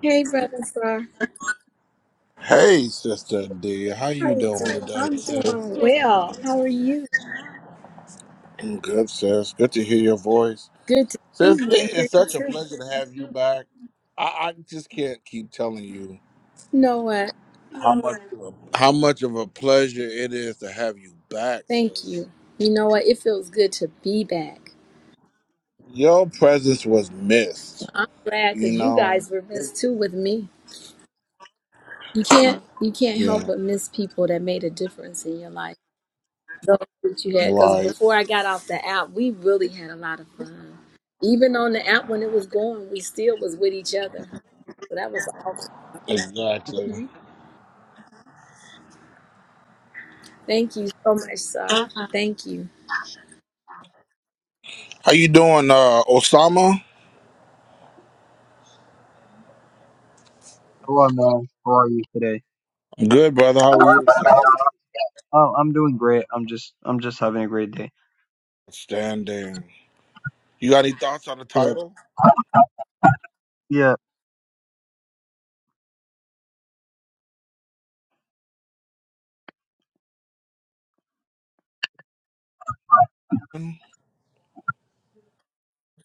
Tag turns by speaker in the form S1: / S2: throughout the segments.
S1: Hey, brother Star.
S2: Hey, Sister D, how
S1: How
S2: you
S1: you
S2: doing
S1: doing?
S2: today,
S1: I'm
S2: sis?
S1: doing well. How are you?
S2: I'm good, sis. Good to hear your voice,
S1: Good to see
S2: sis.
S1: you and
S2: It is
S1: hear you
S2: such a
S1: too.
S2: pleasure to have you back. I, I just can't keep telling you
S1: You know what?
S2: how much of a, how much of a pleasure it is to have you back,
S1: Thank
S2: sis.
S1: you. You know what? It feels good to be back.
S2: Your presence was missed.
S1: I'm glad
S2: You
S1: because you
S2: know.
S1: guys were missed too with me. You can't you can't help
S2: Yeah.
S1: but miss people that made a difference in your life. Those that you had because
S2: Right.
S1: before I got off the app, we really had a lot of fun. Even on the app when it was going, we still was with each other. So that was awesome.
S2: Exactly.
S1: Mhm. Thank you so much, Sar. Thank you.
S2: How you doing, uh, Osama?
S3: Hello, man. How are you today?
S2: I'm good, brother. How are you, sir?
S3: Oh, I'm doing great. I'm just, I'm just having a great day.
S2: Standing. You got any thoughts on the
S3: Yeah,
S2: title?
S3: yeah.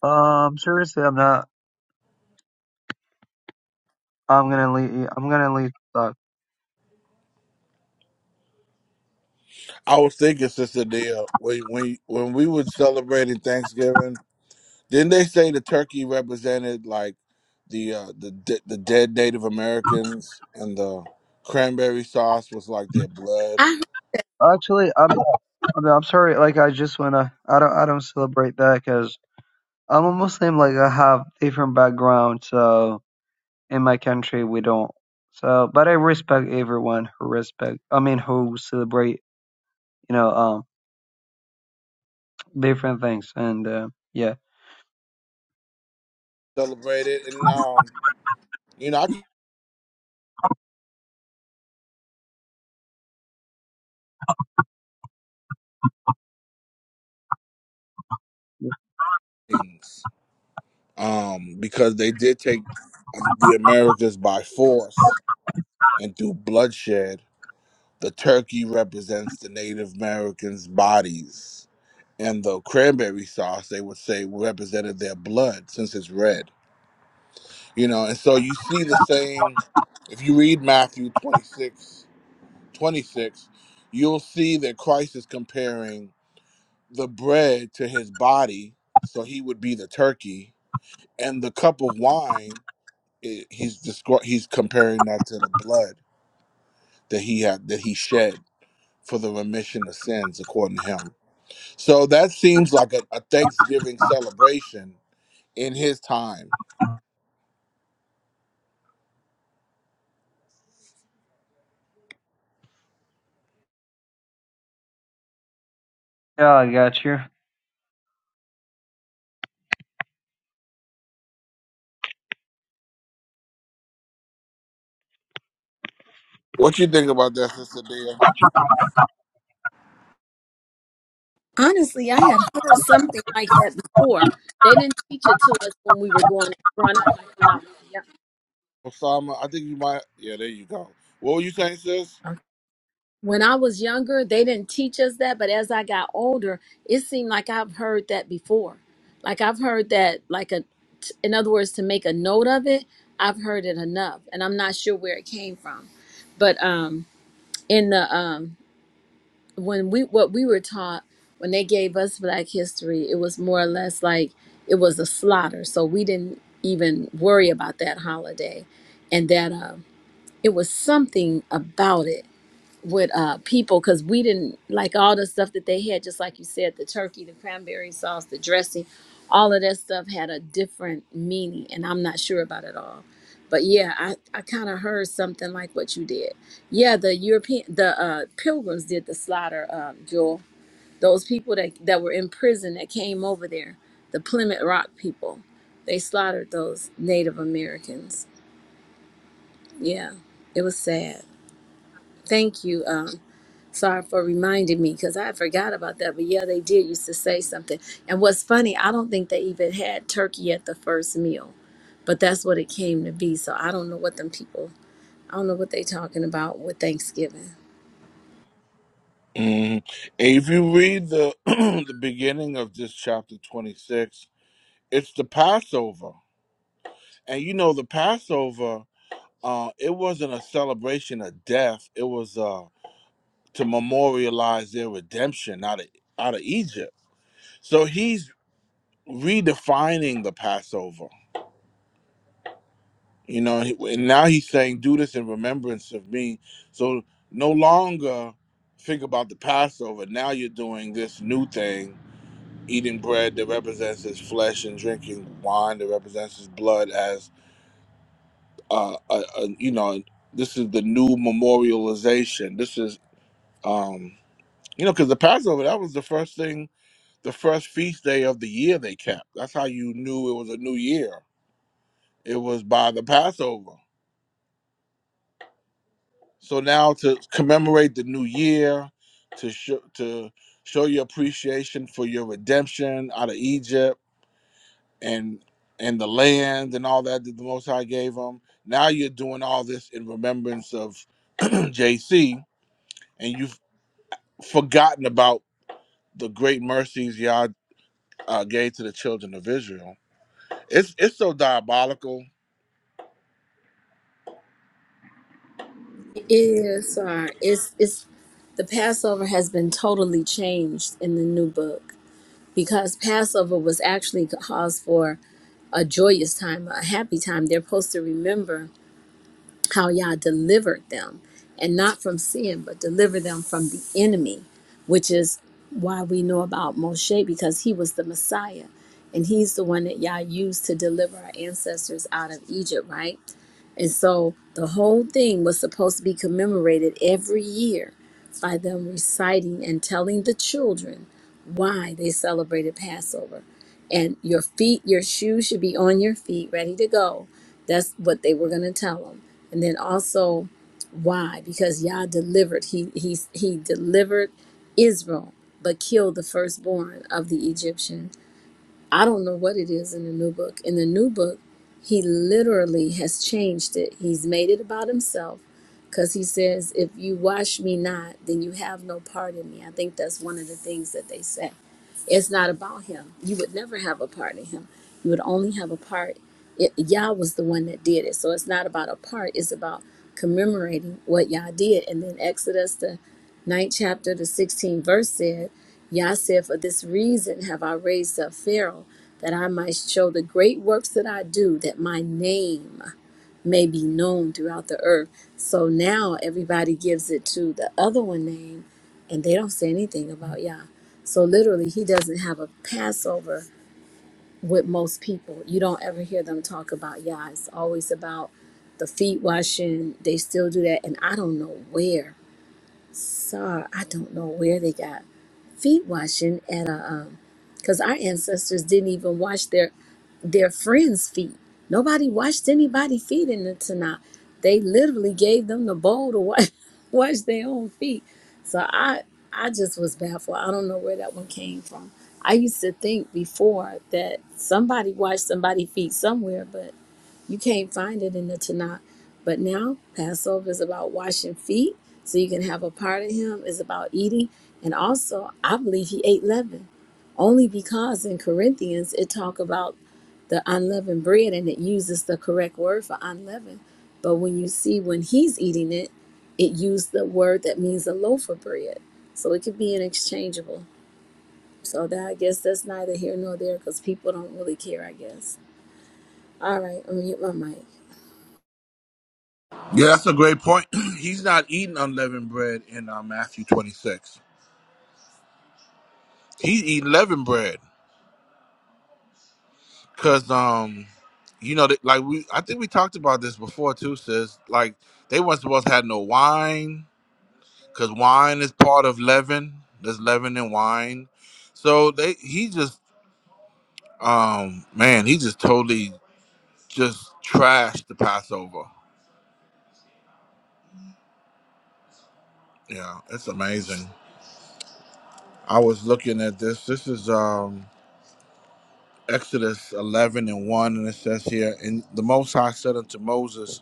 S3: Um, seriously, I'm not. I'm gonna leave. I'm gonna leave. Uh,
S2: I was thinking, Sister Dia, when when when we were celebrating Thanksgiving, didn't they say the turkey represented like the uh, the de- the dead Native Americans and the cranberry sauce was like their blood
S1: I.
S3: actually, I'm, I'm. I'm sorry. Like, I just wanna. I don't. I don't celebrate that because 'cause I'm a Muslim. Like, I have different background. So in my country, we don't. So, but I respect everyone who respect. I mean, who celebrate. You know, um, different things. And uh, yeah,
S2: celebrated, and um, you know, I could things um because they did take um, the Americas by force and through bloodshed. The turkey represents the Native Americans' bodies and the cranberry sauce they would say represented their blood since it's red you know and so you see the same if you read matthew twenty-six, twenty-six, you'll see that christ is comparing the bread to his body so he would be the turkey and the cup of wine i- he's descri- he's comparing that to the blood that he had that he shed for the remission of sins according to him so that seems like a, a thanksgiving celebration in his time.
S3: yeah. I got you.
S2: What you think about that, Sister Dia?
S1: Honestly, I had heard something like that before. They didn't teach it to us when we were going. growing up. Like when I was young,
S2: Osama, I think you might. Yeah, there you go. What were you saying, sis?
S1: when I was younger, they didn't teach us that. But as I got older, it seemed like I've heard that before. Like I've heard that, like a, in other words, to make a note of it, I've heard it enough, and I'm not sure where it came from. But um, in the um, when we what we were taught when they gave us black history it was more or less like it was a slaughter so we didn't even worry about that holiday and that um it was something about it with uh people because we didn't like all the stuff that they had just like you said the turkey the cranberry sauce the dressing all of that stuff had a different meaning and i'm not sure about it all but yeah i i kind of heard something like what you did yeah the european the uh pilgrims did the slaughter um jewel those people that that were in prison that came over there the plymouth rock people they slaughtered those native americans yeah it was sad thank you um Sorry for reminding me because I forgot about that. But yeah, they did used to say something. And what's funny, I don't think they even had turkey at the first meal, but that's what it came to be. So I don't know what them people, I don't know what they talking about with Thanksgiving.
S2: Mm. If you read the the beginning of this chapter twenty six, it's the Passover, and you know the Passover. Uh, it wasn't a celebration of death. It was uh, to memorialize their redemption out of out of Egypt. So he's redefining the Passover You know, he- and now he's saying, "Do this in remembrance of me." So no longer think about the Passover. Now you're doing this new thing, eating bread that represents his flesh and drinking wine that represents his blood. As uh, a, a, you know, this is the new memorialization. This is, um, you know, because the Passover that was the first thing, the first feast day of the year they kept. That's how you knew it was a new year. It was by the Passover So now to commemorate the new year, to show to show your appreciation for your redemption out of Egypt and and the land and all that that the Most High gave them. Now you're doing all this in remembrance of JC, and you've forgotten about the great mercies Yah uh, gave to the children of Israel. It's it's so diabolical.
S1: It is, sorry. It's, it's, the Passover has been totally changed in the new book because Passover was actually caused for a joyous time, a happy time. They're supposed to remember how Yah delivered them, and not from sin, but deliver them from the enemy, which is why we know about Moshe because he was the Messiah, and he's the one that Yah used to deliver our ancestors out of Egypt, right? And so the whole thing was supposed to be commemorated every year by them reciting and telling the children why they celebrated Passover. And your feet, your shoes should be on your feet, ready to go that's what they were going to tell him. And then also why? Because Yah delivered he he he delivered Israel but killed the firstborn of the Egyptian. I don't know what it is in the new book. In the new book, he literally has changed it. He's made it about himself because he says, If you wash me not, then you have no part in me. I think that's one of the things that they say. It's not about him. You would never have a part in him. You would only have a part. It, Yah was the one that did it. So it's not about a part, it's about commemorating what Yah did. And then Exodus, the ninth chapter, the 16th verse said, Yah said, For this reason have I raised up Pharaoh, that I might show the great works that I do, that my name may be known throughout the earth. So now everybody gives it to the other one name, and they don't say anything about Yah. So literally, he doesn't have a Passover with most people. You don't ever hear them talk about Yah. It's always about the feet washing. They still do that, and I don't know where saw, I don't know where they got feet washing at a, um, because our ancestors didn't even wash their their friends' feet. Nobody washed anybody's feet in the Tanakh. They literally gave them the bowl to wash, wash their own feet. So I I just was baffled. I don't know where that one came from. I used to think before that somebody washed somebody's feet somewhere, but. You can't find it in the Tanakh. But now Passover is about washing feet, so you can have a part of him is about eating. And also, I believe he ate leaven, only because in Corinthians it talk about the unleavened bread and it uses the correct word for unleavened. But when you see when he's eating it, it used the word that means a loaf of bread. So it could be an interchangeable. So that I guess that's neither here nor there because people don't really care, I guess. All right, I'm gonna mute my mic.
S2: Yeah, that's a great point. He's not eating unleavened bread in uh, Matthew 26. He's eating leavened bread. Cause um, you know, that- like we, I think we talked about this before too, sis. Like they weren't supposed to have no wine, cause wine is part of leaven. There's leaven in wine, so they he just um man, he just totally just trashed the Passover. Yeah, it's amazing. I was looking at this. This is um Exodus 11 and 1, and it says here, and the Most High said unto Moses.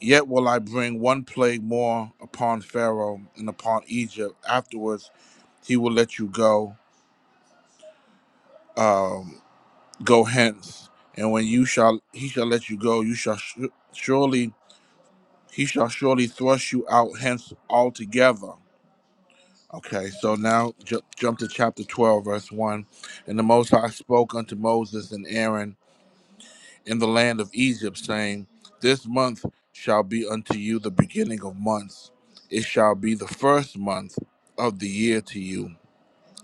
S2: Yet will I bring one plague more upon Pharaoh and upon Egypt. Afterwards, he will let you go. Um, go hence, and when you shall, he shall let you go. You shall su- surely, he shall surely thrust you out hence altogether. Okay, so now ju- jump to chapter 12, verse 1. And the Most High spoke unto Moses and Aaron in the land of Egypt, saying, This month shall be unto you the beginning of months. It shall be the first month of the year to you.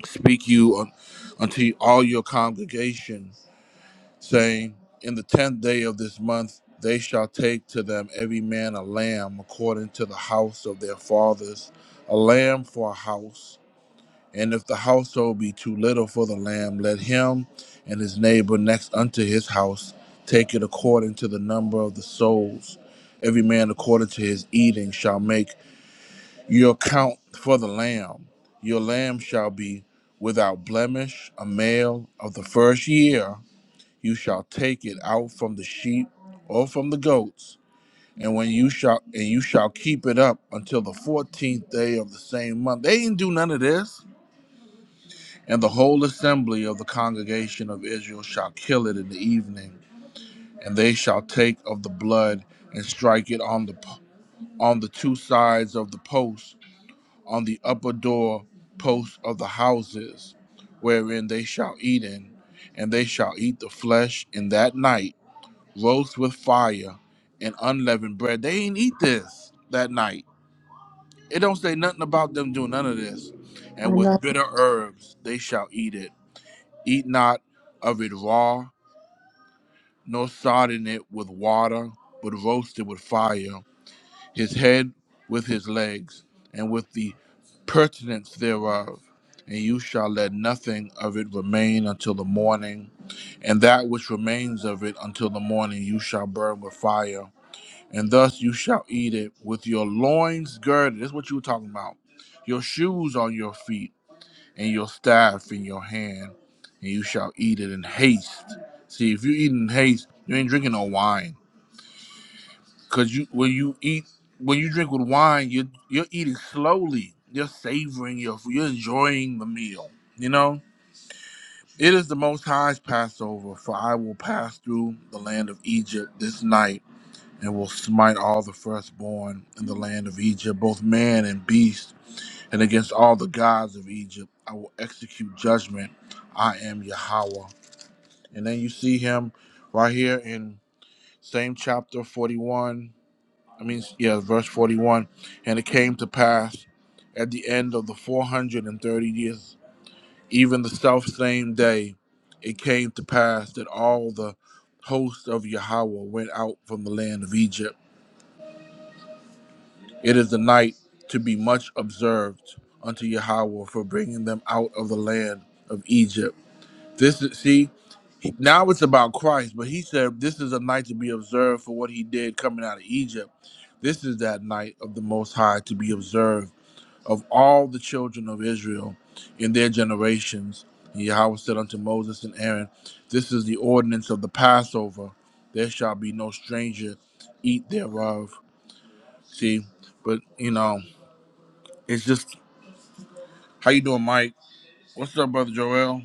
S2: Speak you un- unto all your congregation, saying, In the tenth day of this month they shall take to them every man a lamb according to the house of their fathers, a lamb for a house. And if the household be too little for the lamb, let him and his neighbor next unto his house take it according to the number of the souls. Every man according to his eating shall make your account for the lamb. Your lamb shall be without blemish, a male of the first year. You shall take it out from the sheep or from the goats. And when you shall and you shall keep it up until the fourteenth day of the same month. They didn't do none of this and the whole assembly of the congregation of Israel shall kill it in the evening, and they shall take of the blood and strike it on the on the two sides of the post, on the upper door post of the houses, wherein they shall eat in, and they shall eat the flesh in that night, roast with fire and unleavened bread. They ain't eat this that night. It don't say nothing about them doing none of this. And with bitter herbs they shall eat it Eat not of it raw, nor sodden it with water, but roast it with fire, his head with his legs, and with the pertinence thereof. And you shall let nothing of it remain until the morning, and that which remains of it until the morning you shall burn with fire. And thus you shall eat it with your loins girded. This is what you were talking about. Your shoes on your feet and your staff in your hand, and you shall eat it in haste. See, if you eat in haste, you ain't drinking no wine, cause you when you eat when you drink with wine, you you're eating slowly. You're savoring your food. You're enjoying the meal. You know. It is the Most High's Passover, for I will pass through the land of Egypt this night, and will smite all the firstborn in the land of Egypt, both man and beast and against all the gods of Egypt I will execute judgment. I am Yahweh. And then you see him right here in same chapter 41. I mean, yeah, verse 41. And it came to pass at the end of the 430 years, even the self same day, it came to pass that all the host of Yahweh went out from the land of Egypt It is a night to be much observed unto Yahweh for bringing them out of the land of Egypt. This is, see, now it's about Christ, but he said this is a night to be observed for what he did coming out of Egypt. This is that night of the Most High to be observed of all the children of Israel in their generations. And Yahweh said unto Moses and Aaron, This is the ordinance of the Passover. There shall be no stranger eat thereof. See, but you know, it's just How you doing, Mike? What's up, brother Joel?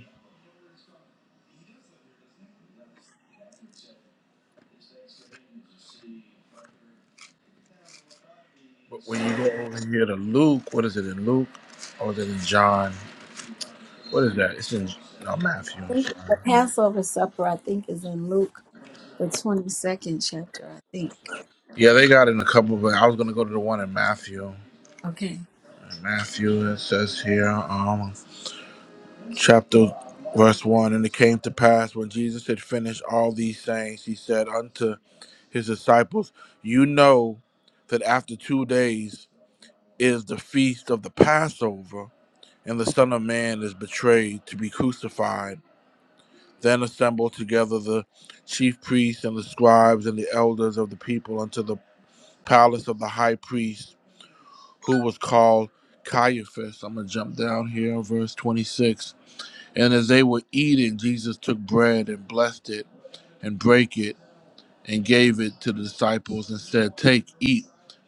S2: But When you go over here to Luke, what is it in Luke? Or is it in John? What is that? It's in no Matthew. I'm
S1: The
S2: sorry.
S1: Passover supper, I think, is in Luke, the 22nd chapter, I think.
S2: Yeah, they got it in a couple, but I was gonna go to the one in Matthew. In
S1: Okay.
S2: Matthew, it says here, um, chapter verse one, and it came to pass when Jesus had finished all these sayings, he said unto his disciples, You know that after two days is the feast of the Passover and the Son of Man is betrayed to be crucified. Then assembled together the chief priests and the scribes and the elders of the people unto the palace of the high priest, who was called Caiaphas. I'm going to jump down here, verse 26. And as they were eating, Jesus took bread and blessed it and brake it and gave it to the disciples and said, Take, eat.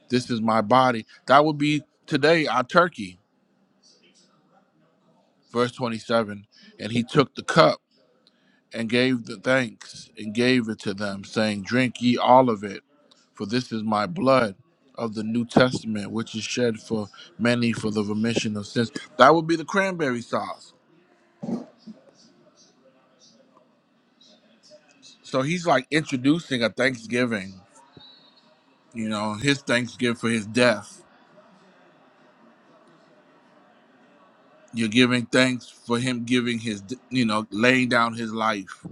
S2: This is my body. That would be today our turkey. Verse 27. And he took the cup and gave the thanks and gave it to them, saying, Drink ye all of it, for this is my blood of the New Testament, which is shed for many for the remission of sins. That would be the cranberry sauce. So he's like introducing a thanksgiving, you know, his thanksgiving for his death. You're giving thanks for him giving his, you know, laying down his life.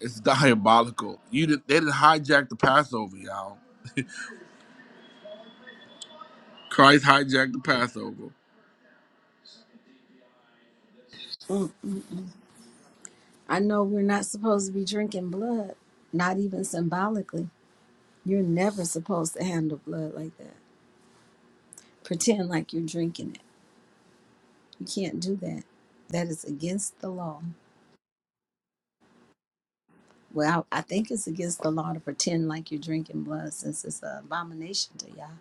S2: It's diabolical. You did, they didn't hijack the Passover, y'all. Christ hijacked the Passover.
S1: Mm. I know we're not supposed to be drinking blood, not even symbolically. You're never supposed to handle blood like that. Pretend like you're drinking it. You can't do that. That is against the law. Well, I I think it's against the law to pretend like you're drinking blood since it's an abomination to y'all.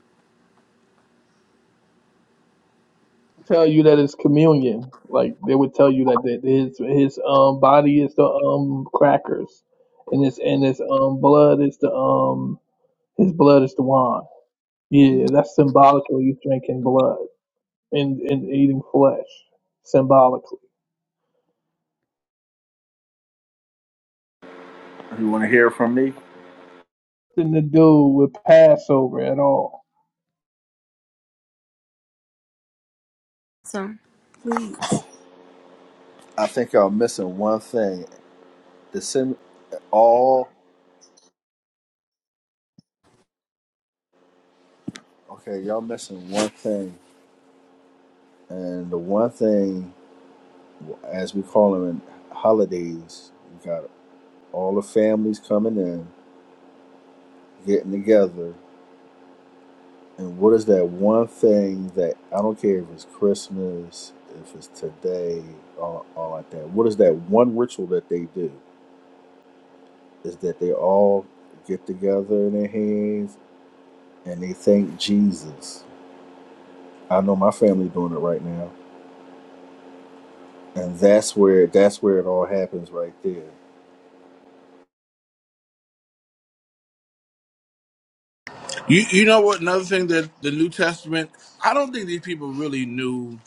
S4: tell you that it's communion. Like they would tell you that that his his um body is the um crackers, and his and his um blood is the um his blood is the wine.
S1: Mhm.
S4: Yeah, that's symbolically drinking blood and and eating flesh symbolically.
S5: You want to hear from me?
S4: Nothing to do with Passover at all.
S1: Sir, please.
S5: I think y'all missing one thing. The sim all okay. Y'all missing one thing, and the one thing, as we call them in holidays, we got all the families coming in, getting together. And what is that one thing that I don't care if it's Christmas, if it's today, all, all like that? What is that one ritual that they do? Is that they all get together in their hands and they thank Jesus I know my family doing it right now, and that's where that's where it all happens right there.
S2: You you know what? Another thing that the New Testament, I don't think these people really knew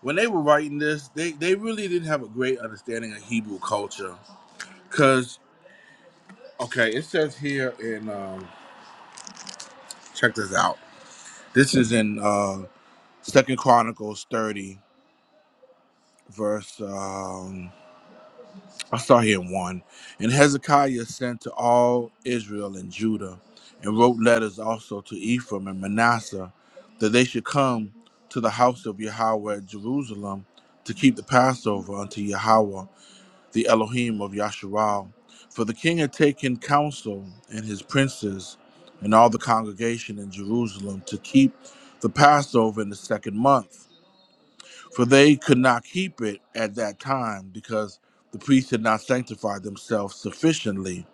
S2: when they were writing this. They they really didn't have a great understanding of Hebrew culture, because okay, it says here in um, check this out. This is in uh, Second Chronicles thirty, verse. um, I start here in one. And Hezekiah sent to all Israel and Judah, and wrote letters also to Ephraim and Manasseh, that they should come to the house of Yahweh at Jerusalem to keep the Passover unto Yahweh, the Elohim of Yasharal. For the king had taken counsel and his princes and all the congregation in Jerusalem to keep the Passover in the second month for they could not keep it at that time because the priests had not sanctified themselves sufficiently,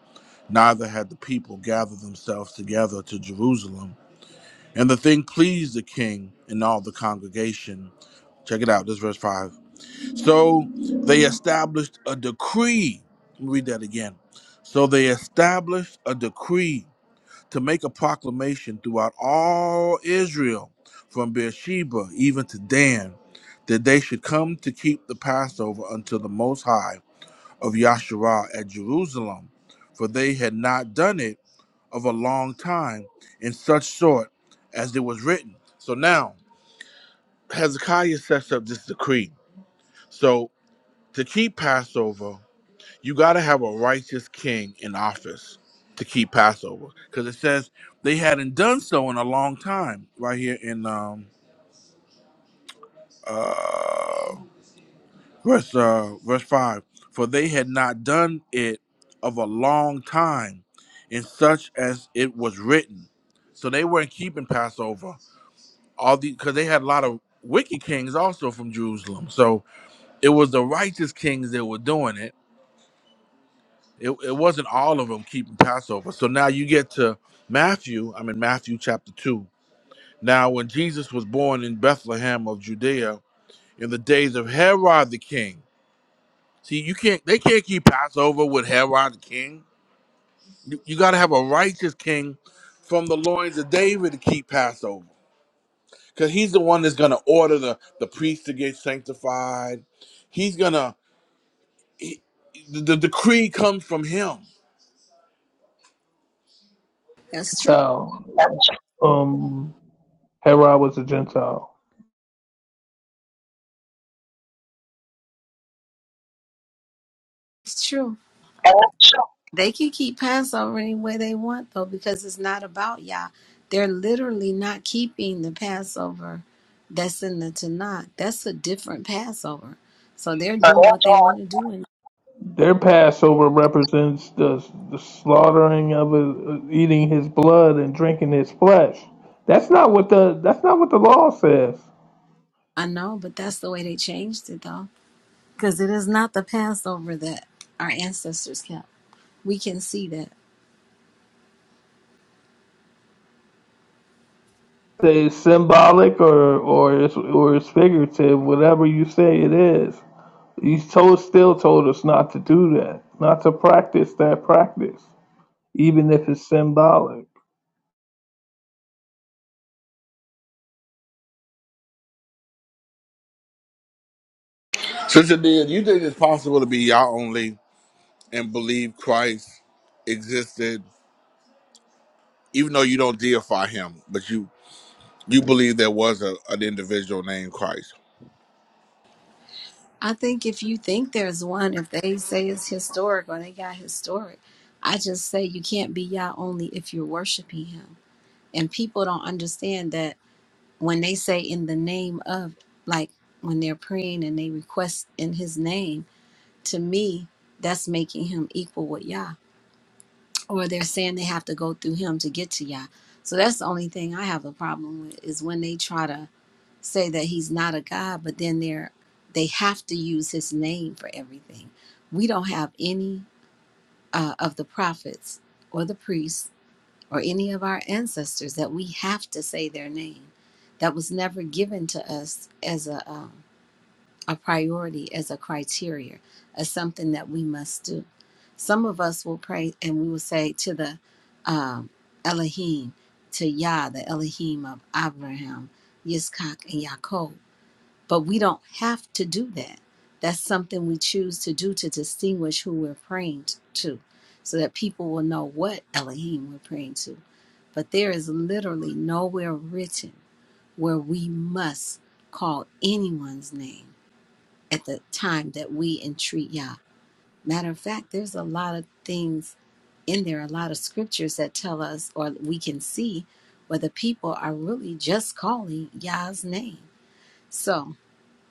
S2: neither had the people gathered themselves together to Jerusalem. And the thing pleased the king and all the congregation. Check it out, this is verse 5. So they established a decree. Let me Read that again. So they established a decree to make a proclamation throughout all Israel, from Beersheba even to Dan, that they should come to keep the Passover unto the Most High of Yahshua at Jerusalem, for they had not done it of a long time in such sort as it was written. So now Hezekiah sets up this decree. So to keep Passover you got to have a righteous king in office to keep Passover because it says they hadn't done so in a long time. Right here in um, uh, verse uh, verse five, for they had not done it of a long time, in such as it was written. So they weren't keeping Passover all the because they had a lot of wicked kings also from Jerusalem. So it was the righteous kings that were doing it it, it wasn't all of them keeping Passover. So now you get to Matthew, I'm in Matthew chapter 2. Now, when Jesus was born in Bethlehem of Judea in the days of Herod the king, see, you can't, they can't keep Passover with Herod the king. You, you got to have a righteous king from the loins of David to keep Passover because he's the one that's going to order the, the priest to get sanctified. He's going to, the, the decree comes from him.
S1: That's true.
S4: Tell um Herod was a Gentile.
S1: It's true. They can keep Passover any way they want, though, because it's not about Yah. They're literally not keeping the Passover that's in the Tanakh. That's a different Passover. So they're doing what they want to do. And
S4: Their Passover represents the, the slaughtering of his, eating his blood and drinking his flesh. That's not what the that's not what the law says.
S1: I know, but that's the way they changed it, though, because it is not the Passover that our ancestors kept. We can see that.
S4: it's symbolic or or it's or it's figurative, whatever you say it is. He's told still told us not to do that, not to practice that practice, even if it's symbolic.
S2: Sister Dia, do you think it's possible to be Yah only? and believe Christ existed, even though you don't deify him, but you you believe there was a, an individual named Christ.
S1: I think if you think there's one, if they say it's historic or they got historic, I just say you can't be Yah only if you're worshiping Him. And people don't understand that when they say in the name of like when they're praying and they request in his name to me that's making him equal with yah or they're saying they have to go through him to get to yah so that's the only thing i have a problem with is when they try to say that he's not a god but then they're they have to use his name for everything we don't have any uh, of the prophets or the priests or any of our ancestors that we have to say their name. That was never given to us as a, um, a priority, as a criteria, as something that we must do. Some of us will pray and we will say to the um, Elohim, to Yah, the Elohim of Abraham, Yitzchak, and Yaakov. But we don't have to do that. That's something we choose to do to distinguish who we're praying to so that people will know what Elohim we're praying to but there is literally nowhere written where we must call anyone's name at the time that we entreat Yah. Matter of fact, there's a lot of things in there, a lot of scriptures that tell us, or we can see, where the people are really just calling Yah's name. So,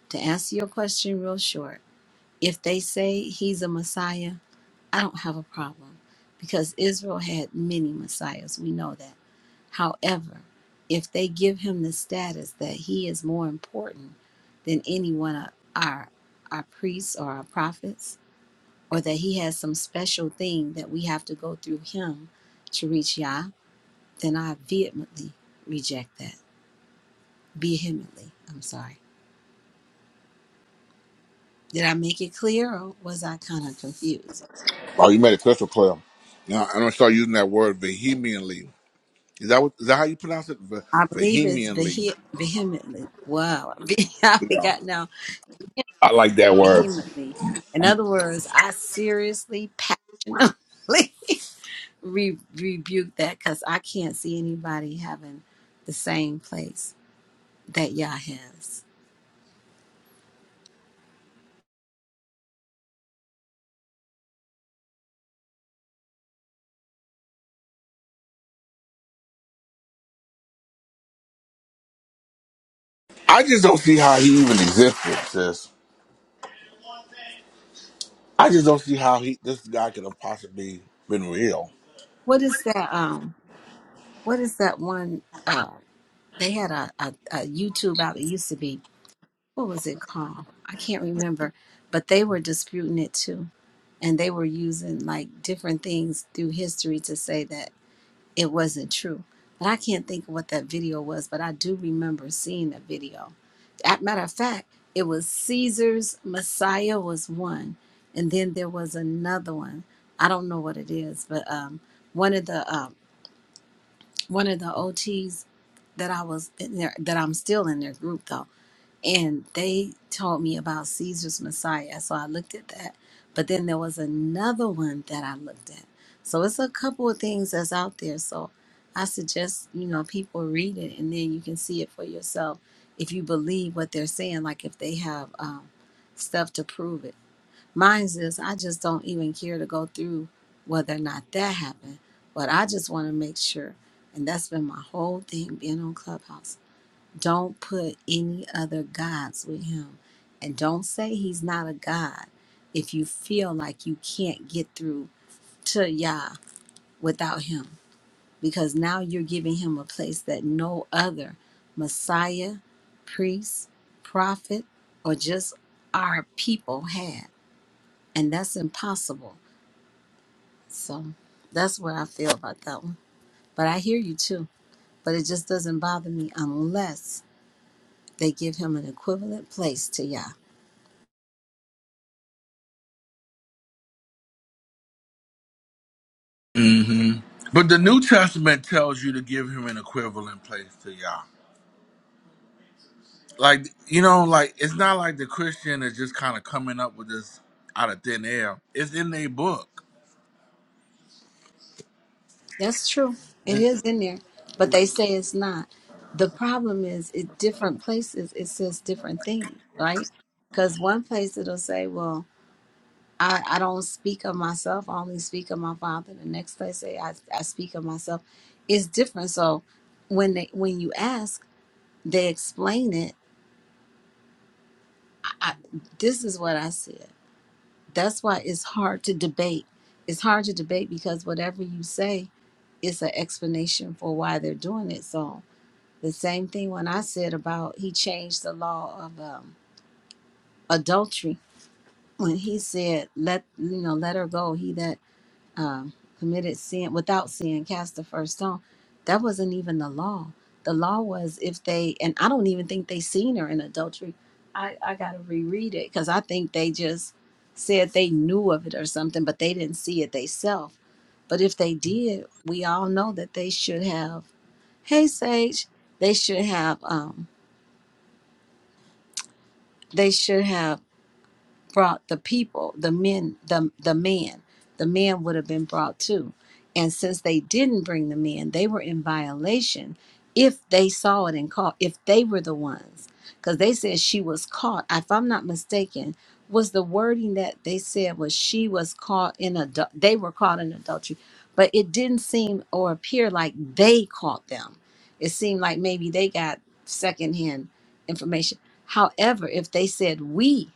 S1: to answer your question real short, if they say he's a Messiah, I don't have a problem because Israel had many Messiahs. We know that. However, if they give him the status that he is more important than any one of our our priests or our prophets, or that he has some special thing that we have to go through him to reach Yah, then I vehemently reject that. Vehemently, I'm sorry. Did I make it clear, or was I kind of confused?
S2: Oh, you made it crystal clear. Now I'm gonna start using that word vehemently. Is that what, is that how you pronounce it? Ve-
S1: I believe it's
S2: vehemently.
S1: vehe- vehemently. Wow, I
S2: Yeah,
S1: forgot now.
S2: I like that word.
S1: Vehemently. In other words, I seriously, passionately. re- rebuke that because I can't see anybody having the same place that Yah has.
S2: I just don't see how he even existed, sis. I just don't see how he this guy could have possibly been real.
S1: What is that? Um, what is that one? Uh, they had a, a, a YouTube out. It used to be what was it called? I can't remember, but they were disputing it too, and they were using like different things through history to say that it wasn't true. But I can't think of what that video was, but I do remember seeing that video. At matter of fact, it was Caesar's Messiah was one, and then there was another one. I don't know what it is, but um, one of the um, one of the OTs that I was in there that I'm still in their group though and they told me about Caesar's Messiah. So I looked at that. But then there was another one that I looked at. So it's a couple of things that's out there. So I suggest, you know, people read it and then you can see it for yourself if you believe what they're saying, like if they have um, stuff to prove it. Mine's is I just don't even care to go through whether or not that happened, but I just want to make sure. And that's been my whole thing being on Clubhouse. Don't put any other gods with him. And don't say he's not a God if you feel like you can't get through to Yah without him. Because now you're giving him a place that no other Messiah, priest, prophet, or just our people had. And that's impossible. So that's what I feel about that one. But I hear you too. But it just doesn't bother me unless they give him an equivalent place to Yah.
S2: hmm But the New Testament tells you to give him an equivalent place to Yah. like you know like it's not like the christian is just kind of coming up with this out of thin air it's in their book
S1: That's true. It is in there, but they say it's not. The problem is, it different places. It says different things, right? Because one place it'll say, "Well, I, I don't speak of myself. I only speak of my father." The next place say, "I I speak of myself." It's different. So when they when you ask, they explain it. I, I, this is what I said. That's why it's hard to debate. It's hard to debate because whatever you say, it's an explanation for why they're doing it. So The same thing when I said about he changed the law of um, adultery when he said, "Let you know, let her go." He that um, committed sin without sin cast the first stone. That wasn't even the law. The law was if they and I don't even think they seen her in adultery. I I gotta reread it because I think they just said they knew of it or something, but they didn't see it themselves. But if they did, we all know that they should have. Hey, Sage, they should have. Um, They should have brought the people, the men, the the man. The man would have been brought too. And since they didn't bring the men, they were in violation if they saw it and caught, if they were the ones. Because they said she was caught. If I'm not mistaken, was the wording that they said was she was caught in adult they were caught in adultery. But it didn't seem or appear like they caught them. It seemed like maybe they got secondhand information. However, if they said we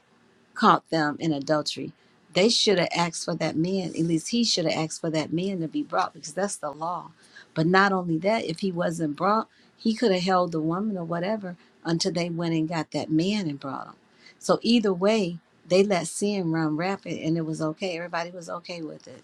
S1: caught them in adultery. They should have asked for that man, at least he should have asked for that man to be brought because that's the law. But not only that, if he wasn't brought, he could have held the woman or whatever until they went and got that man and brought him. So either way, they let sin run rampant and it was okay. Everybody was okay with it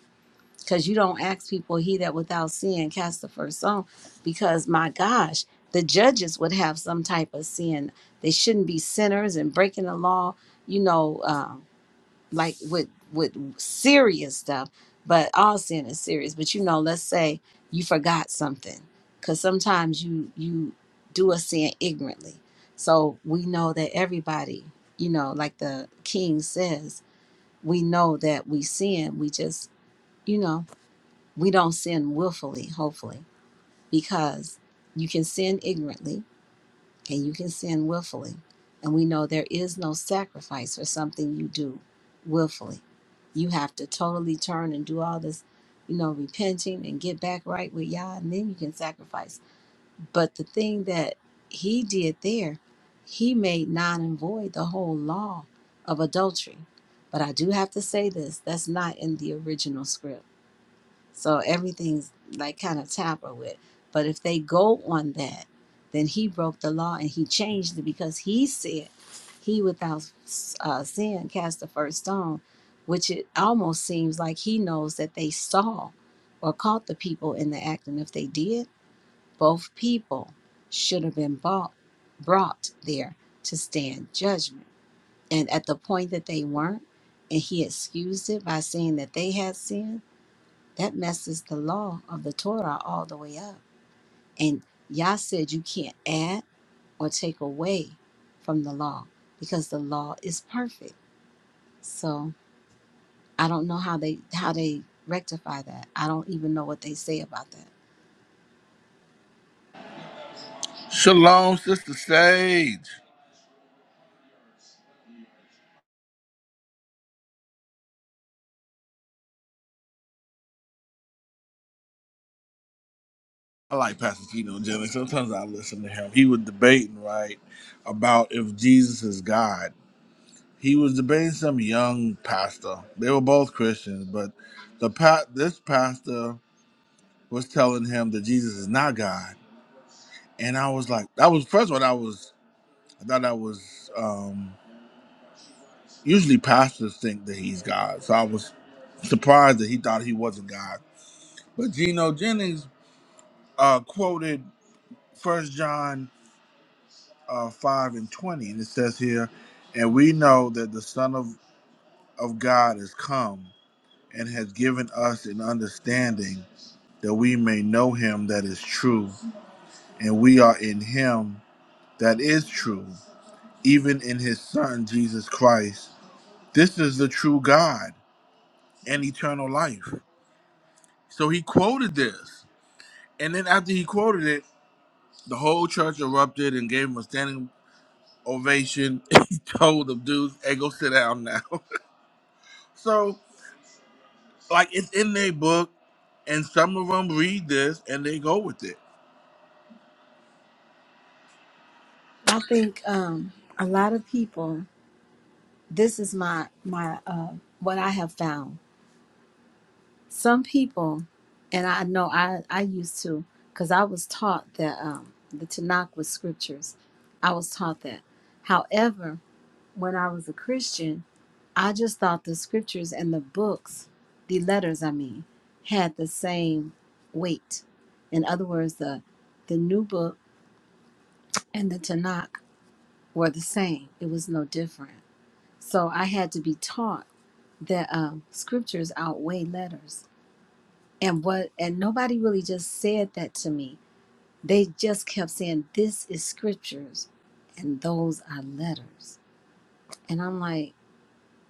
S1: because you don't ask people he that without sin cast the first stone because my gosh the judges would have some type of sin they shouldn't be sinners and breaking the law you know um, like with with serious stuff but all sin is serious but you know let's say you forgot something because sometimes you you do a sin ignorantly so we know that everybody you know like the king says we know that we sin we just you know we don't sin willfully, hopefully, because you can sin ignorantly and you can sin willfully. And we know there is no sacrifice for something you do willfully. You have to totally turn and do all this, you know, repenting and get back right with Yah, and then you can sacrifice. But the thing that he did there, he made non and void the whole law of adultery. But I do have to say this that's not in the original script so everything's like kind of tampered with. But if they go on that, then he broke the law and he changed it because he said he without uh, sin cast the first stone, which it almost seems like he knows that they saw or caught the people in the act. And if they did, both people should have been bought, brought there to stand judgment. And at the point that they weren't, and he excused it by saying that they had sinned that messes the law of the Torah all the way up. And Yah said you can't add or take away from the law because the law is perfect. So I don't know how they how they rectify that. I don't even know what they say about that.
S2: shalom sister sage i like pastor Gino Jennings. sometimes i listen to him he was debating right about if jesus is god he was debating some young pastor they were both christians but the pa- this pastor was telling him that jesus is not god and i was like that was first of all that was i thought that was um, Usually pastors think that he's God, so I was surprised that he thought he wasn't God. But Geno Jennings uh, quoted First John uh, five and twenty, and it says here, "And we know that the Son of of God is come and has given us an understanding that we may know Him that is true, and we are in Him that is true, even in His Son Jesus Christ. This is the true God and eternal life." So he quoted this. And then after he quoted it, the whole church erupted and gave him a standing ovation. he told them dudes, "Hey, go sit down now." so, like, it's in their book, and some of them read this and they go with it.
S1: I think um, a lot of people. This is my my uh, what I have found some people, and I know I, I used to, because I was taught that um, the Tanakh was scriptures. I was taught that. However, when I was a Christian, I just thought the scriptures and the books, the letters, I mean, had the same weight. In other words, the the new book and the Tanakh were the same. It was no different. So I had to be taught that um, scriptures outweigh letters And what and nobody really just said that to me. They just kept saying this is scriptures and those are letters. And I'm like,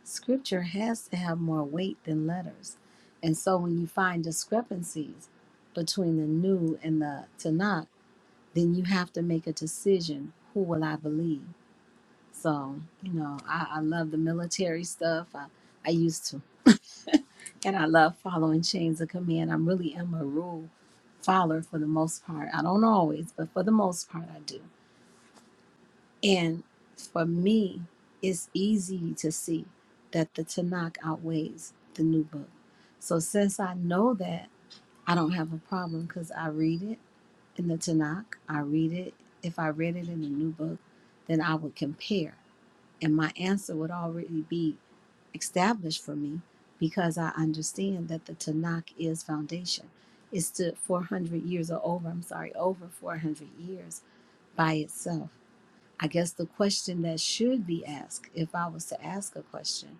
S1: scripture has to have more weight than letters. And so when you find discrepancies between the new and the Tanakh, then you have to make a decision, who will I believe? So, you know, I, I love the military stuff. I, I used to And I love following chains of command. I really am a rule follower for the most part. I don't always, but for the most part, I do. And for me, it's easy to see that the Tanakh outweighs the new book. So since I know that, I don't have a problem because I read it in the Tanakh. I read it. If I read it in the new book, then I would compare. And my answer would already be established for me because I understand that the Tanakh is foundation. It stood 400 years or over, I'm sorry, over 400 years by itself. I guess the question that should be asked, if I was to ask a question,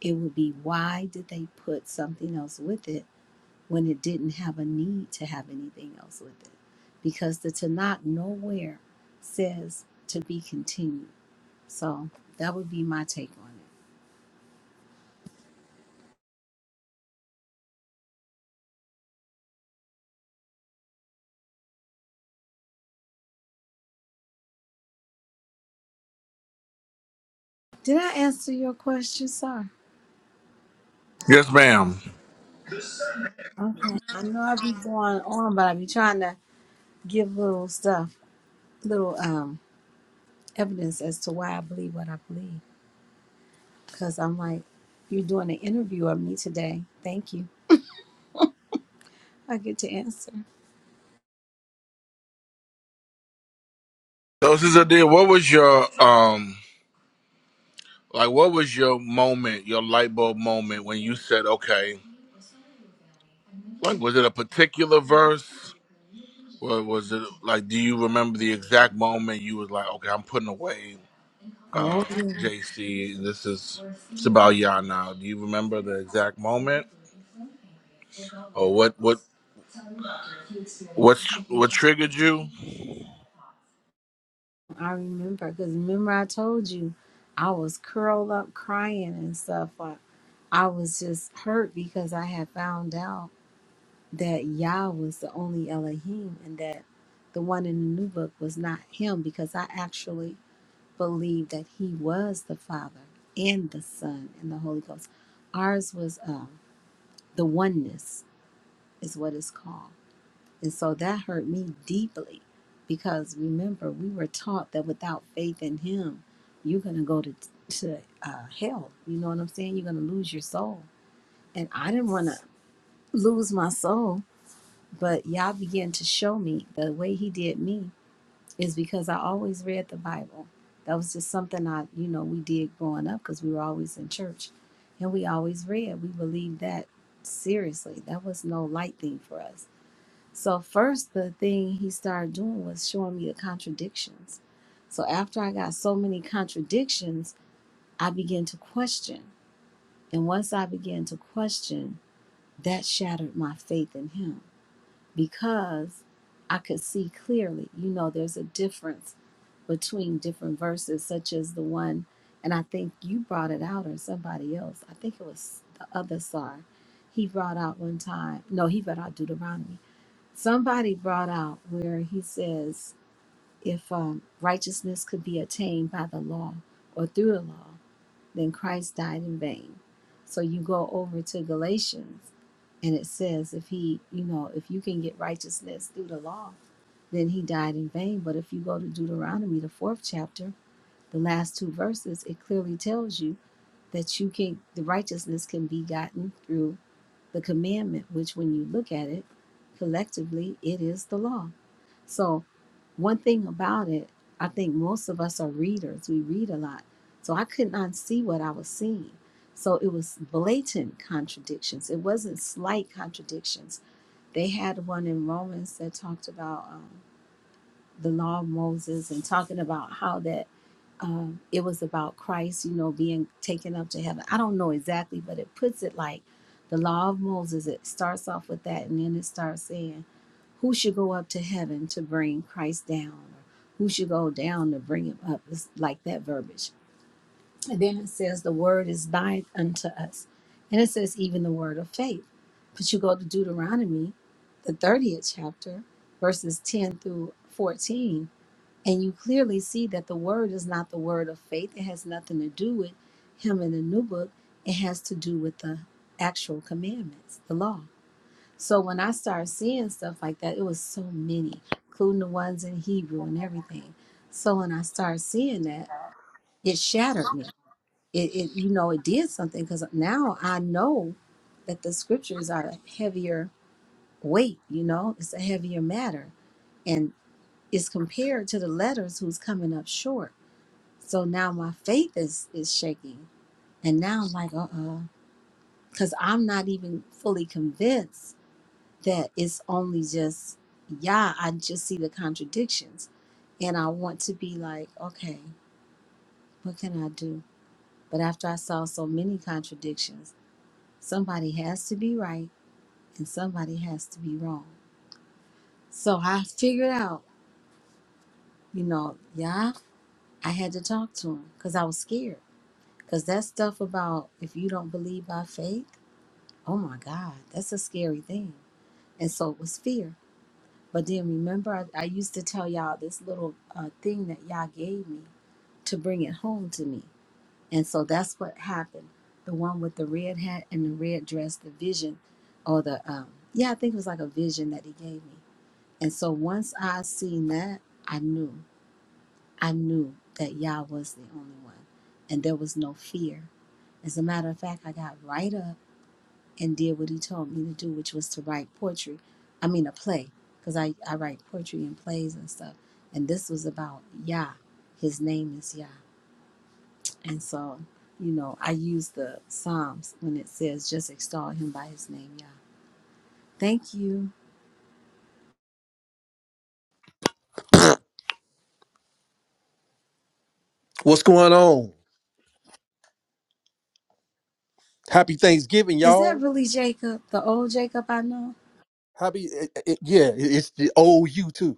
S1: it would be why did they put something else with it when it didn't have a need to have anything else with it? Because the Tanakh nowhere says to be continued. So that would be my take on it. Did I answer your question? Sorry.
S2: Yes, ma'am.
S1: Okay. I know I be going on, but I be trying to give little stuff, little um evidence as to why I believe what I believe. Cause I'm like, you're doing an interview of me today. Thank you. I get to answer.
S2: So, Sister Dear, what was your um, like, what was your moment, your light bulb moment when you said, "Okay," like, was it a particular verse? Or was it like? Do you remember the exact moment you was like, "Okay, I'm putting away"? um,
S1: Oh yeah,
S2: JC. This is it's about y'all now. Do you remember the exact moment or what what what what triggered you,
S1: I remember. Cause remember I told you, I was curled up crying and stuff. I, I was just hurt because I had found out that Yah was the only Elohim and that the one in the new book was not him because I actually believed that he was the Father and the Son and the Holy Ghost. Ours was uh, the oneness, is what it's called. And so that hurt me deeply because remember, we were taught that without faith in him, you're going to go to, to uh, hell. You know what I'm saying? You're going to lose your soul. And I didn't want to lose my soul, but Yah began to show me the way he did me is because I always read the Bible. That was just something I, you know, we did growing up because we were always in church and we always read. We believed that seriously. That was no light thing for us. So, first, the thing he started doing was showing me the contradictions. So, after I got so many contradictions, I began to question. And once I began to question, that shattered my faith in him because I could see clearly. You know, there's a difference between different verses, such as the one, and I think you brought it out or somebody else. I think it was the other side. He brought out one time, no, he brought out Deuteronomy. Somebody brought out where he says, if um, righteousness could be attained by the law or through the law then Christ died in vain. So you go over to Galatians and it says if he, you know, if you can get righteousness through the law, then he died in vain. But if you go to Deuteronomy, the fourth chapter, the last two verses, it clearly tells you that you can the righteousness can be gotten through the commandment, which when you look at it collectively, it is the law. So, one thing about it, I think most of us are readers. We read a lot. So, I could not see what I was seeing. So, it was blatant contradictions. It wasn't slight contradictions. They had one in Romans that talked about um, the law of Moses and talking about how that um, it was about Christ, you know, being taken up to heaven. I don't know exactly, but it puts it like the law of Moses. It starts off with that, and then it starts saying, "Who should go up to heaven to bring Christ down, or who should go down to bring him up?" It's like that verbiage. And then it says, "The word is nigh unto us," and it says, "Even the word of faith." But you go to Deuteronomy, the thirtieth chapter, verses ten through fourteen and you clearly see that the word is not the word of faith. It has nothing to do with him in the new book. It has to do with the actual commandments, the law. So when I started seeing stuff like that, it was so many, including the ones in Hebrew and everything. So when I started seeing that, it shattered me. It, it you know, it did something because now I know that the scriptures are a heavier weight, you know, it's a heavier matter. And it's compared to the letters who's coming up short. So now my faith is is shaking. And now I'm like, uh-uh. Because I'm not even fully convinced that it's only just, yeah, I just see the contradictions. And I want to be like, okay, what can I do? But after I saw so many contradictions, somebody has to be right and somebody has to be wrong. So I figured out, you know, yeah, I had to talk to him because I was scared. Because that stuff about if you don't believe by faith, Oh my God, that's a scary thing. And so it was fear. But then remember, I, I used to tell y'all this little uh, thing that y'all gave me to bring it home to me. And so that's what happened. The one with the red hat and the red dress, the vision, or the, um, yeah, I think it was like a vision that he gave me. And so once I seen that, I knew, I knew that Yah was the only one. And there was no fear. As a matter of fact, I got right up and did what he told me to do, which was to write poetry. I mean, a play, because I, I write poetry and plays and stuff. And this was about Yah. His name is Yah. And so, you know, I use the Psalms when it says, just extol him by his name, Yah. Thank you.
S6: What's going on? Happy Thanksgiving,
S1: Is that
S6: y'all.
S1: really Jacob, the old Jacob I know?
S6: Happy, it, it- yeah. it- It's the old you too,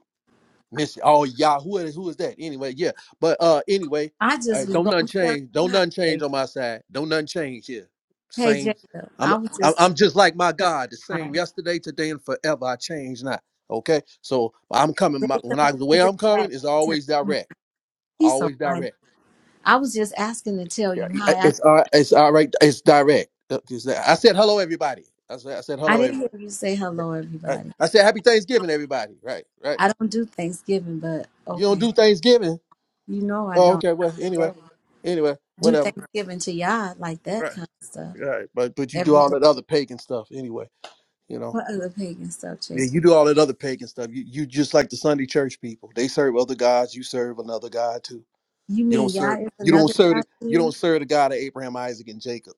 S6: Miss. Oh, y'all. Who is who is that? Anyway, yeah. But uh, anyway,
S1: I
S6: uh,
S1: just was
S6: don't
S1: going
S6: nothing
S1: to tell
S6: change.
S1: you
S6: Don't
S1: hi,
S6: nothing change
S1: Jacob.
S6: on my side. Don't nothing change here.
S1: Hey,
S6: Same.
S1: Jacob, I
S6: I'm
S1: was
S6: I'm
S1: just
S6: I'm
S1: going
S6: just like my
S1: to
S6: God, the
S1: tell you hi.
S6: same yesterday, today, and forever. I change not. Okay. So I'm coming. My, when I
S1: Jacob,
S6: the
S1: I
S6: way
S1: just
S6: I'm coming
S1: asked
S6: is
S1: to tell
S6: always
S1: you hi.
S6: direct.
S1: He's so
S6: Always
S1: funny.
S6: direct.
S1: I was just asking to tell
S6: Yeah,
S1: you
S6: I-
S1: hi.
S6: It's all right. It's all right. It's direct. Uh, it's- that- I said hello, everybody. I said, I said
S1: I
S6: hello,
S1: didn't hear
S6: everybody.
S1: you say hello,
S6: I,
S1: everybody.
S6: I said happy Thanksgiving, everybody. Right, right.
S1: I don't do Thanksgiving, but
S6: You don't
S1: okay.
S6: do Thanksgiving.
S1: You know I
S6: Oh,
S1: don't
S6: okay. Well,
S1: not
S6: anyway,
S1: today.
S6: anyway,
S1: do
S6: whatever.
S1: Thanksgiving to Yah like that
S6: Right,
S1: kind of stuff
S6: right. But but you do
S1: every
S6: all
S1: day.
S6: that other pagan stuff anyway. You know.
S1: What other pagan stuff,
S6: Yeah,
S1: Jacob?
S6: you do all that other pagan stuff. You you just like the Sunday church people. They serve other gods. You serve another God too.
S1: You
S6: You don't
S1: mean Yah
S6: serve.
S1: is
S6: You don't
S1: another
S6: serve.
S1: God
S6: The,
S1: to
S6: you
S1: you?
S6: don't serve the God of Abraham, Isaac, and Jacob.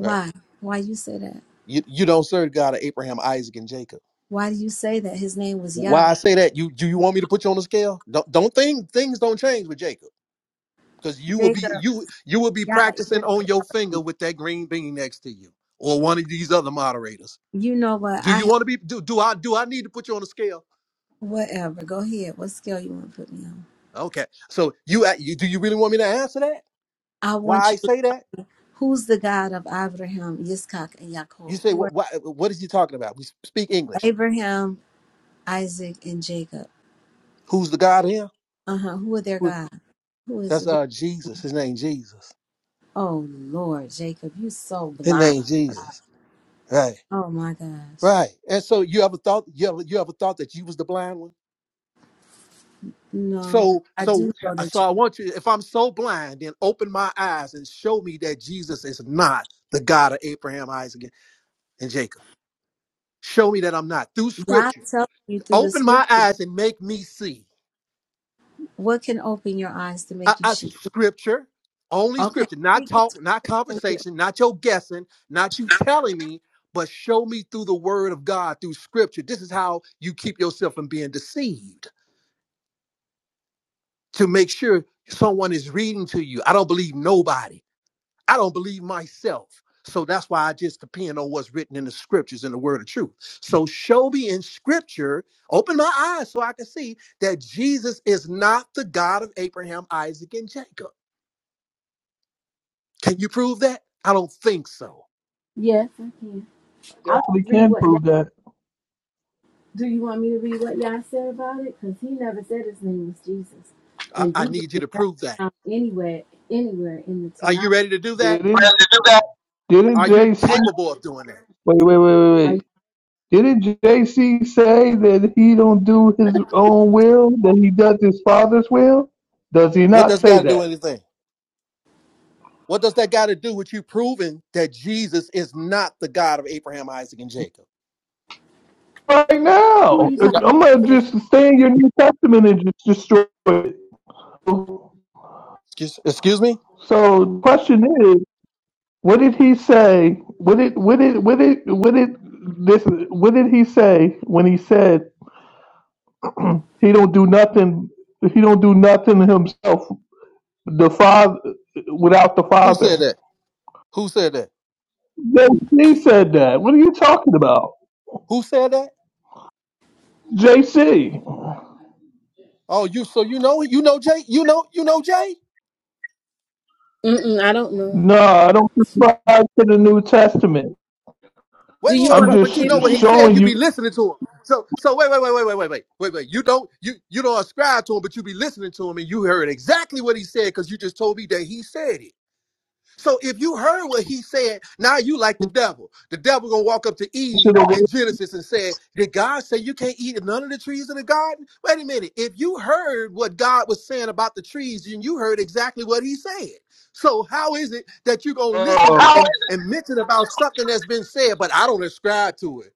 S6: Right.
S1: Why you say that?
S6: You you don't serve the God of Abraham, Isaac, and Jacob.
S1: Why do you say that his name was
S6: Why
S1: Yahweh?
S6: I say that? You do you want me to put you on the scale? Don't don't think things don't change with Jacob because you will be
S1: Jacob,
S6: you you will be
S1: Yah is
S6: practicing on your
S1: Elohim.
S6: finger with that green bean next to you or one of these other moderators.
S1: You know what?
S6: Do
S1: I
S6: you
S1: have
S6: want to be do, do I do I need to put you on the scale?
S1: whatever. Go ahead. What scale you want to put me on?
S6: Okay, so you, a- you do you really want me to answer that?
S1: I
S6: Why
S1: want
S6: I
S1: you.
S6: say that?
S1: Who's the God of Abraham, Yitzchak, and
S6: You
S1: Yaakov?
S6: say
S1: Who are
S6: what why, what is he talking about? We speak English.
S1: Abraham? Isaac and Jacob.
S6: Who's the God here?
S1: Uh huh. Who are their
S6: Who,
S1: God? Who is
S6: that's
S1: it? What-
S6: uh Jesus. His name Jesus.
S1: Oh Lord, Jacob, you so
S6: His
S1: blind.
S6: name Jesus. Right.
S1: Oh my gosh.
S6: Right. And so you ever thought you ever, you ever thought that you was the blind one?
S1: No,
S6: So,
S1: I do
S6: so,
S1: know that
S6: so I want you, if I'm so blind, then open my eyes and show me that Jesus is not the God of Abraham, Isaac, and Jacob. Show me that I'm not through
S1: you. God
S6: scripture.
S1: telling you through the
S6: Open my
S1: scripture
S6: eyes and make me see.
S1: what can open your eyes to
S6: I,
S1: make you
S6: I,
S1: see.
S6: scripture, only
S1: Okay,
S6: scripture, not
S1: read
S6: talk,
S1: this
S6: not
S1: for you.
S6: conversation, not your guessing, not you telling me, but show me through the word of God, through scripture. This is how you keep yourself from being deceived to make sure someone is reading to you. I don't believe nobody. I don't believe myself. So that's why I just depend on what's written in the scriptures and the word of truth. So show me in scripture, open my eyes so I can see that Jesus is not the God of Abraham, Isaac, and Jacob. Can you prove that? I don't think so.
S1: Yes, I can. I'll just
S4: We
S1: read
S4: can
S1: what Yah.
S4: prove that.
S1: Do you want me to read what Yah said about it? Because he never said his name was Jesus,
S6: I,
S1: and
S6: I
S1: Jesus
S6: need you
S1: is
S6: to
S1: not
S6: prove that.
S1: found anywhere, anywhere in the
S6: Are
S1: Tanakh.
S6: you ready to do that?
S4: Didn't didn't
S6: Are you
S4: JC
S6: capable of doing that?
S4: wait wait wait wait
S1: Are you,
S4: wait Didn't JC say that he don't do his own will, that he does his father's will? Does he
S6: What
S4: not
S6: does
S4: say
S6: God do
S4: that?
S6: anything? What does that got to do with you proving that Jesus is not the God of Abraham, Isaac, and Jacob?
S4: Right
S1: who are
S4: now,
S1: you
S4: I'm
S1: talking?
S6: Yep.
S4: gonna
S1: To?
S4: just stay in your New Testament and just destroy it. So
S6: Excuse, excuse me?
S4: the question is, what did he say? What did what did what did what did this? What did he say when he said he don't do nothing? He don't do nothing himself. The father without the
S6: Who said
S4: father.
S6: that? Who said that?
S4: JC said that. What are you talking about?
S6: Who said that?
S4: JC.
S6: Oh, you. So you know, you know Jay. You know, you know Jay.
S1: Mm-mm, I don't know.
S4: No, I don't subscribe to the New Testament.
S6: Wait,
S1: Do
S6: wait,
S1: you
S6: wait.
S4: I'm
S1: want me
S6: But,
S1: to
S4: just
S6: but you
S4: sh-
S1: give
S6: know
S1: you?
S6: what he said.
S4: showing
S6: You
S4: you
S6: be listening to him. So, so wait, wait, wait, wait, wait, wait, wait, wait, wait. You don't, you, you don't ascribe to him, but you be listening to him, and you heard exactly what he said because you just told me that he said it. So if you heard what he said, now you like the devil. The devil gonna walk up to
S4: to
S6: Eve
S4: the
S6: in
S4: world.
S6: Genesis and said, "Did God say you can't eat of none of the trees in the garden?" Wait a minute. If you heard what God was saying about the trees, and you heard exactly what He said, so how is it that you gonna listen
S4: Uh,
S6: and and mention about something that's been said, but I don't ascribe to it?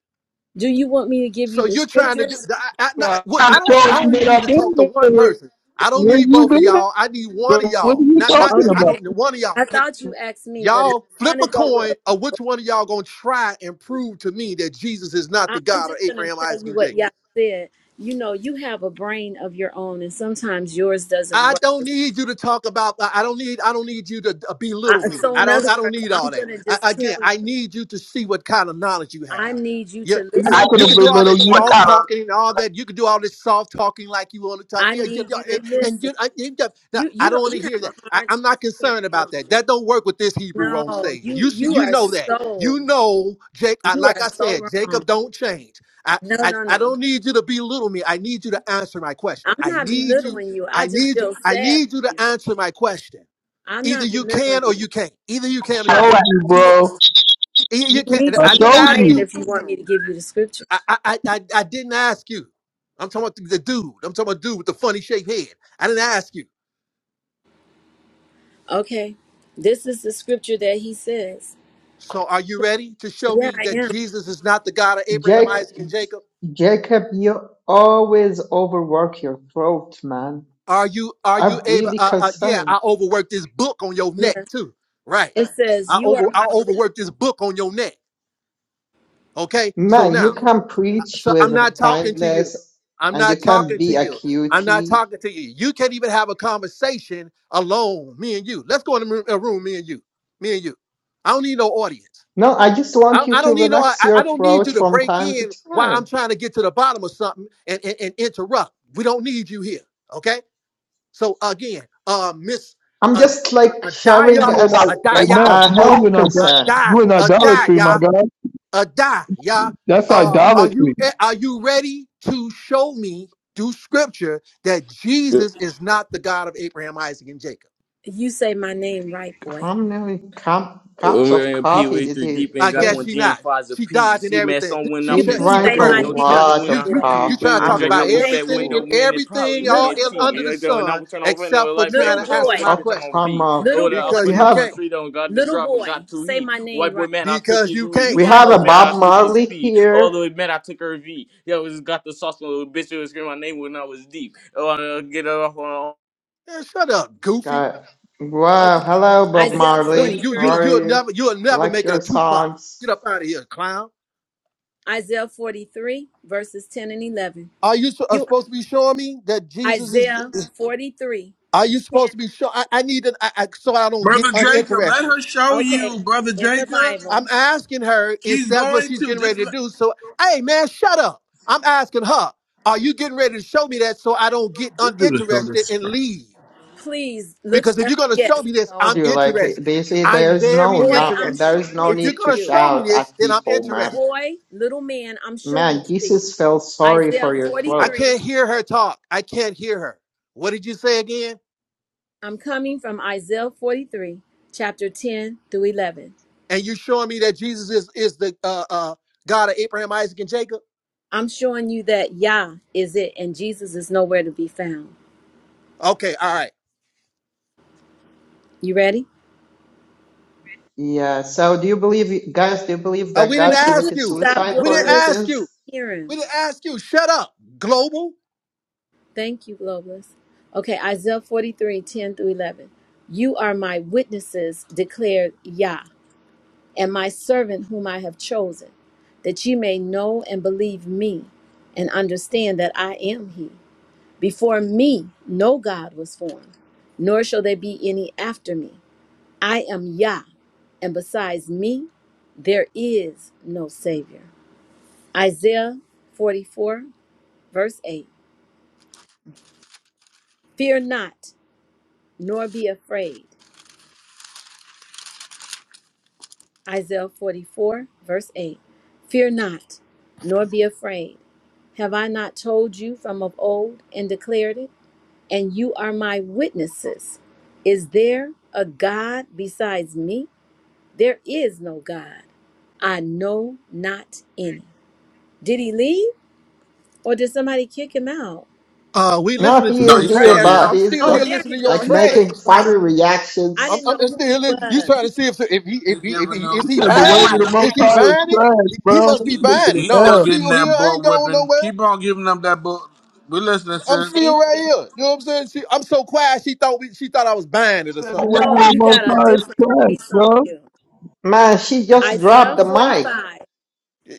S6: So you're trying to do.
S1: just
S6: I, I, not, what,
S4: I'm
S6: I don't. I
S4: showing you
S6: only
S4: that
S6: need
S4: I've
S6: to
S4: been
S6: talk to one
S4: there.
S6: person. I don't
S4: Where
S6: need
S4: you
S6: both of
S4: been at?
S6: y'all. I need one of
S4: So what are
S6: y'all.
S4: you
S6: Not not.
S4: talking
S6: I
S4: about?
S6: don't. One of y'all.
S1: ask me, but if
S6: Y'all
S1: you
S6: flip
S1: want to
S6: a
S1: go with,
S6: coin of which one of y'all gonna try and prove to me that Jesus is not
S1: I,
S6: the
S1: I'm
S6: God of
S1: just going
S6: Abraham,
S1: to tell
S6: Isaac,
S1: you
S6: and
S1: what
S6: Jacob.
S1: y'all said. You know, you have a brain of your own, and sometimes yours doesn't
S6: I
S1: work.
S6: don't need you to talk about. I I don't need. I don't need you to uh,
S1: I,
S6: belittle me.
S1: so,
S6: I
S1: in
S6: don't.
S1: other
S6: I don't
S1: words,
S6: need
S1: I'm
S6: all
S1: going
S6: that.
S1: to
S6: I,
S1: just tell
S6: again,
S1: you,
S6: I need you to see what kind of knowledge you
S1: I
S6: have.
S1: need you
S6: You,
S1: to
S4: You're
S6: you
S1: listen.
S4: not
S6: you
S1: In.
S4: going to
S6: can do all
S4: belittle
S6: that
S4: you.
S6: soft talking and all that. You can do all this soft talking like you want to talk.
S1: I
S6: Yeah, yeah,
S1: need you
S6: yeah,
S1: to
S6: and, and
S1: listen.
S6: you, I, you just- no,
S1: You you
S6: I don't
S1: don't
S6: want to
S1: you
S6: hear
S1: have a
S6: that. I,
S1: hard
S6: I'm
S1: time
S6: not
S1: hearing,
S6: concerned about
S1: don't
S6: that.
S1: you?
S6: That don't work with this Hebrew on
S1: No,
S6: stage.
S1: you
S6: You should.
S1: you
S6: You
S1: are
S6: know that.
S1: so
S6: You know, Jake. I,
S1: you
S6: like
S1: are
S6: I said,
S1: so wrong.
S6: Jacob don't change. I,
S1: No,
S6: I
S1: no,
S6: I
S1: no.
S6: don't need you to belittle me. I need you to answer my question.
S1: I'm
S6: I
S1: not
S6: need you
S1: belittling you.
S6: I
S1: I just
S6: need
S1: feel
S6: I
S1: sad
S6: need you
S1: for you.
S6: to answer my question.
S1: I'm
S6: Either
S1: not
S6: you
S1: belittling
S6: can or you can't. Either you can or you
S4: Showed
S6: can't.
S4: you,
S1: you.
S4: bro.
S6: Either
S1: You
S6: you can.
S1: need
S6: and
S4: I
S1: to
S6: I
S1: be
S6: didn't
S4: showed
S6: ask
S1: quiet
S6: you.
S4: you.
S1: if you want me to give you the scripture.
S6: I I I, I I didn't ask you. I'm talking about the the dude. I'm talking about dude with the funny shaped head. I didn't ask you.
S1: Okay. This is the scripture that he says.
S6: So are you ready to show
S1: Yeah,
S6: me
S1: I
S6: that
S1: am.
S6: Jesus is not the God of Abraham,
S7: Jac-
S6: Isaac, and Jacob?
S7: Jacob, you always overwork your throat, man.
S6: Are you are you
S7: I'm
S6: able?
S7: really
S6: Uh, uh, yeah,
S7: concerned.
S6: I overworked this book on your
S1: Yeah.
S6: neck too. Right.
S1: It says,
S6: I
S1: You
S6: over
S1: are
S6: I
S1: my witness.
S6: overworked this book on your neck. Okay. So
S7: Man, you
S6: now
S7: can preach
S6: So I'm not
S7: with
S6: talking to you.
S7: kindness
S6: I'm
S7: and you
S6: not
S7: can
S6: talking to
S7: be a
S6: you. I'm not
S7: cutie.
S6: talking to you. You can't even have a conversation alone, me and you. Let's go in a room, a room, me and you. Me and you. I don't need no audience.
S7: No, I just want
S6: I,
S7: you
S6: I
S7: to
S6: don't need no I,
S7: relax
S6: I
S7: your
S6: don't need
S7: throat
S6: you to
S7: from
S6: break
S7: time to
S6: in while I'm
S7: time.
S6: trying to get to the bottom of something and, and, and interrupt. We don't need you here. Okay? So again, uh Miss
S7: I'm just like sharing
S6: Adaya,
S4: You and I,
S7: as
S6: Adaya,
S4: enough.
S7: a
S4: You know you
S7: health
S4: in idol-
S7: concern.
S6: Adaya,
S4: you in idolatry, my
S6: Adaya
S4: God.
S6: a die, yeah.
S4: That's
S6: Uh, are you
S4: idolatry.
S6: eh, are you ready to show me through scripture that Jesus is not the God of Abraham, Isaac, and Jacob?
S1: You say my name right, boy.
S7: How many cup,
S8: When
S7: cups of
S8: we're in P
S7: coffee
S8: way
S7: did
S8: three
S7: he
S8: deep
S6: I
S8: and got
S7: drink?
S6: guess
S8: one
S6: she
S8: jam
S6: not.
S8: fives
S6: She
S8: apiece.
S6: dodging
S8: See man,
S6: everything.
S8: some when
S6: She
S8: I'm
S1: You,
S7: He
S6: try,
S8: in
S1: you
S6: she
S1: say
S7: drank a
S8: traffic
S6: divert.
S8: with
S1: my
S8: no
S6: You
S1: name
S6: try
S8: telling
S7: lot
S8: when
S1: right,
S6: you
S7: of
S6: you
S8: I'm
S1: boy.
S8: pretty
S6: you
S7: coffee,
S6: trying
S8: we
S6: to talk
S7: I'm
S8: rejects I
S6: about
S7: really
S8: book back
S1: Jacob,
S6: everything
S8: window
S6: and
S7: sure.
S8: man, and probably
S6: everything all
S8: me and
S1: little
S6: in, under
S1: boy,
S8: T.
S6: the
S8: Like that when
S6: sun
S8: I'm turn over and the
S6: except for
S8: light
S6: trying
S8: back
S1: little
S8: with
S6: to
S8: the
S6: answer
S1: boy,
S8: open
S6: my
S7: Oh
S8: bitch I'm on
S6: question
S7: come
S8: feet.
S1: little
S8: Oh the
S1: boy,
S8: off
S6: because
S7: We
S8: in
S6: you
S8: the
S7: have
S8: front
S6: can't
S8: street on got the
S1: little
S8: driver
S1: boy.
S8: got too
S1: Say
S8: heat.
S1: my name
S8: White
S1: right.
S8: boy man, I took
S6: because
S8: his
S6: you
S8: weed.
S1: You
S6: can't.
S7: we
S8: Lil
S1: got
S7: have
S1: a
S8: Pug
S7: a
S8: man, I
S7: Bob
S8: took
S1: problem.
S8: his
S7: Marley
S8: pee. All the
S7: here.
S8: way man, I took her V. Yo, it's got the sauce little bitch who was screaming my name when I was deep. Oh I uh, get it off on
S6: Man, shut up,
S7: It's
S6: goofy
S7: got wow,
S1: Okay.
S7: hello Bob
S1: Isaiah
S6: dude.
S7: Marley.
S6: You
S7: How
S6: you
S1: 43,
S6: you'll
S7: are you?
S6: never you'll
S7: I
S6: never
S7: like
S6: make it a
S7: your
S6: two part.
S7: songs.
S6: Get up out of here, clown.
S1: Isaiah 43, verses 10 and 11.
S6: Are you s- are
S1: You,
S6: supposed to be showing me that Jesus is?
S1: Isaiah
S6: is-
S1: forty-three,
S6: Are you
S1: ten.
S6: supposed to be showing? I, I need to, I, I, so I don't get
S2: brother Jacob? Let
S6: uninterested.
S2: her show
S1: Okay,
S2: you, brother
S1: in the
S2: Jacob.
S1: Bible.
S6: I'm asking her is
S2: She's
S6: that what
S2: going
S6: she's
S2: to
S6: getting
S2: just
S6: ready to
S2: let
S6: do. So, hey man, shut up. I'm asking her. Are you getting ready to show me that so I don't get
S2: this dude is so
S6: uninterested and
S2: disrespectful.
S6: leave?
S1: Please look
S6: Because if
S1: up.
S6: you're gonna
S1: Yes,
S6: show me
S7: I
S6: this, I'm
S7: told you like
S6: interested.
S7: they say there
S6: I'm
S7: is no
S6: very
S1: boy, I'm
S7: not
S6: interested.
S7: there
S1: showing
S7: is no
S1: it
S6: If
S1: to
S6: you're
S7: need to
S6: gonna
S1: you.
S6: show me
S7: shout
S6: this,
S7: at
S6: then I'm
S7: people, man.
S6: interested.
S1: Boy, little man, I'm showing
S7: Man,
S1: it to you.
S7: Jesus felt sorry
S1: Isaiah
S7: for your
S6: I
S7: throat.
S1: 43.
S6: can't hear her talk. I can't hear her. What did you say again?
S1: I'm coming from Isaiah 43, chapter 10 through 11.
S6: and you showing me that Jesus is is the uh, uh, God of Abraham, Isaac, and Jacob?
S1: I'm showing you that Yah is it and Jesus is nowhere to be found.
S6: Okay, all right.
S1: You ready?
S7: Yeah, so do you believe guys, do you believe
S6: Uh,
S7: that
S6: we didn't
S1: Would
S7: God
S1: you please
S6: ask
S7: committed
S6: you.
S1: stop
S7: suicide
S6: We
S7: for
S6: didn't
S7: your
S1: globalist
S6: ask
S7: sins?
S6: you.
S1: hearing?
S6: We didn't ask you. Shut up, global.
S1: Thank you, globalist. Okay, Isaiah 43, 10 through 11. You are my witnesses, declared Yah and my servant whom I have chosen, that ye may know and believe me, and understand that I am he. Before me no God was formed, nor shall there be any after me. I am Yah, and besides me there is no Savior. Isaiah 44, verse 8. Fear not, nor be afraid. Isaiah 44, verse 8. Fear not, nor be afraid. Have I not told you from of old and declared it? And you are my witnesses. Is there a God besides me? There is no God. I know not any. Did he leave or did somebody kick him out?
S6: Uh, we
S7: No,
S6: listening
S7: he
S6: to
S2: No,
S6: your
S7: is
S2: he's
S7: here,
S2: still
S6: trash. No,
S7: but
S2: here.
S6: I'm
S7: he's
S6: still
S1: Oh,
S6: here
S7: just
S1: there he
S6: listening to your
S1: go.
S7: like
S1: He's looking
S6: trash.
S7: making
S1: white.
S7: funny
S1: I
S6: I'm,
S1: didn't
S7: reactions.
S1: know
S6: I'm
S1: who
S6: still here.
S1: he
S6: li- You
S1: was.
S6: trying to see if if he if
S2: You
S6: he, if
S2: giving
S6: he is
S2: them
S4: You
S6: he
S4: said the
S2: sister
S6: buying it?
S4: word of the
S2: dear.
S4: Most
S6: Is he buying it? He he
S4: High
S6: must be
S2: He, he,
S4: is
S6: buying it.
S4: trash,
S2: he's
S6: No, I'm
S2: still
S4: bro.
S2: getting
S6: still here.
S2: that
S6: I ain't
S2: butt
S6: going
S2: whipping.
S6: nowhere.
S2: Keep on giving them that butt. We listening,
S6: I'm
S2: sis.
S1: Thank
S6: still right
S1: you.
S6: here. You know what I'm saying? She, I'm so quiet. She thought we, she thought I was buying it or
S4: said the
S6: something.
S4: way
S1: No,
S4: of the
S1: you
S4: Most
S1: got a
S4: High is
S1: different
S4: trash,
S1: face on
S4: bro.
S1: you.
S7: Man, she just
S1: Isaiah
S7: dropped the mic.
S1: 45.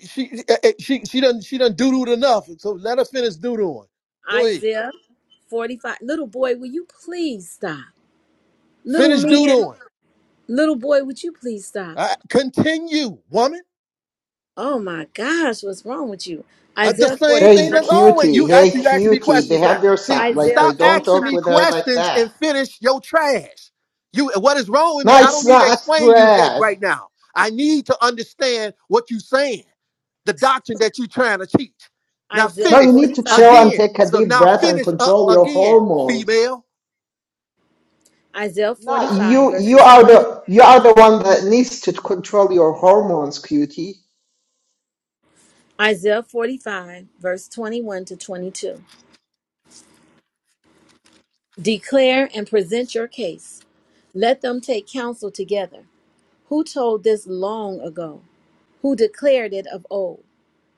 S6: She eh, eh, she she done she done doodled enough. So let her finish doodling. Go ahead.
S1: Isaiah 45. Little boy, will you please stop? Little
S6: Finish
S1: man,
S6: doodling.
S1: Little boy, would you please stop?
S6: Uh, continue, woman.
S1: Oh my gosh, what's wrong with you?
S6: Uh, the
S1: Isaiah
S6: same thing
S7: Hey,
S1: 45,
S6: that's always
S7: cutie.
S6: you
S7: Hey,
S6: actually asking me
S7: cutie.
S6: questions now.
S7: Behave
S6: See,
S7: yourself. Like,
S1: Isaiah
S7: they
S6: stop
S7: don't
S6: asking
S1: 45,
S7: talk
S6: me
S7: with her like
S6: questions
S7: that.
S6: and finish your trash. You what is wrong with me?
S7: No,
S6: I don't
S7: it's
S6: need to
S7: not
S6: explain you that
S7: Brad.
S6: right now. I need to understand what you're saying, the doctrine that you're trying to teach. Now
S1: Isaiah
S7: No,
S6: finish
S7: you need to
S1: 45,
S7: chill and
S6: again.
S7: take a
S6: So
S7: deep
S6: now
S7: breath and
S6: finish up
S7: control your
S6: again,
S7: hormones.
S6: female.
S1: Isaiah
S7: No,
S1: 45,
S7: you, you
S1: verses
S7: are
S1: 21,
S7: the, you are the one that needs to control your hormones, cutie.
S1: Isaiah 45, verse 21 to 22. Declare and present your case. Let them take counsel together. Who told this long ago? Who declared it of old?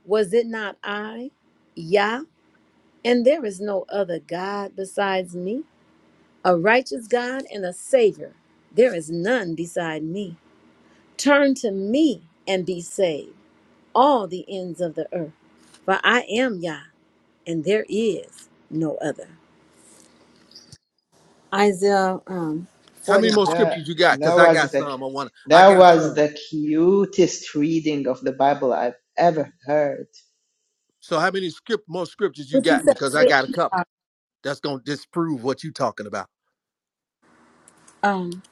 S1: Was it not I? Yah, and there is no other God besides me? A righteous God and a Savior, there is none beside me. Turn to me and be saved, all the ends of the earth, for I am Yah, and there is no other. Isaiah um,
S6: How many
S7: Oh,
S6: more
S1: 45.
S7: that,
S6: scriptures you got?
S7: that
S6: Because I
S7: was
S6: got
S7: the
S6: some. I want. I
S7: That
S6: got
S7: was
S6: some.
S7: the cutest reading of the Bible I've ever heard.
S6: So how many script more scriptures you
S1: What you
S6: got?
S1: say,
S6: Because I got a
S1: sis?
S6: couple.
S1: Uh,
S6: That's gonna disprove what you talking about.
S1: Um,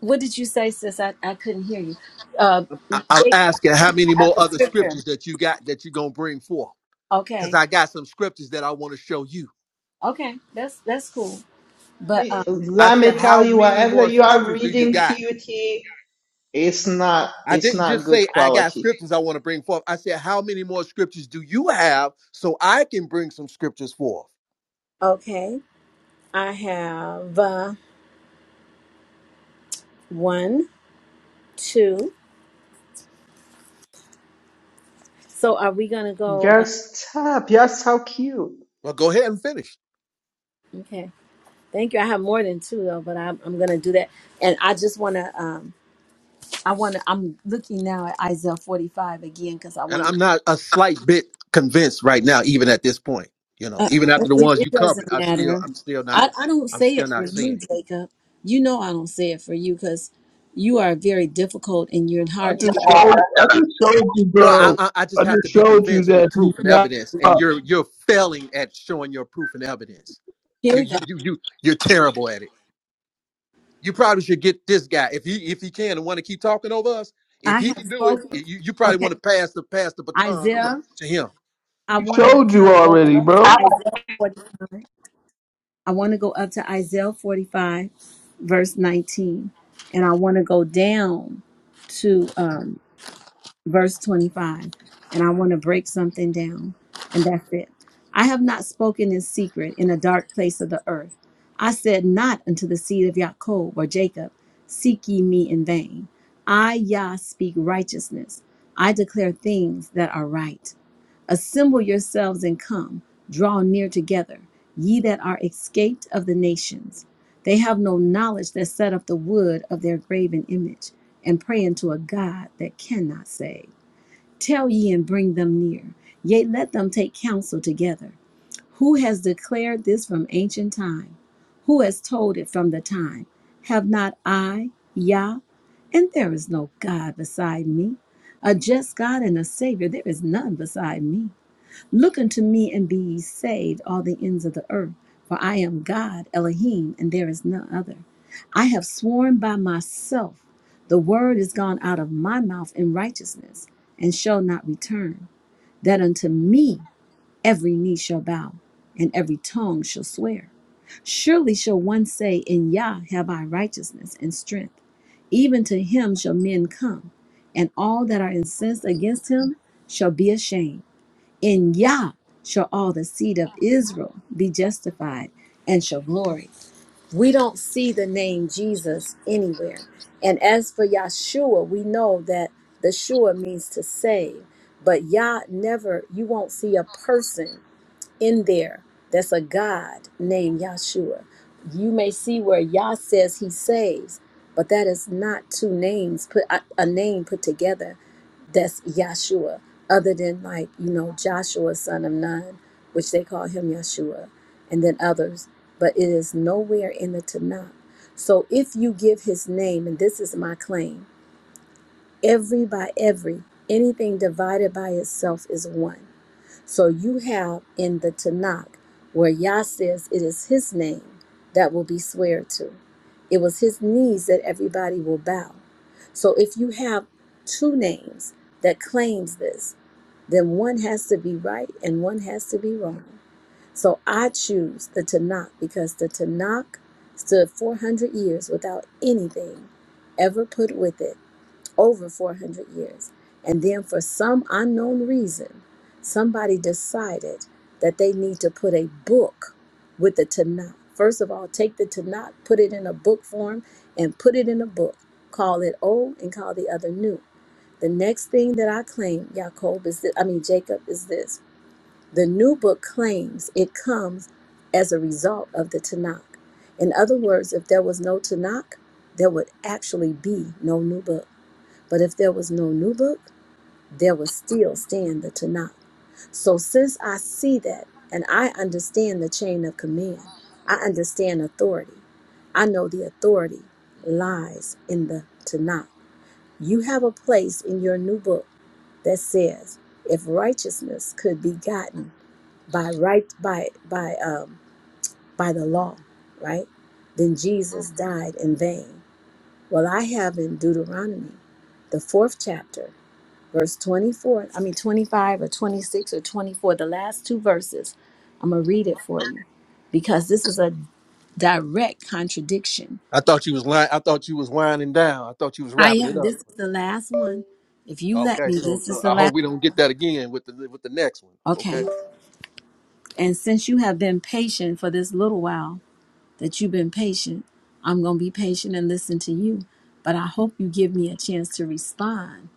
S1: what did you say, sis? I, I couldn't hear you. Uh,
S6: I, I'm
S1: Jake,
S6: asking
S1: I
S6: how
S1: didn't
S6: many
S1: have
S6: more
S1: the
S6: other
S1: scripture.
S6: scriptures that you got that you gonna bring forth? Because
S1: Okay,
S6: I got some scriptures that I want to show you.
S1: okay, that's that's cool.
S7: Let
S1: But
S7: me,
S1: um,
S6: I
S7: let me
S6: said, how
S7: tell you,
S6: many
S7: whatever
S6: more
S7: you are
S6: scriptures do you
S7: reading,
S6: got?
S7: cutie, it's not,
S6: I
S7: it's
S6: didn't
S7: not
S6: just
S7: good
S6: say I got
S7: quality.
S6: scriptures I want to bring forth. I said, how many more scriptures do you have so I can bring some scriptures forth?
S1: okay, I have uh, one, two. So are we gonna go?
S7: Girl,
S1: Uh,
S7: stop. You're so cute.
S6: Well, go ahead and finish.
S1: okay, thank you. I have more than two though, but I'm I'm gonna do that. And I just wanna um I wanna I'm looking now at Isaiah 45 again because I
S6: And
S1: wanna.
S6: I'm not a slight bit convinced right now, even at this point. You know,
S1: Uh,
S6: even after the
S1: it,
S6: ones
S1: it
S6: you covered,
S1: doesn't
S6: I still,
S1: matter.
S6: I'm still not,
S1: I I don't
S6: I'm
S1: say
S6: still
S1: it for
S6: not
S1: you,
S6: seeing.
S1: Jacob. You know I don't say it for you because you are very difficult and you're
S4: I
S1: hard to
S4: just
S1: get. Up.
S4: showed, I just showed you,
S6: No, I,
S4: bro.
S6: I I just
S4: I just
S6: have to be
S4: showed you
S6: convinced
S4: that
S6: with
S4: he's
S6: proof and
S4: not.
S6: evidence,
S4: I
S6: and you're you're failing at showing your proof and evidence.
S1: Here
S6: You
S1: we go.
S6: you you you you're terrible at it. You probably should get this guy if he if he can and want to keep talking over us. If
S1: I
S6: he
S1: have
S6: can do it,
S1: spoken.
S6: you, you probably
S1: Okay,
S6: want to pass the pass the baton over
S1: Isaiah.
S6: to him.
S1: I wanna
S4: showed you
S1: kind of go
S4: already,
S1: up
S4: bro.
S1: Isaiah 45. I want to go up to Isaiah 45, verse 19, and I want to go down to um, verse 25, and I want to break something down, and that's it. I have not spoken in secret in a dark place of the earth. I said not unto the seed of Jacob or Jacob, Seek ye me in vain. I, Yah, speak righteousness. I declare things that are right. Assemble yourselves and come, draw near together, ye that are escaped of the nations. They have no knowledge that set up the wood of their graven image, and pray unto a God that cannot save. Tell ye and bring them near, yea, let them take counsel together. Who has declared this from ancient time? Who has told it from the time? Have not I, Yah, and there is no God beside me, a just God and a Savior, there is none beside me. Look unto me and be ye saved, all the ends of the earth, for I am God, Elohim, and there is none other. I have sworn by myself, the word is gone out of my mouth in righteousness, and shall not return, that unto me every knee shall bow, and every tongue shall swear. Surely shall one say, In Yah have I righteousness and strength. Even to him shall men come, and all that are incensed against him shall be ashamed. In Yah shall all the seed of Israel be justified and shall glory. We don't see the name Jesus anywhere. And as for Yahshua, we know that the Shua means to save. But Yah never, you won't see a person in there that's a God named Yahshua. You may see where Yah says he saves, but that is not two names put a a name put together that's Yahshua, other than like, you know, Joshua, son of Nun, which they call him Yahshua, and then others, but it is nowhere in the Tanakh. So if you give his name, and this is my claim, every by every, anything divided by itself is one. So you have in the Tanakh where Yah says it is his name that will be swear to. It was his knees that everybody will bow. So if you have two names that claims this, then one has to be right and one has to be wrong. So I choose the Tanakh because the Tanakh stood 400 years without anything ever put with it over 400 years. And then, for some unknown reason, somebody decided that they need to put a book with the Tanakh. First of all, take the Tanakh, put it in a book form, and put it in a book. Call it old and call the other new. The next thing that I claim, Jacob is this, I mean Jacob is this. The new book claims it comes as a result of the Tanakh. In other words, if there was no Tanakh, there would actually be no new book. But if there was no new book, there would still stand the Tanakh. So since I see that and I understand the chain of command, I understand authority. I know the authority lies in the Tanakh. You have a place in your new book that says, if righteousness could be gotten by right by by um by the law, right? Then Jesus died in vain. Well, I have in Deuteronomy, the fourth chapter verse 24, I mean 25 or 26 or 24, the last two verses. I'm going to read it for you because this is a direct contradiction.
S6: I thought you was lying. I thought you was winding down. I thought you was
S1: I
S6: wrapping it
S1: am.
S6: up.
S1: This is the last one. If you let
S6: Okay,
S1: me,
S6: so
S1: this is
S6: so
S1: the
S6: I hope
S1: last.
S6: we don't get that again with the with the next one. Okay.
S1: Okay. And since you have been patient for this little while that you've been patient, I'm going to be patient and listen to you. But I hope you give me a chance to respond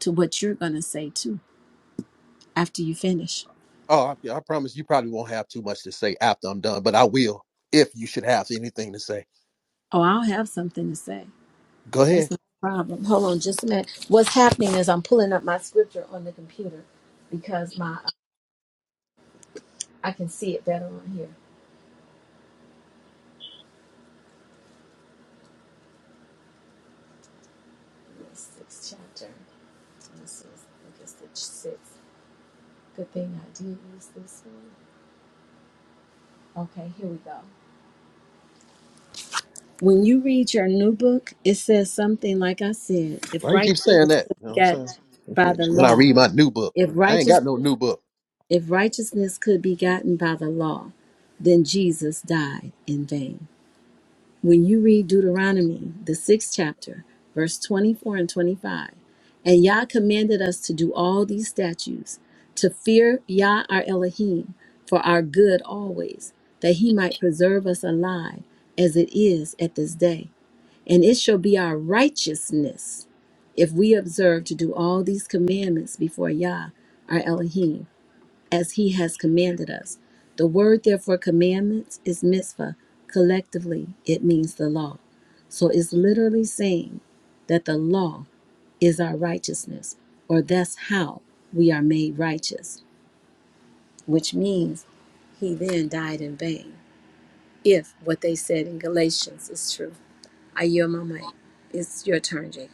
S1: to what you're going to say too after you finish.
S6: Oh, I, yeah, I promise you probably won't have too much to say after I'm done, but I will if you should have anything to say.
S1: Oh, I'll have something to say.
S6: Go
S1: That's
S6: ahead.
S1: no problem. Hold on just a minute. What's happening is I'm pulling up my scripture on the computer because my I can see it better on here. The sixth chapter. This is I guess the sixth. Good thing I did use this one. Okay, here we go. When you read your new book, it says something like I said, if
S6: Why you
S1: righteousness
S6: keep saying that?
S1: could
S6: You know
S1: be
S6: what I'm
S1: got
S6: saying? What you
S1: by
S6: mean?
S1: the
S6: When I
S1: law,
S6: read my new book,
S1: if
S6: I ain't
S1: righteous
S6: got no new book.
S1: if righteousness could be gotten by the law, then Jesus died in vain. When you read Deuteronomy, the sixth chapter, verse 24 and 25, and Yah commanded us to do all these statutes, to fear Yah our Elohim for our good always, that he might preserve us alive as it is at this day. And it shall be our righteousness if we observe to do all these commandments before Yah our Elohim as he has commanded us. The word, therefore, commandments is mitzvah. Collectively, it means the law. So it's literally saying that the law is our righteousness, or that's how we are made righteous, which means he then died in vain, if what they said in Galatians is true. I yield my mic. It's your turn, Jacob.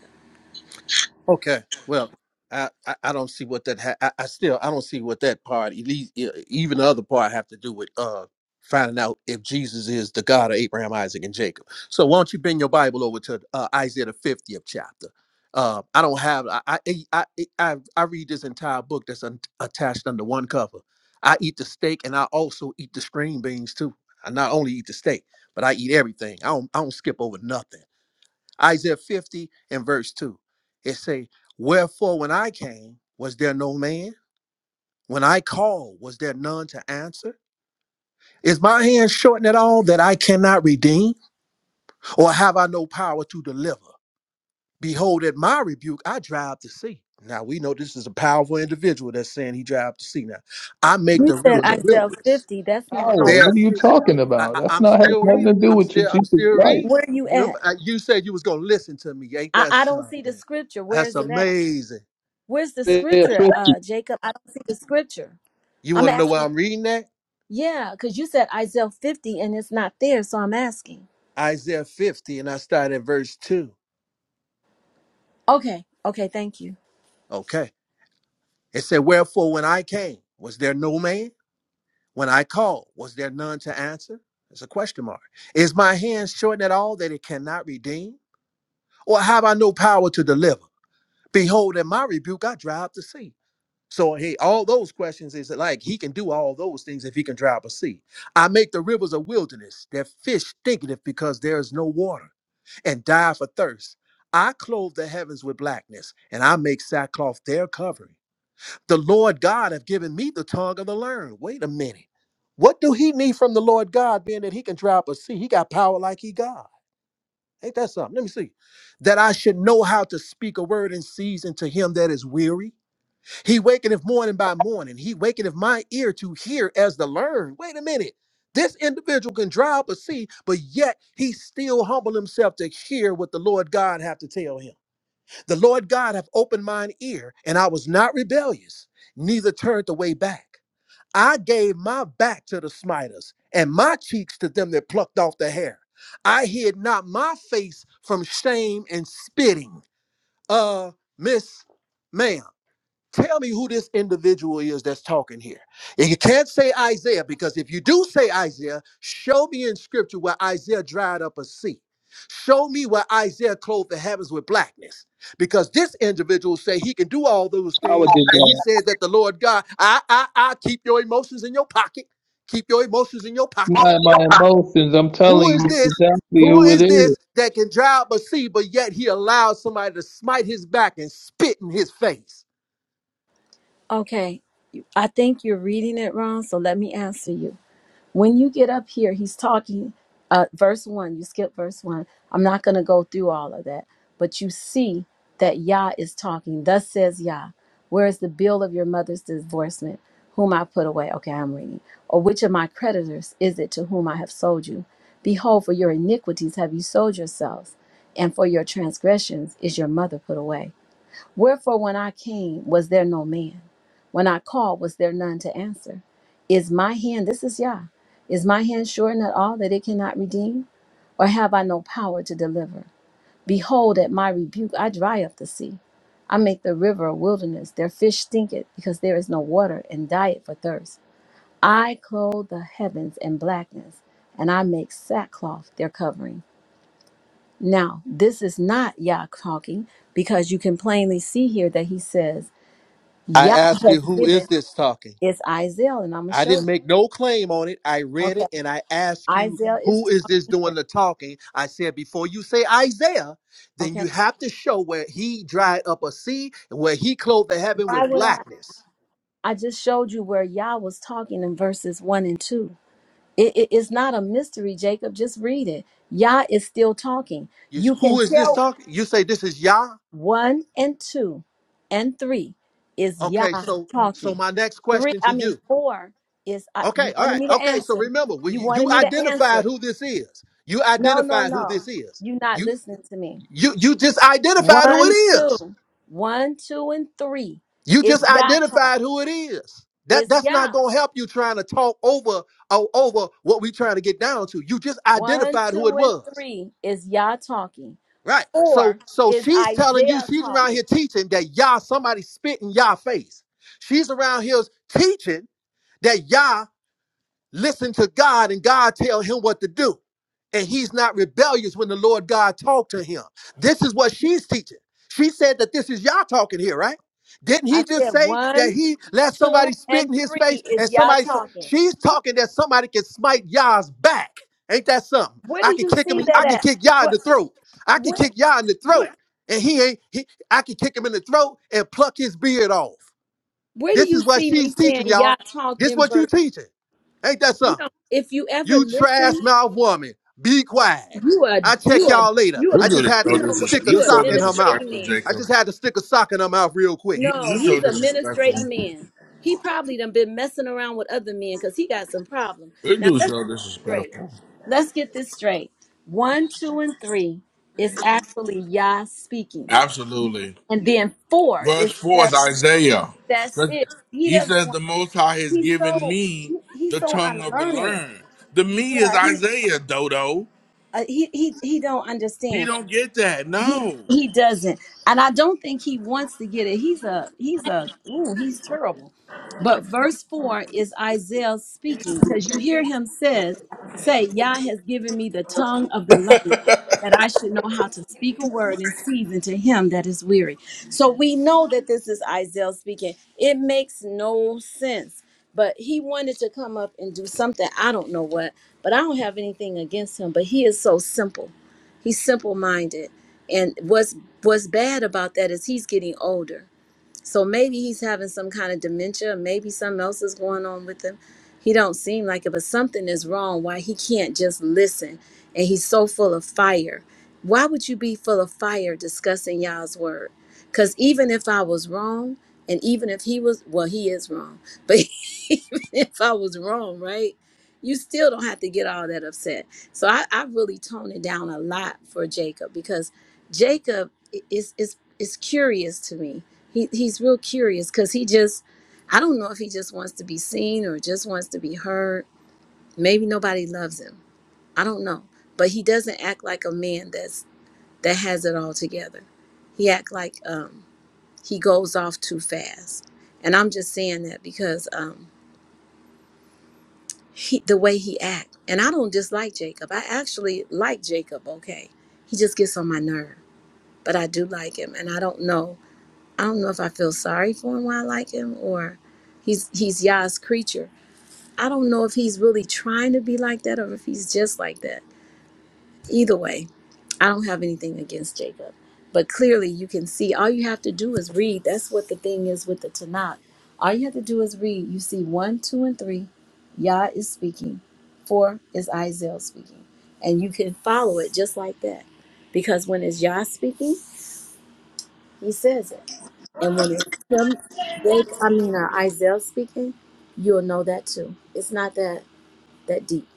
S6: Okay. Well, I, I, I don't see what that ha- I, I still I don't see what that part at least e- even the other part have to do with uh finding out if Jesus is the God of Abraham, Isaac, and Jacob. So why don't you bring your Bible over to uh, Isaiah the fiftieth chapter? Uh, I don't have I I, I I I I read this entire book that's un- attached under one cover. I eat the steak and I also eat the string beans too. I not only eat the steak, but I eat everything. I don't I don't skip over nothing. Isaiah 50 and verse 2. It say, Wherefore when I came, was there no man? When I called, was there none to answer? Is my hand shortened at all that I cannot redeem? Or have I no power to deliver? Behold, at my rebuke, I drive to sea. Now we know this is a powerful individual that's saying he drive to sea. Now I make
S1: You
S6: the
S1: said
S6: rivers a
S1: Isaiah
S6: wilderness.
S1: 50. That's not
S4: Power.
S1: how.
S6: There
S4: What are you talking
S6: I,
S4: about?
S6: I,
S4: That's
S6: I'm
S4: not has
S6: still
S4: nothing to
S6: reading.
S4: do
S6: I'm
S4: with your
S6: still. I'm
S4: Jesus
S6: still
S4: Christ.
S6: reading.
S1: Where are you at?
S6: Remember, uh, you said you was gonna listen to me. Ain't
S1: I,
S6: that
S1: I don't see the
S6: something?
S1: scripture. Where
S6: That's
S1: is it at?
S6: amazing.
S1: Where's the
S4: Yeah,
S6: That's-
S1: scripture,
S4: fifty.
S1: uh, Jacob? I don't see the scripture.
S6: you
S1: I'm
S6: want to know why
S1: asking.
S6: I'm reading that?
S1: Yeah, because you said Isaiah 50 and it's not there, so I'm asking.
S6: Isaiah 50, and I start at verse two.
S1: Okay, okay, thank you.
S6: Okay. It said, "Wherefore, when I came, was there no man? When I called, was there none to answer?" It's a question mark. Is my hand shortened at all that it cannot redeem, or have I no power to deliver? Behold, in my rebuke I drive to sea So hey, all those questions is like he can do all those things if he can dry up a sea. I make the rivers a wilderness, their fish stinketh because there is no water, and die for thirst. I clothe the heavens with blackness, and I make sackcloth their covering. The Lord God have given me the tongue of the learned. Wait a minute. What do he need from the Lord God, being that he can dry up a sea? He got power like he God. Ain't that something? Let me see. That I should know how to speak a word in season to him that is weary he wakeneth morning by morning. He wakeneth my ear to hear as to learn. Wait a minute. This individual can drive or see, but yet he still humbled himself to hear what the Lord God have to tell him. The Lord God have opened mine ear, and I was not rebellious, neither turned away back. I gave my back to the smiters, and my cheeks to them that plucked off the hair. I hid not my face from shame and spitting. Uh, Miss Ma'am. Tell me who this individual is that's talking here. And you can't say Isaiah because if you do say Isaiah, show me in scripture where Isaiah dried up a sea. Show me where Isaiah clothed the heavens with blackness. Because this individual say he can do all those
S4: Power did
S6: things, and he
S4: that.
S6: says that the Lord God, I, I, I keep your emotions in your pocket. Keep your emotions in your
S4: It's
S6: pocket.
S4: not my emotions. I'm
S6: Who
S4: telling
S6: is
S4: you
S6: this?
S4: exactly
S6: Who
S4: who it
S6: is
S4: is.
S6: this that can dry up a sea, but yet he allows somebody to smite his back and spit in his face?
S1: Okay, I think you're reading it wrong, so let me answer you. when you get up here, he's talking, uh, verse one, you skip verse one. I'm not going to go through all of that, but you see that Yah is talking. Thus says Yah, where is the bill of your mother's divorcement, whom I put away? Okay, I'm reading. Or which of my creditors is it to whom I have sold you? Behold, for your iniquities have you sold yourselves, and for your transgressions is your mother put away. Wherefore, when I came, was there no man? When I called, was there none to answer? Is my hand, this is Yah, is my hand sure not all that it cannot redeem? Or have I no power to deliver? Behold, at my rebuke, I dry up the sea. I make the river a wilderness. Their fish stinketh, because there is no water, and diet for thirst. I clothe the heavens in blackness, and I make sackcloth their covering. Now, this is not Yah talking, because you can plainly see here that he says,
S6: I
S1: Yah
S6: ask
S1: has
S6: you, who
S1: given
S6: is this talking?
S1: is Isaiah, and I'm gonna
S6: I
S1: show you.
S6: didn't make no claim on it. I read
S1: Okay,
S6: it and I ask you,
S1: Isaiah is
S6: who is this doing the talking? I said, before you say Isaiah, then
S1: okay.
S6: you have to show where he dried up a sea and where he clothed the heaven
S1: Why
S6: with
S1: would I?
S6: blackness.
S1: I just showed you where Yah was talking in verses one and two. It, it- it's not a mystery, Jacob. Just read it. Yah is still talking.
S6: You,
S1: You can
S6: who is this
S1: tell
S6: talking? You say this is Yah.
S1: one and two and three is Yah
S6: Okay, so so
S1: talking.
S6: my next
S1: Three,
S6: question
S1: I
S6: to
S1: mean
S6: you.
S1: four is. Uh, you
S6: Okay, all
S1: wanted
S6: right.
S1: me to
S6: Okay, so
S1: answer.
S6: remember, we,
S1: You wanted
S6: you
S1: me to answer.
S6: identified who this is. You
S1: No, no,
S6: identified who
S1: no.
S6: this is.
S1: You're not
S6: You.
S1: listening to me.
S6: You you just identified who it
S1: One,
S6: is.
S1: two, one, two, and three
S6: You
S1: is
S6: just
S1: Yah talking.
S6: identified who it is. That
S1: Is
S6: that's not
S1: Yah.
S6: gonna help you trying to talk over o- over what we trying to get down to. You just
S1: One,
S6: identified who it
S1: two, and
S6: was.
S1: three is Yah talking.
S6: Right.
S1: Four
S6: So so
S1: is
S6: she's telling you
S1: Isaiah
S6: she's around
S1: talking.
S6: here teaching that Yah somebody spit in Yah face. She's around here teaching that Yah listen to God and God tell him what to do. And he's not rebellious when the Lord God talked to him. This is what she's teaching. She said that this is y'all talking here, right? Didn't
S1: I
S6: he just
S1: said
S6: say
S1: one,
S6: that he let
S1: two,
S6: somebody spit
S1: and
S6: in his face
S1: three
S6: and
S1: is Yah
S6: somebody,
S1: talking.
S6: she's talking that somebody can smite y'all's back. Ain't that something?
S1: Where do
S6: I can
S1: you
S6: kick him,
S1: see that
S6: I can
S1: at?
S6: kick y'all in
S1: What
S6: the throat. I can
S1: where
S6: kick y'all in the
S1: where
S6: throat. And he ain't, he, I can kick him in the throat and pluck his beard off.
S1: where do
S6: This
S1: you
S6: is what
S1: see me
S6: she's teaching,
S1: saying Yah
S6: y'all.
S1: talked
S6: This is
S1: in
S6: what you
S1: verse?
S6: teaching. Ain't that
S1: You
S6: something?
S1: know, if you ever
S6: You trash
S1: listen,
S6: mouth woman. Be quiet.
S1: you are
S6: I check
S1: you are
S6: y'all later.
S1: you are
S2: This
S6: I
S2: dude
S6: just
S2: is
S6: had to
S1: you
S2: so
S6: s-
S1: know what?
S6: stick
S2: disrespectful.
S6: a
S1: You
S2: You're
S1: are
S2: so
S6: sock in her mouth.
S1: administrating
S2: disrespectful,
S1: man.
S6: I
S2: Jacob.
S6: just had to stick a sock in her mouth real quick.
S2: You,
S1: No,
S2: you're so
S1: he's a
S2: disrespectful.
S1: ministrating man. He probably done been messing around with other men because he got some problem.
S2: This
S1: Now
S2: dude's
S1: let's
S2: so
S1: straight.
S2: disrespectful.
S1: Let's get this straight. One, two, and three is actually Yah speaking.
S2: Absolutely.
S1: And then four
S2: Verse
S1: is
S2: 4
S1: where
S2: is Isaiah.
S1: that's it. He
S2: He
S1: doesn't
S2: says,
S1: want
S2: The Most High has
S1: he's
S2: given
S1: so
S2: me
S1: he's
S2: the
S1: so
S2: tongue of the
S1: unlearned.
S2: learned. The me is
S1: Yeah, he
S2: Isaiah, Dodo.
S1: uh, he he he don't
S2: He
S1: understand.
S2: don't get that.
S1: He
S2: No.
S1: he doesn't, and I don't think he wants to get it. He's a he's a ooh he's terrible. But verse four is Isaiah speaking because you hear him says say Yah has given me the tongue of the learned that I should know how to speak a word in season to him that is weary. So we know that this is Isaiah speaking. It makes no sense, but he wanted to come up and do something. I don't know what, but I don't have anything against him. But he is so simple He's simple minded. And what's what's bad about that is he's getting older. So maybe he's having some kind of dementia, maybe something else is going on with him. He don't seem like it, but something is wrong why he can't just listen and he's so full of fire. Why would you be full of fire discussing y'all's word? Cuz even if I was wrong and even if he was well he is wrong. But even if I was wrong, right? You still don't have to get all that upset. So I, I really tone it down a lot for Jacob because Jacob is is is curious to me. He he's real curious because he just I don't know if he just wants to be seen or just wants to be heard. Maybe nobody loves him. I don't know. But he doesn't act like a man that's that has it all together. He act like um he goes off too fast. And I'm just saying that because um he the way he act. And I don't dislike Jacob. I actually like Jacob, okay. He just gets on my nerve. But I do like him and I don't know. I don't know if I feel sorry for him why I like him or he's he's Yah's creature. I don't know if he's really trying to be like that or if he's just like that. Either way, I don't have anything against Jacob. But clearly you can see all you have to do is read. That's what the thing is with the Tanakh. All you have to do is read. You see one, two, and three, Yah is speaking. Four is Isaiah speaking. And you can follow it just like that. Because when it's Yah speaking? He says it. And when it's him, they, I mean, uh, Isaiah speaking, you'll know that too. It's not that that deep.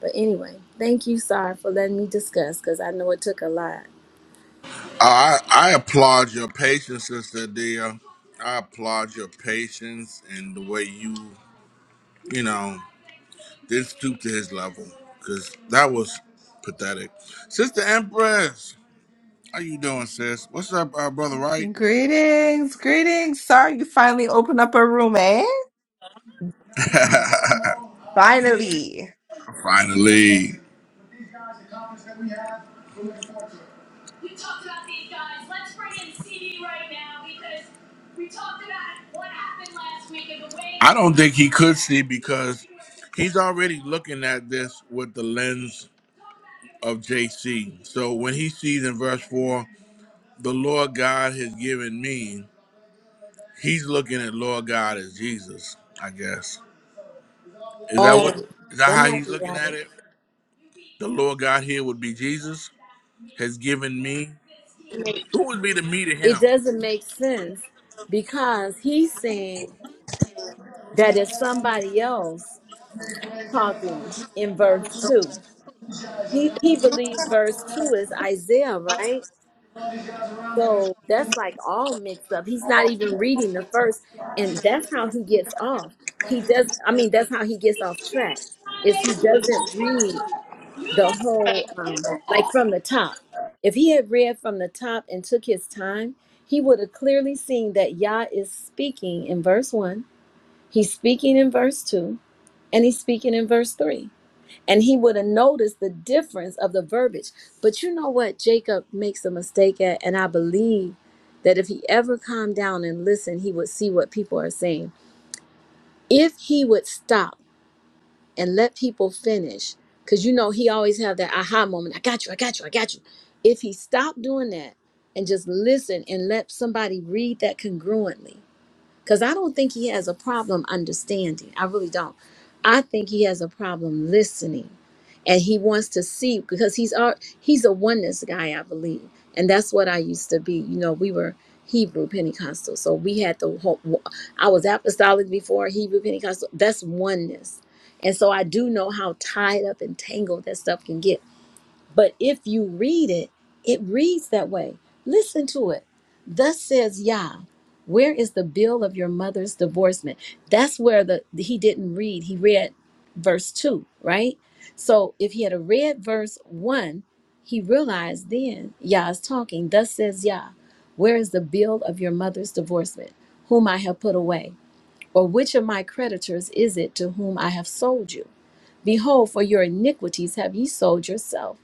S1: But anyway, thank you, Sar, for letting me discuss because I know it took a lot.
S2: I, I applaud your patience, Sister Dia. I applaud your patience and the way you, you know, did stoop to his level. Because that was pathetic. Sister Empress, how you doing, sis? What's up, uh, Brother Right?
S9: Greetings, greetings. Sorry you finally opened up a room, eh? Finally.
S2: Finally. We talked about these guys. Let's bring in CD right now because we talked about what happened last week and the way. I don't think he could see because he's already looking at this with the lens of JC. So when he sees in verse 4, the Lord God has given me, he's looking at Lord God as Jesus, I guess. Is that what
S1: Oh,
S2: is that
S1: that
S2: how
S1: might
S2: he's
S1: be
S2: looking at
S1: right.
S2: it? The Lord God here would be Jesus has given me. Who would be the me to
S1: It
S2: him?
S1: doesn't make sense because he's saying that it's somebody else talking in verse 2. He, he believes verse 2 is Isaiah, right? So that's like all mixed up. He's not even reading the first, and that's how he gets off. He does. I mean, that's how he gets off track. Is he doesn't read the whole, um, like from the top. If he had read from the top and took his time, he would have clearly seen that Yah is speaking in verse one. He's speaking in verse two, and he's speaking in verse three and he would have noticed the difference of the verbiage. But you know what Jacob makes a mistake at, and I believe that if he ever calmed down and listened, he would see what people are saying. If he would stop and let people finish, because you know he always have that aha moment, I got you, I got you, I got you. If he stopped doing that and just listened and let somebody read that congruently, because I don't think he has a problem understanding. I really don't. I think he has a problem listening. And he wants to see because he's our, he's a oneness guy, I believe. And that's what I used to be. You know, we were Hebrew Pentecostal. So we had the whole, I was apostolic before Hebrew Pentecostal. That's oneness. And so I do know how tied up and tangled that stuff can get but if you read it, it reads that way. Listen to it. Thus says Yah, where is the bill of your mother's divorcement? That's where the he didn't read. He read verse two, right? So if he had a read verse one, he realized then Yah is talking. Thus says Yah, where is the bill of your mother's divorcement, whom I have put away? Or which of my creditors is it to whom I have sold you? Behold, for your iniquities have ye sold yourself,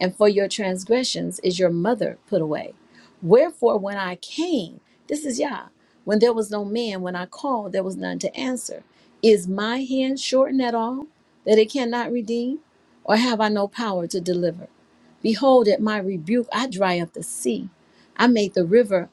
S1: and for your transgressions is your mother put away. Wherefore, when I came, this is Yah, when there was no man, when I called, there was none to answer. Is my hand shortened at all, that it cannot redeem? Or have I no power to deliver? Behold, at my rebuke I dry up the sea. I made the river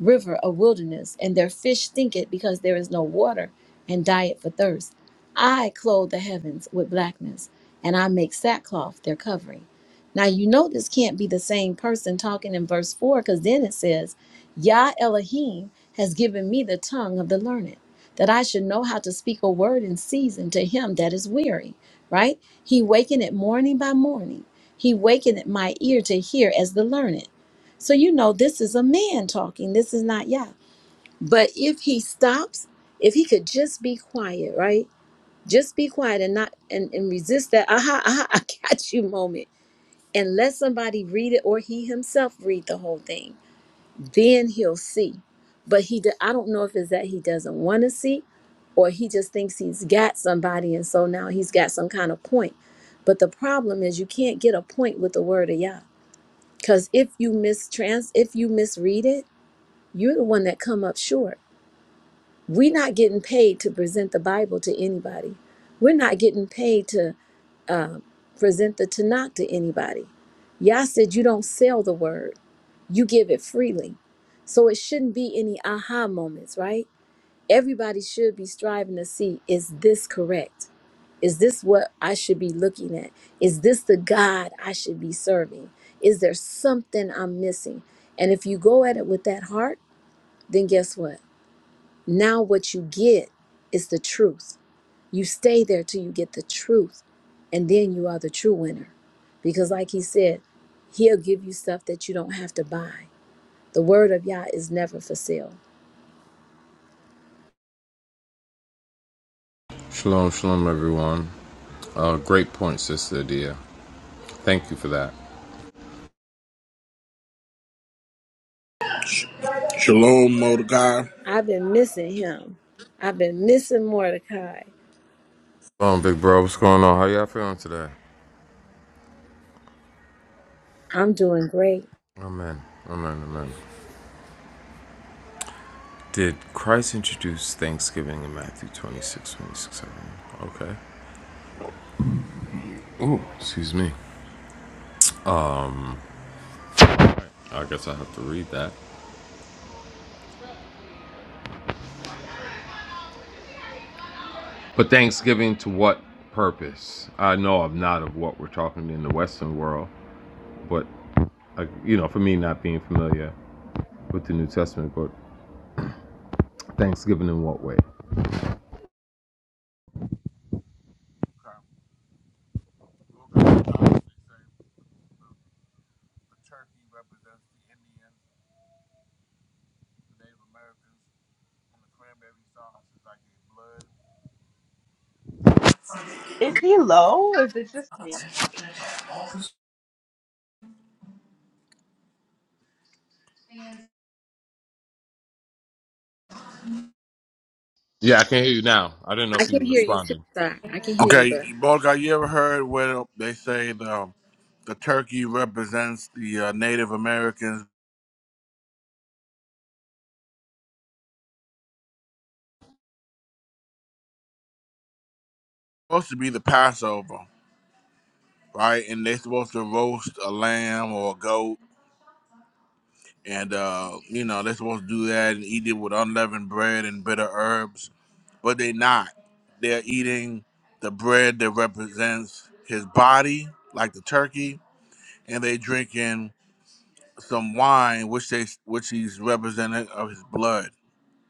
S1: river a wilderness, and their fish stinketh because there is no water, and diet for thirst. I clothe the heavens with blackness, and I make sackcloth their covering. Now you know this can't be the same person talking in verse 4, because then it says, Yah Elohim has given me the tongue of the learned, that I should know how to speak a word in season to him that is weary. Right? He wakened it morning by morning. He wakened my ear to hear as the learned. So you know this is a man talking. This is not Yah. But if he stops, if he could just be quiet, right? Just be quiet and not and, and resist that aha, aha, I got you moment. And let somebody read it or he himself read the whole thing. Then he'll see. But he do- I don't know if it's that he doesn't want to see or he just thinks he's got somebody and so now he's got some kind of point. But the problem is you can't get a point with the word of Yah. Because if you mistrans if you misread it, you're the one that come up short. We're not getting paid to present the Bible to anybody. We're not getting paid to um, present the Tanakh to anybody. Yah said you don't sell the word, you give it freely. So it shouldn't be any aha moments, right? Everybody should be striving to see is this correct? Is this what I should be looking at? Is this the God I should be serving? Is there something I'm missing? And if you go at it with that heart, then guess what? Now what you get is the truth. You stay there till you get the truth, and then you are the true winner. Because, like he said, he'll give you stuff that you don't have to buy. The word of Yah is never for sale.
S10: Shalom, shalom, everyone. Uh, great point, Sister Adia. Thank you for that.
S2: Shalom, Mordecai.
S1: I've been missing him. I've been missing Mordecai.
S10: Shalom, big bro. What's going on? How y'all feeling today?
S1: I'm doing great.
S10: Amen. Amen. Amen. Did Christ introduce Thanksgiving in Matthew 26:26? 7? Okay. Ooh, excuse me. I guess I have to read that. But Thanksgiving to what purpose? I know I'm not of what we're talking in the Western world, but, I, you know, for me not being familiar with the New Testament, but Thanksgiving in what way?
S9: Is he low? is it just me?
S10: Yeah, I can hear you now. I didn't know
S1: I
S10: if you
S1: can
S10: were
S1: hear you too,
S10: responding.
S1: sir. I can hear you,
S2: Okay,
S1: bro.
S2: Mordecai, you ever heard where they say the the turkey represents the uh, Native Americans? Supposed to be the Passover, right? And they're supposed to roast a lamb or a goat and uh, you know they're supposed to do that and eat it with unleavened bread and bitter herbs, but they're not. They're eating the bread that represents his body, like the turkey, and they drinking some wine, which they which he's represented of his blood,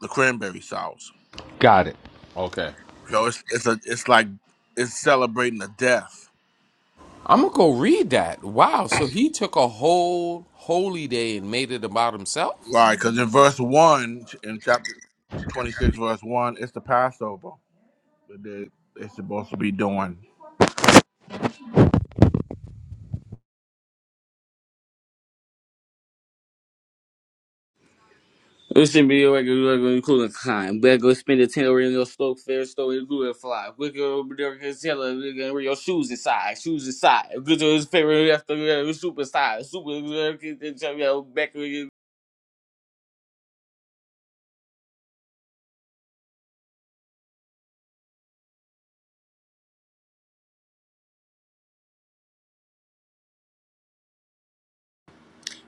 S2: the cranberry sauce.
S10: Got it. Okay.
S2: So it's it's a it's like it's celebrating the death,
S10: I'm gonna go read that. Wow. So he took a whole holy day and made it about himself?
S2: right? Because in verse one in chapter twenty six, verse one, it's the Passover that they, they're supposed to be doing.
S8: We should be like, including kind. Better go spend a ten over in your store, fair store, and glue and fly. Quick over there, can tell her, we can wear your shoes inside, shoes inside. Good to his favorite after super size, super. Back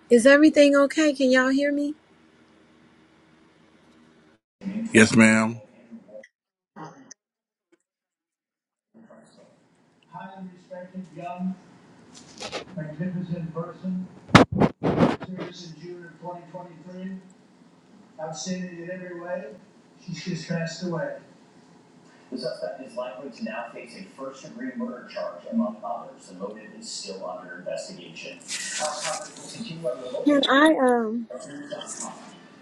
S1: Is everything okay? Can y'all hear me?
S2: Yes, ma'am.
S1: Can I um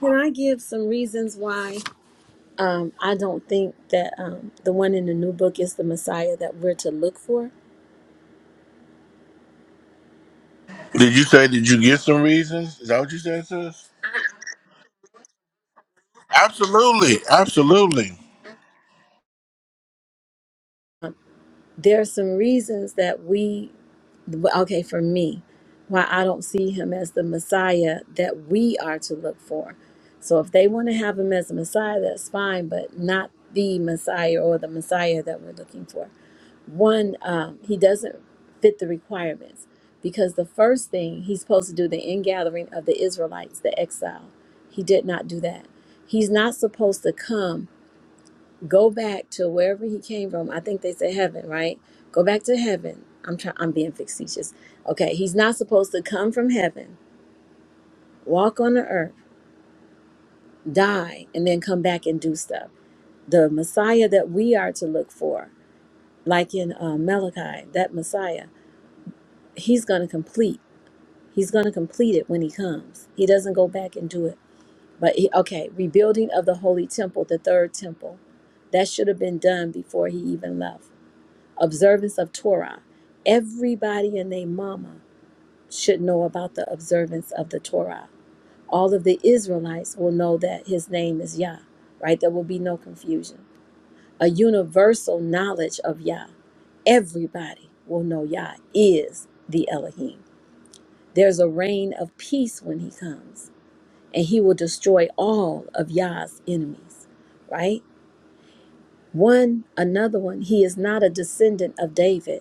S1: can I give some reasons why um I don't think that um the one in the new book is the Messiah that we're to look for?
S2: Did you say did you get some reasons? Is that what you said, sis? Absolutely, absolutely.
S1: there are some reasons that we okay for me why i don't see him as the messiah that we are to look for so if they want to have him as a messiah that's fine but not the messiah or the messiah that we're looking for one um, he doesn't fit the requirements because the first thing he's supposed to do the ingathering of the israelites the exile he did not do that he's not supposed to come go back to wherever he came from. I think they say heaven, right? Go back to heaven. I'm trying I'm being facetious. Okay, he's not supposed to come from heaven, walk on the earth, die, and then come back and do stuff. The Messiah that we are to look for, like in uh, Malachi, that Messiah, he's going to complete. He's going to complete it when he comes. He doesn't go back and do it. But he, okay, rebuilding of the holy temple, the third temple, that should have been done before he even left observance of Torah. Everybody and their mama should know about the observance of the Torah. All of the Israelites will know that his name is Yah, right? There will be no confusion. A universal knowledge of Yah. Everybody will know Yah is the Elohim. There's a reign of peace when he comes, and he will destroy all of Yah's enemies, right? One, another one, he is not a descendant of David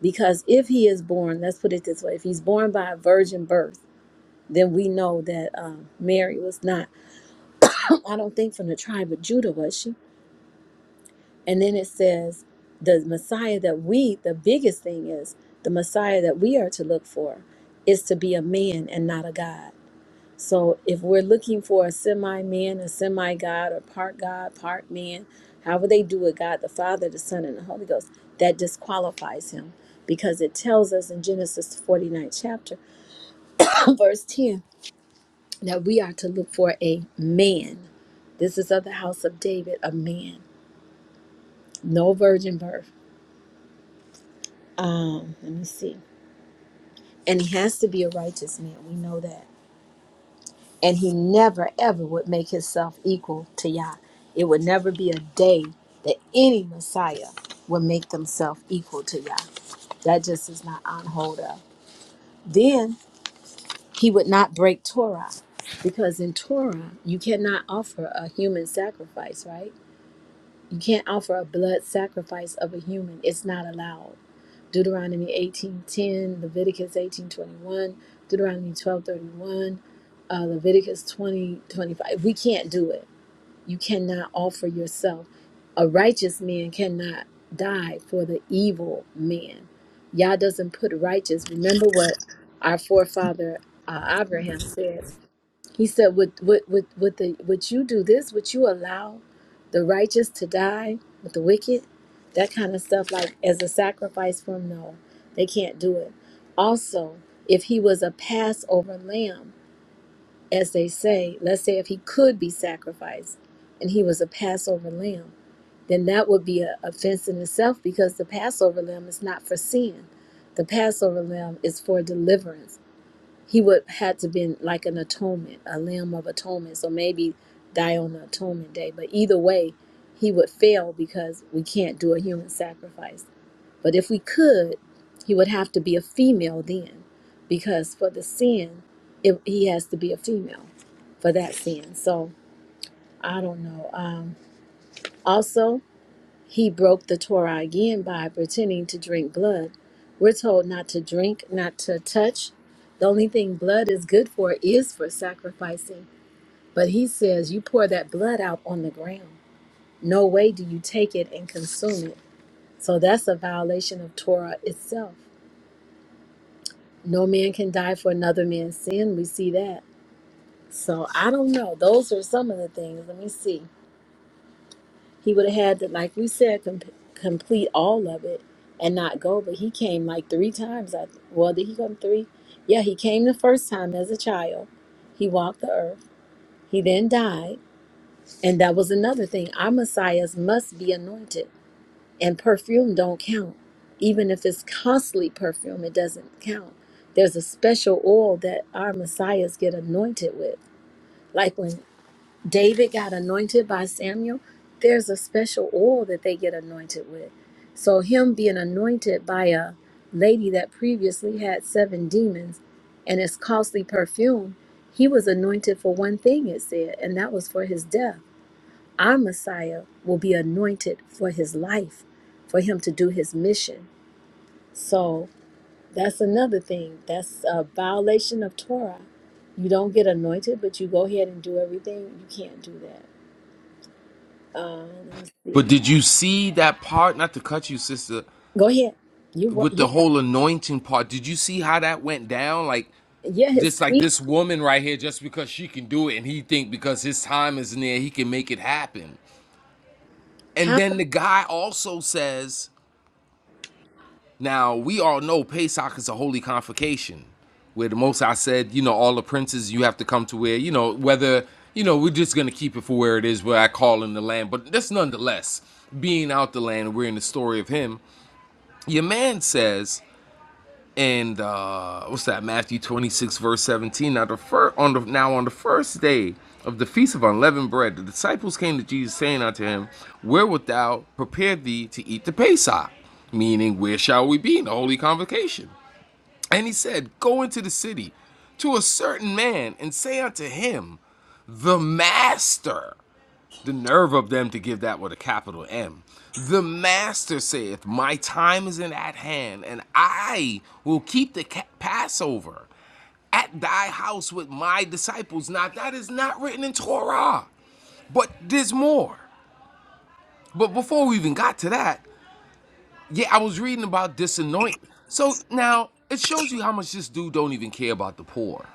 S1: Because if he is born, let's put it this way if he's born by a virgin birth, then we know that um, Mary was not, I don't think from the tribe of Judah, was she? And then it says, the Messiah that we, the biggest thing is, the Messiah that we are to look for is to be a man and not a God. So if we're looking for a semi man, a semi God, or part God, part man, however they do it, God the Father, the Son, and the Holy Ghost, that disqualifies him because it tells us in Genesis 49 chapter, verse 10, that we are to look for a man. This is of the house of David, a man, no virgin birth. Um, let me see. And he has to be a righteous man. We know that. and he never ever would make himself equal to Yah. It would never be a day that any Messiah would make themselves equal to Yah. That just is not on hold of. Then he would not break Torah because in Torah you cannot offer a human sacrifice, right? You can't offer a blood sacrifice of a human. It's not allowed. Deuteronomy 18:10, Leviticus 18:21, Deuteronomy 12:31, uh, Leviticus 20:25. We can't do it. You cannot offer yourself. A righteous man cannot die for the evil man. Yah doesn't put righteous. Remember what our forefather uh, Abraham said. He said, "Would would would would the would you do this? Would you allow the righteous to die with the wicked? That kind of stuff, like as a sacrifice for him? No, they can't do it. Also, if he was a Passover lamb, as they say, let's say if he could be sacrificed, and he was a Passover lamb, then that would be a offense in itself because the Passover lamb is not for sin. The Passover lamb is for deliverance." he would had to been like an atonement, a lamb of atonement. So maybe die on the atonement day. But either way, he would fail because we can't do a human sacrifice. But if we could, he would have to be a female then, because for the sin, it, he has to be a female for that sin. So I don't know. Um, also, he broke the Torah again by pretending to drink blood. We're told not to drink, not to touch. The only thing blood is good for is for sacrificing. But he says, You pour that blood out on the ground. No way do you take it and consume it. So that's a violation of Torah itself. No man can die for another man's sin. We see that. So I don't know. Those are some of the things. Let me see. He would have had to, like we said, com- complete all of it and not go. But he came like three times. I, well, did he come three? Yeah, he came the first time as a child. He walked the earth. He then died. And that was another thing. Our messiahs must be anointed. And perfume don't count. Even if it's costly perfume, it doesn't count. There's a special oil that our messiahs get anointed with. Like when David got anointed by Samuel, there's a special oil that they get anointed with. So, him being anointed by a lady that previously had seven demons and his costly perfume, he was anointed for one thing, it said, and that was for his death. Our Messiah will be anointed for his life, for him to do his mission. So, that's another thing. That's a violation of Torah. You don't get anointed, but you go ahead and do everything. You can't do that. Uh, let me see.
S10: But did you see that part? Not to cut you, sister,
S1: Go ahead. You what?
S10: with
S1: You
S10: the whole anointing part, did you see how that went down? Like
S1: yeah. His
S10: this like
S1: feet.
S10: this woman right here, just because she can do it and he think because his time is near, he can make it happen. And
S1: How?
S10: then the guy also says Now, we all know Pesach is a holy convocation where the Most High said, you know, all the princes you have to come to where, you know, whether, you know, we're just going to keep it for where it is, where I call in the land. But that's nonetheless being out the land. We're in the story of him. Your man says, and uh, what's that? Matthew 26 verse 17. Now the fir- on the now on the first day of the feast of unleavened bread, the disciples came to Jesus, saying unto him, Where wilt thou prepare thee to eat the Pesach? Meaning, where shall we be in the holy convocation? And he said, Go into the city to a certain man and say unto him, The master. The nerve of them to give that with a capital M. The Master saith, My time is in at hand, and I will keep the Passover at thy house with my disciples. Now, that is not written in Torah, but there's more. But before we even got to that, yeah, I was reading about disanointment. So now it shows you how much this dude don't even care about the poor.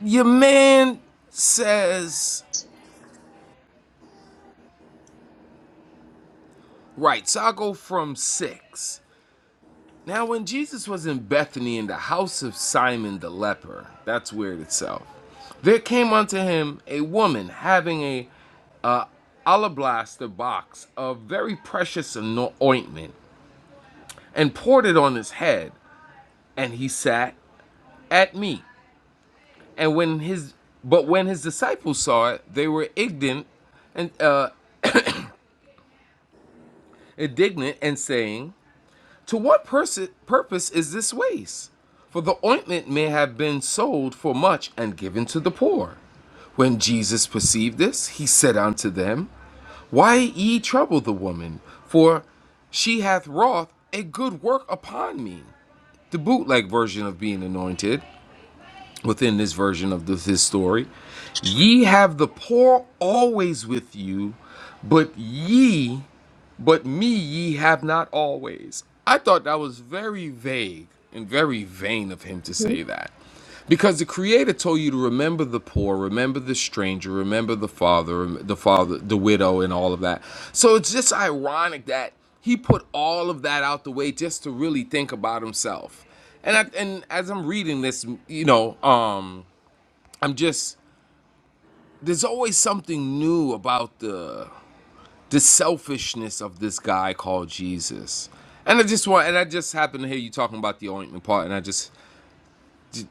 S10: Your man says, right, so I'll go from six. Now, when Jesus was in Bethany in the house of Simon the leper, that's weird itself, there came unto him a woman having a uh, alabaster box of very precious ointment and poured it on his head, and he sat at meat. And when his but when his disciples saw it, they were indignant and uh, indignant and saying, To what pers- purpose is this waste? For the ointment may have been sold for much and given to the poor. When Jesus perceived this, he said unto them, Why ye trouble the woman? For she hath wrought a good work upon me. The bootleg version of being anointed, within this version of this, this story, ye have the poor always with you, but ye but me ye have not always. I thought that was very vague and very vain of him to
S1: Mhm.
S10: say that. Because the Creator told you to remember the poor, remember the stranger, remember the father, the father, the widow, and all of that. So it's just ironic that he put all of that out the way just to really think about himself. And I, and as I'm reading this, you know, um, I'm just there's always something new about the the selfishness of this guy called Jesus. And I just want, and I just happened to hear you talking about the ointment part, and I just,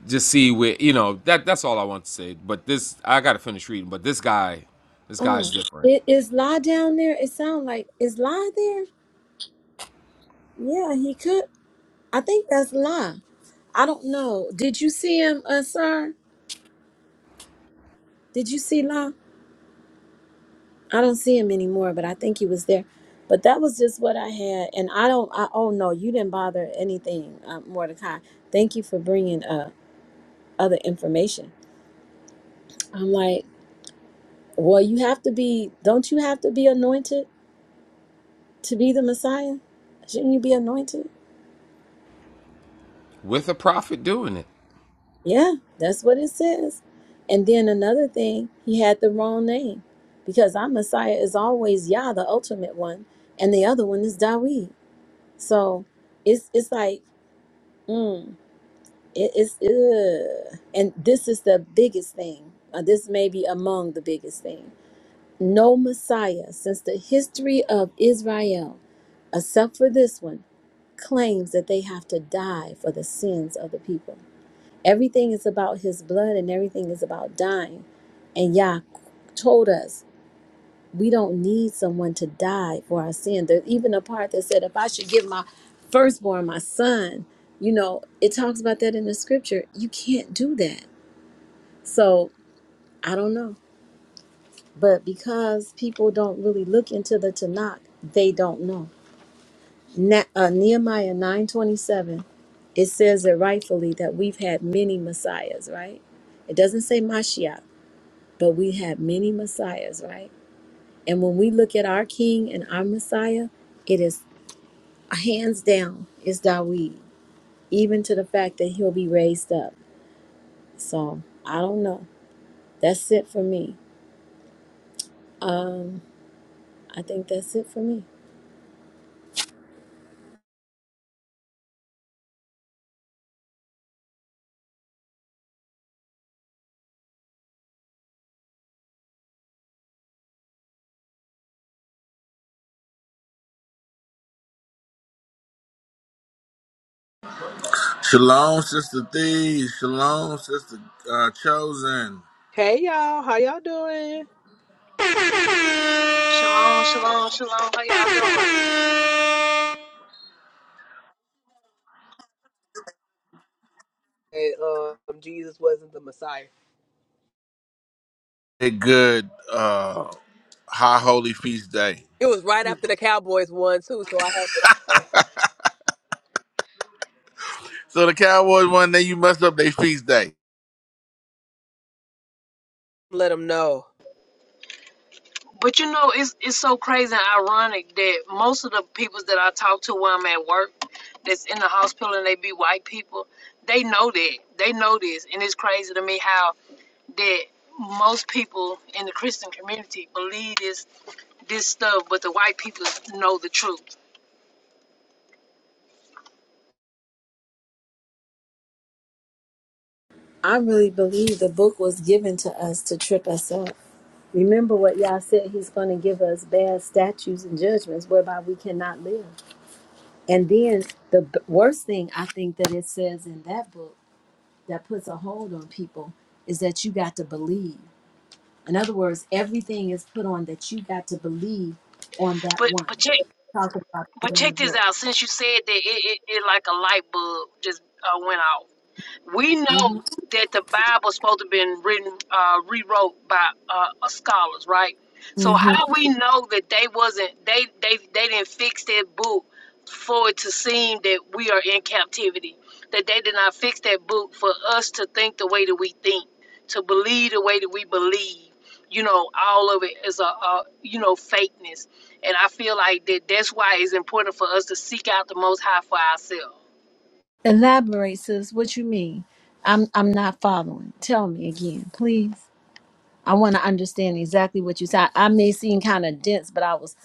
S10: just see where you know that that's all I want to say. But this, I got to finish reading. But this guy, this
S1: Oh,
S10: guy's different
S1: it is La down there. It sound like is La there? Yeah, he could. I think that's La. I don't know. Did you see him, uh, sir? Did you see La? I don't see him anymore, but I think he was there. But that was just what I had, and I don't. I oh no, you didn't bother anything, uh, Mordecai. Thank you for bringing uh other information. I'm like, well, you have to be. Don't you have to be anointed? to be the Messiah? Shouldn't you be anointed?
S10: with a prophet doing it.
S1: Yeah, that's what it says. And then another thing, he had the wrong name because our Messiah is always Yah, the ultimate one, and the other one is Dawid. So it's it's like, mm, it, it's ugh. and this is the biggest thing. Uh, this may be among the biggest thing. No Messiah since the history of Israel, except for this one, claims that they have to die for the sins of the people. Everything is about his blood and everything is about dying. And Yah told us we don't need someone to die for our sin. There's even a part that said, if I should give my firstborn, my son, you know, it talks about that in the scripture. You can't do that. So I don't know. But because people don't really look into the Tanakh, they don't know. Na- uh, Nehemiah 927 it says it rightfully that we've had many messiahs, right? It doesn't say Mashiach. But we have many messiahs, right? And when we look at our king and our messiah, it is hands down is Dawid, even to the fact that he'll be raised up. So I don't know. That's it for me. I think that's it for me.
S2: Shalom, sister Thee. Shalom, sister uh, Chosen.
S11: Hey y'all, how y'all doing?
S12: Shalom, shalom, shalom. How y'all doing?
S11: Hey, um, Jesus wasn't the Messiah.
S2: A good uh, high holy feast day.
S11: It was right after the Cowboys won too, so I had to uh,
S2: So the Cowboys one day you messed up their feast day.
S11: let them know.
S12: But you know, it's it's so crazy and ironic that most of the peoples that I talk to when I'm at work, that's in the hospital and they be white people, they know that. They know this, and it's crazy to me how that most people in the Christian community believe this this stuff, but the white people know the truth.
S1: I really believe the book was given to us to trip us up. Remember what Yah said, He's going to give us bad statutes and judgments whereby we cannot live. And then the b- worst thing I think that it says in that book that puts a hold on people is that you got to believe. In other words, everything is put on that you got to believe on that
S12: But
S1: one.
S12: but check
S1: Talk about that
S12: but
S1: in the
S12: check this
S1: book.
S12: out. Since you said that, it it, it like a light bulb just uh, went off. We know
S1: hmm
S12: that the Bible's supposed to have been written, uh, rewrote by uh, uh, scholars, right? So
S1: hmm
S12: how we know that they wasn't they they they didn't fix that book for it to seem that we are in captivity, that they did not fix that book for us to think the way that we think, to believe the way that we believe. You know, all of it is a, a you know fakeness, and I feel like that that's why it's important for us to seek out the Most High for ourselves
S1: Elaborate, sis. What you mean? I'm I'm not following. Tell me again, please. I want to understand exactly what you said. I may seem kind of dense, but I was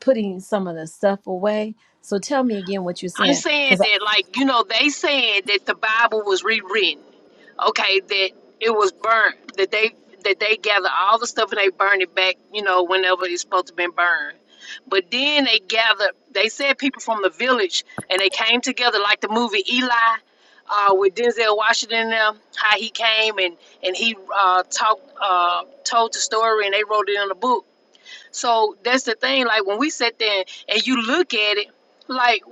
S1: putting some of the stuff away. So tell me again what you're
S12: I'm
S1: saying.
S12: saying that, like, you know, they said that the Bible was rewritten. Okay, that it was burnt. That they that they gather all the stuff and they burn it back. You know, whenever it's supposed to been burned. But then they gathered. They said people from the village and they came together like the movie Eli. Uh, with Denzel Washington, and them, how he came and and he uh, talked, uh, told the story, and they wrote it in a book so that's the thing. Like when we sit there and you look at it, like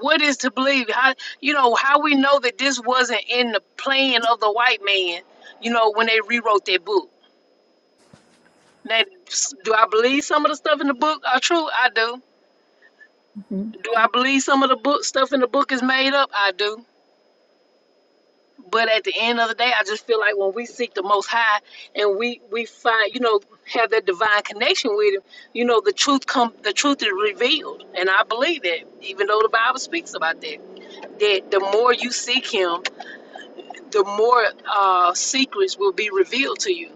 S12: what is to believe? How you know how we know that this wasn't in the plan of the white man? You know when they rewrote their book. Now, s- do I believe some of the stuff in the book are true? I do. Do I believe some of the book stuff in the book is made up? I do. But at the end of the day, I just feel like when we seek the Most High and we we find, you know, have that divine connection with Him, you know, the truth come, the truth is revealed, and I believe that. Even though the Bible speaks about that, that the more you seek Him, the more uh, secrets will be revealed to you.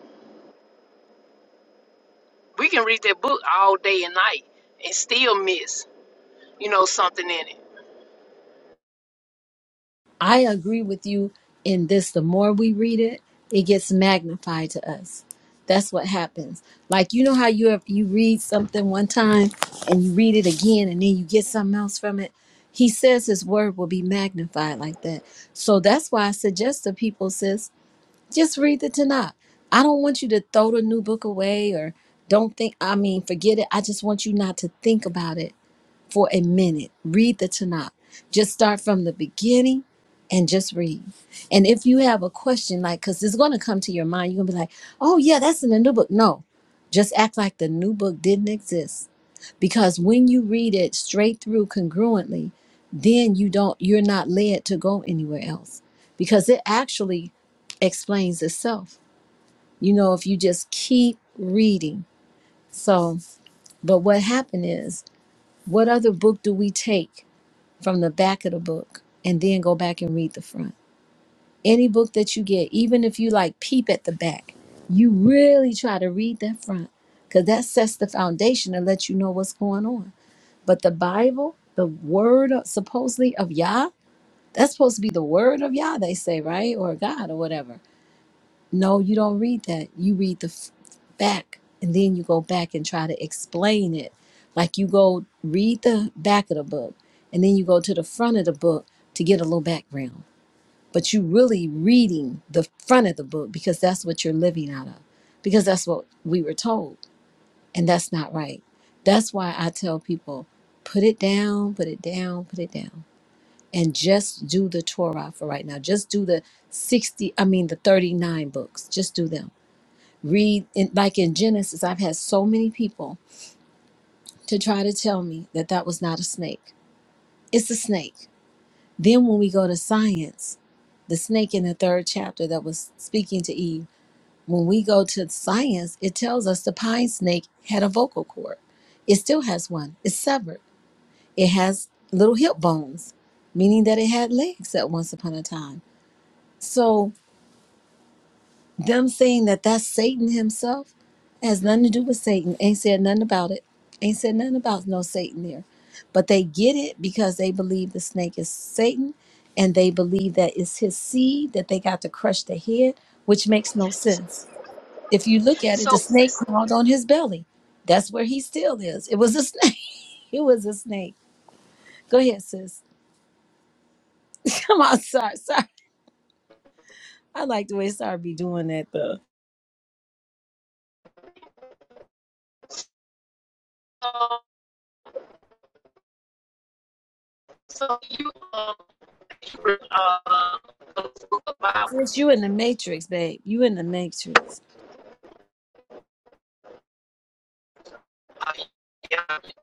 S12: We can read that book all day and night and still miss, you know, something in it.
S1: I agree with you in this. The more we read it, it gets magnified to us. That's what happens. Like you know how you have, you read something one time and you read it again and then you get something else from it. He says his word will be magnified like that. So that's why I suggest to people, sis, just read the Tanakh. I don't want you to throw the new book away or don't think I mean forget it. I just want you not to think about it for a minute. Read the Tanakh. Just start from the beginning and just read. And if you have a question, like, because it's going to come to your mind, you're going to be like, oh, yeah, that's in the new book. No, just act like the new book didn't exist. Because when you read it straight through congruently, then you don't, you're not led to go anywhere else because it actually explains itself. You know, if you just keep reading. So, but what happened is, what other book do we take? from the back of the book and then go back and read the front. Any book that you get, even if you like peep at the back, you really try to read that front because that sets the foundation and lets you know what's going on. But the Bible, the word of- supposedly of Yah, that's supposed to be the word of Yah, they say, right? Or God or whatever no, you don't read that. You read the f- back and then you go back and try to explain it. Like you go read the back of the book and then you go to the front of the book to get a little background. But you really reading the front of the book because that's what you're living out of. Because that's what we were told. And that's not right. That's why I tell people put it down, put it down, put it down. And just do the Torah for right now. Just do the 60, I mean, the 39 books. Just do them read in, like in Genesis, I've had so many people to try to tell me that that was not a snake. It's a snake. Then when we go to science, the snake in the third chapter that was speaking to Eve, when we go to science, it tells us the pine snake had a vocal cord. It still has one. It's severed. It has little hip bones, meaning that it had legs at once upon a time. So. Them saying that that's Satan himself has nothing to do with Satan. Ain't said nothing about it. Ain't said nothing about no Satan there. But they get it because they believe the snake is Satan and they believe that it's his seed that they got to crush the head, which makes no sense. If you look at it, the
S12: So,
S1: snake crawled on his belly. That's where he still is. It was a snake. It was a snake. Go ahead, sis. Come on, sorry, sorry. I like the way sorry be doing that though.
S12: uh, so you, um, uh, uh, the Bible,
S1: Sis, you in the matrix, babe. You in the matrix.
S12: uh, yeah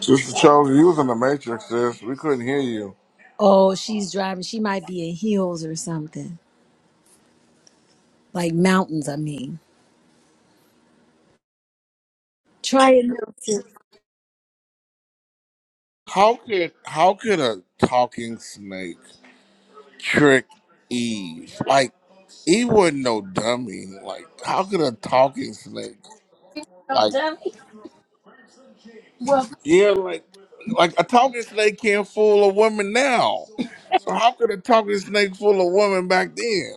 S2: Sister Chosen, you was in the Matrix, sis. We couldn't hear you.
S1: Oh, she's driving. She might be in heels or something. Like mountains, I mean. Try it, Milton.
S2: How could how could a talking snake trick Eve? Like Eve wasn't no dummy. Like how could a talking snake?
S1: No
S2: like?
S1: dummy. Well,
S2: Yeah, like like a talking snake can't fool a woman now. So how could a talking snake fool a woman back then?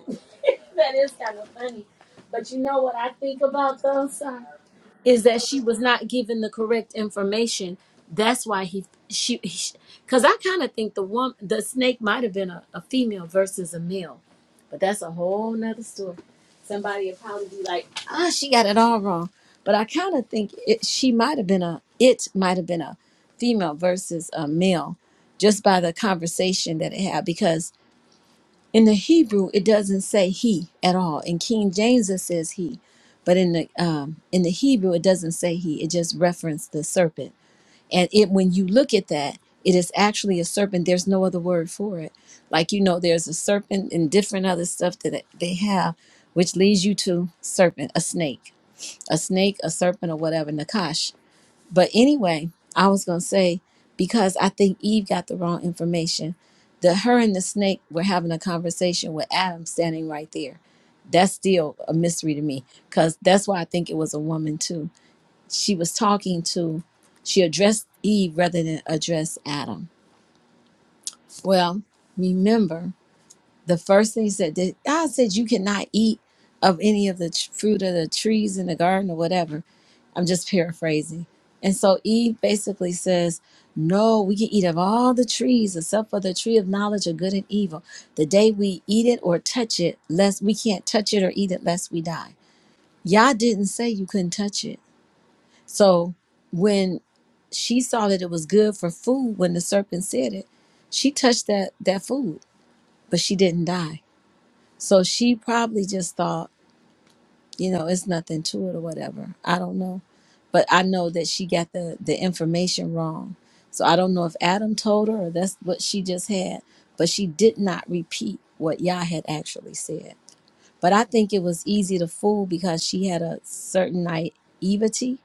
S1: that is kind of funny. But you know what I think about those? is that she was not given the correct information. That's why he she because I kind of think the woman the snake might have been a, a female versus a male, but that's a whole nother story. Somebody would probably be like, ah, she got it all wrong. But I kind of think it she might have been a it might have been a female versus a male just by the conversation that it had because. In the Hebrew, it doesn't say he at all. In King James, it says he, but in the um, in the Hebrew, it doesn't say he. It just referenced the serpent. And it when you look at that, it is actually a serpent. There's no other word for it. Like you know, there's a serpent and different other stuff that they have, which leads you to serpent, a snake, a snake, a serpent, or whatever. Nakash. But anyway, I was gonna say because I think Eve got the wrong information. That her and the snake were having a conversation with Adam standing right there. That's still a mystery to me because that's why I think it was a woman too. She was talking to, she addressed Eve rather than address Adam. Well, remember the first thing he said that God said you cannot eat of any of the tr- fruit of the trees in the garden or whatever. I'm just paraphrasing. And so Eve basically says, No, we can eat of all the trees except for the tree of knowledge of good and evil. The day we eat it or touch it, lest we can't touch it or eat it lest we die. Yah didn't say you couldn't touch it. So when she saw that it was good for food when the serpent said it, she touched that that food, but she didn't die so she probably just thought, you know, it's nothing to it or whatever. I don't know. But I know that she got the, the information wrong. So I don't know if Adam told her or that's what she just had. But she did not repeat what Yah had actually said. But I think it was easy to fool because she had a certain naivety.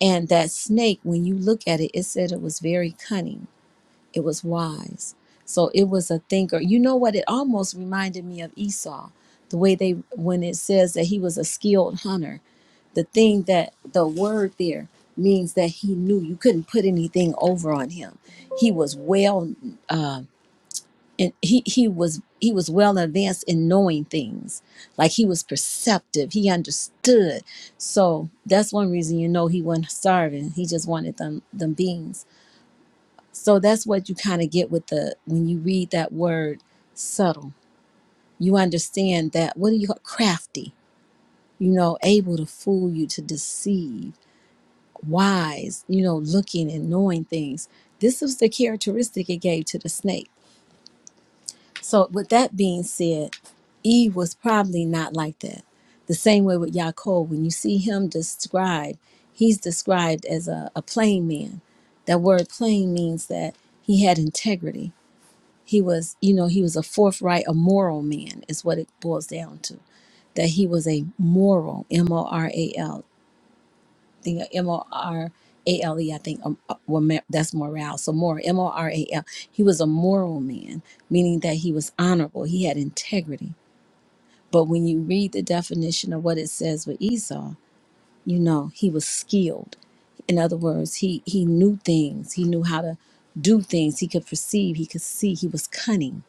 S1: And that snake, when you look at it, it said it was very cunning it was wise. So it was a thinker. You know what? It almost reminded me of Esau, the way they, when it says that he was a skilled hunter, the thing that the word there means that he knew you couldn't put anything over on him. He was well, uh, and he, he was he was well advanced in knowing things like he was perceptive he understood so that's one reason you know he wasn't starving he just wanted them them beans so that's what you kind of get with the when you read that word subtle. You understand that what do you call crafty? You know, able to fool you, to deceive, wise, you know, looking and knowing things. This was the characteristic it gave to the snake. So with that being said, Eve was probably not like that. The same way with Yaakov, when you see him described, he's described as a, a plain man. That word plain means that he had integrity He was, you know, he was a forthright, a moral man, is what it boils down to. That he was a moral, M O R A L, think of M O R A L E, I think, um, uh, well, ma- that's morale. So moral, M O R A L. He was a moral man, meaning that he was honorable, he had integrity. But when you read the definition of what it says with Esau, you know, he was skilled in other words he he knew things he knew how to do things he could perceive he could see he was cunning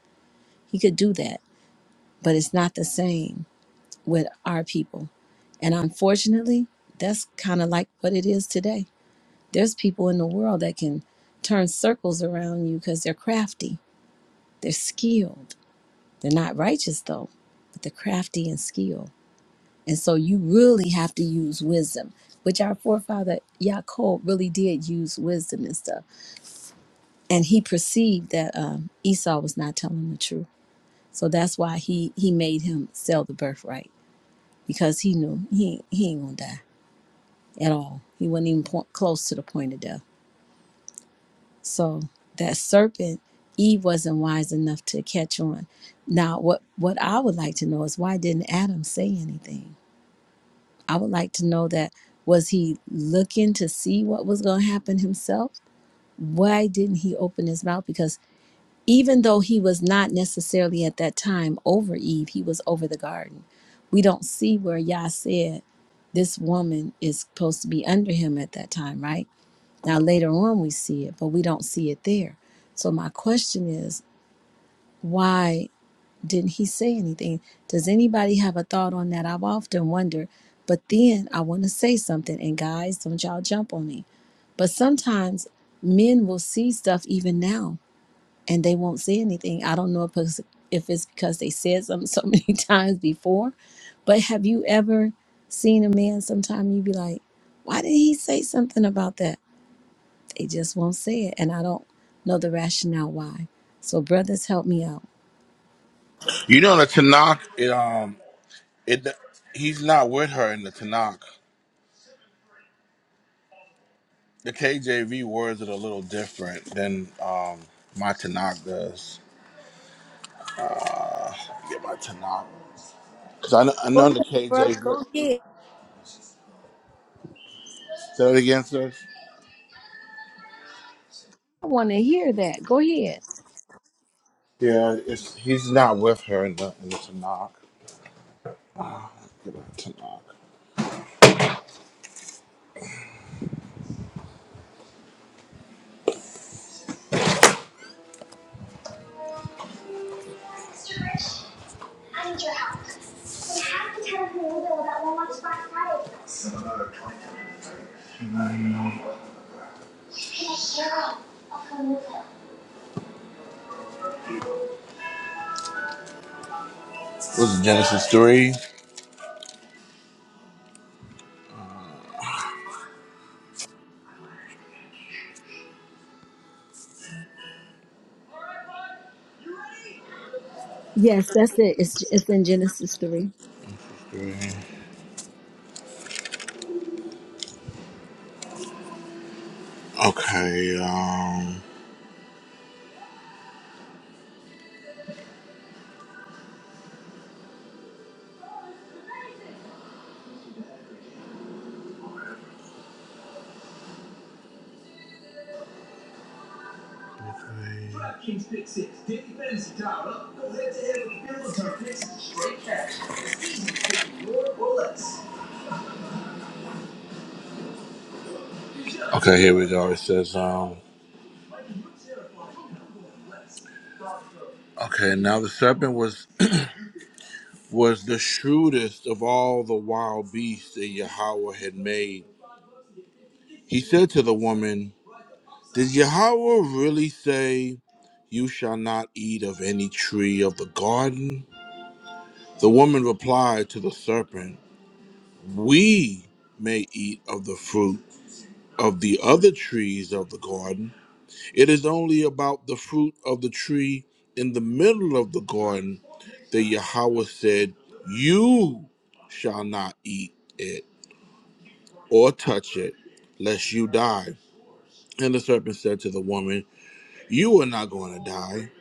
S1: he could do that but it's not the same with our people. And unfortunately, that's kind of like what it is today. There's people in the world that can turn circles around you because they're crafty, they're skilled. They're not righteous though, but they're crafty and skilled. And so you really have to use wisdom, which our forefather Yaakov really did use wisdom and stuff. And he perceived that um, Esau was not telling the truth. So that's why he, he made him sell the birthright because he knew he he ain't gonna die at all. He wasn't even point, close to the point of death. So that serpent, Eve wasn't wise enough to catch on. Now, what what I would like to know is why didn't Adam say anything? I would like to know that was he looking to see what was going to happen himself? Why didn't he open his mouth? Because even though he was not necessarily at that time over Eve, he was over the garden. We don't see where Yah said this woman is supposed to be under him at that time, right? Now, later on, we see it, but we don't see it there. So, my question is, why didn't he say anything? Does anybody have a thought on that? I've often wondered, but then I want to say something. And, guys, don't y'all jump on me. But sometimes men will see stuff even now and they won't say anything. I don't know if it's, if it's because they said something so many times before, but have you ever seen a man sometime you be like, why did he say something about that? They just won't say it, and I don't know the rationale why. So, brothers, help me out.
S2: You know the Tanakh, it, um, it he's not with her in the Tanakh. The KJV words it a little different than um my Tanakh does. Uh, get my Tanakh because I know, I
S1: Go
S2: know the
S1: ahead, bro.
S2: KJV.
S1: Go ahead.
S2: Say it again, sis.
S1: I want to hear that. Go ahead.
S2: Yeah, it's, he's not with her in the in the Tanakh. Get my Tanakh. Mr. Rich, I need your help. We have to tell Louisville about One Lunch Box Friday. Connect Carol of Louisville. What's Genesis 3?
S1: Yes, that's it. It's it's in Genesis three.
S2: Okay, um okay, here we go. It says um okay, now the serpent was was the shrewdest of all the wild beasts that Yahweh had made. He said to the woman, Did Yahweh really say you shall not eat of any tree of the garden? The woman replied to the serpent, We may eat of the fruit of the other trees of the garden. It is only about the fruit of the tree in the middle of the garden that Yahweh said, 'You shall not eat it or touch it, lest you die. And the serpent said to the woman, You are not going to die,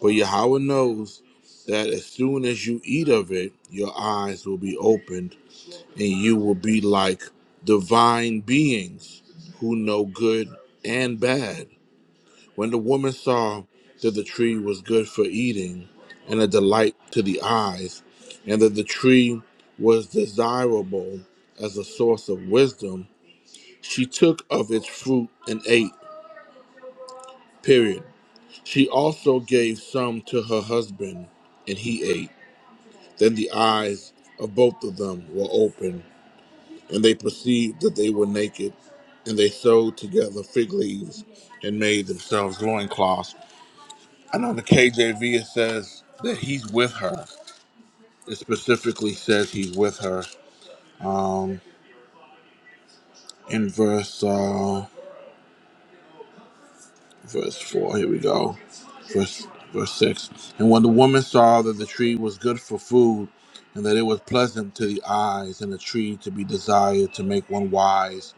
S2: but Yahweh knows that as soon as you eat of it, your eyes will be opened and you will be like divine beings who know good and bad. When the woman saw that the tree was good for eating and a delight to the eyes, and that the tree was desirable as a source of wisdom, she took of its fruit and ate. Period. She also gave some to her husband, and he ate. Then the eyes of both of them were opened And they perceived that they were naked, and they sewed together fig leaves and made themselves loincloths. And on the KJV, it says that he's with her. It specifically says he's with her um, in verse uh, verse four. Here we go, verse verse six. And when the woman saw that the tree was good for food, and that it was pleasant to the eyes, and a tree to be desired to make one wise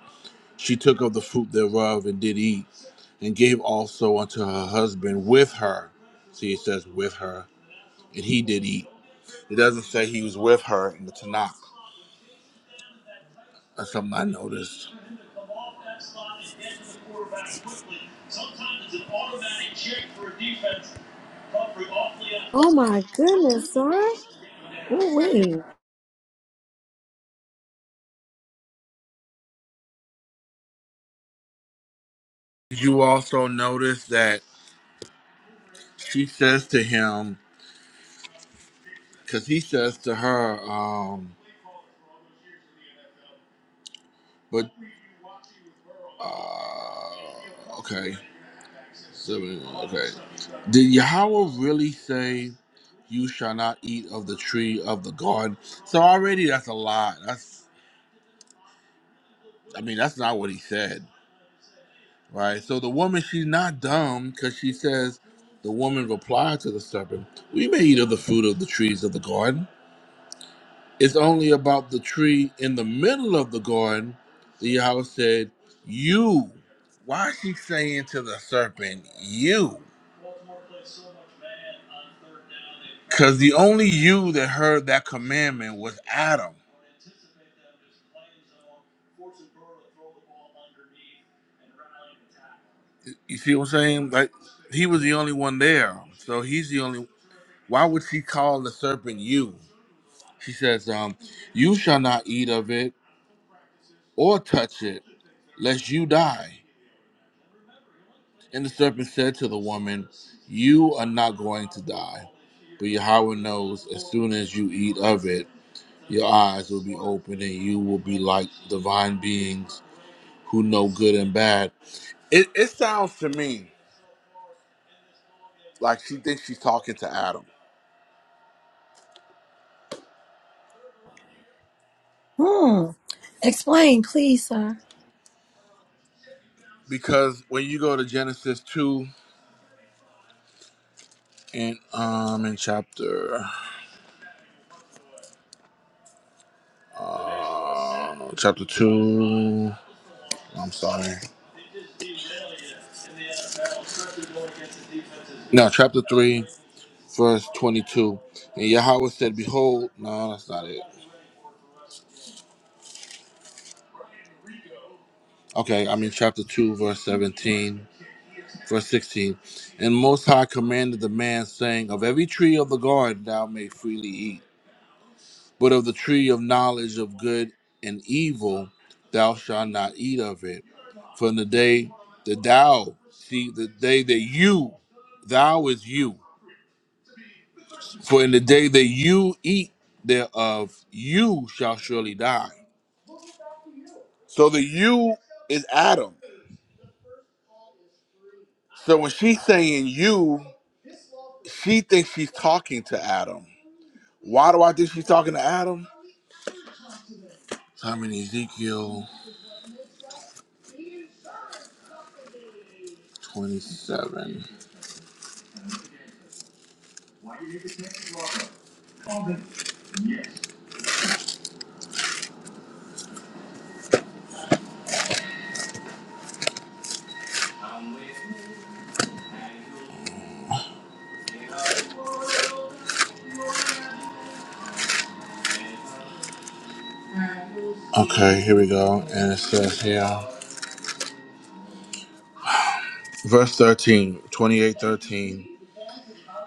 S2: She took of the fruit thereof and did eat, and gave also unto her husband with her. See, it says with her, and he did eat. It doesn't say he was with her in the Tanakh. That's something I noticed.
S1: Oh my goodness, sir. Ooh wee.
S2: Did you also notice that she says to him, because he says to her, um, but, uh, okay, so, okay. Did Yahweh really say, you shall not eat of the tree of the garden? So already that's a lie. That's I mean, that's not what he said, right? So the woman, she's not dumb because she says, the woman replied to the serpent, We may eat of the fruit of the trees of the garden. It's only about the tree in the middle of the garden The Yahweh said, You. Why is she saying to the serpent, You? Because the only you that heard that commandment was Adam. You see what I'm saying? Like, he was the only one there. So he's the only. Why would she call the serpent you? He says, um, You shall not eat of it or touch it, lest you die. And the serpent said to the woman, You are not going to die. But Yahweh knows as soon as you eat of it, your eyes will be open and you will be like divine beings who know good and bad. It, it sounds to me like she thinks she's talking to Adam.
S1: Hmm. Explain, please, sir.
S2: Because when you go to Genesis 2 and um in chapter uh, chapter 2 I'm sorry. Now, chapter 3, verse 22. And Yahweh said, Behold, no, that's not it. Okay, I mean, chapter 2, verse 17, verse 16. And Most High commanded the man, saying, Of every tree of the garden thou may freely eat, but of the tree of knowledge of good and evil thou shalt not eat of it. For in the day that thou, see, the day that you, thou is you. For in the day that you eat thereof, you shall surely die. So the you is Adam. So when she's saying you, she thinks she's talking to Adam. Why do I think she's talking to Adam? I'm in Ezekiel 27. Okay, here we go. And it says here, verse 13, 28, 13.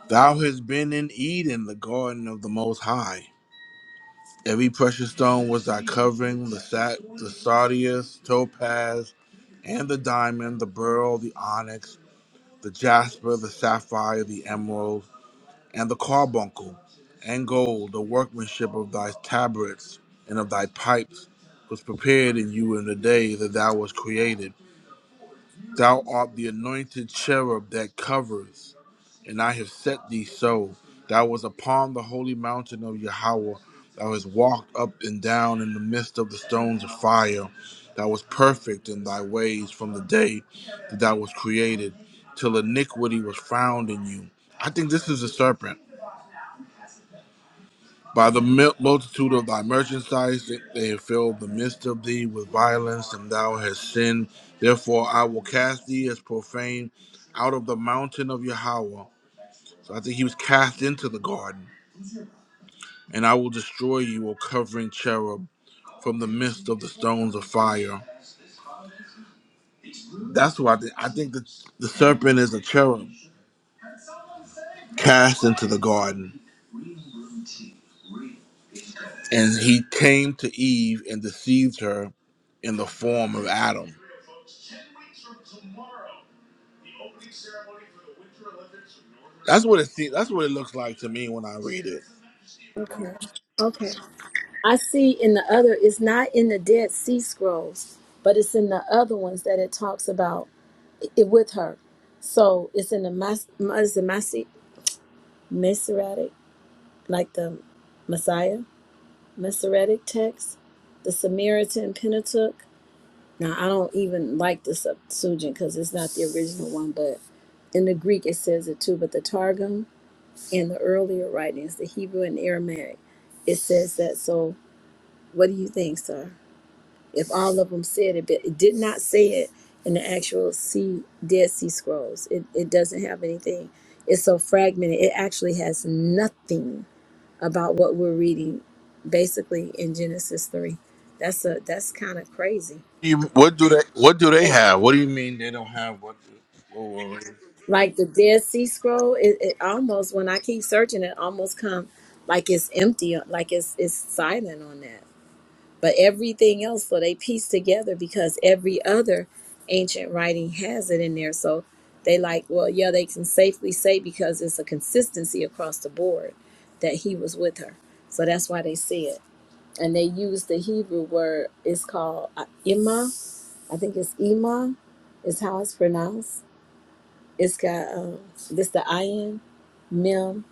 S2: Thou hast been in Eden, the garden of the Most High. Every precious stone was thy covering, the sat, the sardius, topaz, and the diamond, the beryl, the onyx, the jasper, the sapphire, the emerald, and the carbuncle, and gold, the workmanship of thy tabrets and of thy pipes was created upon the holy mountain of Noah that was there, that way you I different. By the mil- multitude of thy merchandise, they they have filled the midst of thee with violence, and thou hast sinned. Therefore, I will cast thee as profane out of the mountain of Yahweh. So I think he was cast into the garden and I will destroy you, O covering cherub, from the midst of the stones of fire. That's why I think. I think the, the serpent is a cherub cast into the garden, and he came to Eve and deceived her in the form of Adam. That's what it seems. That's what it looks like to me when I read it.
S1: Okay. Okay. I see in the other, it's not in the Dead Sea Scrolls, but it's in the other ones that it talks about it with her. So it's in the Mas, Mas, Masi- Masoretic, like the Messiah, Masoretic text, the Samaritan Pentateuch. Now, I don't even like the Septuagint because it's not the original one, but in the Greek it says it too. But the Targum and the earlier writings, the Hebrew and Aramaic, it says that. So what do you think, sir? if all of them said it, but it did not say it in the actual sea, Dead Sea Scrolls. It, it doesn't have anything. It's so fragmented. It actually has nothing about what we're reading, basically in Genesis three. That's a that's kind of crazy.
S2: You, what do they? What do they
S1: They-
S2: have? What do you mean they don't have what? what were we-
S1: Like the Dead Sea Scroll, it, it almost when I keep searching, it almost come like it's empty, like it's it's silent on that. But everything else, so they piece together because every other ancient writing has it in there. So they like, well, yeah, they can safely say because it's a consistency across the board that he was with her. So that's why they see it. And they use the Hebrew word, it's called uh, Ima. I think it's Ima, is how it's pronounced. It's got um, this the ayin, mem,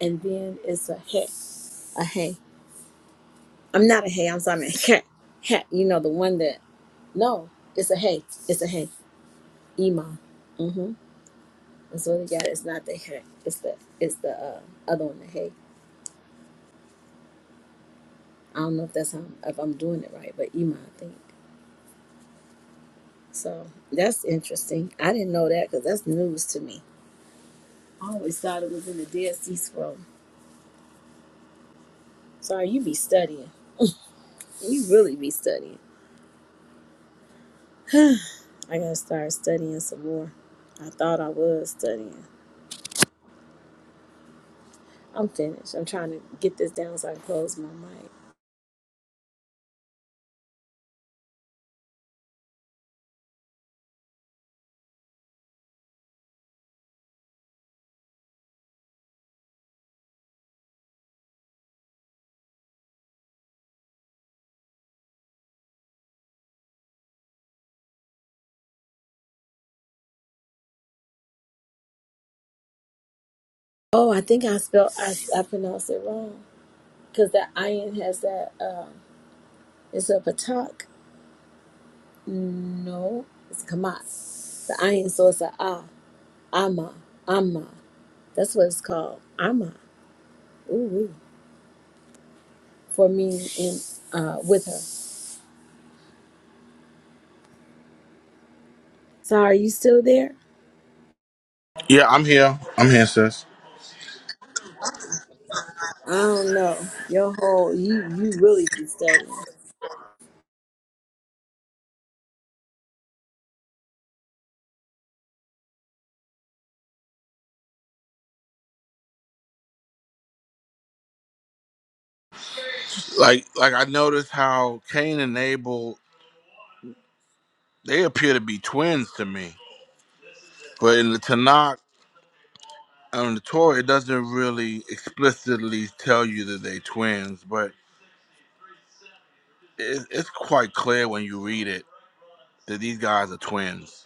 S1: and then it's a he, a hey. I'm not a hey, I'm sorry, I'm a he. He, you know, the one that No, it's a hey. It's a hey. Ema. Mm-hmm. That's what it got. It's not the hey. It's the it's the uh, other one. The hey. I don't know if that's how I'm, if I'm doing it right, but Ema, I think. So that's interesting. I didn't know that because that's news to me. I always thought it was in the Dead Sea Scroll. Sorry, you be studying. You really be studying. I gotta start studying some more. I thought I was studying. I'm finished. I'm trying to get this down so I can close my mic. Oh, I think I spelled I, I pronounced it wrong. Because that iron has that, um, it's a patak. No, it's kamat. The iron, so it's a ah, ama, ama. That's what it's called, ama. Ooh, for me and uh, with her. So are you still there?
S2: yeah, I'm here. I'm here, sis.
S1: I don't know. Your whole, you, you really be studying.
S2: Like, like I noticed how Cain and Abel they appear to be twins to me. But in the Tanakh and the Torah, it doesn't really explicitly tell you that they twins, but it, it's quite clear when you read it that these guys are twins.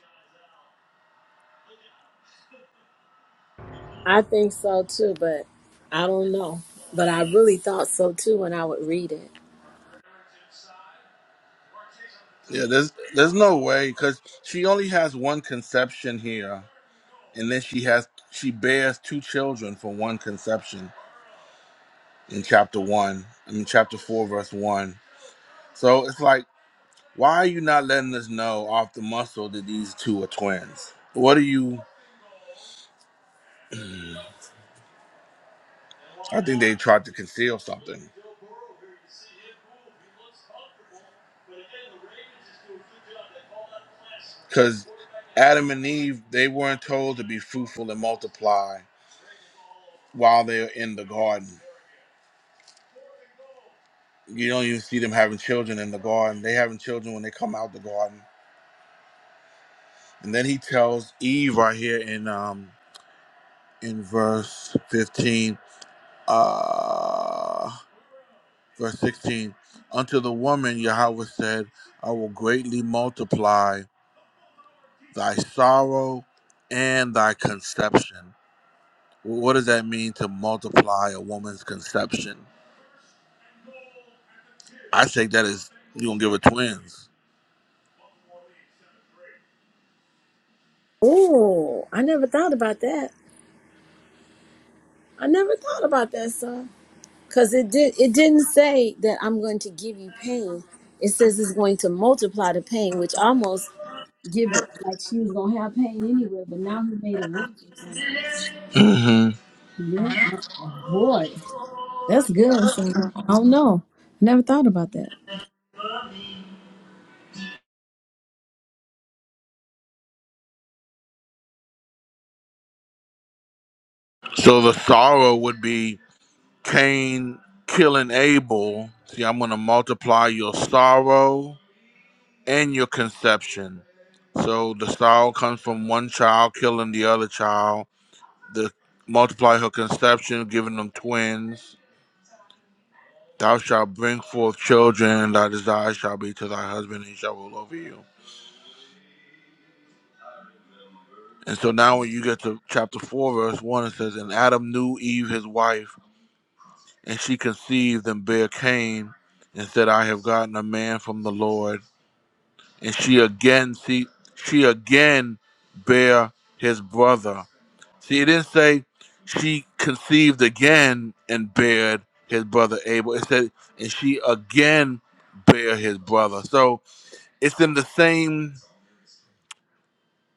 S1: I think so too, but I don't know. But I really thought so too when I would read it.
S2: Yeah, there's there's no way because she only has one conception here, and then she has she bears two children from one conception in chapter one. I mean, chapter four, verse one. So it's like, why are you not letting us know off the muscle that these two are twins? What are you? I think they tried to conceal something. because Adam and Eve they weren't told to be fruitful and multiply while they're in the garden. You don't even see them having children in the garden. They having children when they come out the garden. And then he tells Eve right here in um in verse 15 uh verse 16 unto the woman Yahweh said I will greatly multiply thy sorrow and thy conception. What does that mean to multiply a woman's conception? I take that as you gonna give her twins.
S1: Oh, I never thought about that. I never thought about that, sir. Cause it did it didn't say that I'm going to give you pain. It says it's going to multiply the pain, which almost give it like she was gonna have pain anyway, but now he made it worse or something.
S2: hmm
S1: Yeah, I, boy, that's good. So I don't know. Never thought about that.
S2: So the sorrow would be Cain killing Abel. See, I'm going to multiply your sorrow and your conception. So the sorrow comes from one child killing the other child. The multiply her conception, giving them twins. Thou shalt bring forth children, and thy desire shall be to thy husband, and he shall rule over you. And so now, when you get to chapter 4, verse 1, it says, And Adam knew Eve his wife, And she conceived and bare Cain, and said, I have gotten a man from the Lord. And she again see she again bare his brother. See, it didn't say she conceived again and bared his brother Abel. It said, and she again bare his brother. So it's in the same.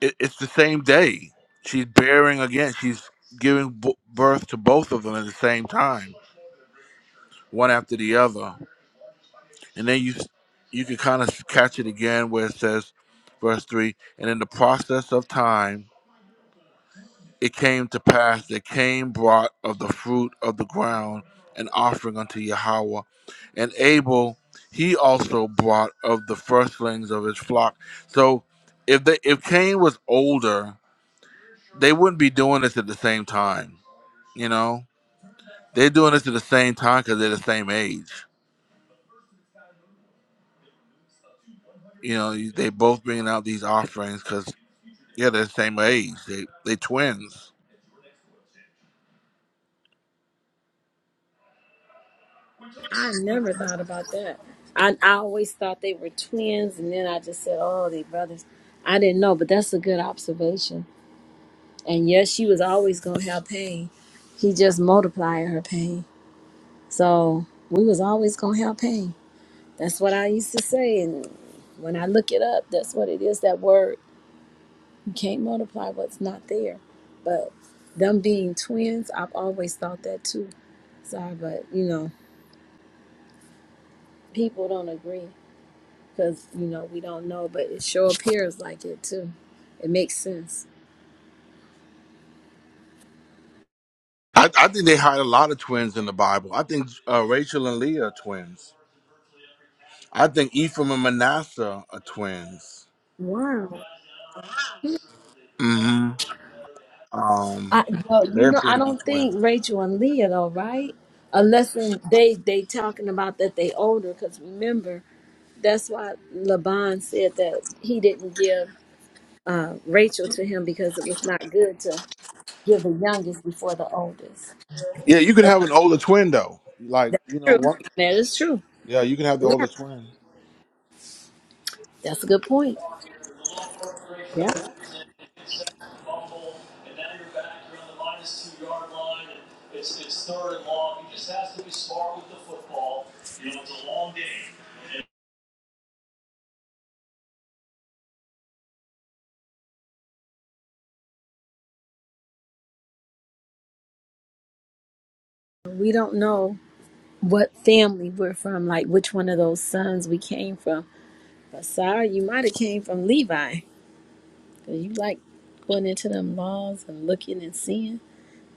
S2: It, it's the same day. She's bearing again. She's giving b- birth to both of them at the same time, one after the other. and then you you can kind of catch it again where it says verse 3 and in the process of time it came to pass that cain brought of the fruit of the ground an offering unto yahweh and abel he also brought of the firstlings of his flock so if they if cain was older they wouldn't be doing this at the same time you know they're doing this at the same time because they're the same age you know you- they both bringing out these offerings because. Yeah, they're the same age. They they twins.
S1: I never thought about that. I I always thought they were twins, and then I just said, oh, they brothers. I didn't know, but that's a good observation. And yes, she was always gonna have pain. He just multiplied her pain. So we was always gonna have Pain. That's what I used to say. And when I look it up, that's what it is. That word you can't multiply what's not there. But them being twins, I've always thought that too. Sorry, but you know, people don't agree because you know we don't know. But it sure appears like it too. It makes sense.
S2: I, I think they hide a lot of twins in the Bible. I think uh, Rachel and Leah are twins. I think Ephraim and Manasseh are twins.
S1: Wow.
S2: hmm Um,
S1: I well, you
S2: they
S1: know,
S2: appear
S1: I
S2: to be
S1: don't
S2: twins.
S1: think Rachel and Leah though, right? Unless when they they talking about that they older. Because remember. That's why Laban said that he didn't give uh, Rachel to him because it was not good to give the youngest before the oldest.
S2: Yeah, you could have an older twin though. Like you know
S1: True.
S2: what?
S1: That is true.
S2: Yeah, you can have the
S1: Yeah,
S2: older twin.
S1: that's a good point. Yeah. We don't know what family we're from, like which one of those sons we came from. But Sarah, you might have came from Levi. 'cause you like going into them laws and looking and seeing,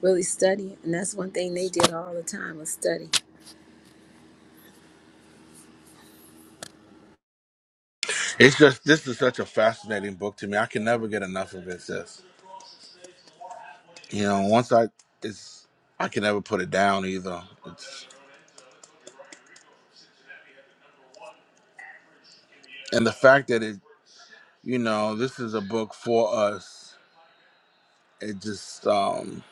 S1: really studying. And that's one thing they did all the time was study.
S2: It's just this is such a fascinating book to me. I can never get enough of it. Sis. You know, once I it's I can never put it down either. It's and the fact that it you know this is a book for us it just um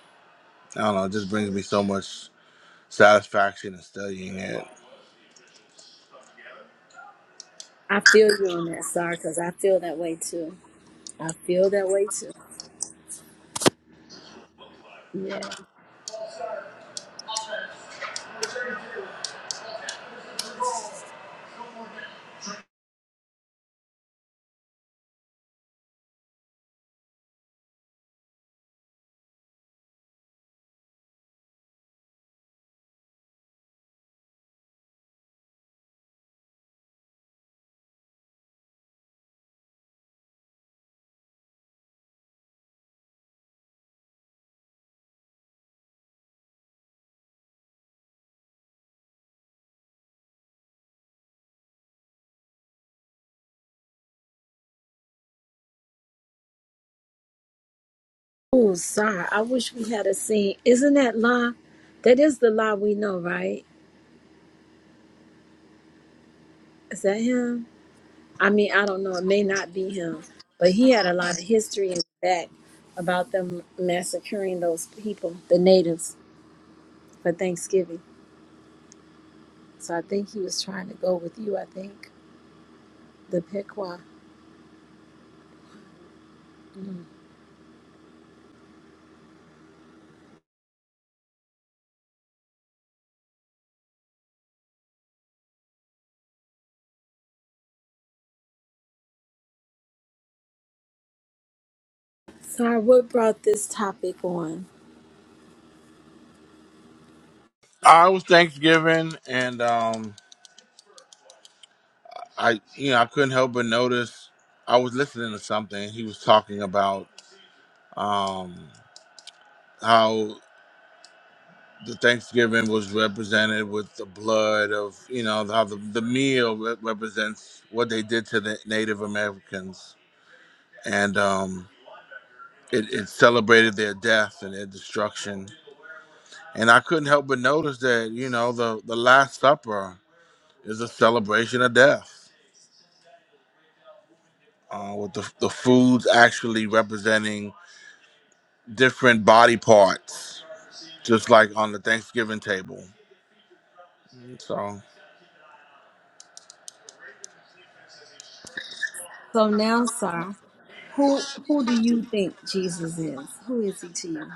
S2: I don't know, it just brings me so much satisfaction in studying it.
S1: I feel you on that, Sarah, because I feel that way too. I feel that way too. Yeah. Oh, sorry. I wish we had a scene. Isn't that La? That is the La we know, right? Is that him? I mean, I don't know. It may not be him, but he had a lot of history in the back about them massacring those people, the natives, for Thanksgiving. So I think he was trying to go with you. I think the Pequot. Sorry, what brought this topic on?
S2: I was Thanksgiving and um I you know, I couldn't help but notice I was listening to something. He was talking about um how the Thanksgiving was represented with the blood of you know how the, the meal re- represents what they did to the Native Americans and um it, it celebrated their death and their destruction And I couldn't help but notice that, you know, the, the Last Supper is a celebration of death, uh, with the, the foods actually representing different body parts, just like on the Thanksgiving table. So,
S1: So now, Sar, who who do you think Jesus is? Who is he to you?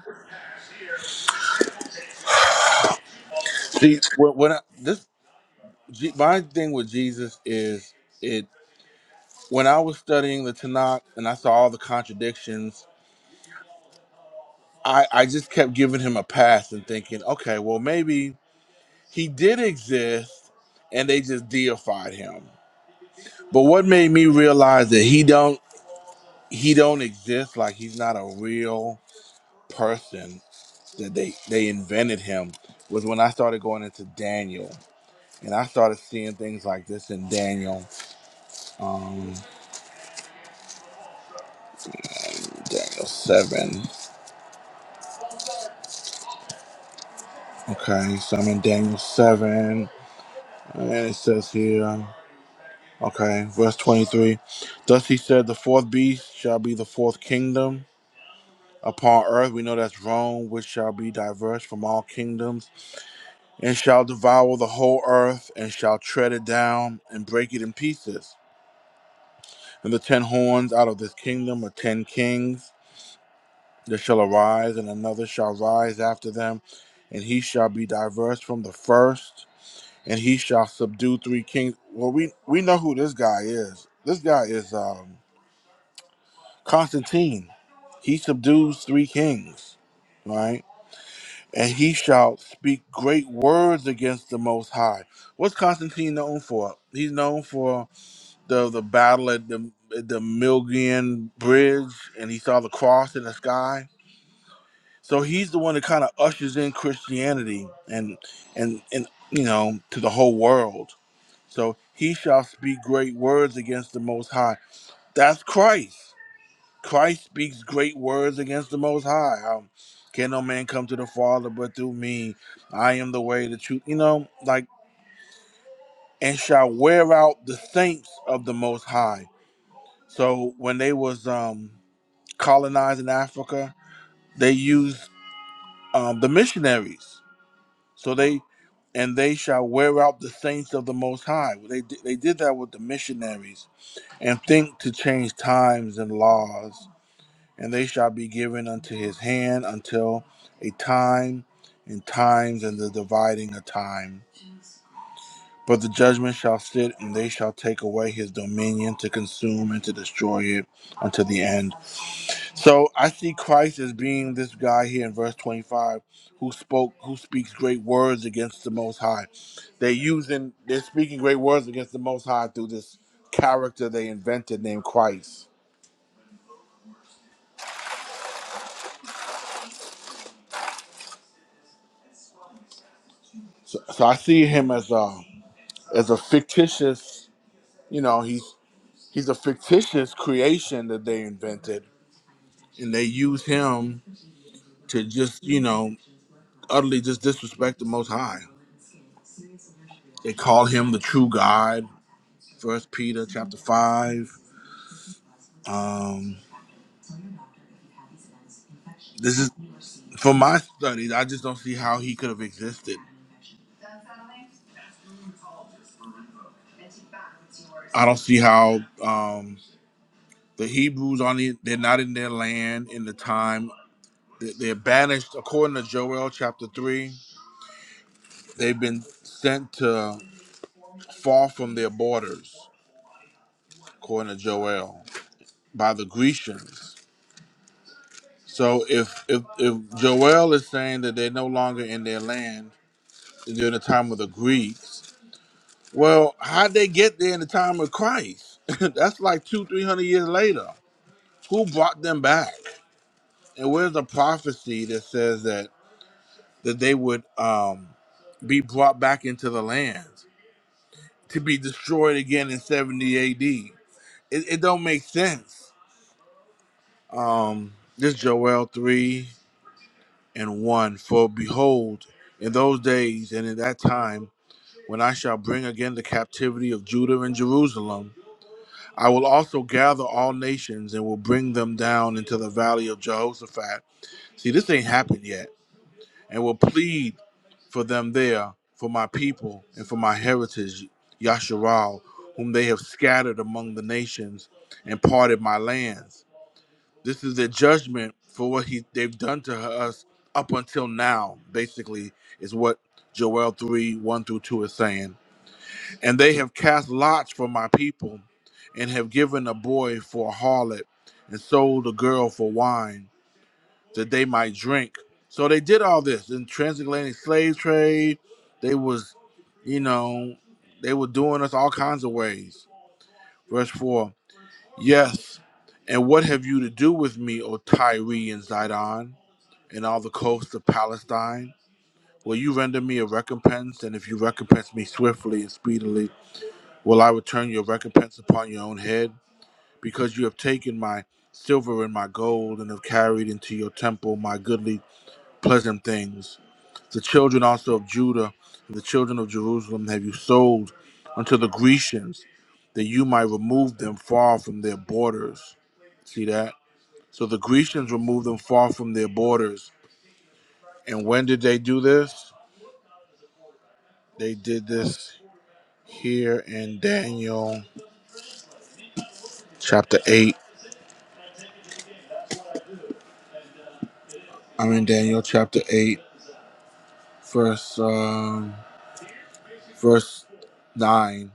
S2: see, when, when I, this, Je- my thing with Jesus is it, when I was studying the Tanakh and I saw all the contradictions, I, I just kept giving him a pass and thinking, okay, well, maybe he did exist and they just deified him But what made me realize that he don't he don't exist like he's not a real person that they they invented him was when I started going into Daniel and I started seeing things like this in Daniel um, Daniel seven. Okay, so I'm in Daniel seven and it says here. Okay, verse 23. Thus he said, The fourth beast shall be the fourth kingdom upon earth. We know that's Rome, which shall be diverse from all kingdoms and shall devour the whole earth, and shall tread it down, and break it in pieces. And the ten horns out of this kingdom are ten kings that shall arise, and another shall rise after them, and he shall be diverse from the first, and he shall subdue three kings. Well, we we know who this guy is. This guy is um, Constantine. He subdues three kings, right? and he shall speak great words against the Most High. What's Constantine known for? He's known for the the battle at the at the Milgian Bridge, and he saw the cross in the sky. So he's the one that kind of ushers in Christianity and and and you know to the whole world. So he shall speak great words against the Most High. That's Christ. Christ speaks great words against the Most High. How can no man come to the Father but through me? I am the way, the truth. You know, like and shall wear out the saints of the Most High. So when they was um, colonizing Africa, they used um, the missionaries. So they and they shall wear out the saints of the Most High. They di- they did that with the missionaries and think to change times and laws and they shall be given unto his hand until a time and times and the dividing of time. But the judgment shall sit, and they shall take away his dominion to consume and to destroy it unto the end. So I see Christ as being this guy here in verse 25 who spoke, who speaks great words against the Most High. They're using, they're speaking great words against the Most High through this character they invented named Christ. So, so I see him as a as a fictitious You know, he's he's a fictitious creation that they invented, and they use him to just you know utterly just disrespect the Most High. They call him the true God. First Peter chapter five. Um, this is for my studies. I just don't see how he could have existed. I don't see how um, the Hebrews on the, they're not in their land in the time they- they're banished according to Joel chapter three. They've been sent to far from their borders. according to Joel, by the Grecians. So if if if Joel is saying that they're no longer in their land during the time of the Greeks, well, how'd they get there in the time of Christ? That's like two, three hundred years later. Who brought them back? And where's the prophecy that says that that they would um, be brought back into the land to be destroyed again in seventy A.D. It, it don't make sense. Um, this Joel three. and 1 For behold, in those days and in that time, when I shall bring again the captivity of Judah and Jerusalem, I will also gather all nations and will bring them down into the valley of Jehoshaphat. See, this ain't happened yet. And will plead for them there, for my people and for my heritage, Yasharal, whom they have scattered among the nations and parted my lands. This is their judgment for what he they've done to us up until now. Basically, is what Joel three one through two is saying. And they have cast lots for my people, and have given a boy for a harlot, and sold a girl for wine, that they might drink. So they did all this in transatlantic slave trade. They was, you know, they were doing us all kinds of ways. Verse four. Yes. And what have you to do with me, O Tyre and Zidon, and all the coasts of Palestine? Will you render me a recompense? And if you recompense me swiftly and speedily, will I return your recompense upon your own head? Because you have taken my silver and my gold, and have carried into your temple my goodly, pleasant things. The children also of Judah and the children of Jerusalem have you sold unto the Grecians, that you might remove them far from their borders. See that? So the Grecians removed them far from their borders. And when did they do this? They did this here in Daniel chapter 8. I'm in Daniel chapter 8, verse, um, verse 9.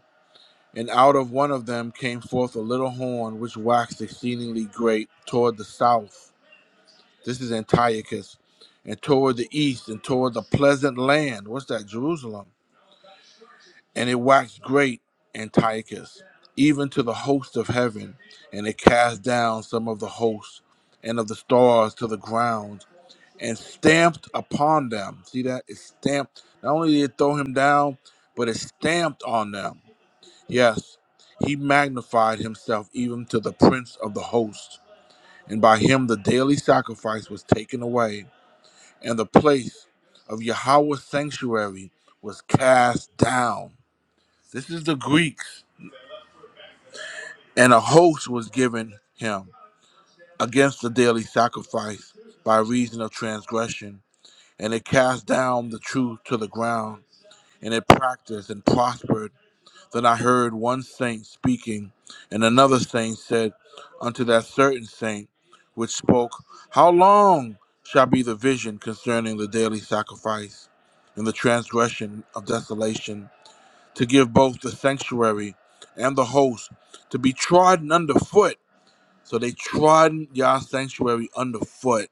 S2: And out of one of them came forth a little horn which waxed exceedingly great toward the south. This is Antiochus. And toward the east and toward the pleasant land. What's that? Jerusalem And it waxed great Antiochus, even to the host of heaven, and it cast down some of the hosts and of the stars to the ground, and stamped upon them. See that? It stamped. Not only did it throw him down, but it stamped on them. Yes, he magnified himself even to the prince of the host. And by him the daily sacrifice was taken away, and the place of Yahweh's sanctuary was cast down. This is the Greeks And a host was given him against the daily sacrifice by reason of transgression. And it cast down the truth to the ground, and it practiced and prospered. Then I heard one saint speaking, and another saint said unto that certain saint which spoke, How long shall be the vision concerning the daily sacrifice and the transgression of desolation, to give both the sanctuary and the host to be trodden underfoot? So they trod Yah sanctuary underfoot.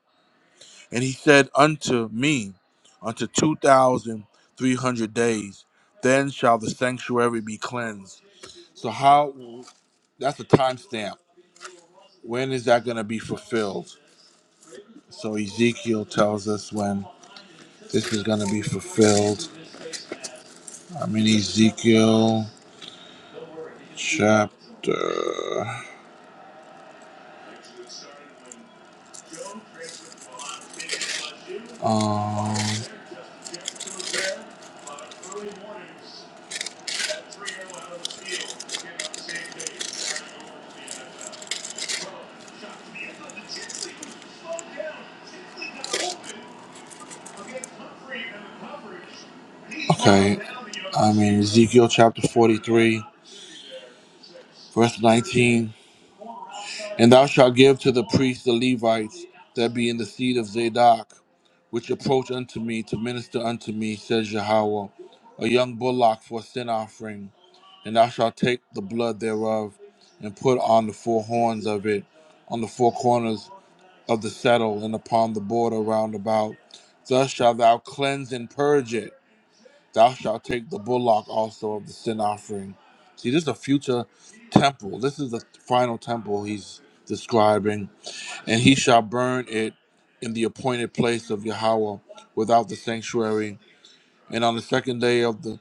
S2: And he said unto me, unto 2,300 days, then shall the sanctuary be cleansed. So, how, that's a timestamp. When is that going to be fulfilled? So, Ezekiel tells us when this is going to be fulfilled. I'm in Ezekiel chapter. Um, okay. I'm in Ezekiel chapter 43, verse 19. And thou shalt give to the priests the Levites that be in the seed of Zadok, which approach unto me to minister unto me, says Yahweh, a young bullock for a sin offering. And thou shalt take the blood thereof, and put on the four horns of it, on the four corners of the settle, and upon the border round about. Thus shalt thou cleanse and purge it. Thou shalt take the bullock also of the sin offering. See, this is a future temple. This is the final temple he's describing and he shall burn it in the appointed place of Yahweh without the sanctuary. And on the second day of the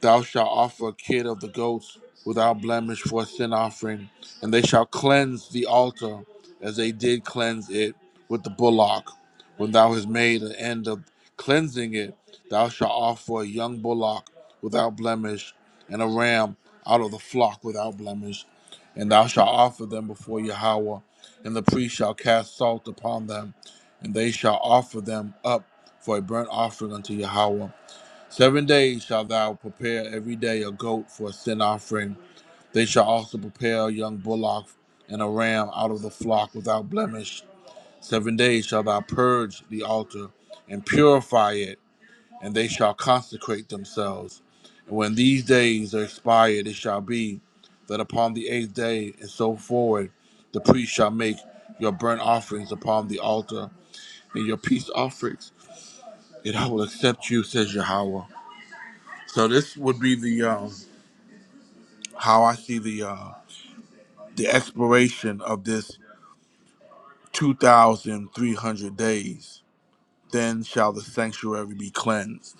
S2: Thou shalt offer a kid of the goats without blemish for a sin offering, and they shall cleanse the altar as they did cleanse it with the bullock. When thou hast made an end of cleansing it, thou shalt offer a young bullock without blemish, and a ram out of the flock without blemish, and thou shalt offer them before Yahweh, and the priest shall cast salt upon them, and they shall offer them up for a burnt offering unto Yahweh. Seven days shalt thou prepare every day a goat for a sin offering. They shall also prepare a young bullock and a ram out of the flock without blemish. Seven days shalt thou purge the altar and purify it, and they shall consecrate themselves. And when these days are expired, it shall be that upon the eighth day and so forward, the priest shall make your burnt offerings upon the altar and your peace offerings, and I will accept you, says Yahweh. So this would be the um, how I see the uh, the expiration of this two thousand three hundred days. Then shall the sanctuary be cleansed.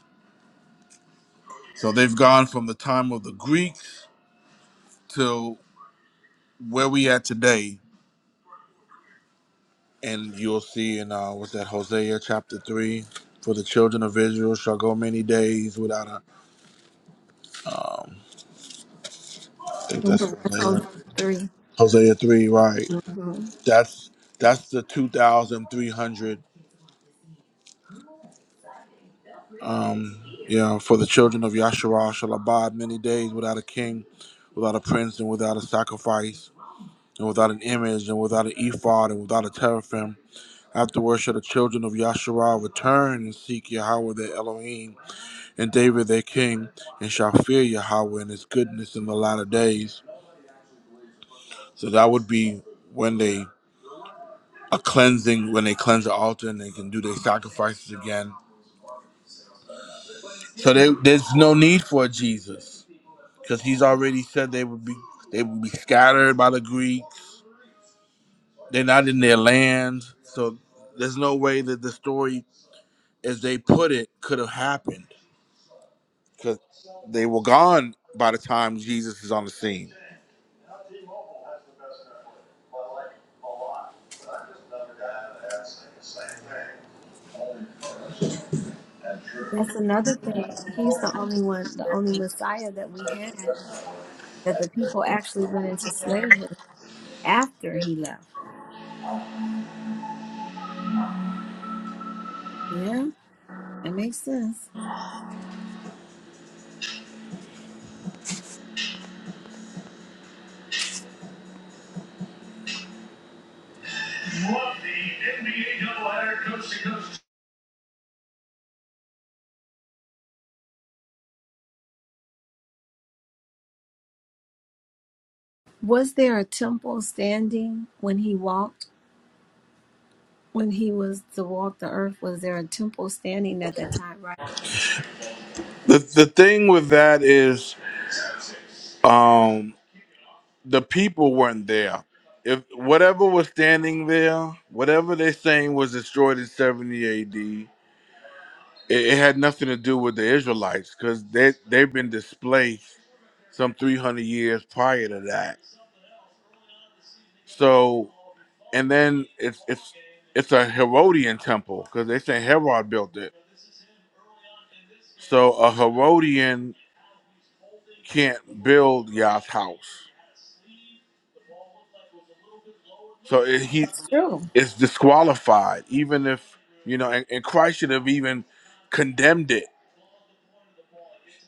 S2: So they've gone from the time of the Greeks to where we at today, and you'll see in uh, what's that Hosea chapter three. For the children of Israel shall go many days without a. Um, I think that's
S1: Mhm. That's
S2: Hosea.
S1: Hosea 3.
S2: Hosea three, right?
S1: hmm
S2: That's that's the two thousand three hundred. Um, yeah, for the children of Yasharah shall abide many days without a king, without a prince, and without a sacrifice, and without an image, and without an ephod, and without a teraphim. Afterward shall the children of Yasharah return and seek Yahweh their Elohim, and David their king, and shall fear Yahweh and his goodness in the latter days. So that would be when they a cleansing, when they cleanse the altar and they can do their sacrifices again. So they, there's no need for a Jesus because he's already said they would be they would be scattered by the Greeks. They're not in their land, so there's no way that the story, as they put it, could have happened because they were gone by the time Jesus is on the scene.
S1: That's another thing. He's the only one, the only Messiah that we had that the people actually went into slavery after he left. Yeah, that makes sense. Was there a temple standing when he walked? When he was to walk the earth, was there a temple standing at that time? Right.
S2: The the thing with that is, um, the people weren't there. If whatever was standing there, whatever they're saying was destroyed in 70 AD, it, it had nothing to do with the Israelites because they they've been displaced some 300 years prior to that. So, and then it's it's it's a Herodian temple because they say Herod built it. So a Herodian can't build Yah's house. So it, he
S1: True.
S2: is disqualified, even if you know. And, and Christ should have even condemned it.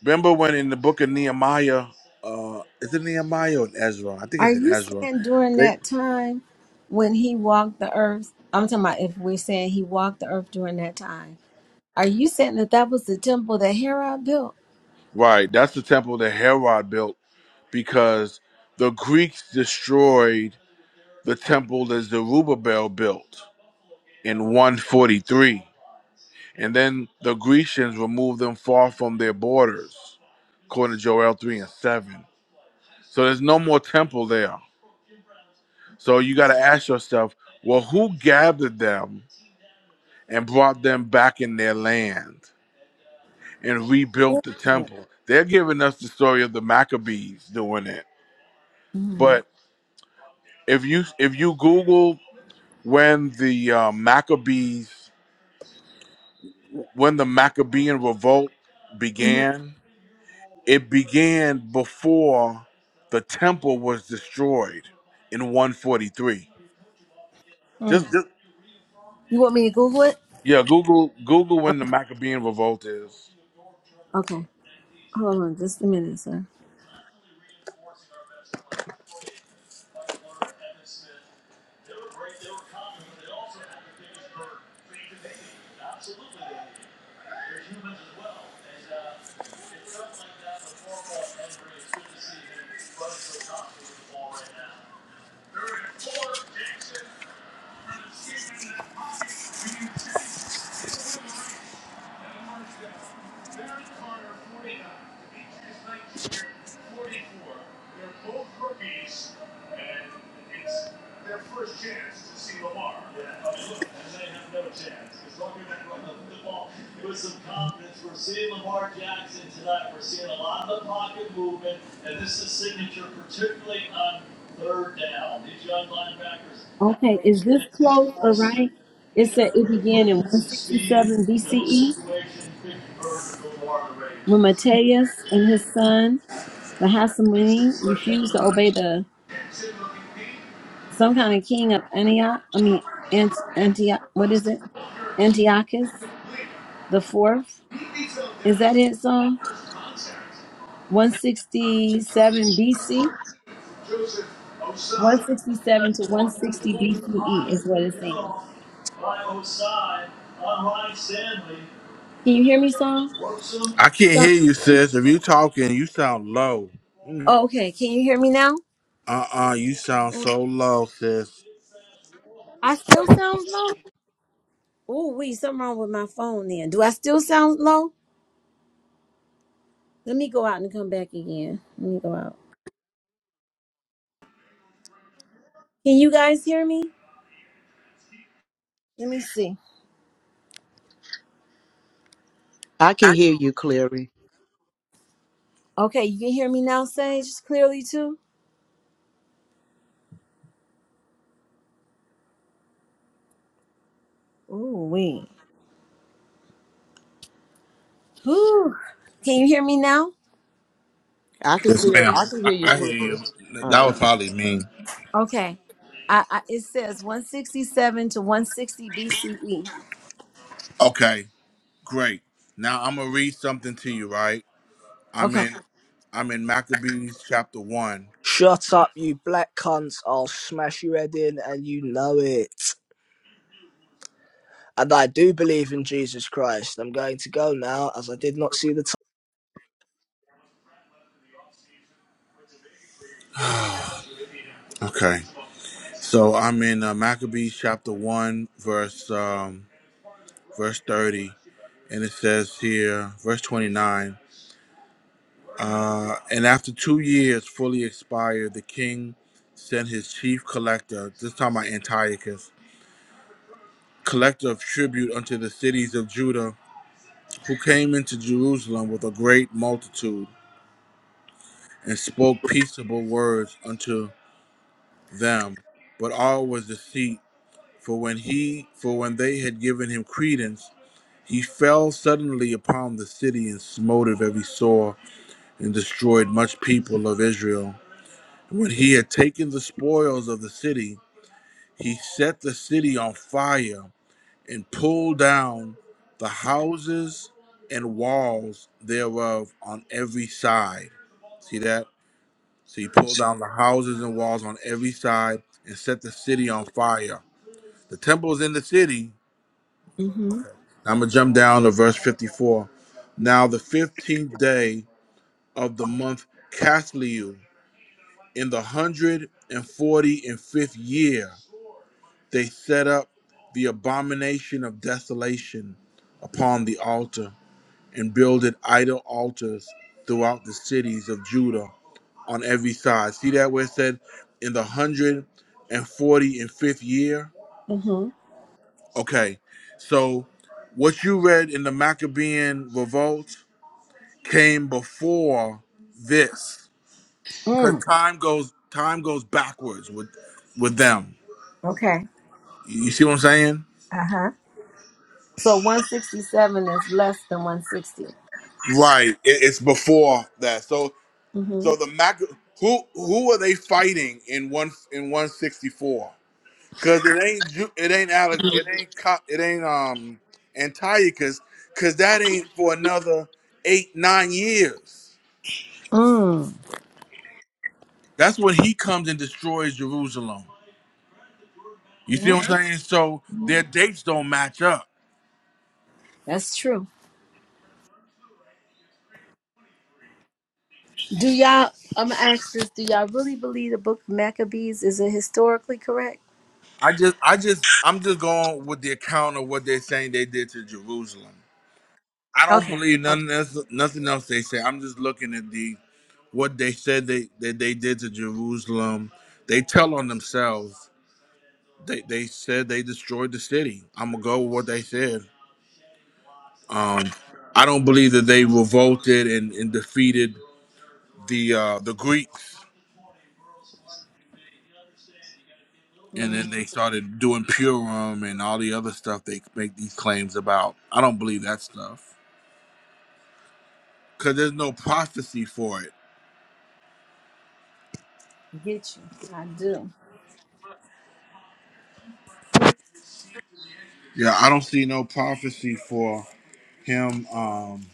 S2: Remember when in the book of Nehemiah, uh, is it Nehemiah or in Ezra? I think
S1: Are
S2: it's in
S1: you
S2: Ezra.
S1: saying during
S2: They,
S1: that time when he walked the earth? I'm talking about if we're saying he walked the earth during that time Are you saying that that was the temple that Herod built?
S2: right, that's the temple that Herod built because the Greeks destroyed the temple that Zerubbabel built in 143. And then the Grecians removed them far from their borders, according to Joel 3 and 7. So there's no more temple there. So you got to ask yourself, well, who gathered them and brought them back in their land and rebuilt the temple? They're giving us the story of the Maccabees doing it.
S1: Mm.
S2: But if you if you Google when the uh, Maccabees When the Maccabean revolt
S1: Mhm.
S2: began, it began before the temple was destroyed in 143. Just,
S1: Mm.
S2: just
S1: You want me to Google it?
S2: yeah, Google Google when the Maccabean revolt is.
S1: Okay. Hold on just a minute, sir. Okay. Is this close or right? It said it began in 167 BCE when Matthias and his son, the Hasmonean, refused to obey the some kind of king of Antioch. I mean, Ant- Antioch. What is it? Antiochus the fourth. Is that it, song? 167 BC. 167 to 160 BCE is what it's saying. Can you hear me, Psalm?
S2: I can't hear you, sis. If you talking, you sound low.
S1: Okay, can you hear me now?
S2: Uh uh you sound so low, sis.
S1: I still sound low. Oh, wait, something wrong with my phone then. Do I still sound low? Let me go out and come back again. Let me go out. Can you guys hear me? Let me see.
S13: I can hear you clearly.
S1: Okay, you can hear me now, Sage, clearly too? Ooh, wait. Whew. Can you hear me now?
S13: I can
S2: Yes,
S13: see.
S2: ma'am.
S13: I can
S2: I,
S13: hear you
S2: I hear you. That
S13: clearly.
S2: was probably me.
S1: Okay. I, I it says 167 to 160 BCE.
S2: Okay, great. Now I'm gonna read something to you, right? I'm
S1: Okay.
S2: in I'm in Maccabees chapter one.
S14: Shut up, you black cunts. I'll smash your head in, and you know it. And I do believe in Jesus Christ. I'm going to go now, as I did not see the
S2: Okay. So I'm in uh, Maccabees chapter 1, verse um, verse 30, and it says here, verse 29, uh, and after two years fully expired, the king sent his chief collector, this time by Antiochus, collector of tribute unto the cities of Judah, who came into Jerusalem with a great multitude and spoke peaceable words unto them. But all was deceit, for when he, for when they had given him credence He fell suddenly upon the city and smote of every sore, and destroyed much people of Israel. When he had taken the spoils of the city, he set the city on fire and pulled down the houses and walls thereof on every side. See that? So he pulled down the houses and walls on every side and set the city on fire. The temple is in the city.
S1: Mm-hmm.
S2: I'm going to jump down to verse 54. Now, the 15th day of the month Casliu. In the hundred and forty and fifth year, they set up the abomination of desolation upon the altar and builded idol altars throughout the cities of Judah on every side. See that where it said in the hundred and forty and fifth year?
S1: Mm-hmm.
S2: Okay, so what you read in the Maccabean revolt came before this. Cause
S1: Mm,
S2: time goes time goes backwards with with them.
S1: okay.
S2: You see what I'm saying?
S1: Uh huh. So 167 is less than 160.
S2: Right. It, it's before that. So
S1: Mm hmm
S2: so the Mac who who are they fighting in one in 164? Cause it ain't Ju- it ain't Alec it ain't Co- it ain't um Antiochus cause that ain't for another eight nine years.
S1: Mm.
S2: That's when he comes and destroys Jerusalem. You see
S1: Yeah.
S2: what I'm saying? So
S1: hmm
S2: their dates don't match up.
S1: That's true. Do y'all, I'm going to ask this, do y'all really believe the book of Maccabees is it historically correct?
S2: I just, I just, I'm just going with the account of what they're saying they did to Jerusalem. I don't
S1: Okay.
S2: believe
S1: Okay.
S2: none else, nothing else they say. I'm just looking at the what they said they that they did to Jerusalem. They tell on themselves. They they said they destroyed the city. I'm gonna go with what they said. Um, I don't believe that they revolted and, and defeated the uh, the Greeks, and
S1: Mm,
S2: then they started doing Purim and all the other stuff they make these claims about. I don't believe that stuff. because there's no prophecy for it.
S1: get you. I do. Mm,
S2: Yeah, I don't see no prophecy for him um,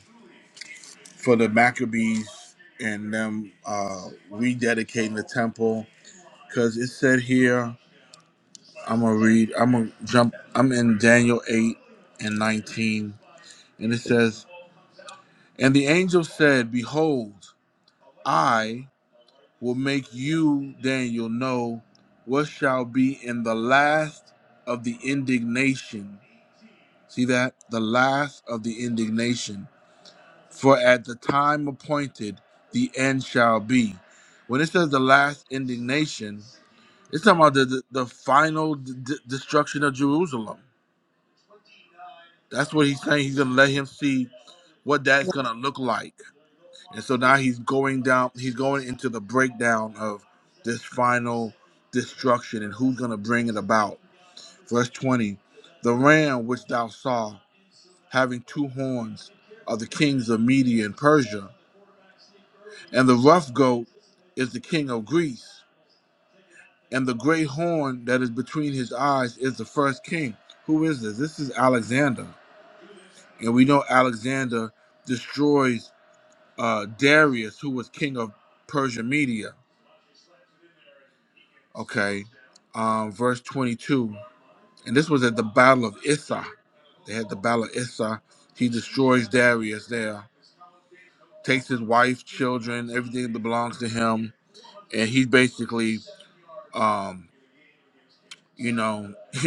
S2: for the Maccabees and them uh, rededicating the temple because it said here. I'm gonna read. I'm gonna jump. I'm in Daniel eight and nineteen, and it says, "And the angel said, Behold, I will make you, Daniel, know what shall be in the last of the indignation." See that? The last of the indignation. For at the time appointed, the end shall be. When it says the last indignation, it's talking about the, the, the final d- d- destruction of Jerusalem. That's what he's saying. He's going to let him see what that's going to look like. And so now he's going down, he's going into the breakdown of this final destruction and who's going to bring it about. Verse 20 The ram which thou saw. having two horns are the kings of Media and Persia, and the rough goat is the king of Greece, and the great horn that is between his eyes is the first king. Who is this? This is Alexander, and we know Alexander destroys uh, Darius, who was king of Persia Media. Okay, um, verse 22, and this was at the Battle of Issa. They had the Battle of Issa. He destroys Darius there, takes his wife, children, everything that belongs to him and he's basically, um, you know,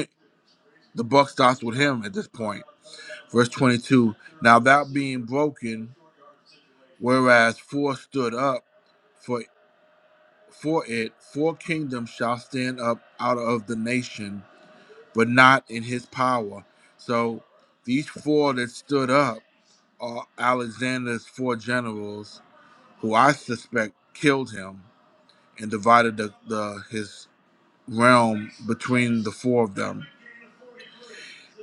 S2: the buck stops with him at this point. Verse 22. Now that being broken, whereas four stood up for for it, four kingdoms shall stand up out of the nation, but not in his power. So these four that stood up are Alexander's four generals, who I suspect killed him and divided the, the his realm between the four of them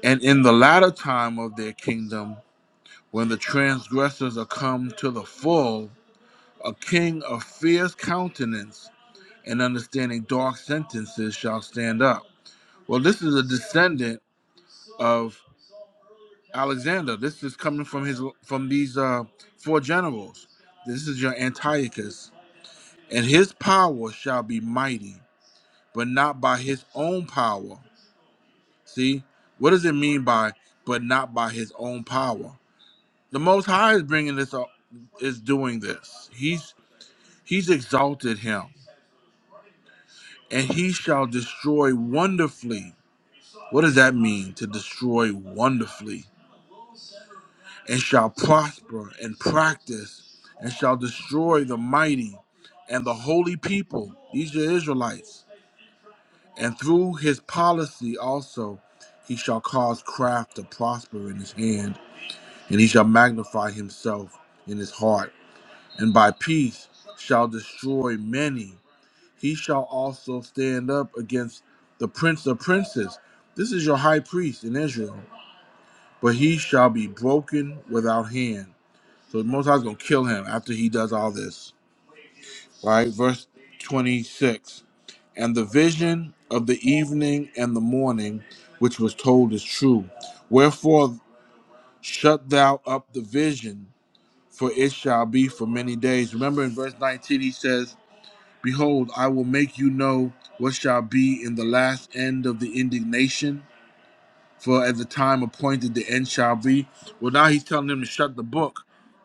S2: And in the latter time of their kingdom, when the transgressors are come to the full, a king of fierce countenance and understanding dark sentences shall stand up. Well, this is a descendant of Alexander. This is coming from his from these uh, four generals. This is your Antiochus, and his power shall be mighty, but not by his own power. See, what does it mean by but not by his own power? The Most High is bringing this up, is doing this. He's he's exalted him, and he shall destroy wonderfully. What does that mean to destroy wonderfully? And shall prosper and practice, and shall destroy the mighty and the holy people. These are Israelites, and through his policy also. He shall cause craft to prosper in his hand, and he shall magnify himself in his heart and by peace shall destroy many. He shall also stand up against the prince of princes. This is your high priest in Israel, but he shall be broken without hand. So the Most High is going to kill him after he does all this. Right? Verse 26. And the vision of the evening and the morning, which was told, is true. Wherefore, shut thou up the vision, for it shall be for many days. Remember in verse 19, he says, Behold, I will make you know what shall be in the last end of the indignation, for at the time appointed the end shall be. Well, now he's telling him to shut the book.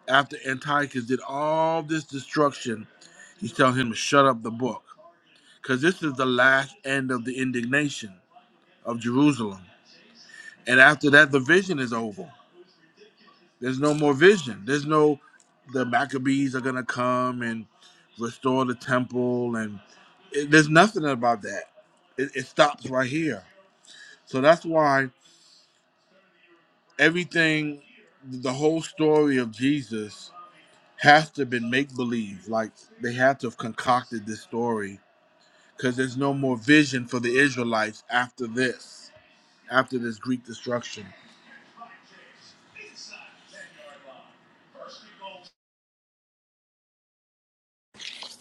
S2: After Antiochus did all this destruction, he's telling him to shut up the book, because this is the last end of the indignation of Jerusalem. And after that, the vision is over. There's no more vision. There's no the Maccabees are gonna come and restore the temple, and it, there's nothing about that. It, it stops right here. So that's why everything, the whole story of Jesus, has to have been make believe. Like they had to have concocted this story because there's no more vision for the Israelites after this, after this Greek destruction.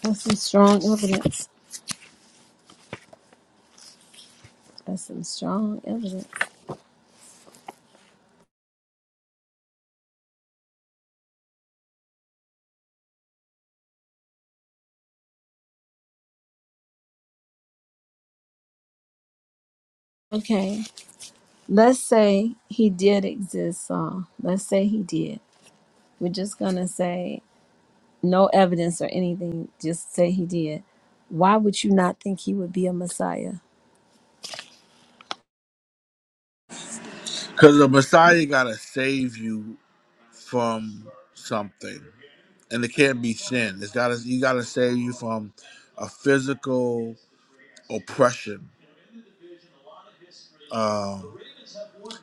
S1: That's some strong evidence. That's some strong evidence. Okay. Let's say he did exist, Saul. Let's say he did. We're just gonna say no evidence or anything, just say he did. Why would you not think he would be a Messiah?
S2: Because the Messiah gotta save you from something. and it can't be sin. It's got to you got to save you from a physical oppression. Um,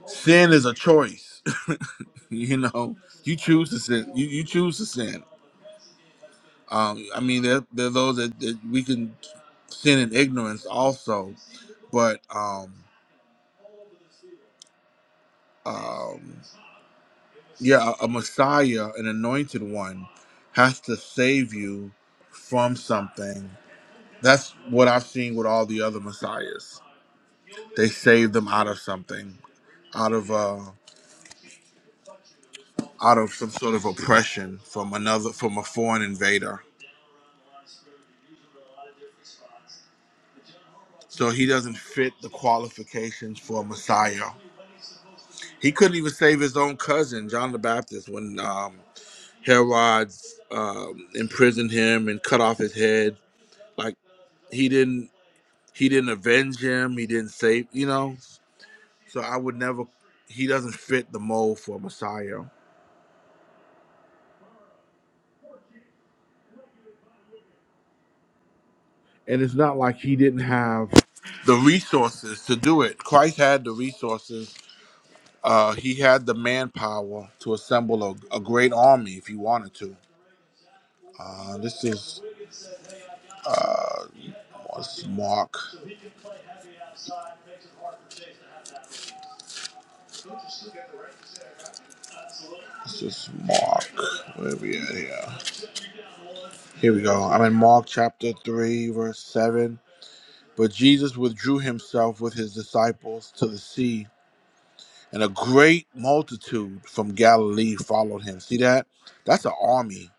S2: sin is a choice. you know, you choose to sin. You, you choose to sin. Um, I mean, there, there are those that, that we can sin in ignorance also, but um, um, yeah, a, a Messiah, an anointed one, has to save you from something. That's what I've seen with all the other messiahs. They save them out of something out of uh, out of some sort of oppression from another from a foreign invader. So he doesn't fit the qualifications for a Messiah. He couldn't even save his own cousin, John the Baptist, when um, Herod um, imprisoned him and cut off his head. Like he didn't he didn't avenge him. He didn't save you know. So I would never. He doesn't fit the mold for a Messiah. And it's not like he didn't have the resources to do it. Christ had the resources Uh, he had the manpower to assemble a, a great army if he wanted to. Uh, this is uh, what's Mark. This is Mark. Where we at here? Here we go. I'm in Mark chapter three, verse seven. But Jesus withdrew himself with his disciples to the sea, and a great multitude from Galilee followed him. See that? That's an army.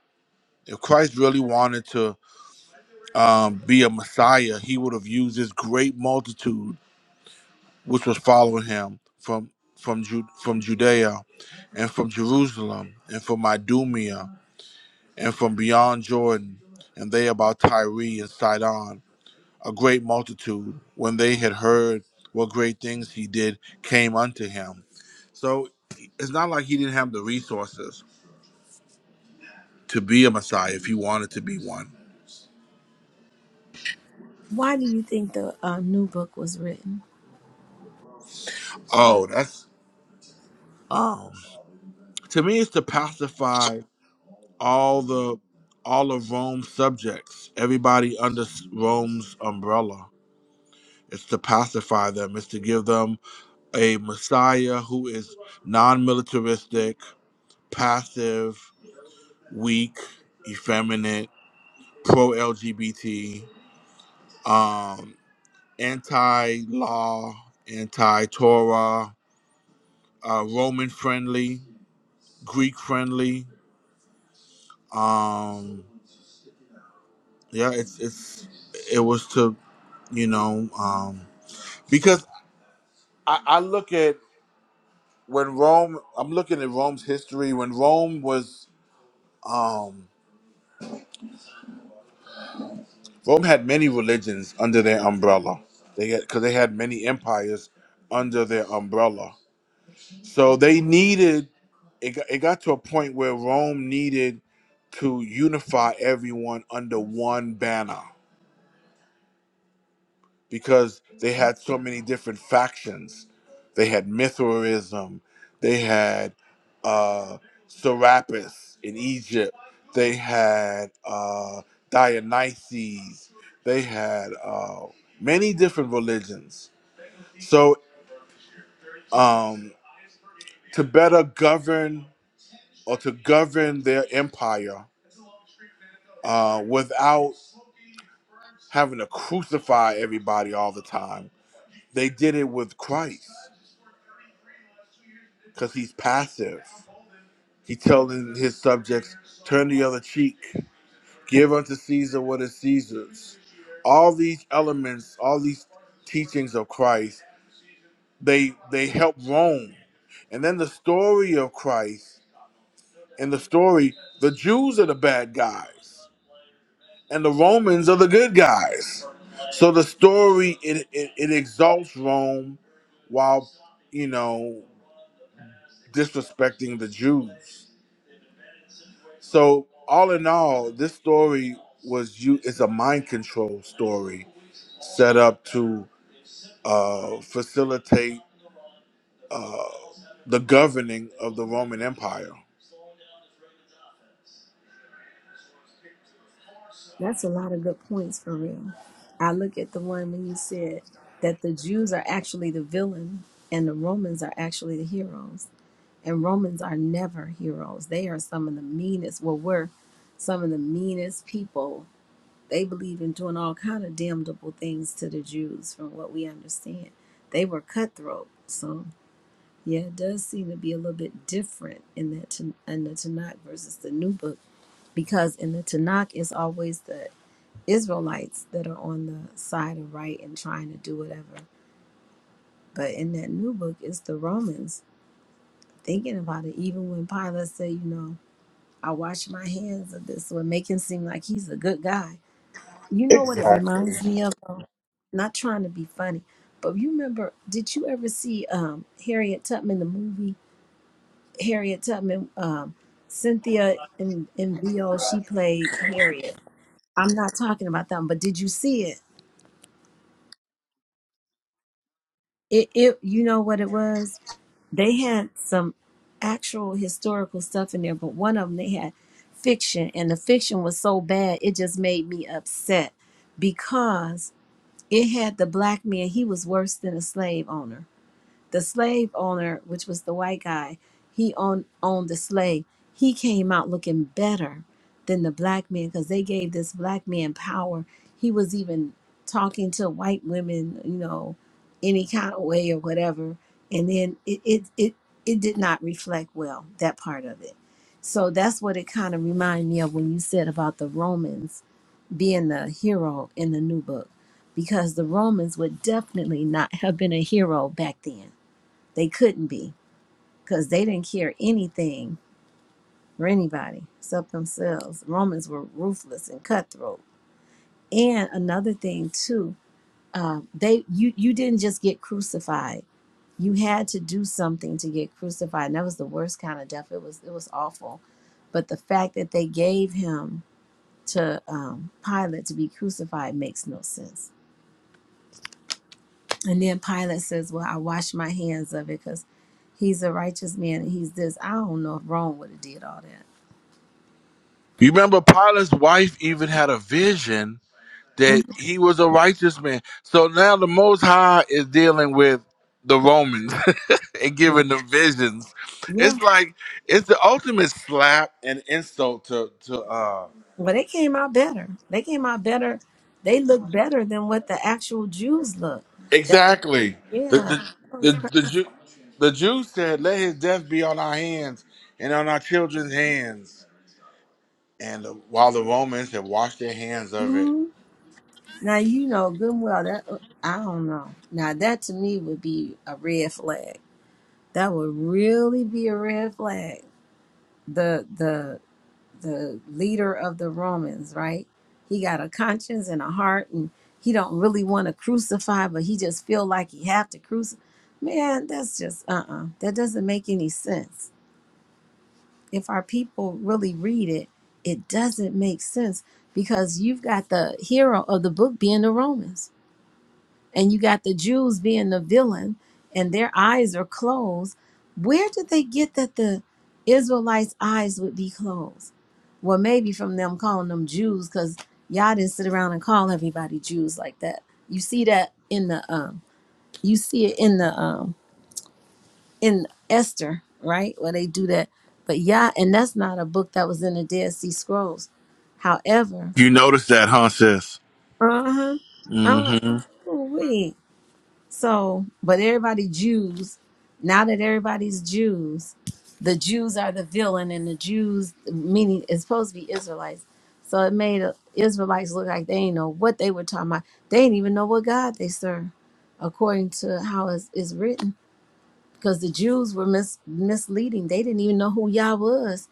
S2: If Christ really wanted to um, be a Messiah, he would have used this great multitude which was following him from from Ju- from Judea and from Jerusalem and from Idumea and from beyond Jordan and they about Tyre and Sidon a great multitude when they had heard what great things he did came unto him so it's not like he didn't have the resources to be a messiah if he wanted to be one.
S1: Why do you think the uh, new book was written?
S2: Oh, that's oh to me it's to pacify all the all of Rome's subjects, everybody under Rome's umbrella. It's to pacify them. It's to give them a Messiah who is non-militaristic, passive, weak, effeminate, pro-LGBT, um, anti-law, anti-Torah, uh, Roman-friendly, Greek-friendly. Um, yeah, it's it's it was to you know um, because I, I look at when Rome. I'm looking at Rome's history. When Rome was, um, Rome had many religions under their umbrella. They had because they had many empires under their umbrella. So they needed. It got, it got to a point where Rome needed to unify everyone under one banner. because they had so many different factions. They had Mithraism, they had uh, Serapis in Egypt, they had uh, Dionysus, they had uh, many different religions. So, um, to better govern or to govern their empire uh, without having to crucify everybody all the time, they did it with Christ because he's passive He telling his subjects, turn the other cheek, give unto Caesar what is Caesar's. All these elements, all these teachings of Christ, they they help Rome. And then the story of Christ, and the story, the Jews are the bad guys, and the Romans are the good guys. So the story it it, it exalts Rome while you know disrespecting the Jews. So all in all, this story was you is a mind control story set up to uh, facilitate uh, the governing of the Roman Empire.
S1: That's a lot of good points for real. I look at the one when you said that the Jews are actually the villain and the Romans are actually the heroes. And Romans are never heroes. They are some of the meanest, well, we're some of the meanest people. They believe in doing all kind of damnable things to the Jews, from what we understand. They were cutthroat. So Yeah, it does seem to be a little bit different in that Tan- in the Tanakh versus the New Book because in the Tanakh it's always the Israelites that are on the side of right and trying to do whatever, but in that New Book it's the Romans thinking about it. Even when Pilate said, you know, I wash my hands of this, would make him seem like he's a good guy. You know what it
S2: Exactly.
S1: reminds me of? though? Not trying to be funny, but you remember? Did you ever see um, Harriet Tubman the movie? Harriet Tubman, um, Cynthia in in VO, she played Harriet. I'm not talking about them, but did you see it? It it you know what it was? They had some actual historical stuff in there, but one of them they had fiction, and the fiction was so bad it just made me upset because it had the black man. He was worse than a slave owner the slave owner, which was the white guy, he owned owned the slave. He came out looking better than the black man because they gave this black man power. He was even talking to white women, you know, any kind of way or whatever. And then it it it, it did not reflect well that part of it. So that's what it kind of reminded me of when you said about the Romans being the hero in the new book, because the Romans would definitely not have been a hero back then they couldn't be because they didn't care anything for anybody except themselves. Romans were ruthless and cutthroat. And another thing too, uh, they you you didn't just get crucified. You had to do something to get crucified. And that was the worst kind of death. It was it was awful. But the fact that they gave him to um, Pilate to be crucified makes no sense. And then Pilate says, "Well, I wash my hands of it because he's a righteous man and he's this." I don't know if Rome would have did all that.
S2: You remember Pilate's wife even had a vision that he was a righteous man. So now the Most High is dealing with the Romans and
S1: Yeah.
S2: giving them visions.
S1: Yeah.
S2: It's like it's the ultimate slap and insult to to uh
S1: Well, they came out better. They came out better. They look better than what the actual Jews look. That
S2: Exactly. The
S1: yeah, that
S2: the
S1: was
S2: the
S1: crazy.
S2: the Jew, the Jews said, "Let his death be on our hands and on our children's hands." And the, while the Romans had washed their hands of it,
S1: hmm Now you know good and well that uh, I don't know. Now that to me would be a red flag. That would really be a red flag. The the the leader of the Romans, right? He got a conscience and a heart and he don't really want to crucify, but he just feel like he have to crucify. Man, that's just uh-uh. That doesn't make any sense. If our people really read it, it doesn't make sense because you've got the hero of the book being the Romans and you got the Jews being the villain and their eyes are closed. Where did they get that the Israelites' eyes would be closed? Well, maybe from them calling them Jews because y'all didn't sit around and call everybody Jews like that. You see that in the um, you see it in the um, in Esther, right? Where they do that. But yeah, and that's not a book that was in the Dead Sea Scrolls. However,
S2: you notice that, huh, sis?
S1: uh huh. I'm like,
S2: Mm-hmm.
S1: ooh So, but everybody Jews, now that everybody's Jews, the Jews are the villain, and the Jews, meaning it's supposed to be Israelites. So it made uh, Israelites look like they ain't know what they were talking about. They didn't even know what God they serve, according to how it's, it's written. Because the Jews were mis- misleading. They didn't even know who Yah was.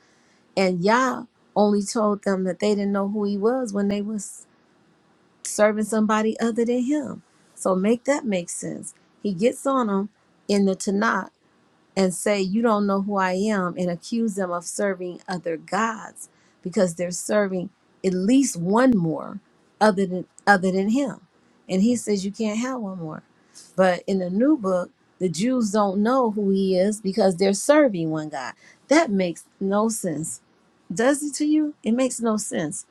S1: And Yah only told them that they didn't know who he was when they was serving somebody other than him. So make that make sense. He gets on them in the Tanakh and say, "You don't know who I am," and accuse them of serving other gods because they're serving at least one more other than other than him. And he says you can't have one more. But in the new book, the Jews don't know who he is because they're serving one God. That makes no sense. Does it to you? It makes no sense.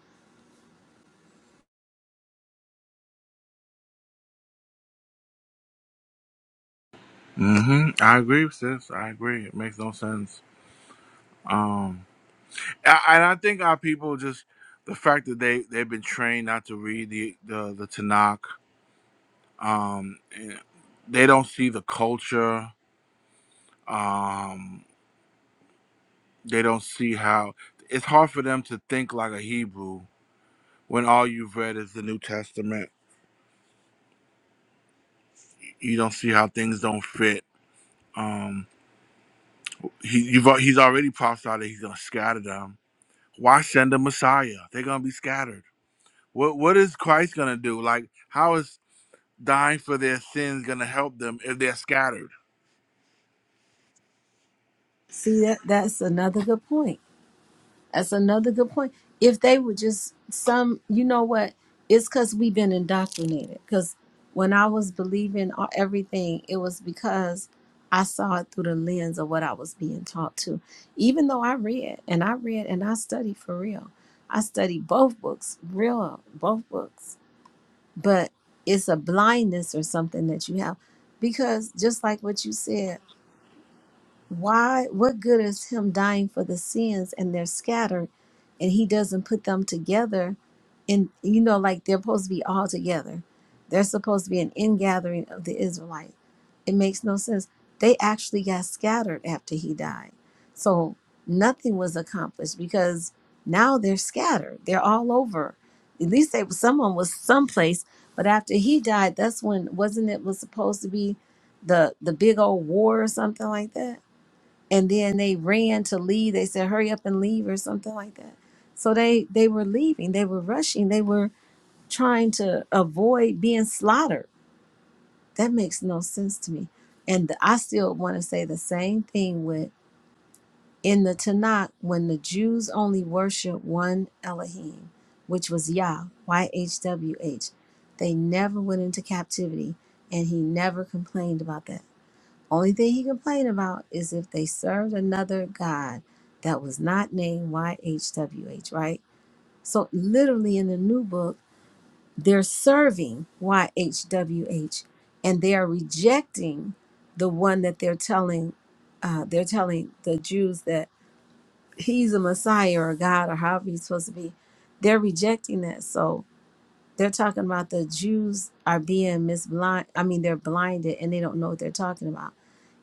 S2: Mm-hmm. I agree, sis. I agree. It makes no sense. Um, I, and I think our people just the fact that they they've been trained not to read the the, the Tanakh. Um, and they don't see the culture. Um, They don't see how it's hard for them to think like a Hebrew when all you've read is the New Testament. You don't see how things don't fit. Um, he, you've, al- he's already prophesied that he's going to scatter them. Why send a Messiah? They're going to be scattered. What What is Christ going to do? Like, how is dying for their sins going to help them if they're scattered?
S1: See that that's another good point That's another good point. If they were just some, you know what? It's because we've been indoctrinated. Because when I was believing o- everything, it was because I saw it through the lens of what I was being taught to. Even though I read and I read and I studied for real, I studied both books, real, both books. But it's a blindness or something that you have. Because just like what you said, why? What good is him dying for the sins and they're scattered and he doesn't put them together? And, you know, like they're supposed to be all together. They're supposed to be an ingathering of the Israelites. It makes no sense. They actually got scattered after he died. So nothing was accomplished because now they're scattered. They're all over. At least they someone was someplace. But after he died, that's when wasn't it was supposed to be the the big old war or something like that? and then they ran to leave they said hurry up and leave or something like that so they they were leaving they were rushing they were trying to avoid being slaughtered that makes no sense to me and i still want to say the same thing with in the tanakh when the jews only worshiped one elohim which was yah y-h-w-h they never went into captivity and he never complained about that only thing he complained about is if they served another God that was not named YHWH, right? So, literally in the new book, they're serving YHWH and they are rejecting the one that they're telling. Uh, they're telling the Jews that he's a Messiah or a God or however he's supposed to be. They're rejecting that. So they're talking about the Jews are being misblind. I mean, they're blinded and they don't know what they're talking about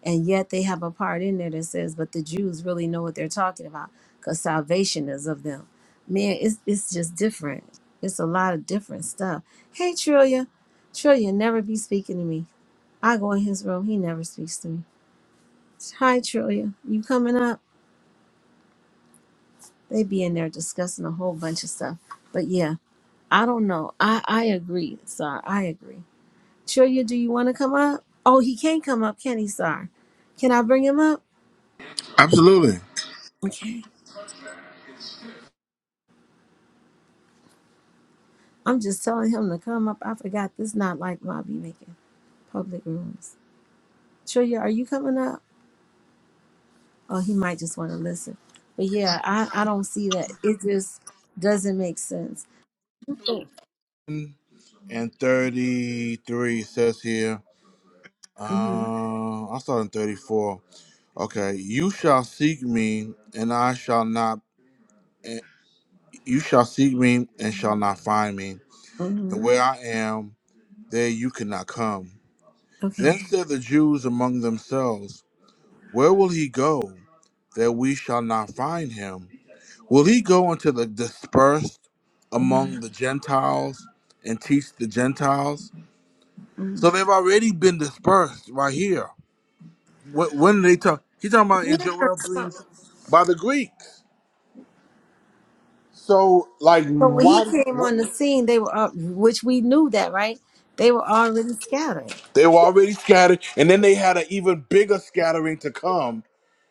S1: and yet they have a part in there that says, but the Jews really know what they're talking about because salvation is of them. Man, it's, it's just different. It's a lot of different stuff. Hey, Trillia. Trillia never be speaking to me. I go in his room. He never speaks to me. Hi, Trillia. You coming up? They be in there discussing a whole bunch of stuff. But yeah, I don't know. I, I agree, Sar. I agree. Trillia, do you want to come up? Oh, he can't come up, can he, Sar? Can I bring him up?
S2: Absolutely.
S1: Okay. I'm just telling him to come up. I forgot this not like Bobby making public rooms. Trillia, are you coming up? Oh, he might just want to listen. But yeah, I, I don't see that. It just doesn't make sense.
S2: and 33 says here
S1: Mm-hmm.
S2: uh i started in 34 okay you shall seek me and i shall not and you shall seek me and shall not find me, and
S1: Mm-hmm.
S2: where I am, there you cannot come.
S1: Okay.
S2: Then said the Jews among themselves, Where will he go that we shall not find him? Will he go unto the dispersed
S1: Mm-hmm.
S2: among the Gentiles and teach the Gentiles?
S1: hmm
S2: So they've already been dispersed right here. Wh- When they talk, he's talking about in
S1: Yeah.
S2: Joel three
S1: So,
S2: and six by the Greeks. So like,
S1: so when he
S2: why?
S1: came on the scene, they were up, which we knew that, right? They were already scattered.
S2: They were already scattered, and then they had an even bigger scattering to come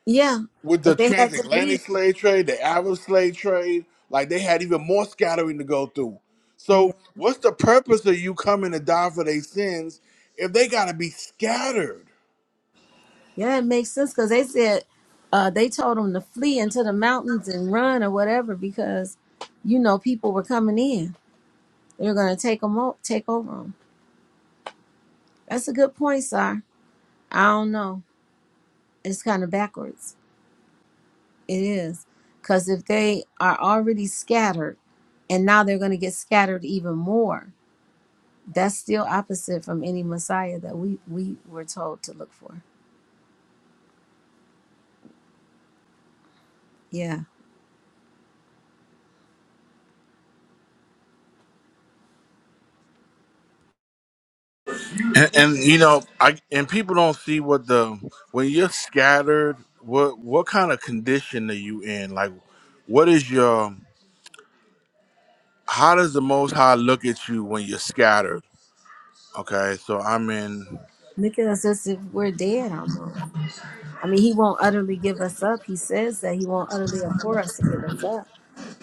S1: Yeah.
S2: with
S1: Because
S2: the
S1: they had to leave.
S2: transatlantic slave trade, the Arab slave trade. Like they had even more scattering to go through. So, what's the purpose of you coming to die for their sins if they got to be scattered?
S1: Yeah, it makes sense because they said uh, they told them to flee into the mountains and run or whatever because you know people were coming in. They were going to take them o- take over them. That's a good point, sir. I don't know. It's kind of backwards. It is because if they are already scattered and now they're going to get scattered even more, that's still opposite from any Messiah that we we were told to look for. Yeah,
S2: And, and you know, I and people don't see what the when you're scattered, what what kind of condition are you in? Like, what is your how does the Most High look at you when you're scattered? Okay, so I'm in.
S1: look at us as if we're dead almost. I mean, he won't utterly give us up. He says that he won't utterly abhor us to give us up,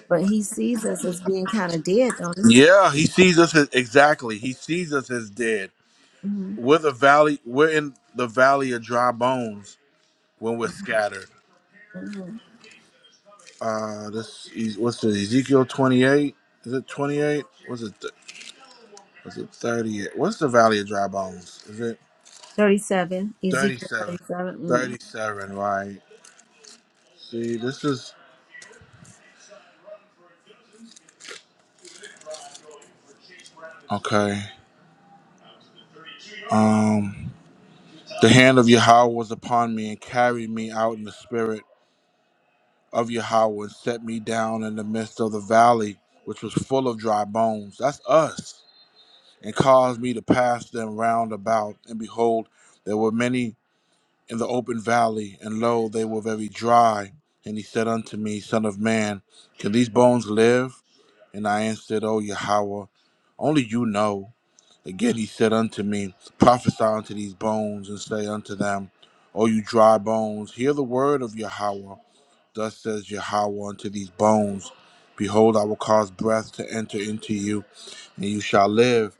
S1: but he sees us as being kind of dead, don't he?
S2: Yeah, he sees us as, exactly. He sees us as dead.
S1: hmm
S2: We're the valley. We're in the valley of dry bones when we're scattered.
S1: hmm
S2: Uh, this is- what's the Ezekiel twenty eight? Is it twenty eight? Was it th- was it thirty eight? What's the valley of dry bones? Is it
S1: 37,
S2: thirty
S1: Ezekiel
S2: seven?
S1: 37. Mm.
S2: Thirty seven, right? See, this is okay. Um, the hand of Yahweh was upon me and carried me out in the spirit of Yahweh and set me down in the midst of the valley, which was full of dry bones. That's us. And caused me to pass them round about. And behold, there were many in the open valley, and lo, they were very dry. And he said unto me, Son of man, can these bones live? And I answered, O Yahweh, only you know. Again he said unto me, Prophesy unto these bones, and say unto them, O you dry bones, hear the word of Yahweh. Thus says Yahweh unto these bones Behold, I will cause breath to enter into you, and you shall live.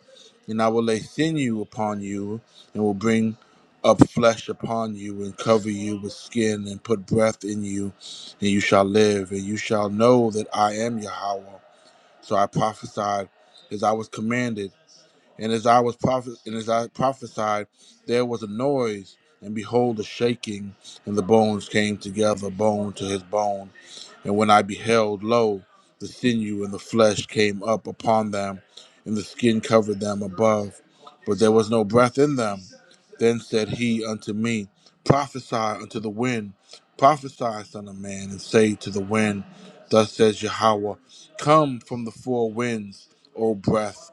S2: And I will lay sinew upon you, and will bring up flesh upon you, and cover you with skin, and put breath in you, and you shall live. And you shall know that I am Yahweh. So I prophesied as I was commanded and as I was prophet, and as I prophesied, there was a noise, and behold, a shaking, and the bones came together, bone to his bone. And when I beheld, lo, the sinew and the flesh came up upon them, and the skin covered them above, but there was no breath in them. Then said he unto me, Prophesy unto the wind, prophesy, son of man, and say to the wind, Thus says Yahweh, Come from the four winds, O breath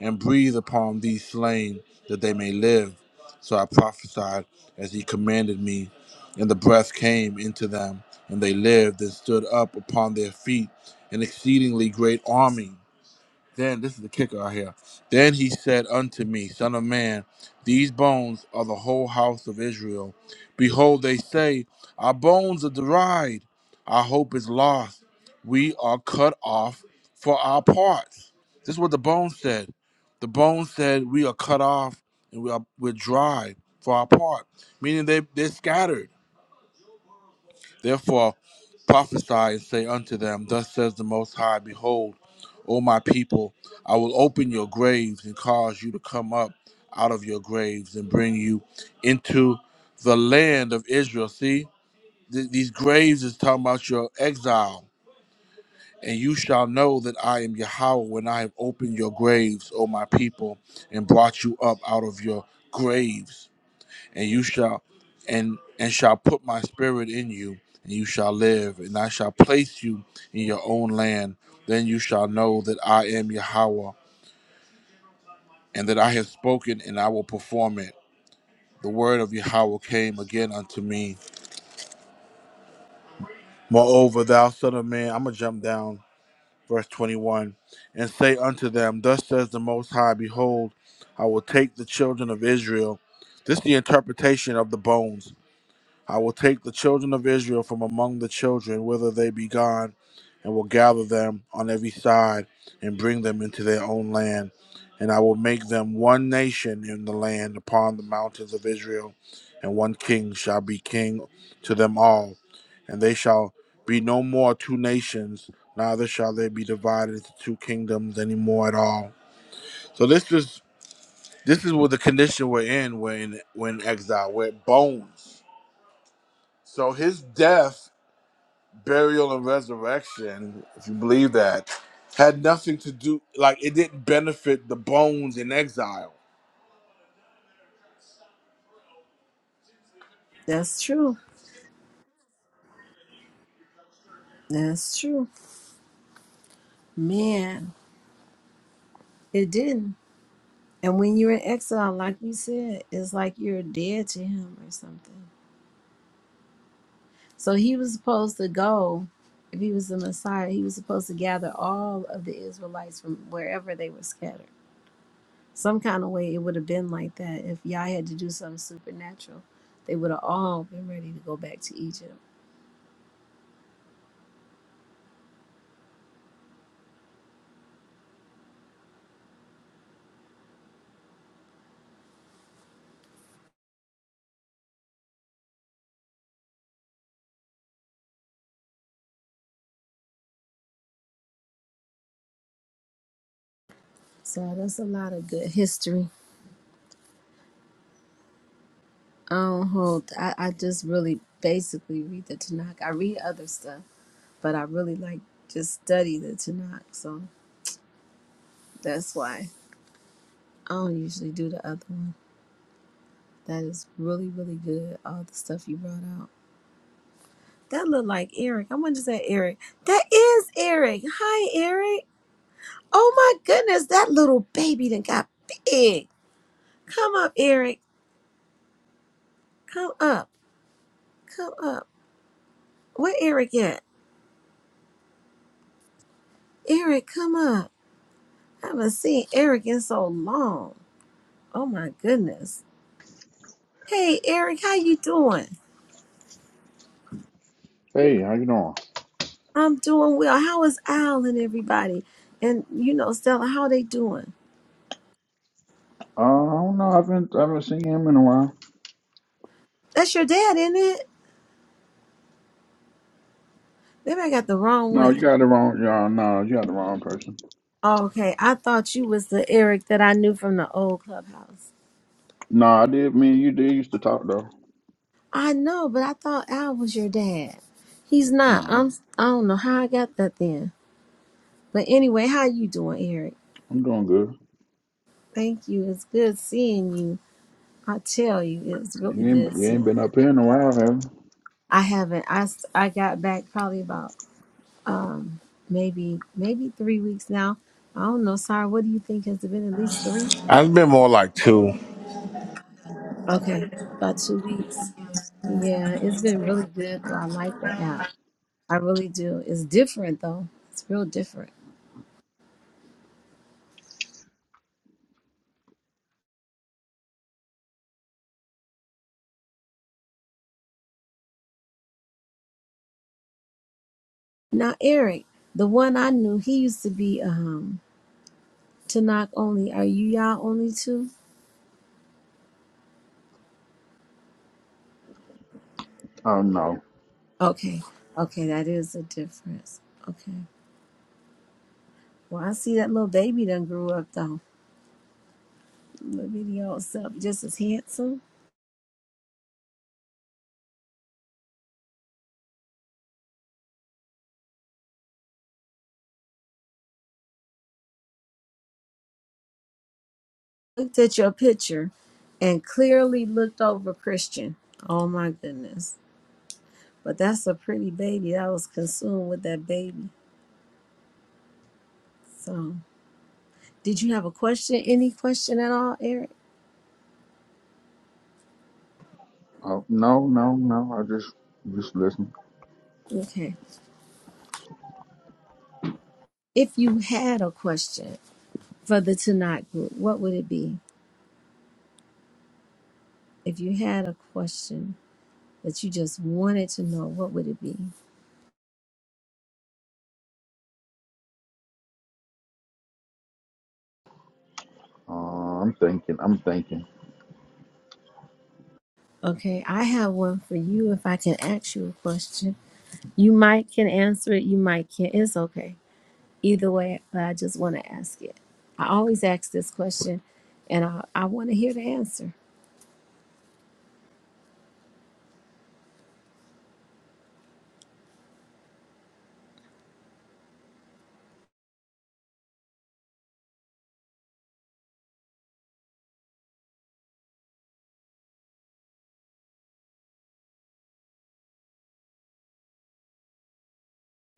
S2: and breathe upon these slain that they may live. So I prophesied as he commanded me, and the breath came into them, and they lived and stood up upon their feet, an exceedingly great army. Then this is the kicker out here. Then he said unto me, Son of man, these bones are the whole house of Israel. Behold, they say, Our bones are dried, our hope is lost, we are cut off for our parts. This is what the bones said. The bones said, We are cut off and we are we're dry for our part, meaning they they're scattered Therefore prophesy and say unto them, Thus says the Most High, Behold, O my people, I will open your graves and cause you to come up out of your graves and bring you into the land of Israel. See, th- these graves is talking about your exile. And you shall know that I am Yahweh when I have opened your graves, O my people, and brought you up out of your graves and you shall and and shall put my spirit in you and you shall live and i shall place you in your own land then you shall know that i am yahweh and that i have spoken and i will perform it the word of yahweh came again unto me moreover thou son of man i'm gonna jump down verse 21 and say unto them thus says the most high behold i will take the children of israel this is the interpretation of the bones I will take the children of Israel from among the children whither they be gone, and will gather them on every side, and bring them into their own land. And I will make them one nation in the land upon the mountains of Israel, and one king shall be king to them all. And they shall be no more two nations, neither shall they be divided into two kingdoms any more at all. So this is this is what the condition we're in when we're in exile. We're bones. So his death burial and resurrection, if you believe that, had nothing to do like it didn't benefit the bones in exile.
S1: That's true. That's true. Man, it didn't. And when you're in exile, like we said, it's like you're dead to him or something. So he was supposed to go. If he was the Messiah, he was supposed to gather all of the Israelites from wherever they were scattered. Some kind of way it would have been like that if Yah had to do something supernatural. They would have all been ready to go back to Egypt. So that's a lot of good history. I don't hold. I, I just really basically read the Tanakh. I read other stuff, but I really like just study the Tanakh. So that's why I don't usually do the other one. That is really, really good. All the stuff you brought out. That looked like Eric. I wanted to say Eric. That is Eric. Hi, Eric. Oh my goodness, that little baby then got big. Come up, Eric. Come up. Come up. Where Eric at? Eric, come up. I haven't seen Eric in so long. Oh my goodness. Hey Eric, how you doing?
S15: Hey, how you doing?
S1: I'm doing well. How is Al and everybody? And you know, Stella, how they doing?
S15: Uh, I don't know. I haven't I haven't seen him in a while.
S1: That's your dad, isn't it? Maybe I got the wrong
S15: No,
S1: one.
S15: you got the wrong. Yeah, no, you got the wrong person.
S1: Okay, I thought you was the Eric that I knew from the old clubhouse.
S15: No, I did. Me and you did used to talk though.
S1: I know, but I thought Al was your dad. He's not.
S15: No,
S1: I'm. I don't know how I got that then. But anyway, how you doing, Eric?
S15: I'm doing good.
S1: Thank you. It's good seeing you. I tell you, it's really
S15: You
S1: good
S15: ain't you
S1: seeing.
S15: ain't been up here in a while, have you?
S1: I haven't. I s- I got back probably about um maybe maybe three weeks now. I don't know. Sorry. What do you think? Has it been at least three?
S2: I've been more like two.
S1: Okay, about two weeks. Yeah, it's been really good though. I like the app. I really do. It's different though. It's real different. Now Eric, the one I knew, he used to be um Tanakh only. Are you y'all only too?
S15: Oh no,
S1: Okay. Okay, that is a difference. Okay. Well, I see that little baby done grew up though. Little bitty old self, just as handsome. Looked at your picture and clearly looked over Christian. Oh my goodness. But that's a pretty baby. I was consumed with that baby. So did you have a question? Any question at all, Eric?
S15: oh no, no, no. I just just listen.
S1: Okay. If you had a question. for the tonight group, what would it be? If you had a question that you just wanted to know, what would it be?
S15: Uh, I'm thinking. I'm thinking.
S1: Okay, I have one for you. If I can ask you a question, you might can answer it, you might can't. It's okay. Either way, but I just want to ask it. I always ask this question and I, I want to hear the answer.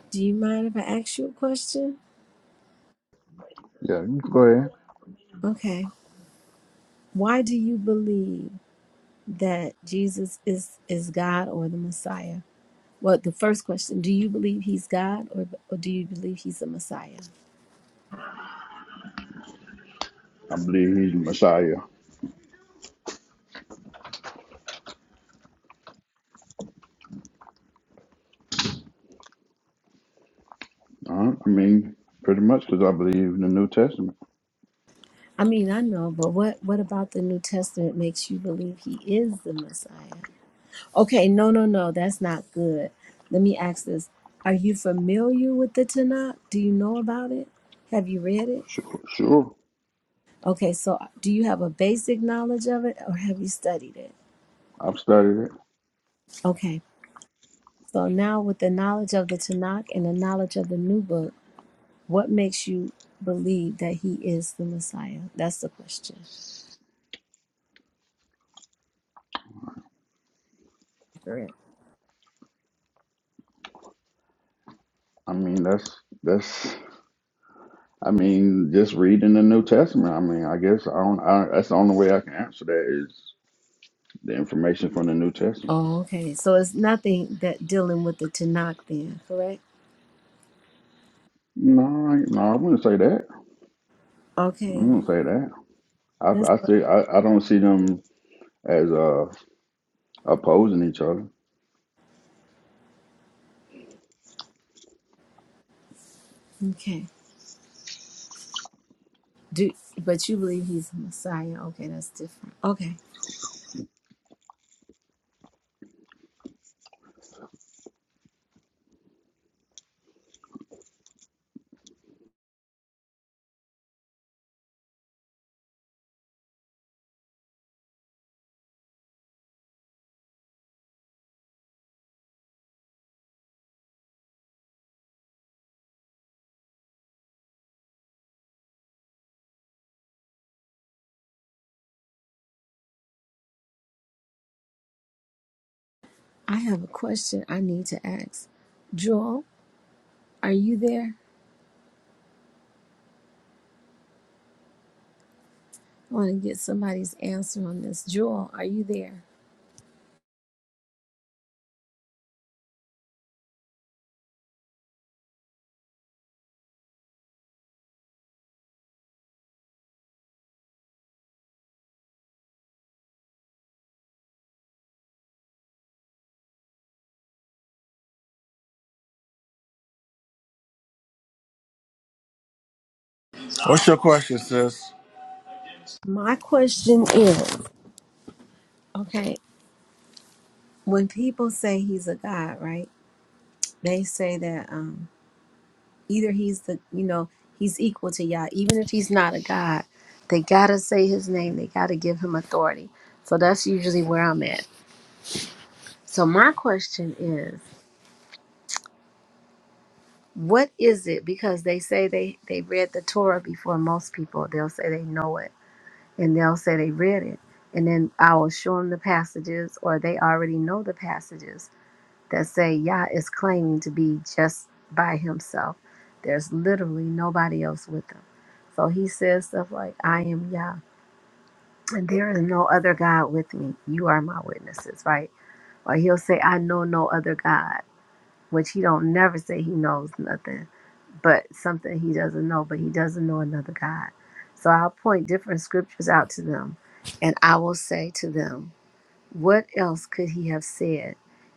S1: Do you mind if I ask you a question?
S15: Yeah, you can go ahead.
S1: Okay. Why do you believe that Jesus is, is God or the Messiah? Well, the first question: Do you believe he's God, or or do you believe he's a Messiah?
S15: I believe he's the Messiah. Uh, I mean, pretty much because I believe in the New Testament.
S1: I mean, I know, but what what about the New Testament makes you believe he is the Messiah? Okay, no, no, no, that's not good. Let me ask this: Are you familiar with the Tanakh? Do you know about it? Have you read it?
S15: Sure, sure.
S1: Okay, so do you have a basic knowledge of it, or have you studied it?
S15: I've studied it.
S1: Okay, so now with the knowledge of the Tanakh and the knowledge of the New Book. What makes you believe that he is the Messiah? That's the question. Correct.
S15: I mean, that's that's. I mean, just reading the New Testament. I mean, I guess I don't. I, that's the only way I can answer that is the information from the New Testament.
S1: Oh, okay. So it's nothing that dealing with the Tanakh then, correct?
S15: No, I, no, I wouldn't say that. I
S1: Okay.
S15: wouldn't say that. I,
S1: That's
S15: I see. I, I don't see them as uh opposing each other.
S1: okay. Do but you believe he's the Messiah? Okay, that's different. Okay. I have a question I need to ask. Joel, are you there? I want to get somebody's answer on this. Joel, are you there?
S2: What's your question, sis?
S1: My question is, okay, when people say he's a god, right? They say that. um. either he's the you know he's equal to Yah, even if he's not a god. They gotta say his name. They gotta give him authority. So that's usually where I'm at. So my question is, what is it? Because they say they they read the Torah before most people. They'll say they know it, and they'll say they read it, and then I will show them the passages, or they already know the passages that say Yah is claiming to be just by himself. There's literally nobody else with him. So he says stuff like, I am Yah, and there is no other God with me. You are my witnesses, right? Or he'll say, I know no other God, which he don't never say he knows nothing, but something he doesn't know, but he doesn't know another God. So I'll point different scriptures out to them, and I will say to them, what else could he have said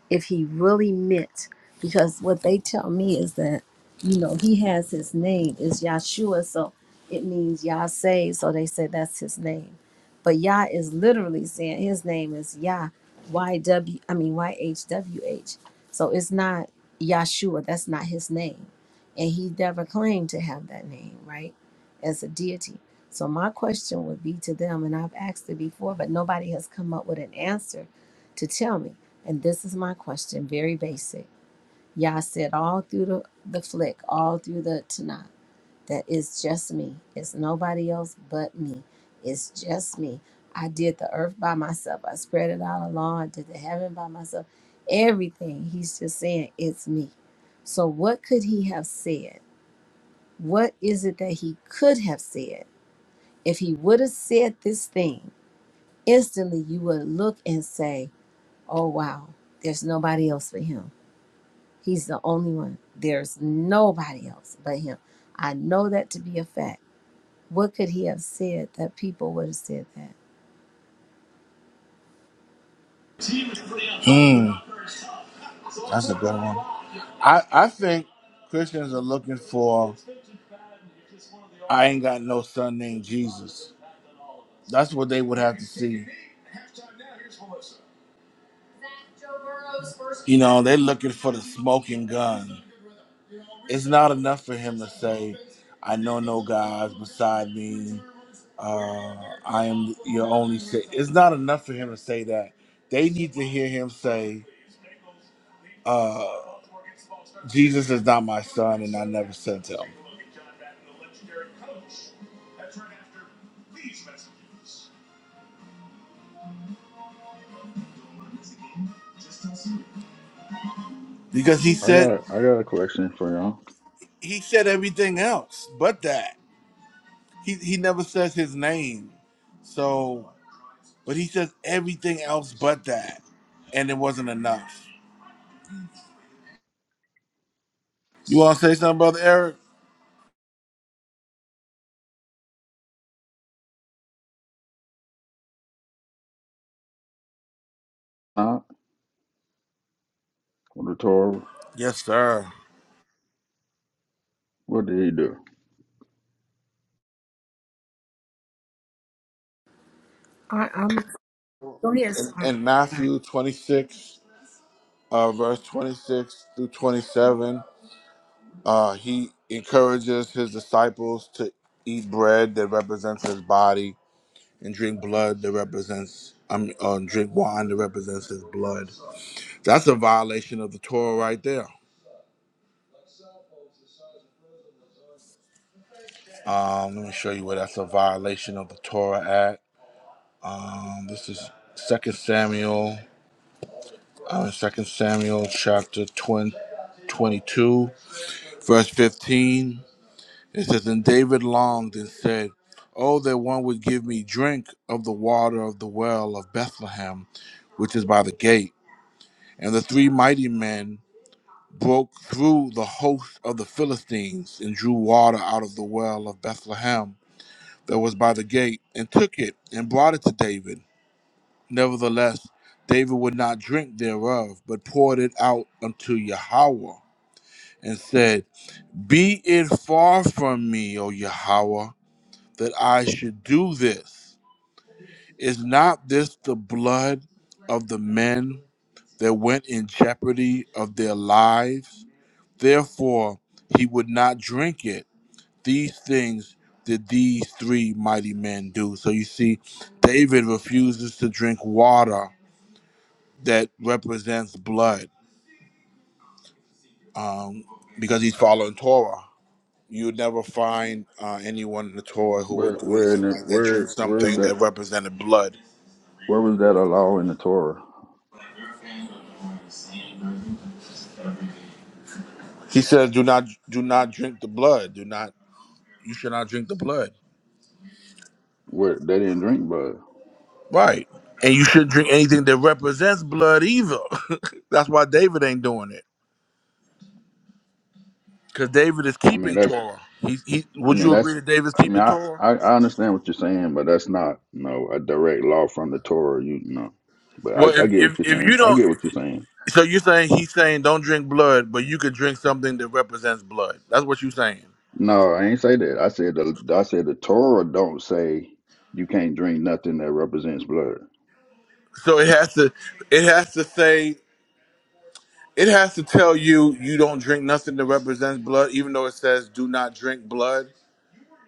S1: if he really meant? Because what they tell me is that, you know, he has his name is Yahshua, so it means Yah saved. So they say that's his name. But Yah is literally saying his name is Yah, Y W, I mean Y H W H. So it's not Yahshua. That's not his name, and he never claimed to have that name, right? As a deity. So my question would be to them, and I've asked it before, but nobody has come up with an answer to tell me. And this is my question, very basic. Y'all said all through the, the flick, all through the Tanakh, that it's just me. It's nobody else but me. It's just me. I did the earth by myself. I spread it out along. I did the heaven by myself. Everything. He's just saying it's me. So what could he have said? What is it that he could have said? If he would have said this thing, instantly you would look and say, Oh, wow, there's nobody else but him. He's the only one. There's nobody else but him. I know that to be a fact. What could he have said that people would have said that?
S2: Mm, that's a good one. I, I think Christians are looking for I ain't got no son named Jesus. That's what they would have to see. You know, they're looking for the smoking gun. it's not enough for him to say, "I know no gods beside me. Uh, I am your only." Sa-" It's not enough for him to say that. They need to hear him say, uh, "Jesus is not my son, and I never sent him." Because he
S15: I got.
S2: said
S15: a- I got a question for y'all.
S2: he said everything else but that. He he never says his name. So But he says everything else but that. And it wasn't enough. You want to say something, Brother Eric?
S15: Not the Torah.
S2: Yes, sir.
S15: What did he do?
S1: Don't
S2: In, in Matthew 26, uh, verse 26 through 27, uh, he encourages his disciples to eat bread that represents his body and drink blood that represents, I mean, uh, drink wine that represents his blood. That's a violation of the Torah right there. Um, let me show you where that's a violation of the Torah at. Um, this is Second Samuel. uh, Second Samuel chapter 22, verse 15. It says, And David longed and said, Oh, that one would give me drink of the water of the well of Bethlehem, which is by the gate. And the three mighty men broke through the host of the Philistines and drew water out of the well of Bethlehem that was by the gate, and took it and brought it to David. Nevertheless, David would not drink thereof, but poured it out unto Yahweh and said, Be it far from me, O Yahweh, that I should do this. Is not this the blood of the men that went in jeopardy of their lives? Therefore, he would not drink it. These things did these three mighty men do. So you see, David refuses to drink water that represents blood um, because he's following Torah you'd never find uh, anyone in the tour who
S15: Where?
S2: would do
S15: Where in
S2: anything
S15: the?
S2: like that. Drink
S15: Where? Where is
S2: something
S15: that?
S2: that represented blood.
S15: Where was that a law in the Torah?
S2: He said, "Do not, do not drink the blood. Do not. You should not drink the blood.
S15: Where they didn't drink blood.
S2: Right. And you shouldn't drink anything that represents blood either. That's why David ain't doing it, because David is
S15: I mean,
S2: keeping
S15: that's
S2: Torah. He, he.
S15: I
S2: Would
S15: mean,
S2: you agree
S15: that's.
S2: that David's
S15: I mean,
S2: keeping
S15: I,
S2: Torah?
S15: I I understand what you're saying, but that's not you know a direct law from the Torah. You, you know, but
S2: Well,
S15: I, I
S2: if,
S15: get what
S2: if
S15: you're
S2: if
S15: saying.
S2: you
S15: I
S2: don't,
S15: get what you're saying.
S2: so you're saying he's saying don't drink blood, but you could drink something that represents blood. That's what you're saying.
S15: No, I ain't say that. I said the I said the Torah don't say you can't drink nothing that represents blood.
S2: So it has to, it has to say. It has to tell you you don't drink nothing that represents blood, even though it says do not drink blood.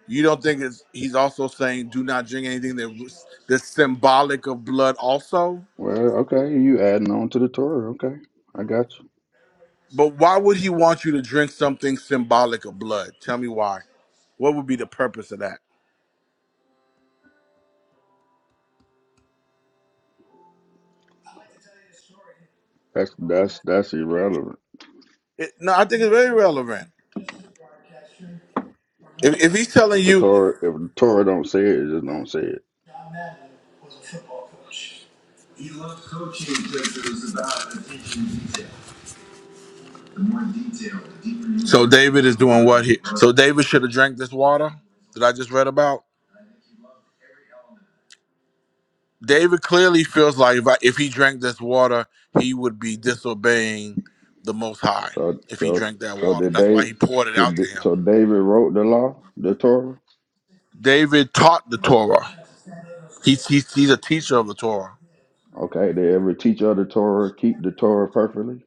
S2: You don't think it's he's also saying do not drink anything that that's symbolic of blood also?
S15: Well, okay, you adding on to the Torah. Okay, I got you.
S2: But why would he want you to drink something symbolic of blood? Tell me why. What would be the purpose of that?
S15: That's that's that's irrelevant.
S2: It, no, I think it's very relevant. If, if he's telling
S15: If the
S2: you,
S15: Torah if the Torah don't say it, it just don't say it.
S2: so David is doing what he, so David should have drank this water that I just read about. David clearly feels like if, I, if he drank this water, he would be disobeying the Most High
S15: So
S2: if he
S15: so
S2: drank that
S15: so
S2: water.
S15: did
S2: That's why
S15: they?
S2: he poured it out to
S15: Did,
S2: him.
S15: so David wrote the law, the Torah.
S2: David taught the Torah. He's, he's, he's a teacher of the Torah.
S15: Okay, did ever teach of the Torah, keep the Torah perfectly?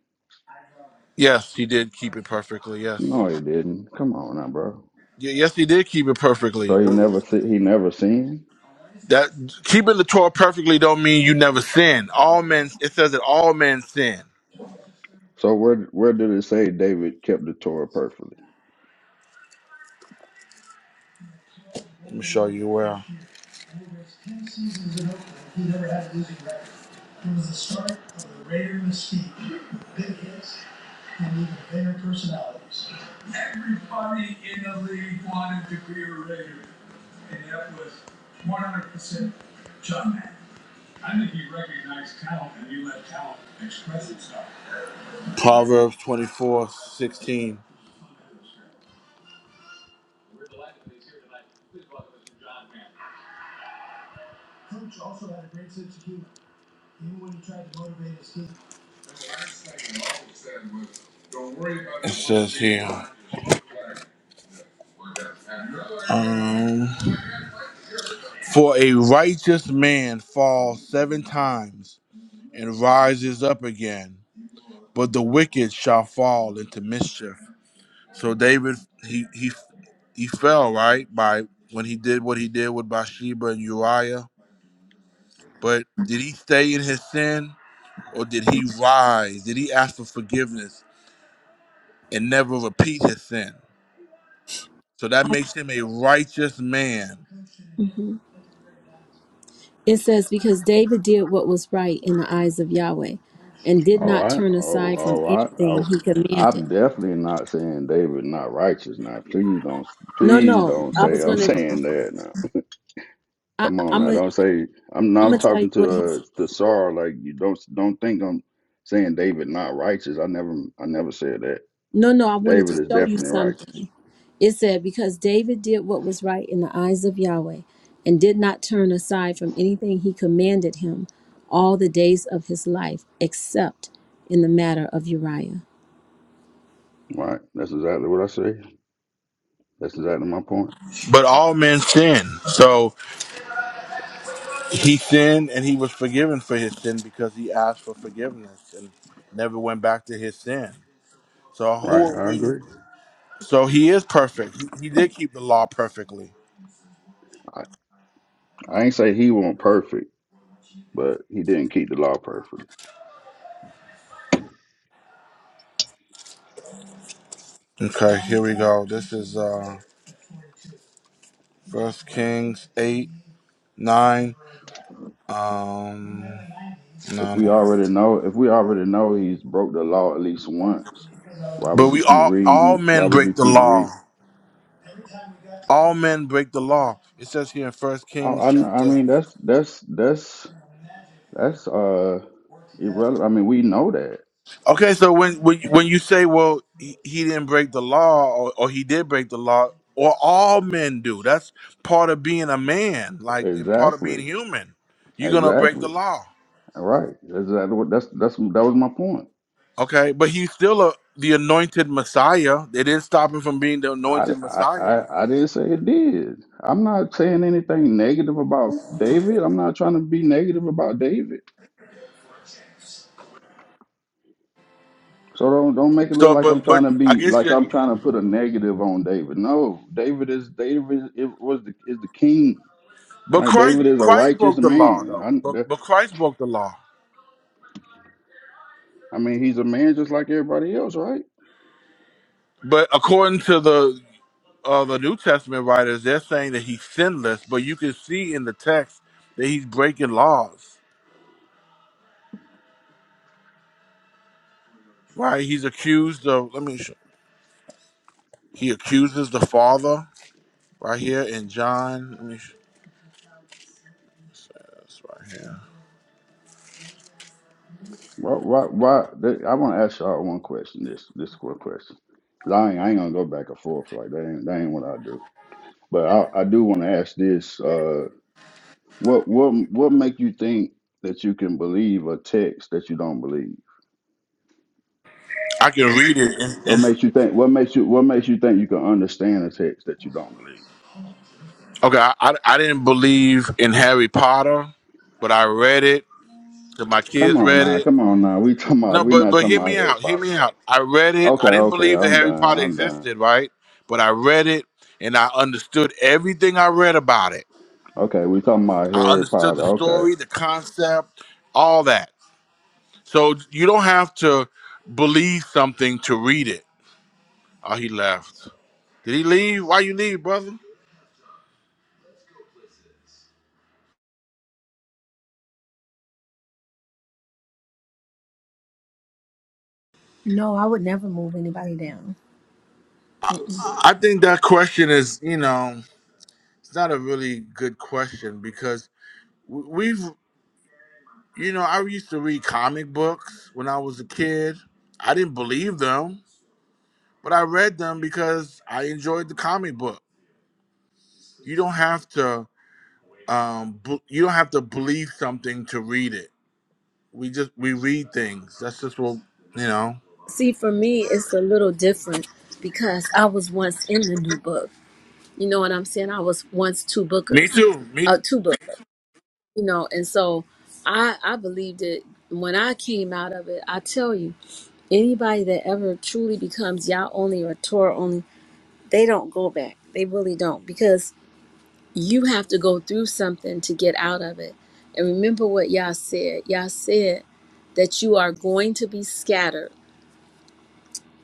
S2: Yes, he did keep it perfectly. Yes. Y-
S15: No, he didn't. Come on now, bro.
S2: Yes, he did keep it perfectly.
S15: So he
S2: W-
S15: never si- he never sinned.
S2: That keeping the Torah perfectly don't mean you never sin. All men, it says that all men sin.
S15: So where where did it say David kept the Torah perfectly?
S2: Let me show you where. Proverbs twenty four sixteen. It says here. um, For a righteous man falls seven times and rises up again, but the wicked shall fall into mischief. So David, he he he fell right by when he did what he did with Bathsheba and Uriah. But did he stay in his sin, or did he rise? Did he ask for forgiveness and never repeat his sin? So that makes him a righteous man.
S1: hmm It says, Because David did what was right in the eyes of Yahweh and did
S15: Oh,
S1: not
S15: I
S1: turn
S15: oh
S1: aside from
S15: oh I
S1: anything
S15: oh,
S1: he commanded.
S15: I'm definitely not saying David not righteous now. Please don't
S1: No,
S15: please
S1: no.
S15: don't
S1: I
S15: say
S1: was
S15: I'm
S1: going to,
S15: saying that now. Come on
S1: I'm
S15: now,
S1: going to.
S15: don't say I'm now
S1: I'm
S15: I'm
S1: gonna tell you
S15: talking
S1: what he
S15: to uh, to Sarah like you don't don't think I'm saying David not righteous. I never I never said that.
S1: No, no, I wanted to
S15: David is
S1: show you
S15: definitely righteous.
S1: something. It said, Because David did what was right in the eyes of Yahweh and did not turn aside from anything he commanded him all the days of his life, except in the matter of Uriah.
S15: Right. That's exactly what I say. That's exactly my point.
S2: But all men sin. So He sinned and he was forgiven for his sin because he asked for forgiveness and never went back to his sin. So who
S15: Right.
S2: are
S15: I
S2: we?
S15: agree.
S2: So he is perfect. He, he did keep the law perfectly.
S15: I, I ain't say he wasn't perfect, but he didn't keep the law perfectly.
S2: Okay, here we go. This is uh First Kings eight nine. Um,
S15: If
S2: no,
S15: we
S2: no, no.
S15: already know, if we already know he's broke the law at least once, why
S2: But
S15: would you
S2: we
S15: keep
S2: all all
S15: reading? Why
S2: men
S15: would you
S2: break the
S15: keep
S2: law.
S15: reading?
S2: All men break the law. It says here in First
S15: I,
S2: Kings
S15: I, I
S2: chapter
S15: mean, that's that's that's that's uh irrelevant. I mean, we know that
S2: Okay, so when when when you say, well, he, he didn't break the law, or, or he did break the law, or all men do. That's part of being a man, like and part of being
S15: exactly,
S2: human. You're gonna break the
S15: exactly.
S2: law,
S15: All right. That's exactly what that's that's that was my point.
S2: okay? But he's still a the anointed Messiah. They didn't stop him from being the
S15: I,
S2: anointed
S15: I,
S2: Messiah.
S15: I I didn't say it did. I'm not saying anything negative about David. I'm not trying to be negative about David. So don't don't make it look
S2: So,
S15: like
S2: but
S15: I'm trying
S2: but
S15: to
S2: I
S15: be
S2: guess
S15: like
S2: you
S15: I'm trying to put a negative on David. No, David is David is, was the, is the king.
S2: but
S15: Like
S2: Christ
S15: David is a
S2: Christ
S15: righteous
S2: broke the law
S15: man.
S2: though. But but
S15: I,
S2: Christ broke the law.
S15: I mean, he's a man just like everybody else, right?
S2: But according to the uh, the New Testament writers, they're saying that he's sinless, but you can see in the text that he's breaking laws, right? He's accused of, let me show, he accuses the Father right here in John. Let me show, that's right here.
S15: Why why why? I want to ask y'all one question. This this quick question. 'Cause I ain't, I ain't gonna go back and forth like that. Ain't, that ain't what I do. But I, I do want to ask this. Uh, What what what make you think that you can believe a text that you don't believe?
S2: I can read it. In,
S15: What
S2: in,
S15: makes you think? What makes you? What makes you think you can understand a text that you don't believe?
S2: okay, I, I, I didn't believe in Harry Potter, but I read it. 'cause My
S15: Come
S2: kids
S15: on
S2: read
S15: now,
S2: it.
S15: come on now. We talking about?
S2: No,
S15: We
S2: but
S15: not
S2: but
S15: talking
S2: hear
S15: about
S2: me
S15: Harry
S2: out. Hear
S15: Potter,
S2: me
S15: bro.
S2: out. I read it.
S15: Okay,
S2: I didn't
S15: okay,
S2: believe that
S15: I'm
S2: Harry
S15: done.
S2: Potter
S15: I'm done.
S2: existed, right? But I read it and I understood everything I read about it
S15: Okay, we talking about
S2: I
S15: Harry
S2: understood
S15: Potter.
S2: the
S15: Okay,
S2: story, the concept, all that. So you don't have to believe something to read it. Oh, he left. Did he leave? Why you leave, brother?
S1: No, I would never move anybody down. Mm-mm.
S2: I think that question is, you know, it's not a really good question because w- we've, you know, I used to read comic books when I was a kid. I didn't believe them, but I read them because I enjoyed the comic book. You don't have to, um, b- you don't have to believe something to read it we just we read things. That's just what you know.
S1: See, for me, it's a little different because I was once in the new book. You know what I'm saying? I was once two
S2: Me
S1: bookers,
S2: too. Me too.
S1: uh, two books. you know and so i i believed it when i came out of it i tell you anybody that ever truly becomes Yah only or Torah only, they don't go back. They really don't because you have to go through something to get out of it. And remember what Yah said. Yah said that you are going to be scattered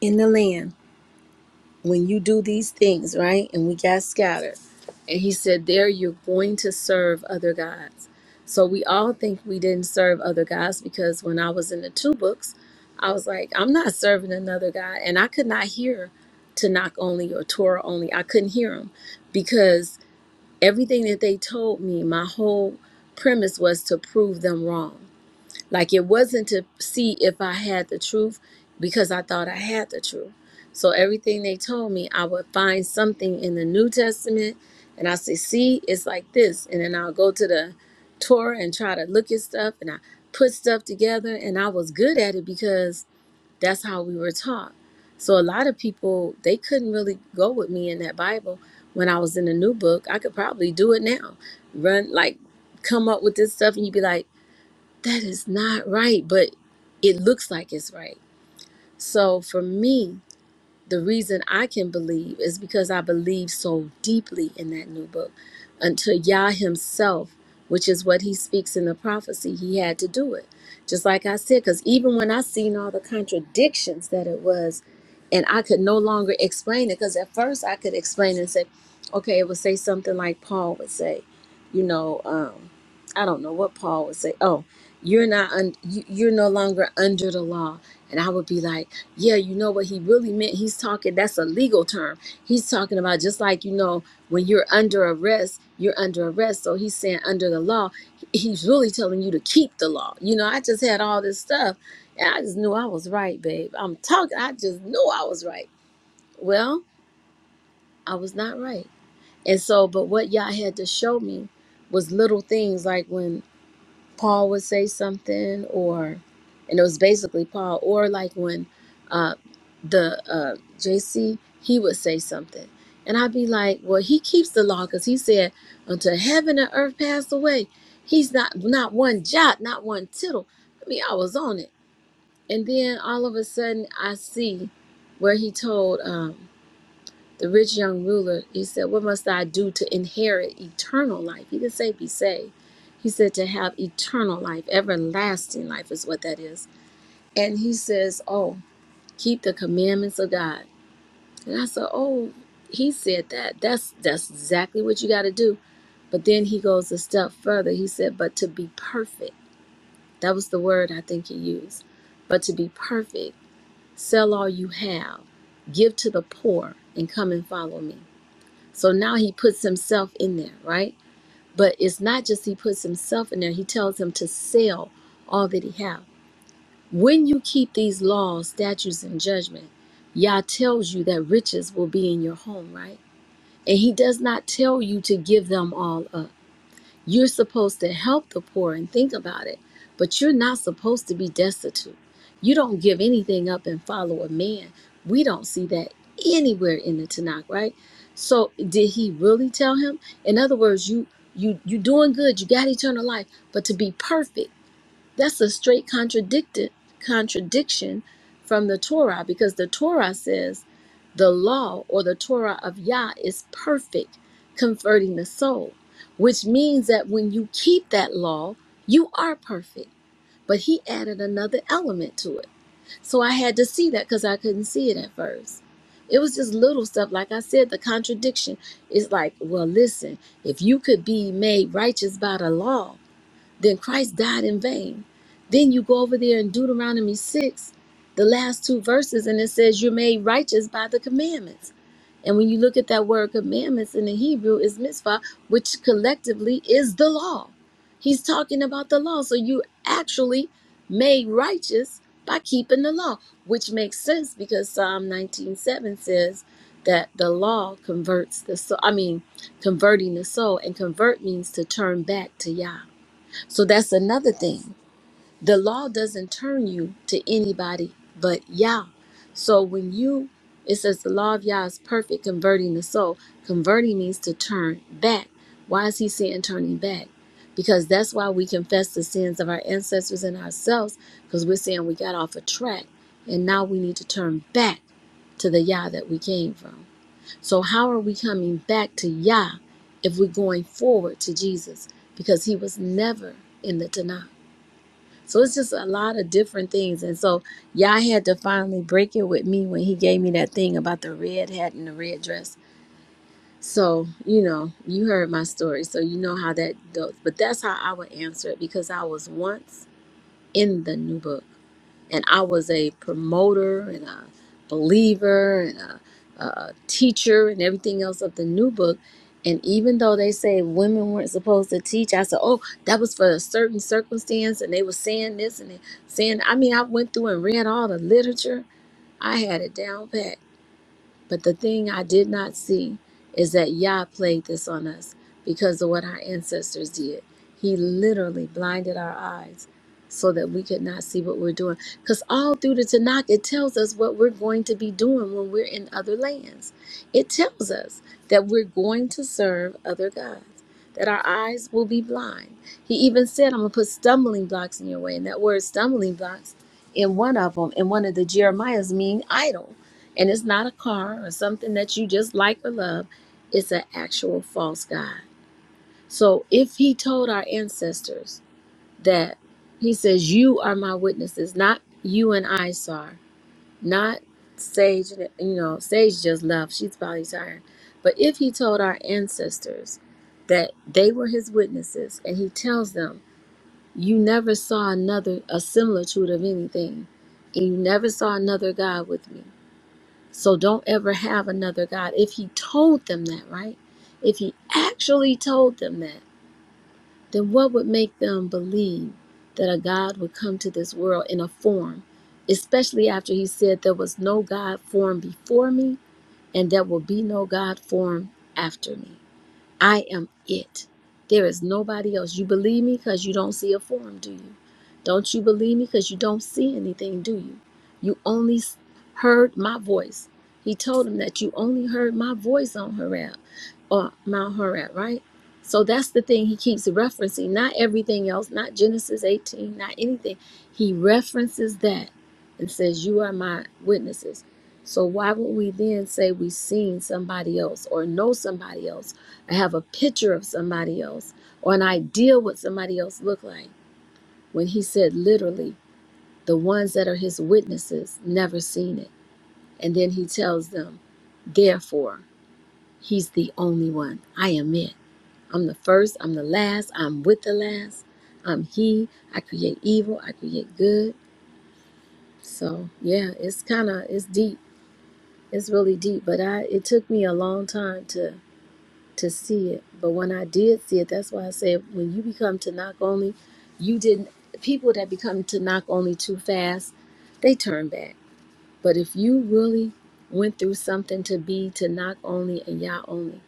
S1: in the land when you do these things, right? And we got scattered. And he said, There you're going to serve other gods. So we all think we didn't serve other gods because when I was in the two books, I was like, I'm not serving another God. And I could not hear Tanakh only or Torah only. I couldn't hear them because everything that they told me, my whole premise was to prove them wrong like it wasn't to see if I had the truth because I thought I had the truth. So everything they told me, I would find something in the New Testament and I say, see, it's like this. And then I'll go to the Torah and try to look at stuff and I put stuff together and I was good at it because that's how we were taught. So a lot of people, they couldn't really go with me in that Bible when I was in the new book. I could probably do it now. Run like come up with this stuff and you'd be like, that is not right, but it looks like it's right. So for me, the reason I can believe is because I believe so deeply in that new book. Until Yah himself, which is what he speaks in the prophecy, he had to do it. Just like I said, because even when I seen all the contradictions that it was, and I could no longer explain it, because at first I could explain and say, okay, it would say something like Paul would say, you know, um, I don't know what Paul would say. Oh, you're not, un- you- you're no longer under the law, and I would be like yeah, you know what he really meant. He's talking, that's a legal term. He's talking about just like, you know, when you're under arrest, you're under arrest. So he's saying under the law, he's really telling you to keep the law. You know, I just had all this stuff and I just knew I was right, babe. I'm talking, I just knew I was right. Well, I was not right. And so, but what Yah had to show me was little things like when. Paul would say something, or and it was basically Paul, or like when uh, the uh, JC he would say something, and I'd be like, well, he keeps the law because he said until heaven and earth pass away, he's not not one jot, not one tittle. I mean, I was on it, and then all of a sudden I see where he told. Um, the rich young ruler, he said, What must I do to inherit eternal life? He didn't say be saved. He said to have eternal life, everlasting life is what that is. And he says, Oh, keep the commandments of God. And I said, Oh, he said that. That's that's exactly what you gotta do. But then he goes a step further. He said, But to be perfect. That was the word I think he used. But to be perfect, sell all you have, give to the poor, and come and follow me. So now he puts himself in there, right? But it's not just he puts himself in there, he tells him to sell all that he have. When you keep these laws, statutes, and judgment, Yah tells you that riches will be in your home, right? And he does not tell you to give them all up. You're supposed to help the poor and think about it, but you're not supposed to be destitute. You don't give anything up and follow a man. We don't see that anywhere in the Tanakh, right? So did he really tell him? In other words, you you you doing good, you got eternal life, but to be perfect, that's a straight contradicted contradiction from the Torah because the Torah says the law or the Torah of Yah is perfect, converting the soul, which means that when you keep that law, you are perfect. But he added another element to it. So I had to see that because I couldn't see it at first. It was just little stuff. Like I said, the contradiction is like, well, listen, if you could be made righteous by the law, then Christ died in vain. Then you go over there in Deuteronomy 6, the last two verses, and it says, You're made righteous by the commandments. And when you look at that word commandments in the Hebrew, is mitzvah, which collectively is the law. He's talking about the law. So you actually made righteous by keeping the law, which makes sense because Psalm 19:7 says that the law converts the soul. I mean, converting the soul. And convert means to turn back to Yah. So that's another thing the law doesn't turn you to anybody but Yah. So when you, it says the law of Yah is perfect, converting the soul. Converting means to turn back. Why is he saying turning back? Because that's why we confess the sins of our ancestors and ourselves, because we're saying we got off a track and now we need to turn back to the Yah that we came from. So, how are we coming back to Yah if we're going forward to Jesus? Because he was never in the Tanakh. So it's just a lot of different things. And so Yah had to finally break it with me when he gave me that thing about the red hat and the red dress. So, you know, you heard my story, so you know how that goes. But that's how I would answer it because I was once in the new book and I was a promoter and a believer and a, a teacher and everything else of the new book. And even though they say women weren't supposed to teach, I said, "Oh, that was for a certain circumstance," and they were saying this and they saying. I mean, I went through and read all the literature. I had it down pat but the thing I did not see is that Yah played this on us because of what our ancestors did. He literally blinded our eyes so that we could not see what we're doing. Because all through the Tanakh, it tells us what we're going to be doing when we're in other lands. It tells us that we're going to serve other gods, that our eyes will be blind. He even said, I'm going to put stumbling blocks in your way. And that word stumbling blocks in one of them, in one of the Jeremiah's, mean idol. And it's not a car or something that you just like or love. It's an actual false God. So if he told our ancestors that he says, You are my witnesses, not you and I Sar, not Sage, you know, Sage just left. She's probably tired. But if he told our ancestors that they were his witnesses and he tells them, You never saw another a similitude of anything, and you never saw another God with me. So don't ever have another God. If he told them that, right? If he actually told them that, then what would make them believe that a God would come to this world in a form, especially after he said there was no God formed before me and there will be no God formed after me? I am it. There is nobody else. You believe me because you don't see a form, do you? Don't you believe me because you don't see anything, do you? You only s- heard my voice. He told him that you only heard my voice on Horeb or Mount Horeb, right? So that's the thing he keeps referencing, not everything else, not Genesis 18, not anything. He references that and says, You are my witnesses. So why would we then say we've seen somebody else or know somebody else? I have a picture of somebody else or an idea what somebody else looked like. When he said literally, the ones that are his witnesses never seen it. And then he tells them, therefore, he's the only one. I am it. I'm the first, I'm the last, I'm with the last. I'm he. I create evil, I create good. So yeah, it's kind of it's deep. It's really deep, but I it took me a long time to. to see it. But when I did see it, that's why I said when you become to knock only, you didn't people that become to knock only too fast, they turn back. But if you really went through something to be to knock only and Yah only,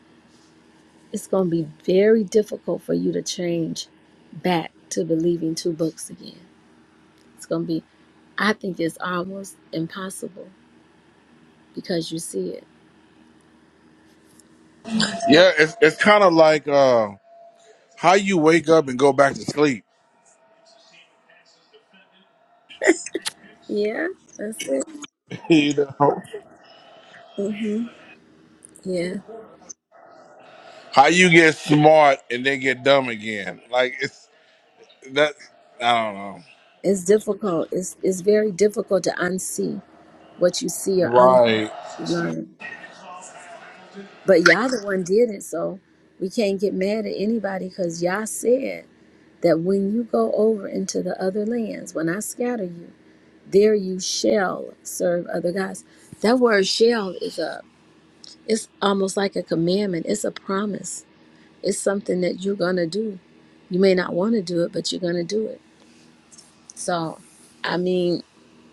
S1: it's gonna be very difficult for you to change back to believing two books again. It's gonna be I think it's almost impossible because you see it.
S2: Yeah, it's it's kind of like uh, how you wake up and go back to sleep.
S1: Yeah, that's it.
S2: you know,
S1: Mm-hmm. Yeah.
S2: how you get smart and then get dumb again. Like it's that. I don't know.
S1: It's difficult. It's it's very difficult to unsee what you see or
S2: Right.
S1: unlearn. But Yah the one did it, so we can't get mad at anybody because Yah said that when you go over into the other lands, when I scatter you, there you shall serve other gods. That word shall is a it's almost like a commandment. It's a promise. It's something that you're gonna do. You may not want to do it, but you're gonna do it. So I mean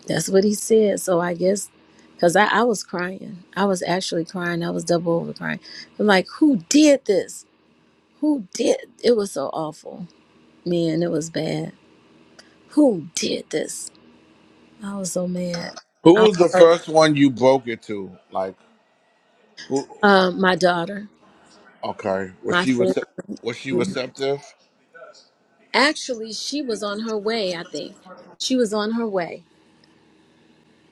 S1: That's what he said. So I guess because I, I was crying. I was actually crying. I was double over crying. I'm like, who did this? Who did? It was so awful. Man, it was bad. Who did this? I was so mad.
S2: Who
S1: I,
S2: was the first one you broke it to? Like who?
S1: uh, my daughter,
S2: Okay, was
S1: my
S2: she
S1: family.
S2: recep- was she receptive?
S1: Actually, she was on her way, I think. She was on her way.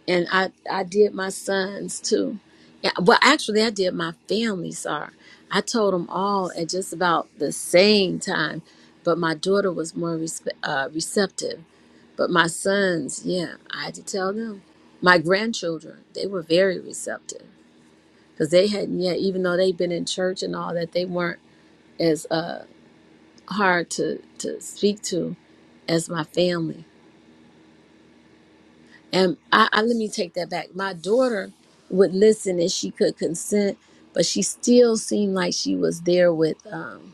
S1: and I I did my sons too. Yeah, well, actually, I did my family. Sorry, I told them all at just about the same time, but my daughter was more respe uh, receptive. But my sons, yeah, I had to tell them. My grandchildren, they were very receptive because they hadn't yet, even though they'd been in church and all that, they weren't as uh, hard to to speak to as my family. And I, I let me take that back. My daughter would listen and she could consent, but she still seemed like she was there with um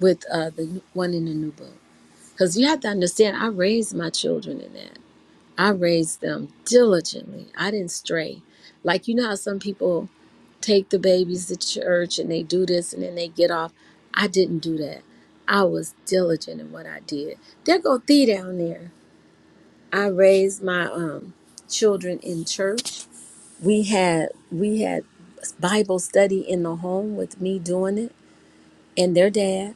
S1: with uh the one in the new book. Because you have to understand, I raised my children in that. I raised them diligently. I didn't stray. Like you know how some people take the babies to church and they do this and then they get off. I didn't do that. I was diligent in what I did. There go Thee down there. I raised my um, children in church. We had we had Bible study in the home with me doing it, and their dad.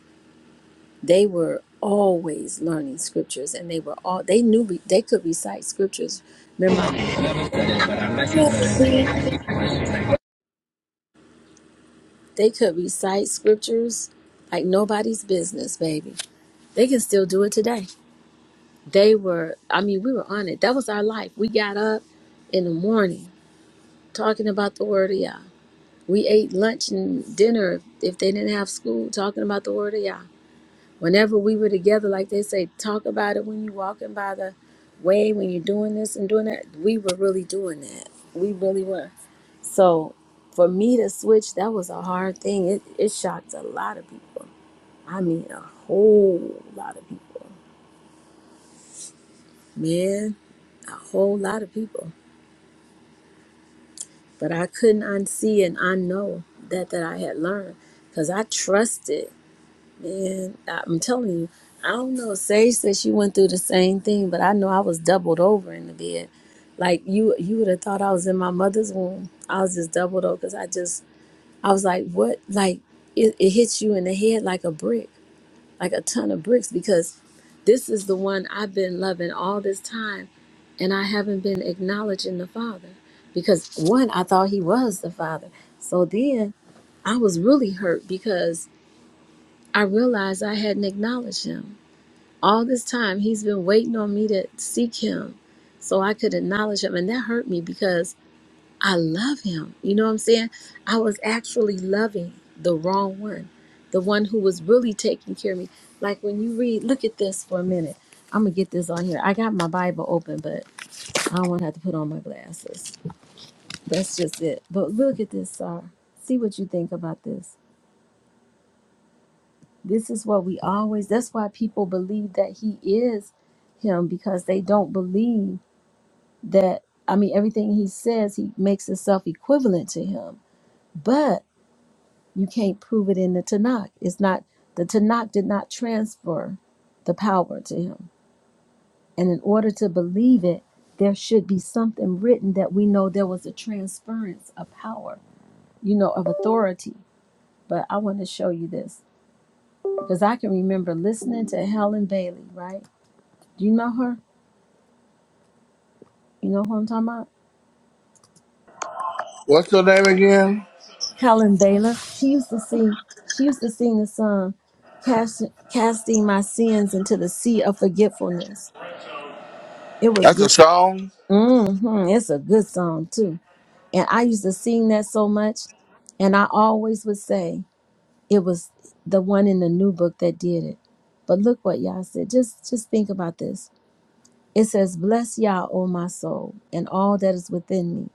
S1: They were always learning scriptures, and they were all they knew re- they could recite scriptures. Remember, I- they could recite scriptures like nobody's business, baby. They can still do it today. They were, I mean, we were on it. That was our life. We got up in the morning talking about the word of Yah We ate lunch and dinner if they didn't have school, talking about the word of Yah. Whenever we were together, like they say, talk about it when you're walking by the way, when you're doing this and doing that. We were really doing that. We really were. So for me to switch, that was a hard thing. It, it shocked a lot of people. I mean, a whole lot of people. Man, a whole lot of people. But I couldn't unsee and unknow that that I had learned because I trusted. And I'm telling you, I don't know. Sage said she went through the same thing, but I know I was doubled over in the bed. Like you, you would have thought I was in my mother's womb. I was just doubled over because I just, I was like, what? Like it, it hits you in the head like a brick, like a ton of bricks, because this is the one I've been loving all this time, and I haven't been acknowledging the Father because one, I thought He was the Father. So then I was really hurt because I realized I hadn't acknowledged him. All this time, he's been waiting on me to seek him so I could acknowledge him. And that hurt me because I love him. You know what I'm saying? I was actually loving the wrong one, the one who was really taking care of me. Like when you read, look at this for a minute. I'm going to get this on here. I got my Bible open, but I don't want to have to put on my glasses. That's just it. But look at this, Sar. See what you think about this. This is what we always, that's why people believe that he is him because they don't believe that, I mean, everything he says, he makes himself equivalent to him. But you can't prove it in the Tanakh. It's not, the Tanakh did not transfer the power to him. And in order to believe it, there should be something written that we know there was a transference of power, you know, of authority. But I want to show you this because I can remember listening to Helen Bailey, right? Do you know her? You know who I'm talking about?
S2: What's her name again?
S1: Helen Baylor. She used to sing. She used to sing the song, Cast, "Casting My Sins into the Sea of Forgetfulness." It was
S2: That's a
S1: good.
S2: song.
S1: hmm It's a good song too. And I used to sing that so much, and I always would say it was the one in the new book that did it. But look what Yah said. Just, just think about this. It says, "Bless Yah, O my soul, and all that is within me."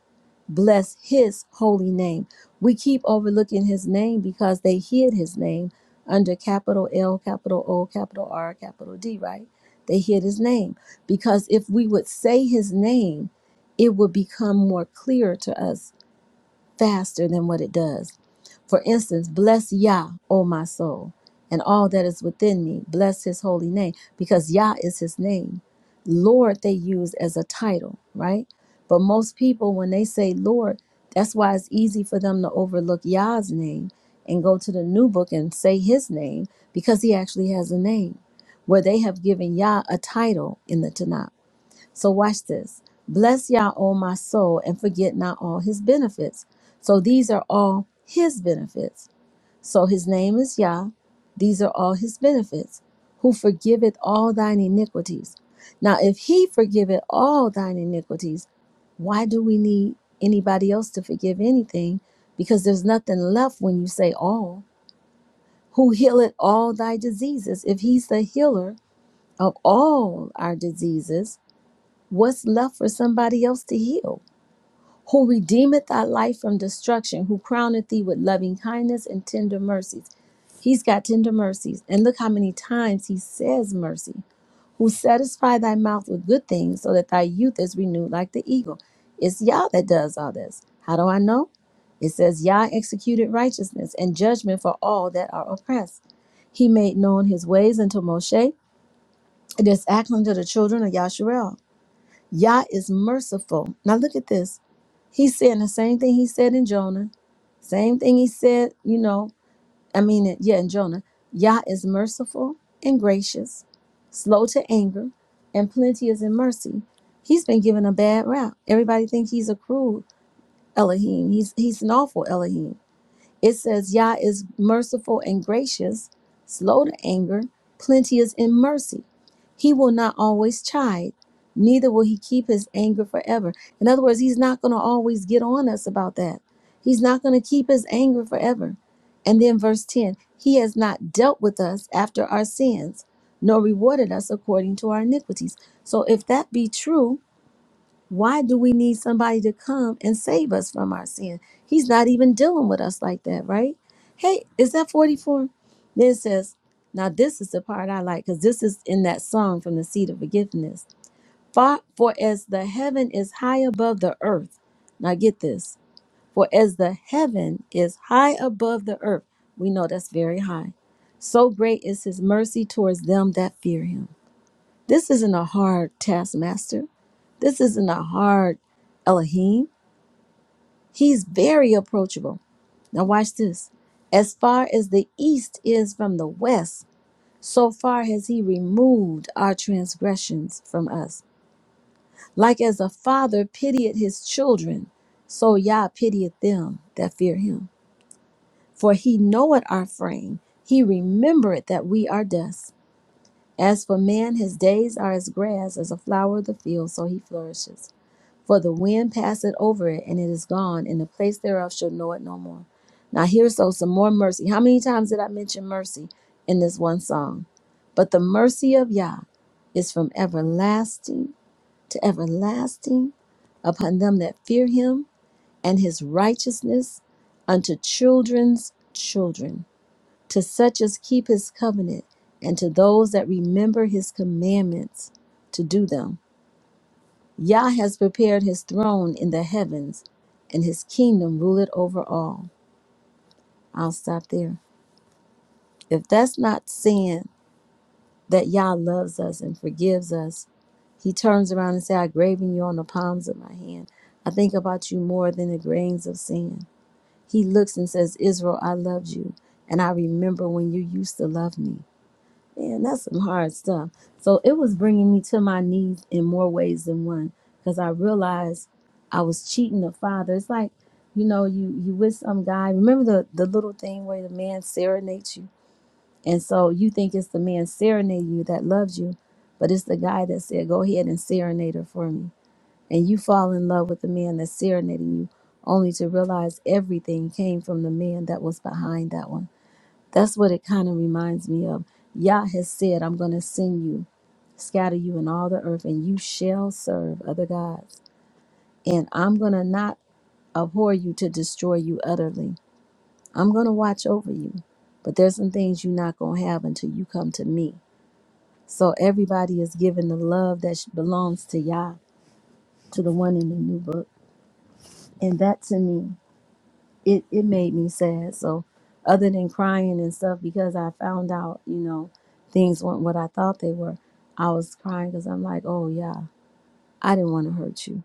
S1: bless his holy name. We keep overlooking his name because they hid his name under capital L, capital O, capital R, capital D, right? They hid his name because if we would say his name, it would become more clear to us faster than what it does. For instance, bless Yah, O my soul, and all that is within me. Bless his holy name, because Yah is his name. Lord, they use as a title, right? But most people, when they say Lord, that's why it's easy for them to overlook Yah's name and go to the new book and say his name, because he actually has a name, where they have given Yah a title in the Tanakh. So watch this. Bless Yah, O my soul, and forget not all his benefits. So these are all his benefits. So his name is Yah. These are all his benefits, who forgiveth all thine iniquities. Now, if he forgiveth all thine iniquities, why do we need anybody else to forgive anything? Because there's nothing left when you say all. Who healeth all thy diseases? If he's the healer of all our diseases, What's left for somebody else to heal? Who redeemeth thy life from destruction, who crowneth thee with loving kindness and tender mercies. He's got tender mercies. And look how many times he says mercy. Who satisfy thy mouth with good things so that thy youth is renewed like the eagle. It's Yah that does all this. How do I know? It says, Yah executed righteousness and judgment for all that are oppressed. He made known his ways unto Moshe, and his act unto the children of Yasharel. Yah is merciful. Now look at this. He's saying the same thing he said in Jonah, same thing he said, you know, I mean, yeah, in Jonah. Yah is merciful and gracious, slow to anger, and plenteous in mercy. He's been given a bad rap. Everybody thinks he's a cruel Elohim. He's he's an awful Elohim. It says, Yah is merciful and gracious, slow to anger, plenteous in mercy. He will not always chide, neither will he keep his anger forever. In other words, he's not going to always get on us about that. He's not going to keep his anger forever. And then verse 10 He has not dealt with us after our sins, nor rewarded us according to our iniquities. So if that be true, why do we need somebody to come and save us from our sin? He's not even dealing with us like that, right? Hey, is that 44? Then it says, now this is the part I like because this is in that song from the seed of forgiveness. For, for as the heaven is high above the earth. Now get this. For as the heaven is high above the earth, we know that's very high. So great is his mercy towards them that fear him. This isn't a hard taskmaster. This isn't a hard Elohim. He's very approachable. Now, watch this. As far as the east is from the west, so far has he removed our transgressions from us. Like as a father pitieth his children, so Yah pitieth them that fear him. For he knoweth our frame, he remembereth that we are dust. As for man, his days are as grass, as a flower of the field, so he flourishes. For the wind passeth over it, and it is gone, and the place thereof shall know it no more. Now here's so some more mercy. How many times did I mention mercy in this one song? But the mercy of Yah is from everlasting to everlasting upon them that fear him, and his righteousness unto children's children, to such as keep his covenant, and to those that remember his commandments to do them. Yah has prepared his throne in the heavens, and his kingdom ruleth over all. I'll stop there. If that's not saying that Yah loves us and forgives us, he turns around and says, I've graven you on the palms of my hand. I think about you more than the grains of sand. He looks and says, Israel, I loved you, and I remember when you used to love me. Man, that's some hard stuff. So it was bringing me to my knees in more ways than one because I realized I was cheating the father. It's like, you know, you you with some guy. Remember the the little thing where the man serenades you, and so you think it's the man serenading you that loves you, but it's the guy that said, "Go ahead and serenade her for me," and you fall in love with the man that's serenading you, only to realize everything came from the man that was behind that one that's what it kind of reminds me of. Yah has said, I'm going to send you, scatter you in all the earth, and you shall serve other gods. And I'm going to not abhor you to destroy you utterly. I'm going to watch over you. But there's some things you're not going to have until you come to me. So everybody is given the love that sh- belongs to Yah, to the one in the new book. And that to me it, it made me sad. So other than crying and stuff, because I found out, you know, things weren't what I thought they were, I was crying because I'm like, oh yeah, I didn't want to hurt you.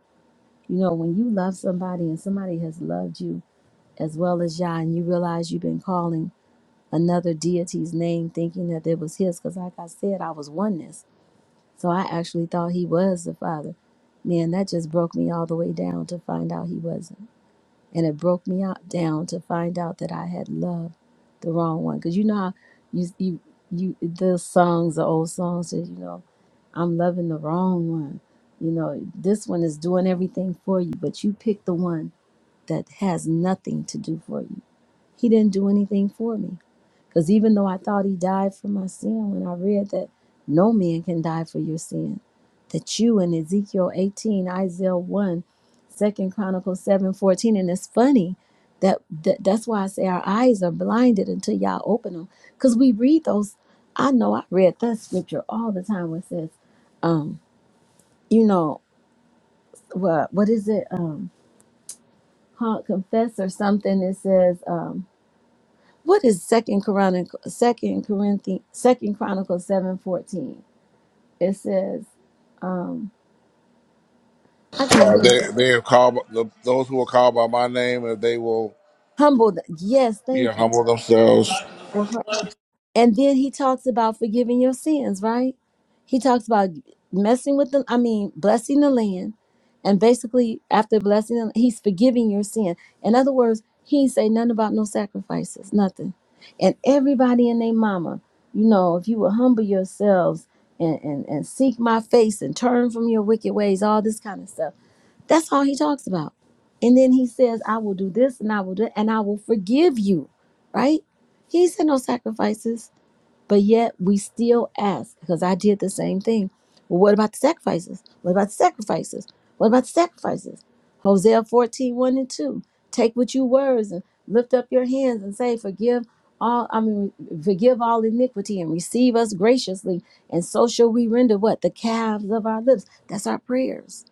S1: You know, when you love somebody and somebody has loved you as well as Yah, and you realize you've been calling another deity's name thinking that it was his, because like I said, I was oneness. So I actually thought he was the father. Man, that just broke me all the way down to find out he wasn't and it broke me out down to find out that I had loved the wrong one. Cause you know how you you you the songs, the old songs says, you know, I'm loving the wrong one. You know, this one is doing everything for you, but you pick the one that has nothing to do for you. He didn't do anything for me. Because even though I thought he died for my sin, when I read that no man can die for your sin, that you in Ezekiel 18, Isaiah one, Second Chronicles 7 14. and it's funny that, that that's why I say our eyes are blinded until y'all open them. Because we read those. I know I read that scripture all the time where it says, um, you know, what what is it? Um, huh, confess or something. It says, um, What is Second Chronicle, Second Corinthians, Second Chronicles seven fourteen? It says, um, I can't even
S2: Uh, they
S1: think.
S2: they are called the, those who are called by my name, if they will.
S1: Humble. th- yes, thank
S2: Yeah, humble themselves.
S1: you. And then he talks about forgiving your sins, right? He talks about messing with the, I mean, blessing the land. And basically, after blessing them, he's forgiving your sin. In other words, he ain't say nothing about no sacrifices, nothing. And everybody and their mama, you know, if you will humble yourselves and, and, and seek my face and turn from your wicked ways, all this kind of stuff. That's all he talks about. And then he says, I will do this and I will do and I will forgive you, right? He ain't said no sacrifices. But yet we still ask, because I did the same thing. Well, what about the sacrifices? What about the sacrifices? What about the sacrifices? Hosea fourteen one and 2. Take what you words and lift up your hands and say, Forgive all, I mean, forgive all iniquity and receive us graciously. And so shall we render what? The calves of our lips. That's our prayers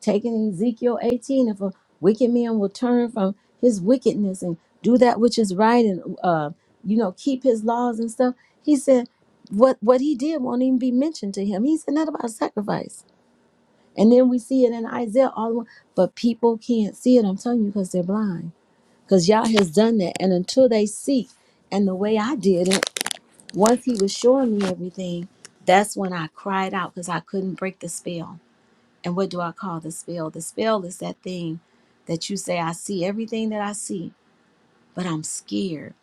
S1: taking Ezekiel 18, if a wicked man will turn from his wickedness and do that which is right and uh, you know keep his laws and stuff, he said what what he did won't even be mentioned to him. He said not about sacrifice. And then we see it in Isaiah all the way, but people can't see it. I'm telling you because they're blind. Because Yah has done that, and until they seek, and the way I did it, once He was showing me everything, that's when I cried out because I couldn't break the spell and what do I call the spell? The spell is that thing that you say, I see everything that I see, but I'm scared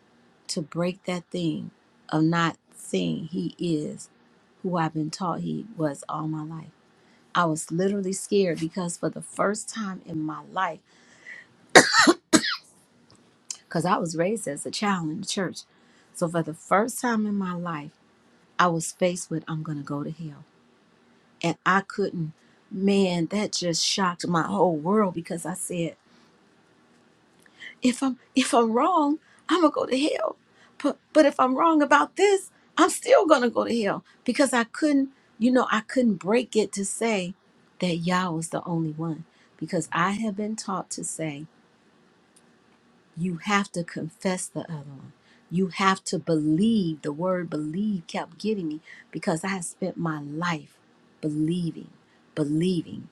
S1: to break that thing of not seeing He is who I've been taught He was all my life. I was literally scared because for the first time in my life, because I was raised as a child in the church. So for the first time in my life, I was faced with, I'm going to go to hell. And I couldn't, man, that just shocked my whole world because I said, if I'm if I'm wrong, I'm gonna go to hell. But but if I'm wrong about this, I'm still gonna go to hell because I couldn't, you know, I couldn't break it to say that Yah was the only one because I have been taught to say you have to confess the other one. You have to believe. The word believe kept getting me because I had spent my life believing, believing.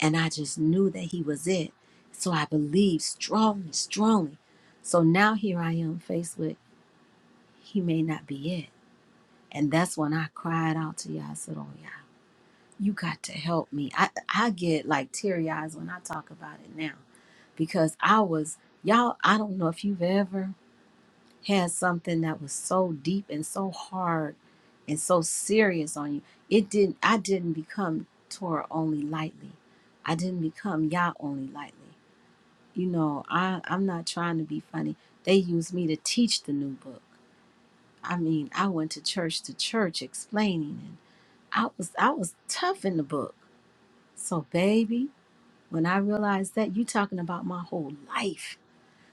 S1: And I just knew that he was it. So I believed strongly, strongly. So now here I am faced with he may not be it. And that's when I cried out to Yah. I said, Oh Yah, you got to help me. I, I get like teary eyes when I talk about it now. Because I was y'all, I don't know if you've ever had something that was so deep and so hard and so serious on you. It didn't I didn't become Torah only lightly. I didn't become Yah only lightly. you know, I, I'm not trying to be funny. They used me to teach the new book. I mean, I went to church to church explaining and I was I was tough in the book. So baby, when I realized that you talking about my whole life.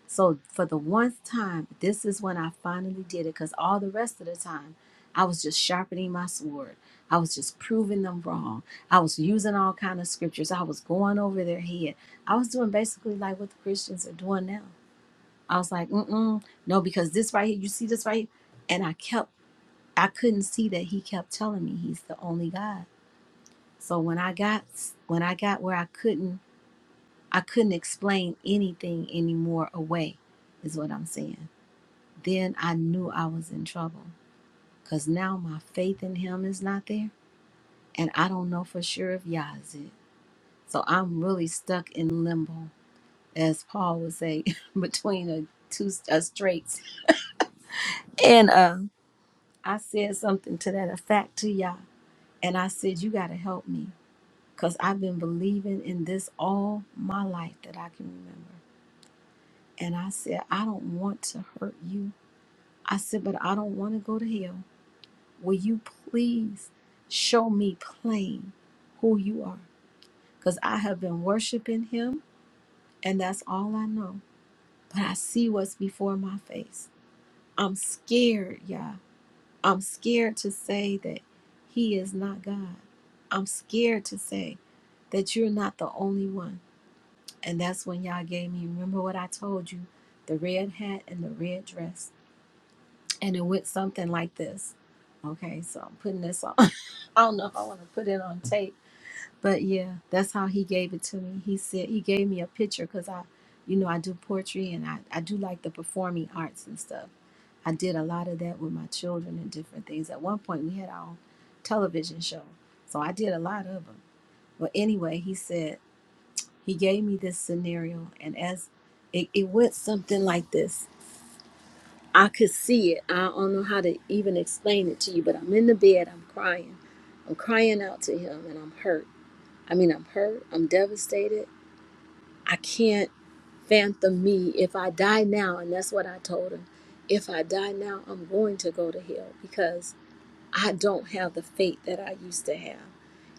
S1: So for the one time, this is when I finally did it because all the rest of the time I was just sharpening my sword. I was just proving them wrong. I was using all kind of scriptures. I was going over their head. I was doing basically like what the Christians are doing now I was like, mm-mm, no, because this right here, you see this right here? And I kept, I couldn't see that he kept telling me he's the only God. So when I got, when I got where I couldn't, I couldn't explain anything anymore away, is what I'm saying. Then I knew I was in trouble because now my faith in him is not there. And I don't know for sure if Yah is it. So I'm really stuck in limbo, as Paul would say, between a two a straight and a I said something to that effect to y'all. And I said, You got to help me because I've been believing in this all my life that I can remember. And I said, I don't want to hurt you. I said, But I don't want to go to hell. Will you please show me plain who you are? Because I have been worshiping him and that's all I know. But I see what's before my face. I'm scared, y'all. I'm scared to say that He is not God. I'm scared to say that you're not the only one. And that's when y'all gave me, remember what I told you, the red hat and the red dress. And it went something like this. Okay, so I'm putting this on. I don't know if I want to put it on tape but yeah, that's how he gave it to me. He said he gave me a picture because I, you know, I do poetry and I, I do like the performing arts and stuff. I did a lot of that with my children and different things. At one point, we had our own television show, so I did a lot of them. But anyway, he said he gave me this scenario, and as it, it went something like this, I could see it. I don't know how to even explain it to you, but I'm in the bed, I'm crying, I'm crying out to him, and I'm hurt I mean, I'm hurt, I'm devastated. I can't fathom me if I die now. And that's what I told him. If I die now, I'm going to go to hell because I don't have the faith that I used to have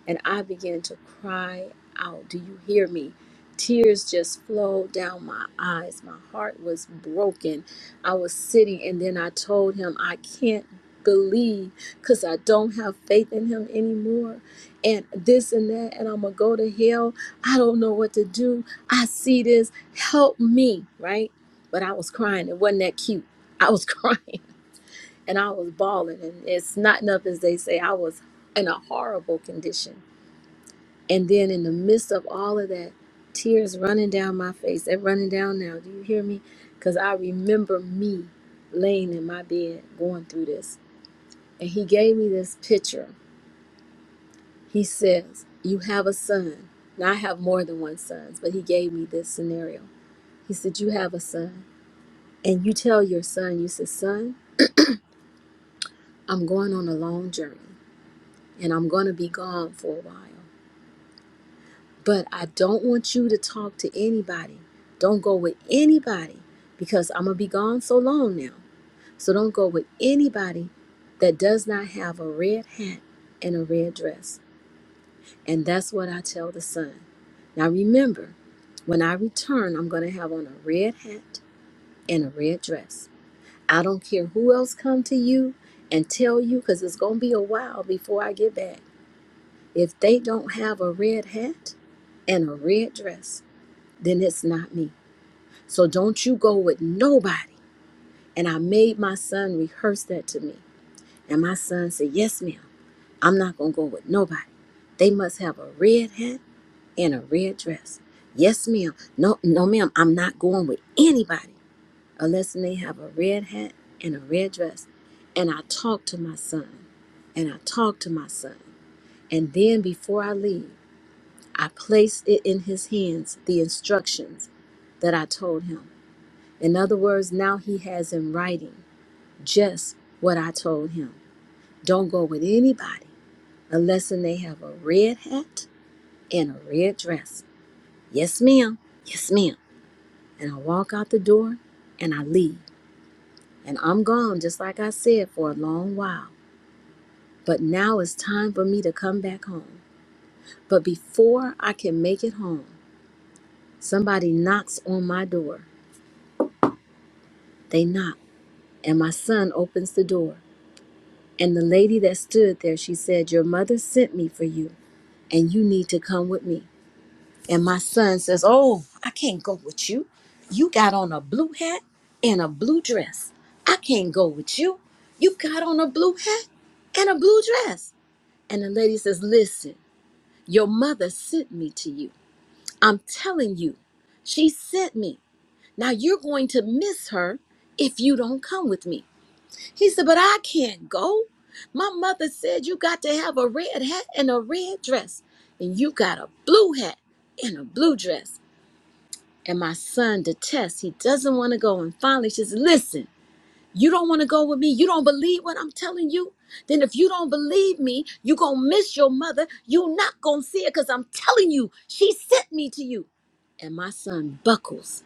S1: and I began to cry out. Do you hear me? Tears just flowed down my eyes. My heart was broken. I was sitting, and then I told him, I can't believe because I don't have faith in him anymore. And this and that, and I'm going to go to hell. I don't know what to do. I see this. Help me, right? But I was crying. It wasn't that cute. I was crying and I was bawling. And it's not enough, as they say, I was in a horrible condition and then in the midst of all of that, tears running down my face. They're running down now. Do you hear me? Because I remember me laying in my bed going through this. And he gave me this picture. He says, You have a son. Now I have more than one son, but he gave me this scenario. He said, You have a son. And you tell your son, You said, 'Son, I'm going on a long journey and I'm going to be gone for a while. But I don't want you to talk to anybody. Don't go with anybody because I'm going to be gone so long now. So don't go with anybody that does not have a red hat and a red dress. And that's what I tell the son. Now remember, when I return, I'm going to have on a red hat and a red dress. I don't care who else come to you and tell you cuz it's going to be a while before I get back. If they don't have a red hat and a red dress, then it's not me. So don't you go with nobody. And I made my son rehearse that to me. And my son said, Yes, ma'am, I'm not going to go with nobody. They must have a red hat and a red dress. Yes, ma'am. No, no, ma'am, I'm not going with anybody unless they have a red hat and a red dress. And I talked to my son, and I talked to my son. And then before I leave, I placed it in his hands, the instructions that I told him. In other words, now he has in writing just what I told him. Don't go with anybody unless and they have a red hat and a red dress. Yes, ma'am. Yes, ma'am. And I walk out the door and I leave. And I'm gone, just like I said, for a long while. But now it's time for me to come back home. But before I can make it home, somebody knocks on my door. They knock, and my son opens the door. And the lady that stood there, she said, Your mother sent me for you, and you need to come with me. And my son says, Oh, I can't go with you. You got on a blue hat and a blue dress. I can't go with you. You got on a blue hat and a blue dress. And the lady says, Listen, your mother sent me to you. I'm telling you, she sent me. Now you're going to miss her if you don't come with me. He said, But I can't go. My mother said you got to have a red hat and a red dress, and you got a blue hat and a blue dress. And my son detests, he doesn't want to go. And finally, she says, Listen, you don't want to go with me? You don't believe what I'm telling you? Then if you don't believe me, you're going to miss your mother. You're not going to see her because I'm telling you, she sent me to you. And my son buckles.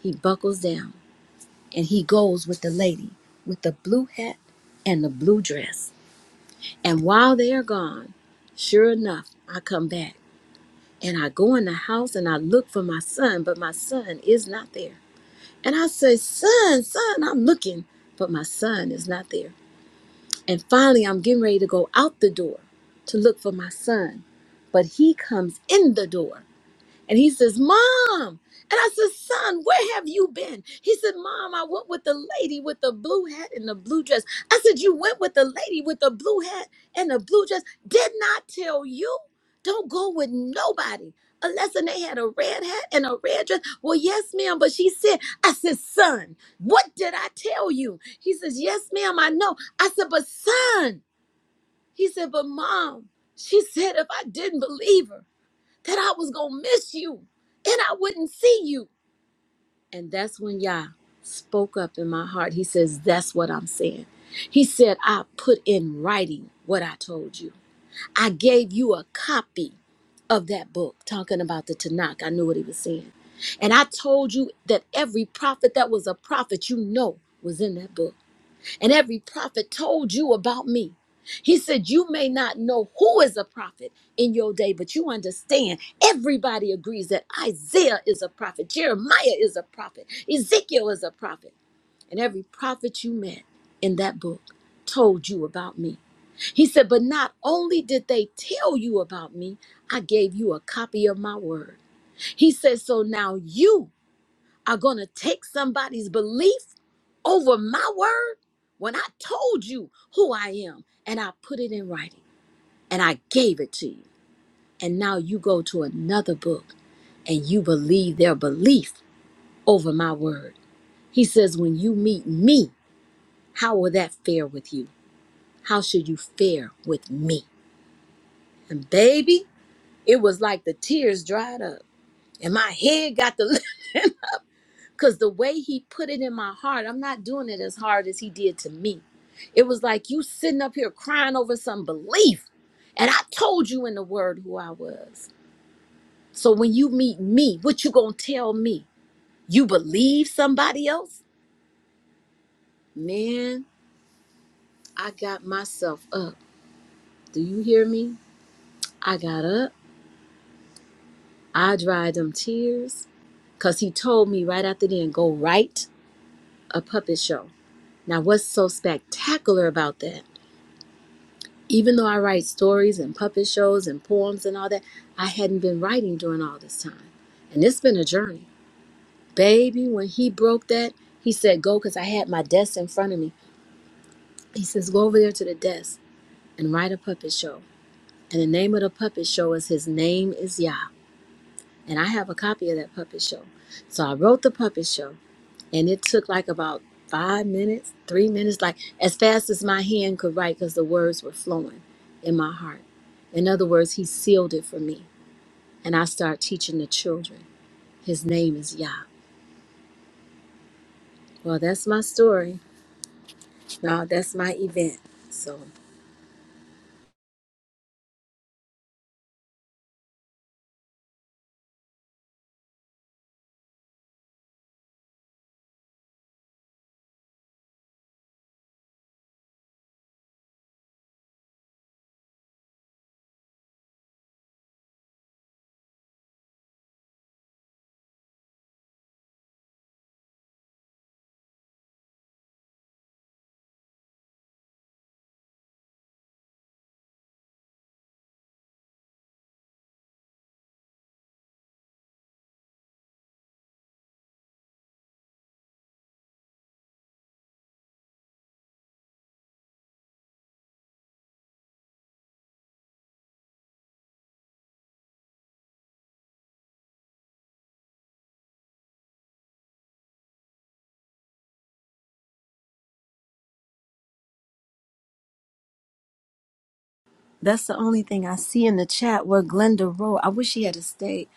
S1: He buckles down and he goes with the lady with the blue hat and the blue dress. And while they are gone, sure enough, I come back and I go in the house and I look for my son, but my son is not there. And I say, Son, son, I'm looking, but my son is not there. And finally, I'm getting ready to go out the door to look for my son, but he comes in the door and he says, Mom. And I said, Son, where have you been? He said, Mom, I went with the lady with the blue hat and the blue dress. I said, You went with the lady with the blue hat and the blue dress. Didn't I tell you? Don't go with nobody unless and they had a red hat and a red dress. Well, yes, ma'am. But she said, I said, Son, what did I tell you? He says, Yes, ma'am, I know. I said, But son, he said, But mom, she said, if I didn't believe her that I was going to miss you and I wouldn't see you. And that's when Yah spoke up in my heart. He says, That's what I'm saying. He said, I put in writing what I told you. I gave you a copy of that book, talking about the Tanakh. I knew what he was saying. And I told you that every prophet that was a prophet, you know, was in that book. And every prophet told you about me. He said, You may not know who is a prophet in your day, but you understand everybody agrees that Isaiah is a prophet, Jeremiah is a prophet, Ezekiel is a prophet. And every prophet you met in that book told you about me. He said, But not only did they tell you about me, I gave you a copy of my word. He said, So now you are going to take somebody's belief over my word when I told you who I am and I put it in writing and I gave it to you. And now you go to another book and you believe their belief over my word. He says, When you meet me, how will that fare with you? How should you fare with me? And baby, it was like the tears dried up and my head got the. Because the way he put it in my heart, I'm not doing it as hard as he did to me. It was like you sitting up here crying over some belief. And I told you in the word who I was. So when you meet me, what you gonna tell me? You believe somebody else? Man, I got myself up. Do you hear me? I got up. I dried them tears. Cause he told me right after then, go write a puppet show. Now what's so spectacular about that? Even though I write stories and puppet shows and poems and all that, I hadn't been writing during all this time. And it's been a journey. Baby, when he broke that, he said, Go, because I had my desk in front of me. He says, Go over there to the desk and write a puppet show. And the name of the puppet show is His Name is Yah. And I have a copy of that puppet show. So I wrote the puppet show. and it took like about five minutes, three minutes, like as fast as my hand could write because the words were flowing in my heart. In other words, he sealed it for me, and I started teaching the children. His name is Yah. Well, that's my story. Now that's my event. So that's the only thing I see in the chat where Glenda wrote. I wish she had stayed.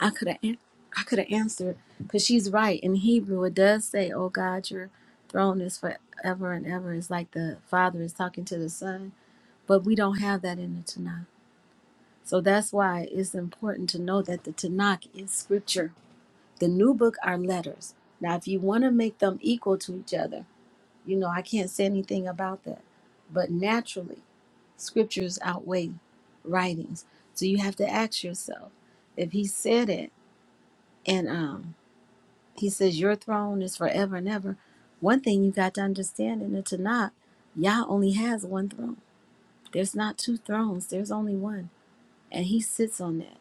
S1: I could have, an- I could have answered because she's right. In Hebrew, it does say, "Oh God, your throne is forever and ever." It's like the Father is talking to the Son But we don't have that in the Tanakh. So that's why it's important to know that the Tanakh is scripture. The new book are letters. Now, if you want to make them equal to each other, you know, I can't say anything about that. But naturally, scriptures outweigh writings. So you have to ask yourself if he said it and um, he says, Your throne is forever and ever. One thing you got to understand in the Tanakh, Yah only has one throne. There's not two thrones, there's only one. and he sits on that.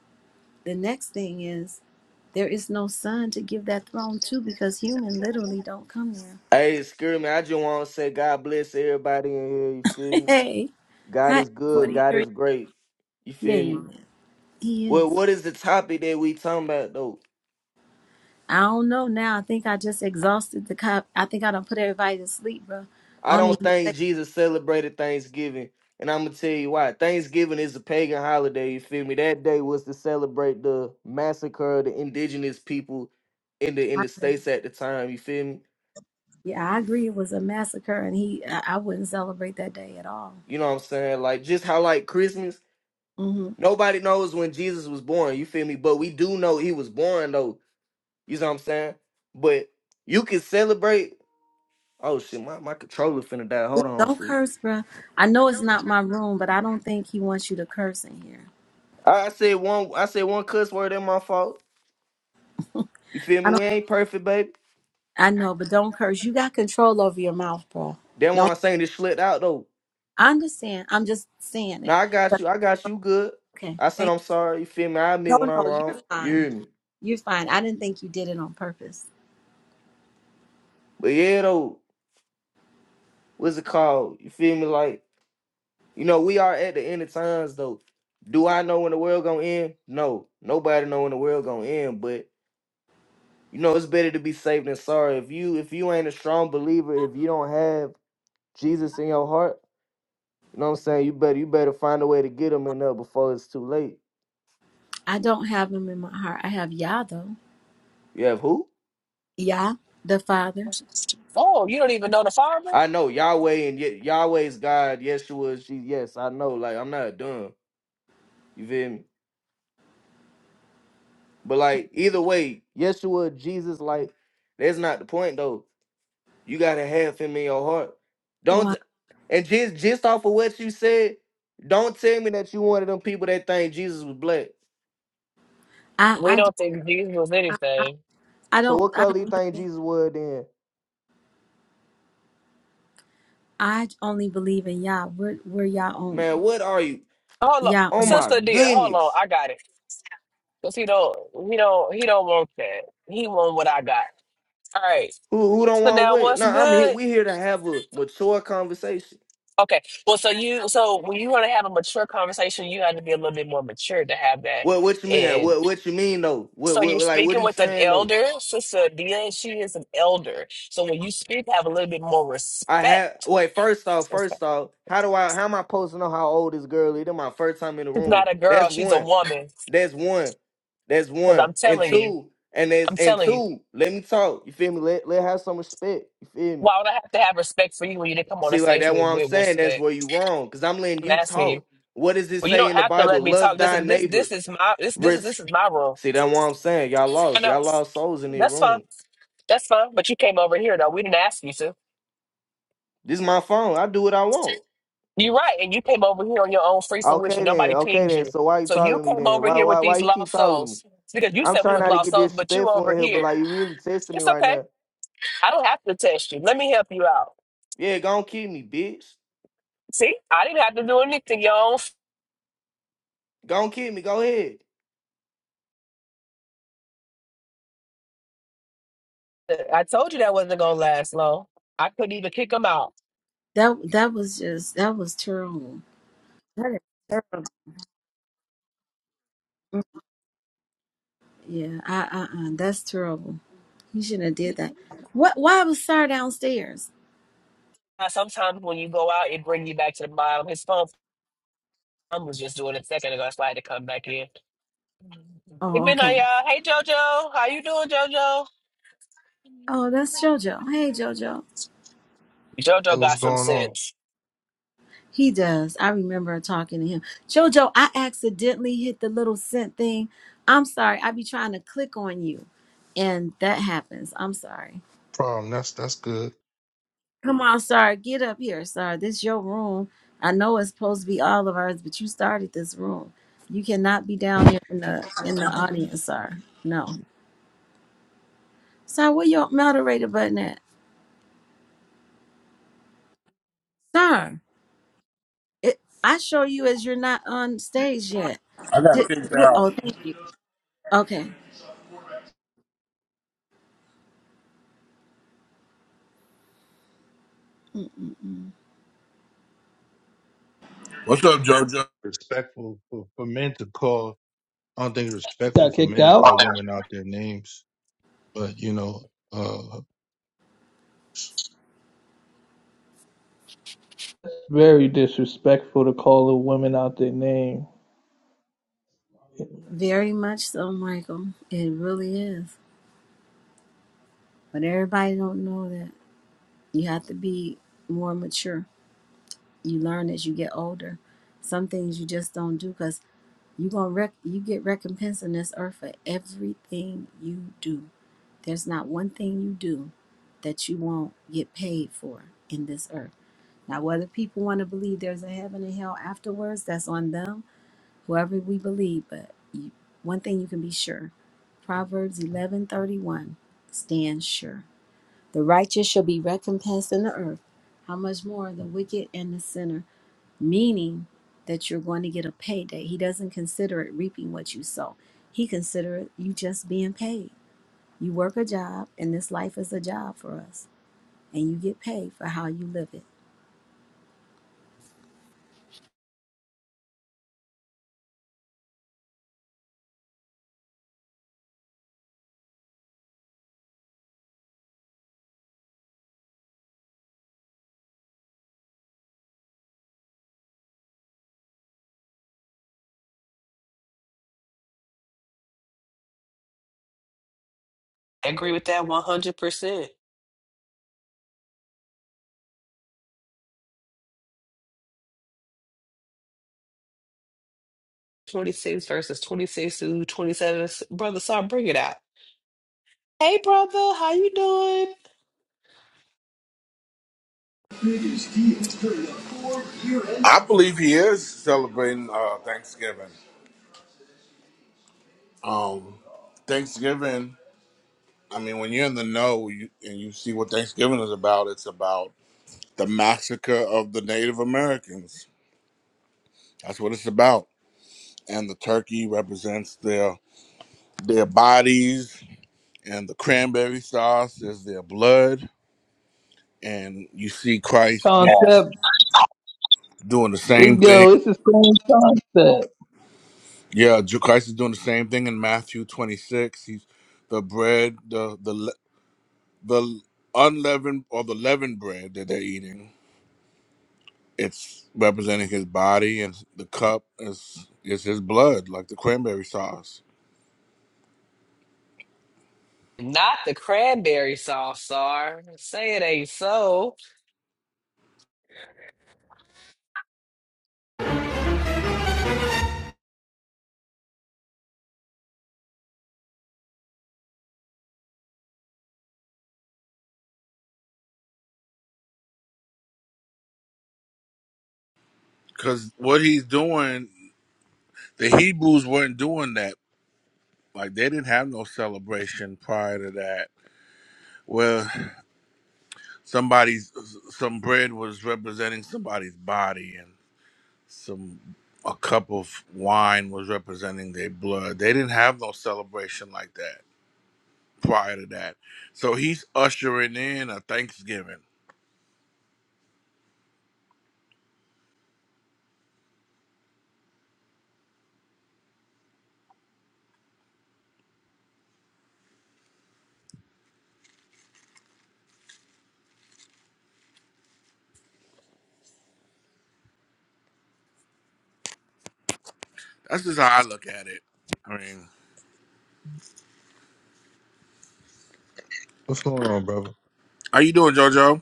S1: The next thing is there is no son to give that throne to because human literally don't come there.
S16: Hey, excuse me. I just want to say God bless everybody in here. You feel me?
S1: hey,
S16: God
S1: hi,
S16: is good. God
S1: 43.
S16: is great. You
S1: Yeah,
S16: feel
S1: he
S16: me?
S1: is. He
S16: Well,
S1: is.
S16: what is the topic that we talking about though?
S1: I don't know now. I think I just exhausted the cop. I think I done put everybody to sleep, bro. I
S16: I
S1: don't
S16: don't
S1: even.
S16: think Jesus celebrated Thanksgiving, and I'm gonna tell you why. Thanksgiving is a pagan holiday. You feel me? That day was to celebrate the massacre of the indigenous people in the in the states at the time. You feel me?
S1: Yeah, I agree. It was a massacre, and he. I, I wouldn't celebrate that day at all.
S16: You know what I'm saying? Like just how like Christmas.
S1: hmm
S16: Nobody knows when Jesus was born. You feel me? But we do know he was born though You know what I'm saying? But you can celebrate. Oh shit, my, my controller finna die. Hold on,
S1: Don't
S16: fool.
S1: curse, bro. I know it's not my room, but I don't think he wants you to curse in here.
S16: I, I said one I said one cuss word in my fault. You feel me? We ain't perfect, baby.
S1: I know, but don't curse. You got control over your mouth, bro.
S16: That why
S1: Don't.
S16: I'm saying this slipped out though.
S1: I understand. I'm just saying it.
S16: Now I got
S1: But
S16: you. I got you good.
S1: okay,
S16: I said
S1: thank.
S16: I'm sorry. You feel me? I
S1: No,
S16: admit when I'm
S1: no, you're
S16: wrong. You
S1: fine.
S16: hear me?
S1: You're fine. I didn't think you did it on purpose.
S16: But yeah though, what's it called? You feel me? Like, you know, we are at the end of times though. Do I know when the world gonna end? No. Nobody know when the world gonna end, but You know, it's better to be safe than sorry. If you if you ain't a strong believer, if you don't have Jesus in your heart, you know what I'm saying? You better you better find a way to get him in there before it's too late.
S1: I don't have him in my heart. I have Yah though.
S16: You have who?
S1: Yah, the Father.
S11: Oh, you don't even know the Father?
S16: I know Yahweh and Ye- Yahweh is God. Yeshua is Jesus. Yes, I know. Like I'm not dumb. You feel me? But like either way, Yeshua, Jesus, like that's not the point though. You gotta have him in your heart. Don't
S1: Why?
S16: and just just off of what you said, don't tell me that you one of them people that think Jesus was black.
S1: I,
S11: We
S1: I,
S11: don't think Jesus was
S1: I, I
S11: anything.
S1: I
S16: So
S1: don't,
S16: what
S1: I
S16: color you
S1: don't.
S16: think Jesus was then?
S1: I only believe in Yah. We're, we're Yah only.
S16: Man, what are you?
S11: Hold on,
S1: Yah
S16: Oh
S1: only.
S16: my
S11: sister dear, hold on,
S16: goodness.
S11: I got it. Cause he don't, he don't, he don't want that. He want what I got. All right.
S16: Who who don't
S11: So
S16: want
S11: now,
S16: what?
S11: what's
S16: No, I'm here.
S11: good?
S16: We here to have a mature conversation.
S11: Okay. Well, so you so when you want to have a mature conversation, you have to be a little bit more mature to have that.
S16: What what you mean?
S11: And
S16: What what you mean though? What
S11: so
S16: what
S11: you're
S16: like what
S11: speaking
S16: he
S11: with an
S16: saying though?
S11: elder, Sister Dia, she is an elder. So when you speak, have a little bit more
S16: I have
S11: respect.
S16: wait, first off,
S11: She's
S16: first off, how do I how am I supposed to know how old this girl is? This my first time in the room.
S11: not a girl,
S16: That's
S11: she's a
S16: one.
S11: woman.
S16: That's one. That's
S11: Because
S16: one.
S11: I'm
S16: And
S11: telling you,
S16: two. And that's
S11: I'm
S16: and
S11: telling you,
S16: two. Let me talk. You feel me? Let let her have some respect. You feel me?
S11: why would I have to have respect for you when you didn't come on the
S16: See, like
S11: stage
S16: that what
S11: with,
S16: I'm
S11: with
S16: saying, that's
S11: respect?
S16: where you wrong. Because I'm letting
S11: I'm
S16: you
S11: asking you.
S16: talk. What does it
S11: Well, you
S16: say
S11: don't
S16: in the
S11: have to
S16: Bible?
S11: let me
S16: Love
S11: talk. This is
S16: thy
S11: this
S16: neighbor.
S11: this is my this this is
S16: Res-
S11: this is my role.
S16: See, that's what I'm saying. Y'all
S11: I
S16: lost.
S11: know.
S16: Y'all lost souls in this
S11: That's fine.
S16: room.
S11: That's fine. But you came over here though. We didn't ask you, to.
S16: This is my phone. I do what I want.
S11: You're right. And you came over here on your own free fruition.
S16: Okay then.
S11: Nobody
S16: Okay
S11: pinged
S16: then.
S11: you.
S16: So why you
S11: So you
S16: talking to me
S11: came
S16: then?
S11: over
S16: Why
S11: here with
S16: why why
S11: these
S16: you keep
S11: lost
S16: talking to me?
S11: souls because you
S16: I'm
S11: said we
S16: trying
S11: was
S16: not to
S11: lost
S16: get
S11: souls, but you
S16: disrespectful
S11: over
S16: in here, but
S11: here.
S16: like you really testing me
S11: It's
S16: right
S11: okay.
S16: now.
S11: I don't have to test you. Let me help you out.
S16: Yeah, go on kill me, bitch.
S11: See, I didn't have to do anything, y'all.
S16: Go on kill me. Go ahead.
S11: I told you that wasn't going to last long. I couldn't even kick them out.
S1: That, that was just, that was terrible. That is, yeah. I, uh, uh, that's terrible. You shouldn't have did that. What? Why was Sar downstairs?
S11: Now, Sometimes when you go out, it brings you back to the bottom. His phone phone was just doing it a second ago. That's why I had to come back in. Hey,
S1: Oh,
S11: midnight,
S1: okay.
S11: y'all. Hey, JoJo. How you doing, JoJo?
S1: Oh, that's JoJo. Hey, JoJo.
S17: Hey,
S11: JoJo
S17: what's
S11: got some
S17: going on?
S11: sense.
S1: He does. I remember talking to him. JoJo, I accidentally hit the little scent thing. I'm sorry. I be trying to click on you, and that happens. I'm sorry.
S17: Problem. That's that's good.
S1: Come on, Sar. Get up here, Sar. This your room. I know it's supposed to be all of ours, but you started this room. You cannot be down there in the in the audience, Sar. No, Sar. Where your moderator button at, Sar? It, I show you as you're not on stage yet.
S2: I got
S1: Did,
S2: kicked
S1: what,
S2: out.
S1: oh, thank okay. Mm-mm.
S2: What's up, JoJo?
S17: Respectful for, for men to call. I don't think it's respectful
S4: Got
S17: for
S4: kicked
S17: men to
S4: out.
S17: call women out their names. But you know, uh,
S4: Very disrespectful to call a woman out their name.
S1: Very much so, Michael. It really is. But everybody don't know that. You have to be more mature. You learn as you get older. Some things you just don't do because you gonna rec- you get recompense in this earth for everything you do. There's not one thing you do that you won't get paid for in this earth. Now, whether people want to believe there's a heaven and hell afterwards, that's on them, whoever we believe. But you, one thing you can be sure Proverbs eleven thirty one stands sure. The righteous shall be recompensed in the earth. How much more the wicked and the sinner? Meaning that you're going to get a payday. He doesn't consider it reaping what you sow, he considers you just being paid. You work a job, and this life is a job for us, and you get paid for how you live it.
S11: I agree with that 100%. 26 versus 26 to 27. Brother, sorry, bring it out. Hey, brother, how you doing?
S2: I believe he is celebrating uh, Thanksgiving. Um, Thanksgiving. I mean, when you're in the know you, and you see what Thanksgiving is about, it's about the massacre of the Native Americans. That's what it's about. And the turkey represents their their bodies, and the cranberry sauce is their blood. And you see Christ doing
S4: Concept.
S2: doing the same
S4: It's
S2: thing
S4: go. It's the same concept.
S2: Yeah, Ju- Christ is doing the same thing in Matthew 26. He's the bread, the the le- the unleavened or the leavened bread that they're eating. It's representing his body, and the cup is is his blood, like the cranberry sauce.
S11: Not the cranberry sauce, Sar. Say it ain't so.
S2: Because what he's doing, the Hebrews weren't doing that. Like they didn't have no celebration prior to that, where somebody's some bread was representing somebody's body, some a cup of wine was representing their blood. They didn't have no celebration like that prior to that. So he's ushering in a Thanksgiving. That's just how I look at it. I mean,
S17: what's going on, brother?
S2: how you doing, JoJo?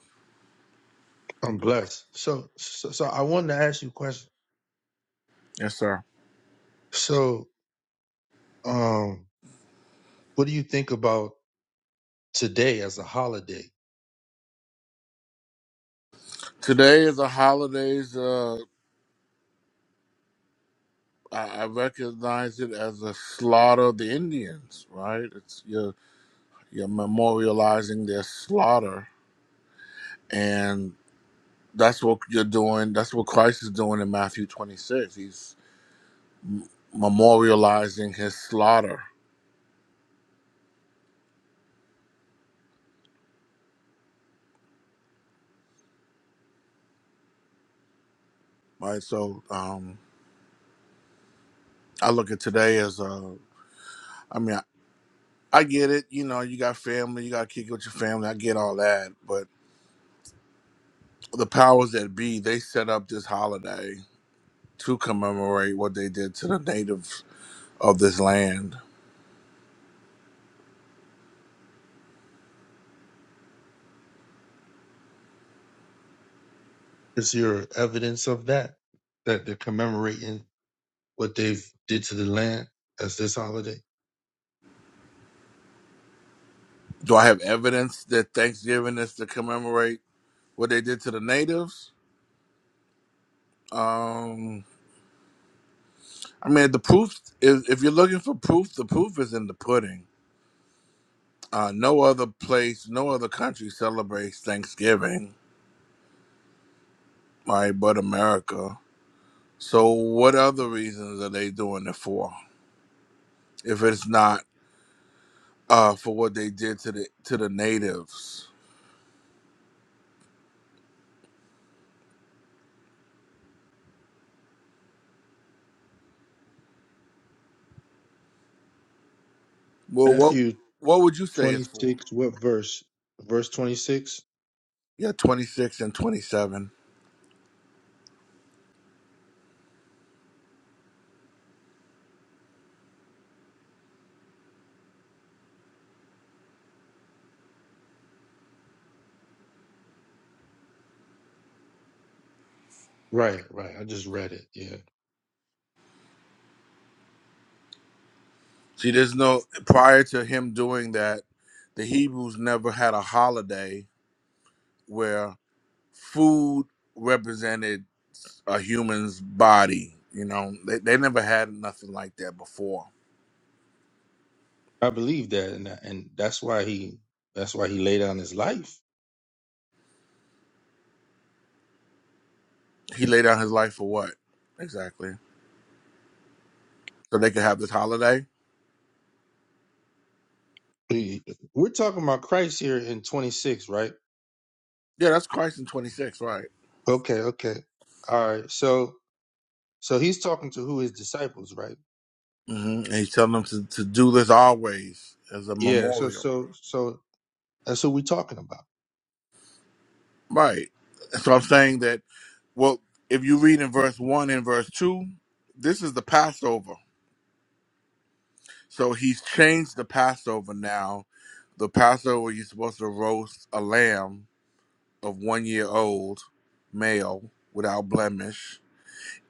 S17: I'm blessed. So, so, so I wanted to ask you a question.
S2: Yes, sir.
S17: So, um, what do you think about today as a holiday?
S2: Today is a holidays. Uh, I, I recognize it as a slaughter of the Indians, right? It's you're you're memorializing their slaughter, and that's what you're doing. That's what Christ is doing in Matthew 26. He's memorializing his slaughter, right? So um, I look at today as a, I mean, I, I get it. You know, you got family, you got to kick it with your family. I get all that. But the powers that be, they set up this holiday to commemorate what they did to the natives of this land.
S17: Is there evidence of that that they're commemorating what they've did to the land as this holiday?
S2: Do I have evidence that Thanksgiving is to commemorate what they did to the natives? Um, I mean, the proof is if you're looking for proof, the proof is in the pudding Uh, no other place, no other country celebrates Thanksgiving, right, but America. So, what other reasons are they doing it for? If it's not uh, for what they did to the to the natives, well, what
S17: Matthew
S2: what would you say it's for?
S17: 26, what verse? Verse 26.
S2: Yeah, twenty six and twenty seven.
S17: Right, right. I just read it. Yeah,
S2: See, there's no prior to him doing that. The Hebrews never had a holiday where food represented a human's body. You know, they, they never had nothing like that before.
S17: I believe that, and and that's why he that's why he laid down his life.
S2: He laid down his life for what? Exactly. So they could have this holiday?
S17: He- We're talking about Christ here in twenty six, right?
S2: Yeah, that's Christ in 26, right?
S17: Okay, okay, all right. So so he's talking to who his disciples, right?
S2: hmm And he's telling them to, to do this always as a
S17: Yeah. So
S2: memorial.
S17: so so that's who we're talking about.
S2: Right. So I'm saying that, well, if you read in verse 1 and verse 2, this is the Passover. So he's changed the Passover now. The Passover, you're supposed to roast a lamb of one year old male without blemish.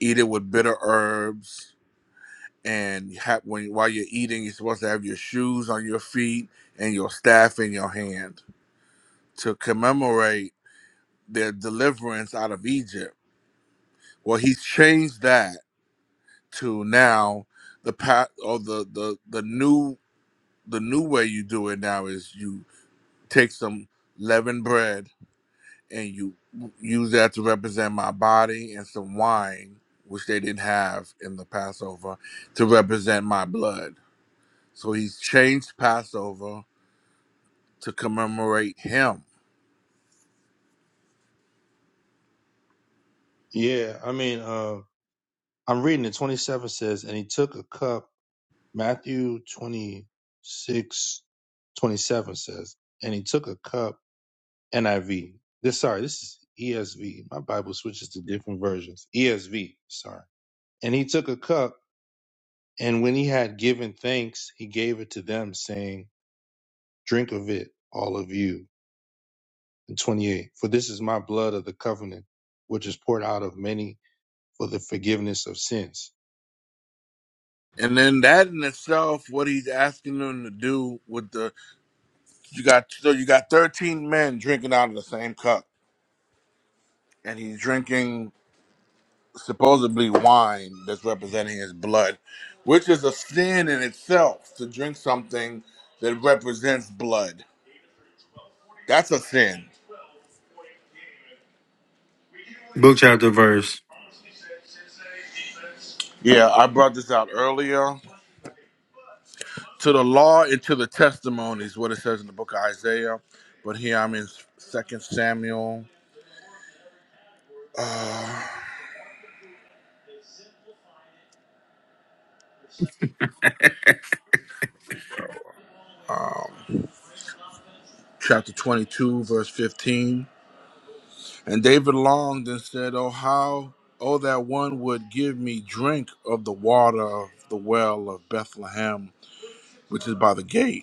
S2: Eat it with bitter herbs, and ha- when while you're eating, you're supposed to have your shoes on your feet and your staff in your hand to commemorate their deliverance out of Egypt. Well, he's changed that to now the path or the the the new the new way you do it now is you take some leavened bread and you use that to represent my body and some wine, which they didn't have in the Passover, to represent my blood. So he's changed Passover to commemorate him.
S17: Yeah. I mean, uh, I'm reading it. Twenty seven says, and he took a cup. Matthew twenty six, twenty seven says, and he took a cup NIV. This sorry, this is ESV. My Bible switches to different versions. ESV, sorry. And he took a cup, and when he had given thanks, he gave it to them, saying, Drink of it, all of you. And 28. For this is my blood of the covenant, which is poured out of many for the forgiveness of sins.
S2: And then that in itself, what he's asking them to do with the you got so you got thirteen men drinking out of the same cup, and he's drinking supposedly wine that's representing his blood, which is a sin in itself to drink something that represents blood That's a sin.
S18: Book chapter verse.
S2: Yeah, I brought this out earlier. To the law and to the testimonies, what it says in the book of Isaiah. But here I'm in Second Samuel, um, chapter 22, verse 15. And David longed and said, "Oh how, oh that one would give me drink of the water of the well of Bethlehem, which is by the gate."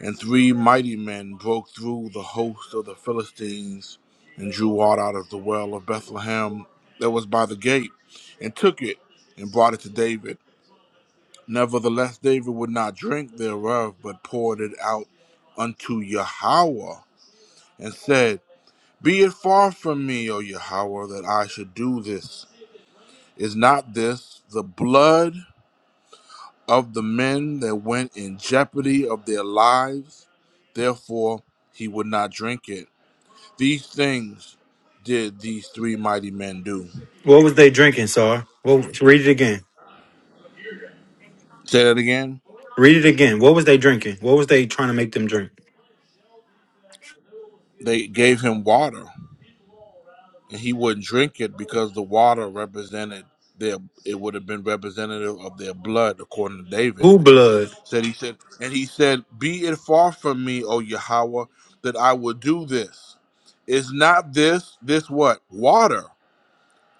S2: And three mighty men broke through the host of the Philistines and drew water out of the well of Bethlehem that was by the gate, and took it and brought it to David. Nevertheless, David would not drink thereof, but poured it out unto Yahweh, and said, Be it far from me, O Yahweh, that I should do this. Is not this the blood of the men that went in jeopardy of their lives? Therefore, he would not drink it. These things did these three mighty men do.
S18: What was they drinking, Sar? Well, read it again.
S2: Say that again.
S18: Read it again. What was they drinking? What was they trying to make them drink?
S2: They gave him water, and he wouldn't drink it because the water represented their. It would have been representative of their blood, according to David.
S18: Who blood?
S2: Said he said, and he said, "Be it far from me, O Yahweh, that I would do this. Is not this this what water?"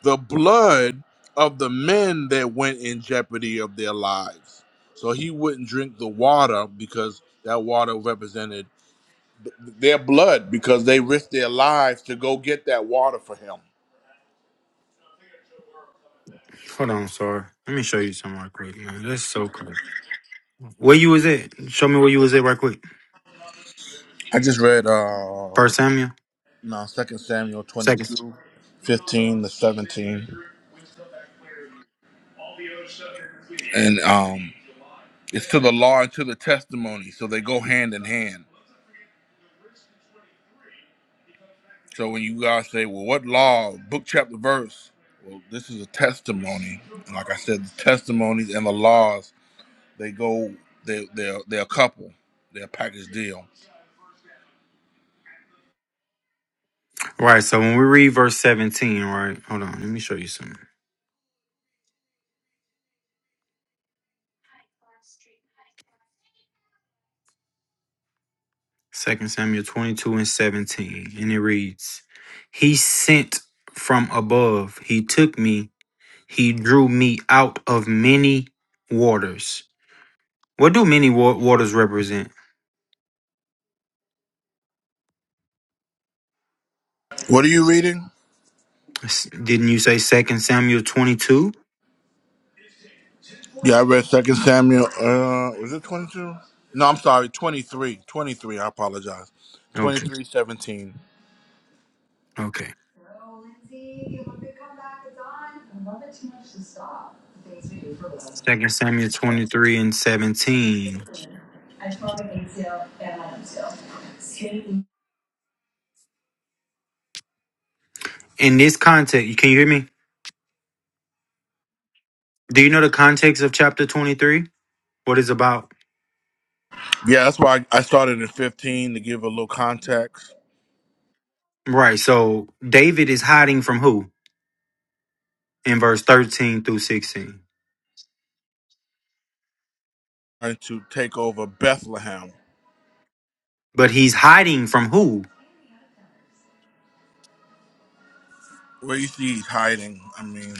S2: the blood of the men that went in jeopardy of their lives. So he wouldn't drink the water because that water represented their blood because they risked their lives to go get that water for him.
S18: Hold on, Sar. Let me show you something right quick, man. That's so cool. Where you was at? Show me where you was at right quick.
S2: I just read uh
S18: First Samuel.
S2: no, 2 Samuel
S18: Second.
S2: 22, 15 to 17. And um it's to the law and to the testimony, so they go hand in hand. So when you guys say, well, what law, book, chapter, verse? Well, this is a testimony. And like I said, the testimonies and the laws, they go, they, they're, they're a couple. They're a package deal.
S18: Right. So when we read verse seventeen, right? Hold on. Let me show you something. Second Samuel twenty-two and seventeen, and it reads, "He sent from above. He took me. He drew me out of many waters." What do many wa- waters represent?
S2: What are you reading?
S18: S- Didn't you say Second Samuel twenty two?
S2: Yeah, I read Second Samuel. Uh, was it 22? No, I'm sorry, 23. 23, I apologize.
S18: Okay,
S2: Twenty-three, seventeen.
S18: okay. Second Samuel twenty three and seventeen. In this context, can you hear me? Do you know the context of chapter twenty three? What it's about?
S2: Yeah, that's why I started in 15 to give a little context
S18: Right. So David is hiding from who in verse thirteen through sixteen?
S2: and to take over Bethlehem.
S18: But he's hiding from who?
S2: Where you see he's hiding, I mean,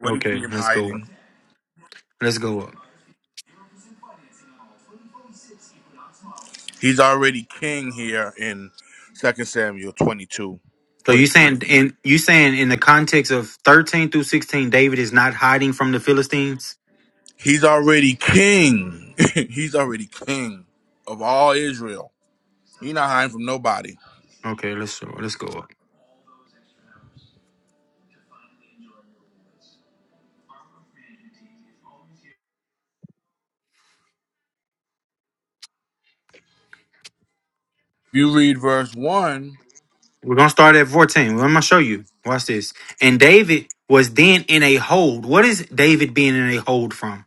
S2: where you see
S18: Okay,
S2: him
S18: let's go up.
S2: hiding,
S18: Let's go up.
S2: he's already king here in Second Samuel 22,
S18: So you
S2: 23.
S18: saying in you saying in the context of thirteen through sixteen, David is not hiding from the Philistines?
S2: He's already king. he's already king of all Israel. He's not hiding from nobody.
S18: Okay, let's let's go up.
S2: you read verse 1,
S18: We're gonna start at 14. Well, I'm gonna show you. Watch this. And David was then in a hold. What is David being in a hold from?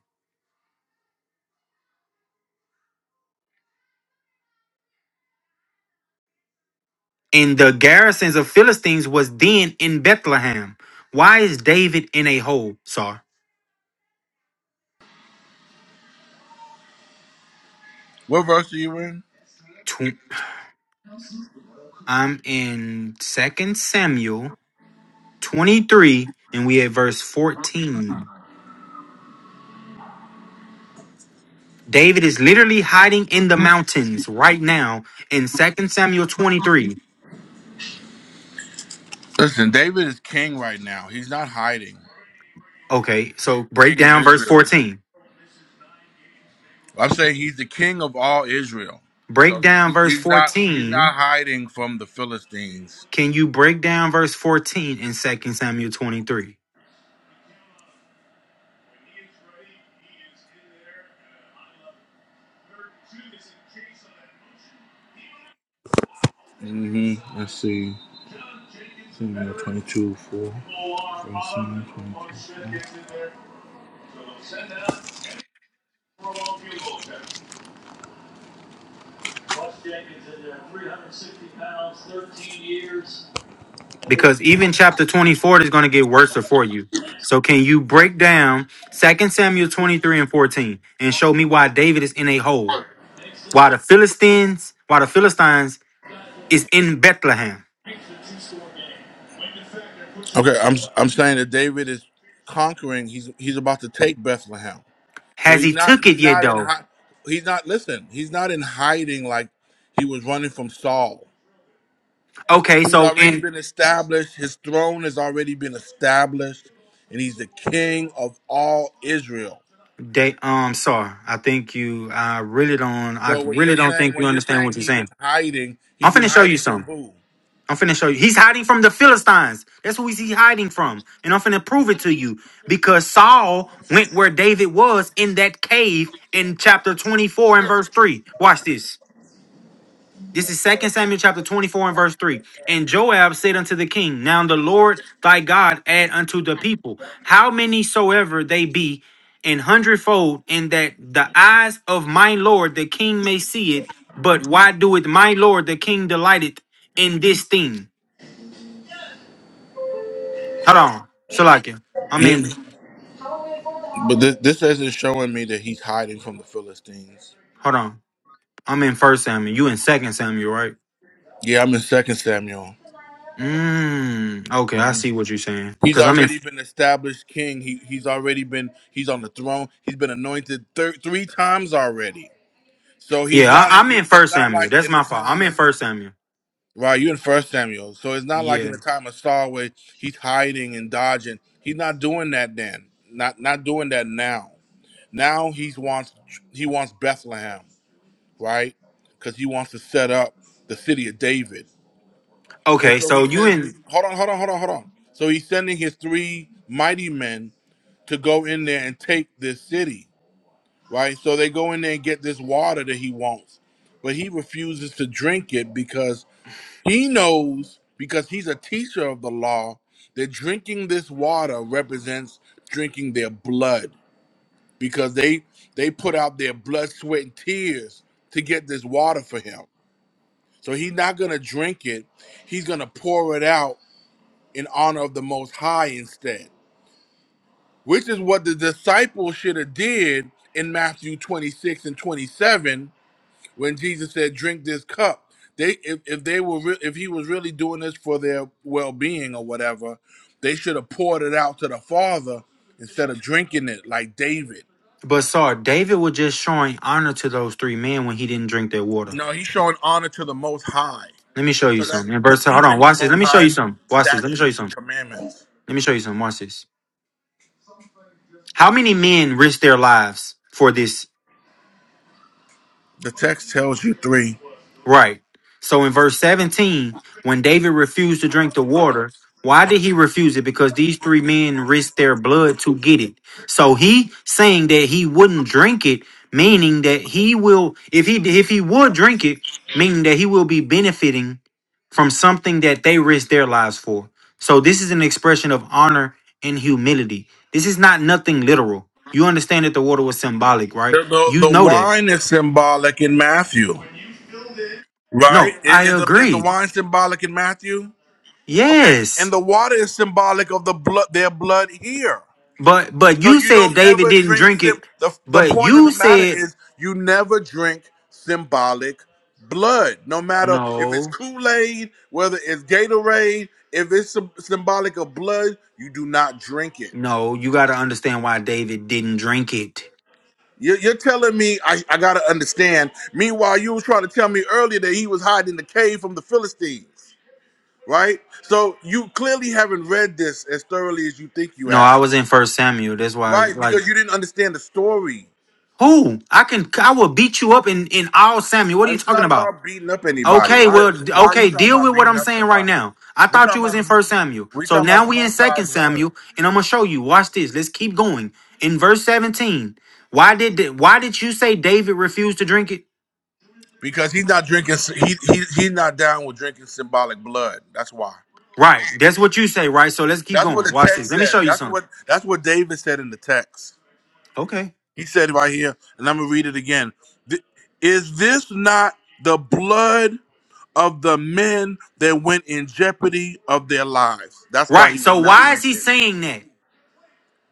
S18: And the garrisons of Philistines was then in Bethlehem. Why is David in a hold, sir?
S2: what verse are you in?
S18: Tw- I'm in Second Samuel 23, and we at verse 14. David is literally hiding in the mountains right now in Second Samuel 23.
S2: Listen, David is king right now. He's not hiding.
S18: Okay,
S2: He's
S18: so break
S2: king of
S18: down verse
S2: Israel.
S18: 14.
S2: I'm saying he's the king of all Israel.
S18: Break
S2: So he,
S18: down
S2: he,
S18: verse
S2: he's not he's
S18: 14
S2: not hiding from the Philistines.
S18: Can you break down verse 14 in Second Samuel 23?
S2: hmm Let's see. Psalm 22, 4. Psalm
S18: Because even chapter 24 is going to get worse for you. So can you break down Second Samuel 23 and 14 and show me why David is in a hole? Why the Philistines, why the Philistines is in Bethlehem?
S2: 22, 4. Okay, I'm I'm saying that David is conquering. He's he's about to take Bethlehem. So
S18: Has
S2: he's
S18: he
S2: not
S18: took
S2: he's
S18: it yet
S2: not in
S18: though?
S2: hi- he's not listen. He's not in hiding like he was running from Saul.
S18: Okay,
S2: He's
S18: so
S2: already
S18: in
S2: been established. His throne has already been established, and he's the king of all Israel.
S18: day um sorry, I think you I really don't I
S2: So when
S18: really
S2: you're
S18: don't
S2: saying
S18: think you
S2: when you're
S18: understand what
S2: saying
S18: you're
S2: he's in
S18: saying.
S2: hiding,
S18: I'm
S2: he's in
S18: finna show you
S2: hiding from
S18: something.
S2: who?
S18: I'm finna show you. He's hiding from the Philistines. That's who he's hiding from. And I'm finna prove it to you because Saul went where David was in that cave in chapter 24 and verse 3. Watch this. This is 2 Samuel chapter 24 and verse 3. And Joab said unto the king, Now the Lord thy God add unto the people, how many soever they be, an hundredfold, and that the eyes of my Lord the king may see it. But why doeth my Lord the king delighteth in this thing? Hold on, Salakia. I'm
S2: Yeah,
S18: in.
S2: but this, this isn't showing me that he's hiding from the Philistines.
S18: Hold on. I'm in First Samuel. You in Second Samuel, right?
S2: Yeah, I'm in Second Samuel.
S18: Mm. Okay, I see what you're saying.
S2: He's
S18: Cause I'm in.
S2: already been established king. He he's already been he's on the throne. He's been anointed thir- three times already. So he's
S18: Yeah,
S2: not
S18: I, I'm
S2: he,
S18: in
S2: it's
S18: First
S2: not
S18: Samuel.
S2: like
S18: That's
S2: in the
S18: my fault. I'm
S2: time
S18: in
S2: of
S18: First Samuel.
S2: Right, you in First Samuel, so it's not like in
S18: Yeah.
S2: the time of Saul where he's hiding and dodging. He's not doing that then. Not not doing that now. Now he's wants he wants Bethlehem, right? Because he wants to set up the city of David, and
S18: Okay,
S2: so
S18: so
S2: he
S18: you
S2: sends.
S18: in.
S2: These, hold on, hold on, hold on, hold on. So he's sending his three mighty men to go in there and take this city, right? So they go in there and get this water that he wants, but he refuses to drink it because he knows because he's a teacher of the law that drinking this water represents drinking their blood because they they put out their blood, sweat, and tears to get this water for him. So he's not gonna drink it. He's gonna pour it out in honor of the Most High instead, which is what the disciples should have did in Matthew 26 and 27 when Jesus said, "Drink this cup." They, if, if they were, re- if he was really doing this for their well-being or whatever, they should have poured it out to the Father instead of drinking it like David.
S18: But sorry, David was just showing honor to those three men when he didn't drink their water.
S2: No, he's showing honor to the Most High.
S18: Let me show you
S2: So that's
S18: something. In
S2: he's
S18: verse, hold on,
S2: keeping the
S18: watch this. Let
S2: Most
S18: me show you
S2: High's
S18: something. Watch this. Let me show you
S2: statutes and
S18: something.
S2: commandments.
S18: Let me show you something. Watch this. How many men risked their lives for this
S2: The text tells you three.
S18: Right. So in verse 17, when David refused to drink the water, why did he refuse it? Because these three men risked their blood to get it. So he saying that he wouldn't drink it, meaning that he will, if he if he would drink it, meaning that he will be benefiting from something that they risked their lives for. So this is an expression of honor and humility. This is not nothing literal. You understand that the water was symbolic, right?
S2: The,
S18: You
S2: the, the
S18: know that.
S2: wine is symbolic in Matthew, right?
S18: No,
S2: I-
S18: I
S2: Is the, is the
S18: agree.
S2: wine symbolic in Matthew? Okay,
S18: Yes.
S2: and the water is symbolic of the blood, their blood here.
S18: But but
S2: So
S18: you
S2: you
S18: said
S2: don't
S18: David
S2: ever
S18: didn't
S2: drink
S18: drink
S2: sim.
S18: it.
S2: The the
S18: But
S2: point of
S18: you
S2: the matter
S18: said
S2: is you never drink symbolic blood, no matter if it's
S18: no,
S2: Kool Aid, whether it's Gatorade, if it's sym- symbolic of blood, you do not drink it.
S18: no. You got to understand why David didn't drink it.
S2: You're, you're telling me I, I gotta understand. Meanwhile, you were trying to tell me earlier that he was hiding in the cave from the Philistines, right? So you clearly haven't read this as thoroughly as you think you
S18: No, I
S2: have,
S18: was in First Samuel. That's why.
S2: right?
S18: Like
S2: Because you didn't understand the story.
S18: who? I can. I will beat you up in in all Samuel. What are you
S2: It's
S18: talking
S2: not
S18: about?
S2: about beating up anybody.
S18: Okay,
S2: Why?
S18: well, d-
S2: Why are you
S18: okay.
S2: talking
S18: Deal
S2: about
S18: with what
S2: beating
S18: I'm
S2: up
S18: saying right
S2: somebody?
S18: now. I
S2: We're
S18: thought you
S2: talking
S18: was
S2: about
S18: in
S2: the.
S18: First Samuel.
S2: We
S18: So
S2: talking about
S18: now
S2: the
S18: we in
S2: Most
S18: Second
S2: High's word.
S18: Samuel, and I'm gonna show you. Watch this. Let's keep going. In verse 17, why did why did you say David refused to drink it?
S2: Because he's not drinking. He he he's not down with drinking symbolic blood. That's why.
S18: Right. That's what you say, right? So let's keep
S2: That's what
S18: going.
S2: the
S18: Watch this.
S2: text
S18: Let me show
S2: says.
S18: you
S2: That's
S18: something.
S2: what that's what David said in the text.
S18: Okay.
S2: He said right here, and I'm gonna read it again. Th- Is this not the blood of the men that went in jeopardy of their lives? That's why
S18: Right.
S2: he
S18: So
S2: would not
S18: why is
S2: drink
S18: he
S2: it.
S18: saying that?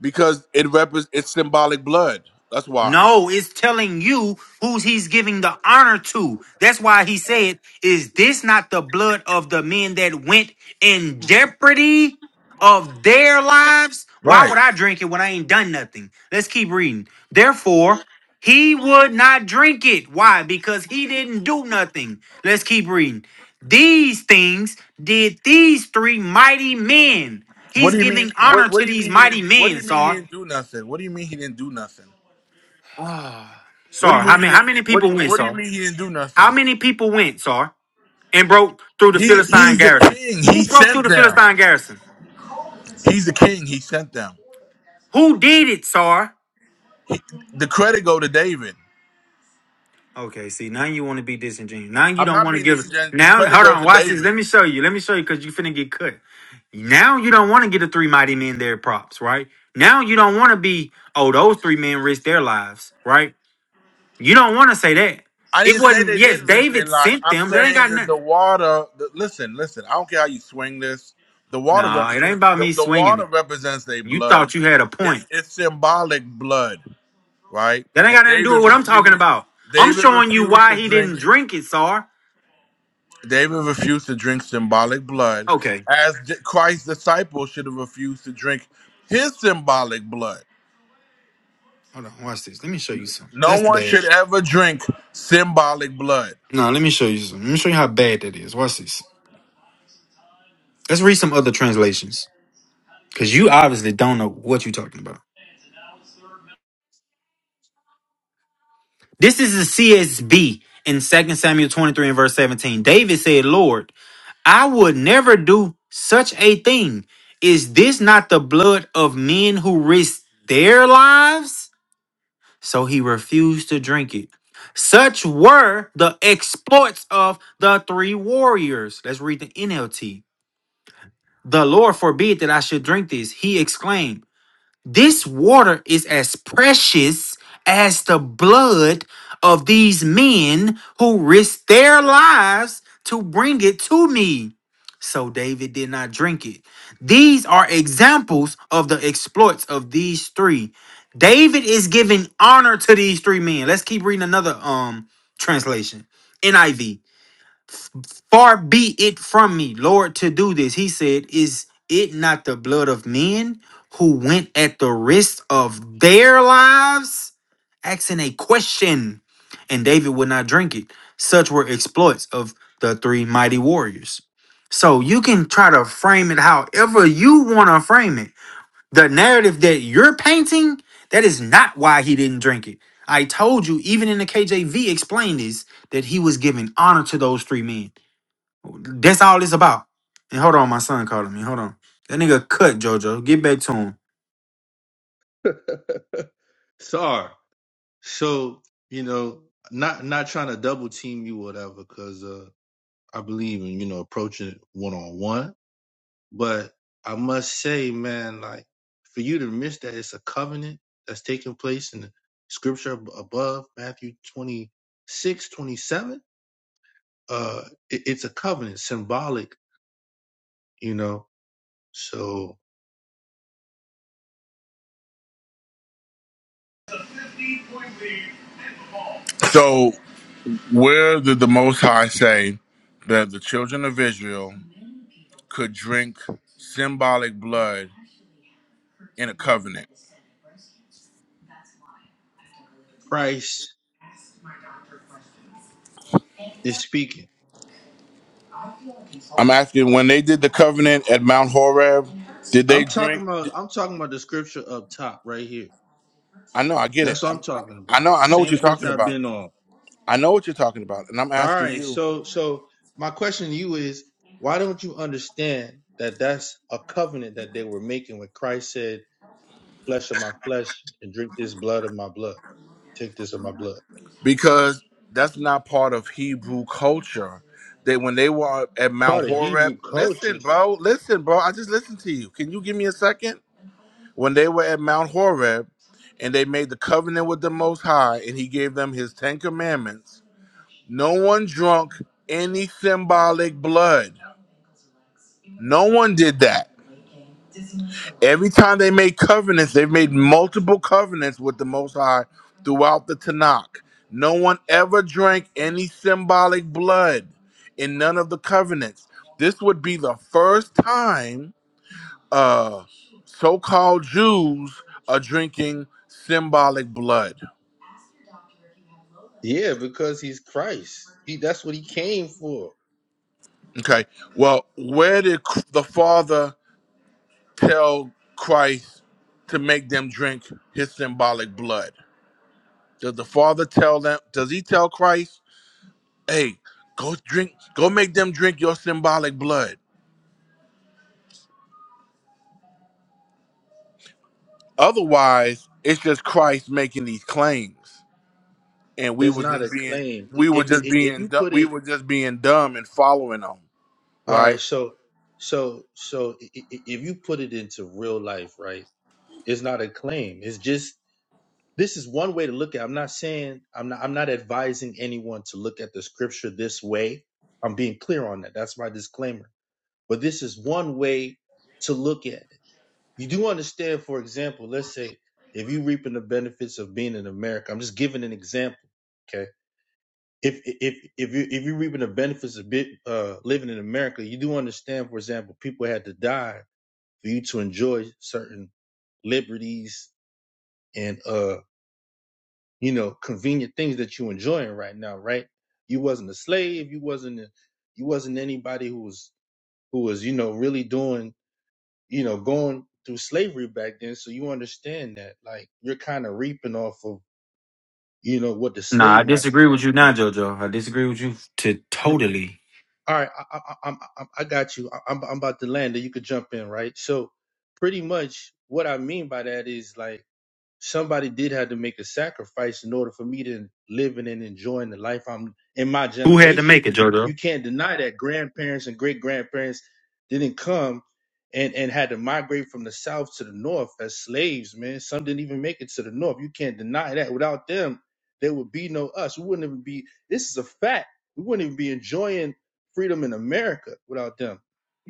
S2: because it repres it's symbolic blood. That's why.
S18: No, it's telling you who's he's giving the honor to. That's why he said, Is this not the blood of the men that went in jeopardy of their lives? Why
S2: Right.
S18: would I drink it when I ain't done nothing? Let's keep reading. Therefore, he would not drink it. Why? Because he didn't do nothing. Let's keep reading. These things did these three mighty men.
S2: What
S18: He's
S2: do you mean?
S18: giving honor
S2: What What
S18: to
S2: do you
S18: these
S2: mean he didn't?
S18: mighty
S2: What do
S18: men,
S2: you mean he
S18: Sar.
S2: didn't do nothing? What do you mean he didn't do nothing?
S18: Ah,
S2: What do
S18: Sar,
S2: you
S18: how
S2: mean he
S18: many how
S2: didn't?
S18: many
S2: What
S18: people
S2: do-
S18: went,
S2: What do you
S18: Sar?
S2: mean he didn't do
S18: How
S2: nothing?
S18: many people went, Sar, and broke through the
S2: He
S18: Philistine
S2: He's the
S18: garrison?
S2: king. He
S18: Who broke through
S2: sent
S18: the
S2: them.
S18: Philistine garrison?
S2: He's the king. He sent them.
S18: Who did it, Sar?
S2: The credit go to David.
S18: Okay, see, now you want to be disingenuous. Now you
S2: I'm
S18: don't
S2: not
S18: want to
S2: being
S18: give
S2: disingenuous. The
S18: now
S2: credit
S18: hold
S2: goes
S18: on,
S2: to
S18: watch this.
S2: David.
S18: Let me show you. Let me show you because you finna get cut. Now you don't want to get the three mighty men their props, right? Now you don't want to be, oh, those three men risked their lives, right? You don't want to say that.
S2: I
S18: It
S2: didn't say
S18: wasn't,
S2: they
S18: yes,
S2: didn't risk their
S18: David
S2: lives.
S18: sent
S2: I'm
S18: them. That ain't
S2: saying
S18: got
S2: that the
S18: nothing.
S2: water. The, listen, listen. I don't care how you swing this. The water
S18: No, it ain't
S2: represents
S18: about
S2: the,
S18: me
S2: the
S18: swinging it.
S2: water represents their
S18: You
S2: blood.
S18: thought you had a point.
S2: It's it's symbolic blood, right?
S18: That ain't
S2: And
S18: got nothing to do with
S2: David
S18: what I'm talking
S2: refused.
S18: about. I'm
S2: David
S18: showing you
S2: refused
S18: why
S2: to
S18: he
S2: drink.
S18: didn't drink it, Sar.
S2: David refused to drink symbolic blood,
S18: Okay.
S2: as di- Christ's disciples should have refused to drink his symbolic blood.
S18: Hold on. Watch this. Let me show you some.
S2: No
S18: That's
S2: one
S18: bad.
S2: should ever drink symbolic blood.
S18: No, let me show you some. Let me show you how bad that is. Watch this. Let's read some other translations. Because you obviously don't know what you're talking about. This is the CSB in Second Samuel 23 and verse 17. David said, Lord, I would never do such a thing. Is this not the blood of men who risked their lives? So he refused to drink it. Such were the exploits of the three warriors. Let's read the NLT. The Lord forbid that I should drink this, he exclaimed. This water is as precious as the blood of these men who risked their lives to bring it to me. So David did not drink it. These are examples of the exploits of these three. David is giving honor to these three men. Let's keep reading another um translation. NIV. Far be it from me, Lord, to do this. He said, Is it not the blood of men who went at the risk of their lives? Asking a question. And David would not drink it. Such were exploits of the three mighty warriors. So you can try to frame it however you want to frame it. The narrative that you're painting, that is not why he didn't drink it. I told you, even in the KJV, explained this, that he was giving honor to those three men. That's all it's about. And hold on, my son calling me. Hold on. That nigga cut JoJo. Get back to him.
S17: Sorry. So, you know, not not trying to double team you, whatever, because uh I believe in, you know, approaching it one on one But I must say, man, like for you to miss that it's a covenant that's taking place in the scripture ab- above Matthew twenty six twenty seven. Uh, it, it's a covenant, symbolic, you know. So
S2: So Where did the Most High say that the children of Israel could drink symbolic blood in a covenant?
S17: Christ is speaking.
S2: I'm asking when they did the covenant at Mount Horeb, did they
S17: I'm talking
S2: drink?
S17: about I'm talking about the scripture up top right here.
S2: I know, I get it.
S17: That's what I'm
S2: I'm,
S17: talking
S2: I
S17: about.
S2: know,
S17: The
S2: I know what
S17: same
S2: you're talking
S17: scripture I've
S2: about.
S17: been on.
S2: I know what you're talking about, and I'm
S17: All
S2: asking
S17: right.
S2: you
S17: So so my question to you is why don't you understand that that's a covenant that they were making when Christ said, "Flesh of my flesh and drink this blood of my blood. Take this of my blood."
S2: because that's not part of Hebrew culture. That when they were at Mount
S17: Part of
S2: Horeb,
S17: Hebrew
S2: listen,
S17: culture.
S2: bro, listen, bro. I just listened to you. Can you give me a second? when they were at Mount Horeb and they made the covenant with the Most High and he gave them his Ten Commandments, no one drunk any symbolic blood. No one did that. Every time they made covenants, they've made multiple covenants with the Most High throughout the Tanakh. No one ever drank any symbolic blood in none of the covenants. This would be the first time uh, so-called Jews are drinking symbolic blood.
S17: Yeah, because he's Christ. He that's what he came for.
S2: Okay, well, where did C- the Father tell Christ to make them drink His symbolic blood? Does the Father tell them? Does He tell Christ, "Hey, go drink, go make them drink your symbolic blood"? Otherwise, it's just Christ making these claims, and we
S17: It's
S2: were
S17: not a
S2: just being,
S17: claim. I-
S2: we were
S17: If
S2: just
S17: if, if
S2: being,
S17: you
S2: du-
S17: put
S2: we
S17: it
S2: were just being dumb and following them,
S17: All
S2: right?
S17: right, so so so i- i- if you put it into real life, right? It's not a claim. It's just this is one way to look at it. I'm not saying I'm not I'm not advising anyone to look at the scripture this way. I'm being clear on that. That's my disclaimer. But this is one way to look at it. You do understand, for example, let's say if you are reaping the benefits of being in America, I'm just giving an example. Okay. If if if you if you're reaping the benefits of bit, uh, living in America, you do understand, for example, people had to die for you to enjoy certain liberties and uh you know, convenient things that you're enjoying right now, right? You wasn't a slave. You wasn't, a, you wasn't anybody who was, who was, you know, really doing, you know, going through slavery back then. So you understand that, like, you're kind of reaping off of, you know, what the
S18: Nah,
S17: slave
S18: I
S17: masters
S18: disagree
S17: had
S18: with you
S17: to
S18: now,
S17: do.
S18: JoJo. I disagree with you to
S17: R-
S18: totally.
S17: All right, I, I, I, I, I got you. I, I'm, I'm about to land, and you could jump in, right? So, pretty much, what I mean by that is like somebody did have to make a sacrifice in order for me to live in and enjoying the life I'm in my
S18: Who had to
S17: generation.
S18: make it, JoJo?
S17: You can't deny that grandparents and great grandparents didn't come and, and had to migrate from the south to the north as slaves, man. Some didn't even make it to the north. You can't deny that. Without them, there would be no us. We wouldn't even be this is a fact. We wouldn't even be enjoying freedom in America without them.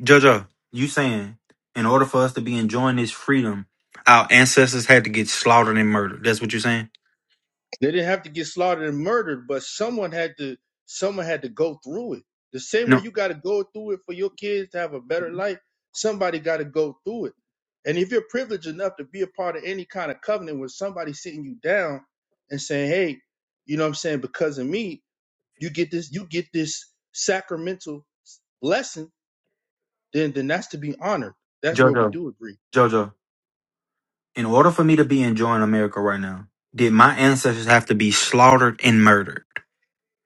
S18: JoJo, you saying in order for us to be enjoying this freedom, our ancestors had to get slaughtered and murdered. That's what you're saying?
S17: They didn't have to get slaughtered and murdered, but someone had to someone had to go through it. The same way
S18: No,
S17: you got to go through it for your kids to have a better life, somebody got to go through it. And if you're privileged enough to be a part of any kind of covenant where somebody's sitting you down and saying, "Hey, you know what I'm saying, because of me, you get this you get this sacramental blessing," then then that's to be honored. That's where we
S18: JoJo,
S17: do agree.
S18: JoJo, in order for me to be enjoying America right now, did my ancestors have to be slaughtered and murdered?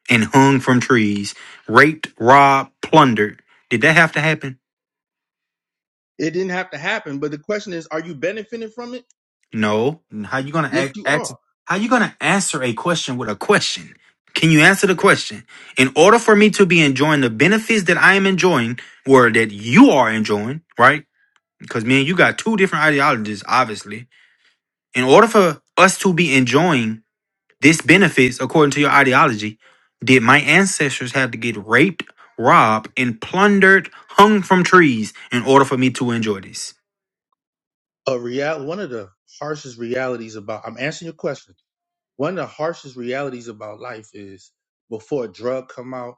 S18: and hung from trees, raped, robbed, plundered. Did that have to happen?
S17: It didn't have to happen, but the question is, are you benefiting from it?
S18: No. How you gonna
S17: Yes,
S18: act?
S17: you
S18: ask?
S17: are.
S18: How you gonna answer a question with a question? Can you answer the question? In order for me to be enjoying the benefits that I am enjoying, or that you are enjoying, right? Because me and you got two different ideologies, obviously. In order for us to be enjoying This benefits, according to your ideology, did my ancestors have to get raped, robbed, and plundered, hung from trees in order for me to enjoy this?
S17: a real one of the harshest realities about I'm answering your question. One of the harshest realities about life is before a drug come out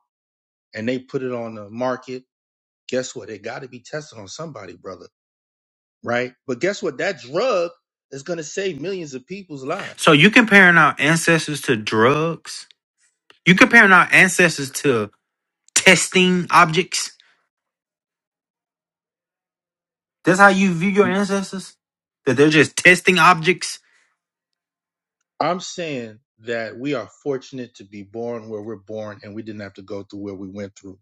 S17: and they put it on the market, guess what? It got to be tested on somebody, brother, right? But guess what? That drug is going to save millions of people's
S18: So
S17: lives.
S18: you comparing our ancestors to drugs? You comparing our ancestors to testing objects? That's how you view your ancestors? That they're just testing objects?
S17: I'm saying that we are fortunate to be born where we're born and we didn't have to go through where we went through.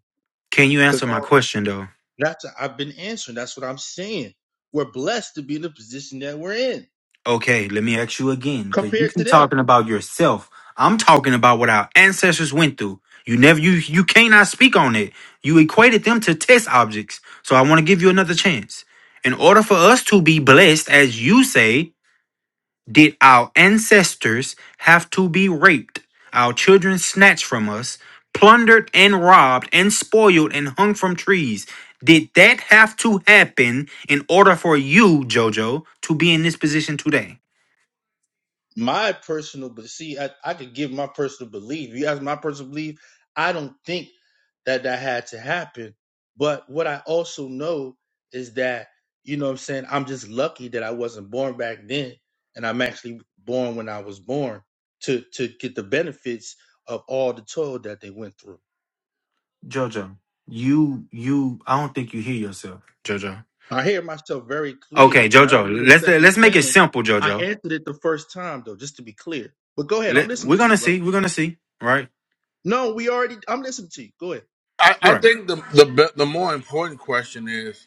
S18: Can you
S17: Cause
S18: answer my
S17: all
S18: question though?
S17: that's I've been answering. That's what I'm saying. We're blessed to be in the position that we're in
S18: Okay, let me ask you again, because you
S17: compared to
S18: keep
S17: them.
S18: talking about yourself. I'm talking about what our ancestors went through. You never you you cannot speak on it. You equated them to test objects. So I want to give you another chance. In order for us to be blessed, as you say, did our ancestors have to be raped, our children snatched from us, plundered and robbed and spoiled and hung from trees? Did that have to happen in order for you, Jojo, to be in this position today?
S17: my personal but see I, I could give my personal belief you ask my personal belief i don't think that that had to happen but what i also know is that you know what i'm saying i'm just lucky that i wasn't born back then and i'm actually born when i was born to to get the benefits of all the toil that they went through
S18: Jojo, you you I don't think you hear yourself, Jojo.
S17: i hear myself very clear
S18: Okay,
S17: and i don't need
S18: Jojo,
S17: a
S18: let's
S17: second
S18: let's make it
S17: chance
S18: simple,
S17: i
S18: Jojo.
S17: answered it the first time though just to be clear but go ahead i'm
S18: Let,
S17: listening
S18: we're
S17: to you
S18: gonna see,
S17: brother
S18: we're gonna see, right?
S17: no we already i'm listening to you go ahead
S2: I, I
S18: Right.
S2: think the, the be- the more important question is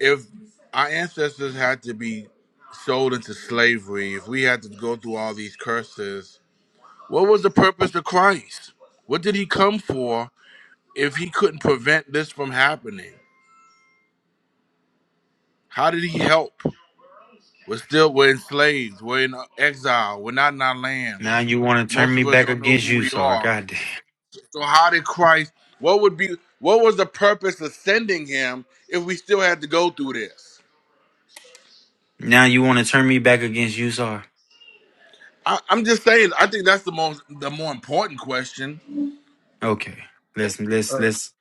S2: if our ancestors had to be sold into slavery, if we had to go through all these curses, what was the purpose of Christ? What did he come for if he couldn't prevent this from happening? How did he help? We're still we're enslaved. We're in exile. We're not in our land.
S18: Now you want to turn
S2: Most
S18: me
S2: of us
S18: back
S2: don't know
S18: against
S2: who
S18: you,
S2: we
S18: Sar.
S2: are.
S18: God damn.
S2: So how did Christ? What would be? What was the purpose of sending him if we still had to go through this?
S18: Now you want to turn me back against you, Sar.
S2: I, I'm just saying. I think that's the most, the more important question.
S18: Okay. Let's let's
S17: uh,
S18: let's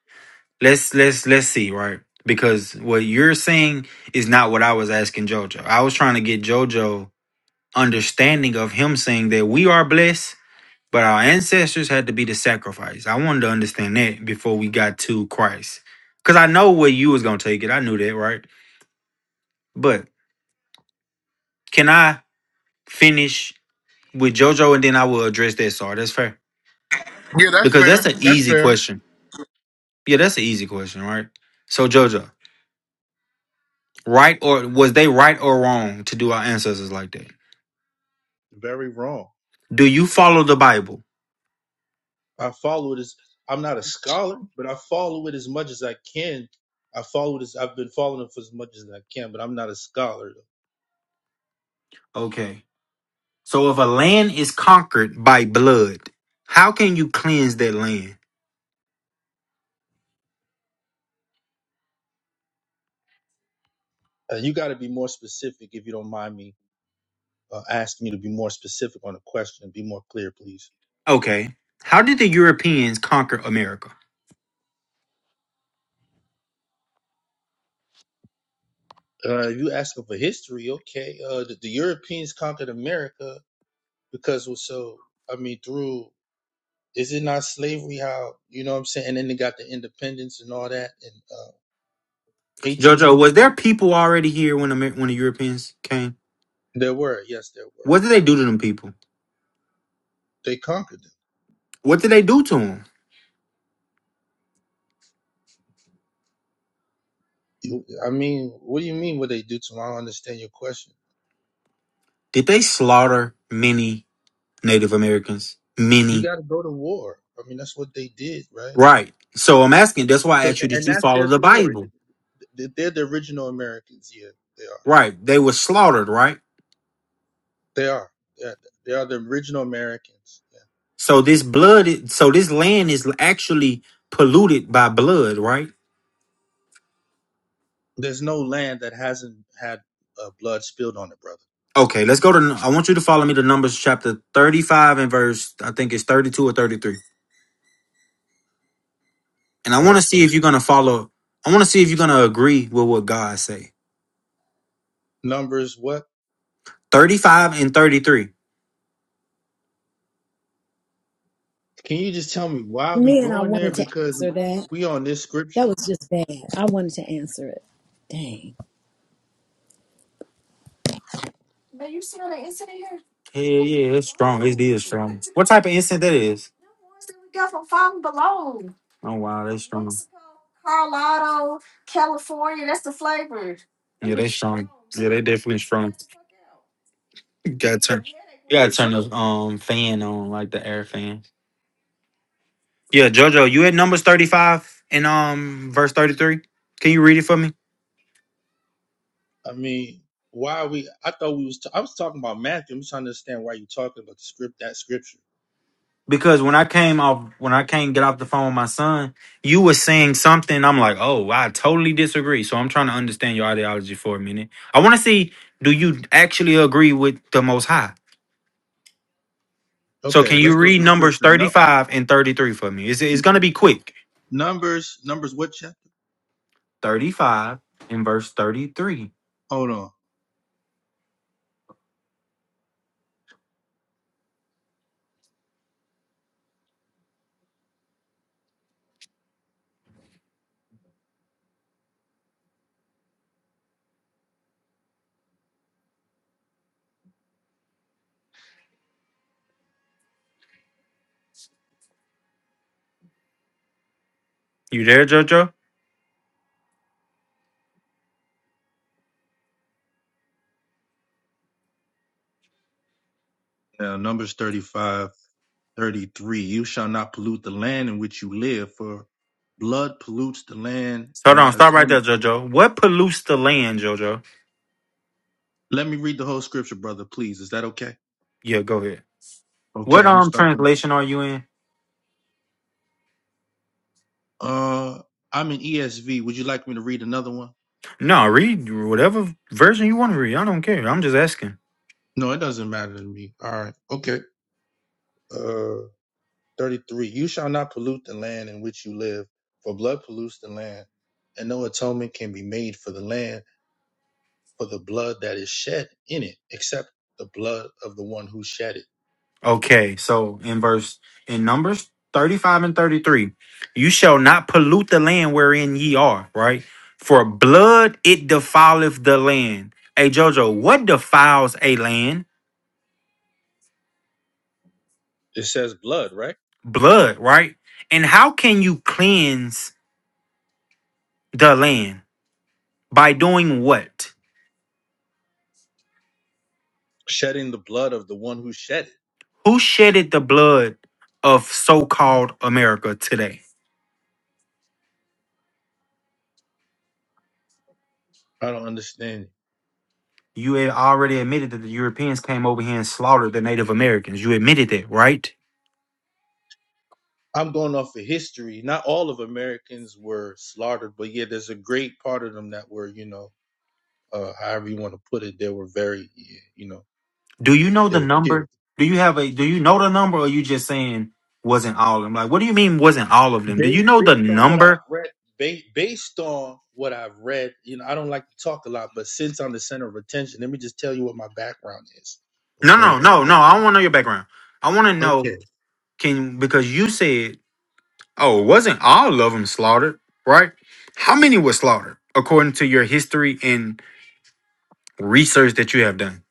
S18: let's let's let's see, right? Because what you're saying is not what I was asking Jojo. I was trying to get Jojo understanding of him saying that we are blessed But our ancestors had to be the sacrifice. I wanted to understand that before we got to Christ. Because I know where you was going to take it. I knew that, right? But can I finish with JoJo and then I will address that, Sar? That's fair.
S2: Yeah, that's
S18: Because that's an
S2: fair. That's
S18: easy
S2: fair.
S18: question. Yeah, that's an easy question, right? So, JoJo, right or was they right or wrong to do our ancestors like that?
S17: very wrong.
S18: Do you follow the Bible?
S17: I follow it as I'm not a scholar, but I follow it as much as I can. I follow this. I've been following it for as much as I can, but I'm not a scholar.
S18: Okay. So, if a land is conquered by blood, how can you cleanse that land?
S17: Uh, you got to be more specific if you don't mind me uh, asking you to be more specific on the question be more clear, please.
S18: Okay. How did the Europeans conquer America?
S17: Uh, if you asking for history, okay. Uh, the, the Europeans conquered America because well, so I mean through is it not slavery? How you know what I'm saying? And then they got the independence and all that in uh,
S18: Jojo, was
S17: 1800.
S18: there people already here when Amer- when the Europeans came?
S17: There were, yes, there were.
S18: What did they
S17: Yeah.
S18: do to them people?
S17: They conquered them.
S18: What did they do to them?
S17: You- I mean, what do you mean? What they do to? 'em? I don't understand your question.
S18: Did they slaughter many Native Americans?
S17: You
S18: Many.
S17: got to go to war. I mean, that's what they did, right?
S18: Right. So I'm asking, that's why I
S17: So,
S18: asked you,
S17: a-
S18: did
S17: and
S18: you
S17: that's
S18: follow
S17: their
S18: the
S17: story. Th-
S18: Bible?
S17: th- They're the original Americans. Yeah, they are.
S18: Right. They were slaughtered, right?
S17: They are. They are they are the original Americans. Yeah.
S18: So this blood, i- so this land is actually polluted by blood, right?
S17: There's no land that hasn't had uh, blood spilled on it, brother.
S18: Okay, let's go to, I want you to follow me to Numbers chapter 35 and verse, I think it's 32 or 33. and I want to see
S17: Okay.
S18: if you're gonna follow. I want to see if you're gonna agree with what God say.
S17: Numbers. What?
S18: Thirty-five and thirty-three.
S17: Can you just tell me why are we
S1: Man, I
S17: going there?
S1: wanted to
S17: Because
S1: answer that.
S17: we on this
S1: That
S17: scripture.
S1: was just bad. I wanted to answer it. Dang.
S18: Hell yeah, it's strong. It is strong. What type of incense that is? Oh wow, that's strong. Carl Yeah, they strong. Yeah, they definitely strong. You gotta turn. You gotta turn the um fan on, like the air fan. Yeah, Jojo, you at numbers thirty-five and um verse thirty-three. Can you read it for me?
S17: I mean, why are we? I thought we was. T- I was talking about Matthew. I'm just trying to understand why you talking about the script that scripture.
S18: Because when I came off, when I came get off the phone with my son, you were saying something. I'm like, oh, I totally disagree. So I'm trying to understand your ideology for a minute. I want to see, do you actually agree with the Most High? So
S17: Okay,
S18: can you
S17: let's go
S18: read
S17: to
S18: Numbers
S17: scripture. No,
S18: 35 and 33 for me? It's, it's
S17: n-
S18: going to be quick.
S17: numbers, numbers. What chapter?
S18: 35 and verse 33.
S17: Hold on.
S18: You there, JoJo?
S17: Yeah, numbers 35, 33. You shall not pollute the land in which you live, for blood pollutes the land, and
S18: Hold on,
S17: not
S18: stop right there,
S17: atone.
S18: JoJo. What pollutes the land, JoJo?
S17: Let me read the whole scripture, brother. Please, is that okay?
S18: Yeah, go ahead.
S17: Okay,
S18: What
S17: I'm gonna
S18: um
S17: start from.
S18: translation are you in?
S17: Uh, I'm in ESV. Would you like me to read another one?
S18: No, read whatever version you want to read. I don't care. I'm just asking.
S17: No, it doesn't matter to me. All right. Okay. Uh. 33 You shall not pollute the land in which you live, for blood pollutes the land, and no atonement can be made for the land for the blood that is shed in it, except the blood of the one who shed it.
S18: Okay, so in verse in Numbers 35 and 33, you shall not pollute the land wherein ye are, right? For blood it defileth the land. Hey Jojo, what defiles a land?
S17: It says blood, right?
S18: Blood, right? And how can you cleanse the land? By doing what?
S17: Shedding the blood of the one who shed it.
S18: Who shedded the blood of so-called America today?
S17: I don't understand. it.
S18: You had already admitted that the Europeans came over here and slaughtered the Native Americans. You admitted that, right?
S17: I'm going off of history. Not all of Americans were slaughtered, but yeah, there's a great part of them that were, you know, uh, however you want to put it, they were very, you know,
S18: Do you know
S17: they
S18: the
S17: were killed.
S18: number? Do you have a do you know the number or you just saying wasn't all of them? Like what do you mean wasn't all of them? Do you
S17: based
S18: know the
S17: based on what I've
S18: number?
S17: read, ba- based on what I've read, you know, I don't like to talk a lot, but since I'm the center of attention, let me just tell you what my background is.
S18: No,
S17: Okay.
S18: no, no, no. I don't want to know your background. I want to
S17: Okay.
S18: know can because you said, "Oh, wasn't all of them slaughtered?" Right? How many were slaughtered according to your history and research that you have done?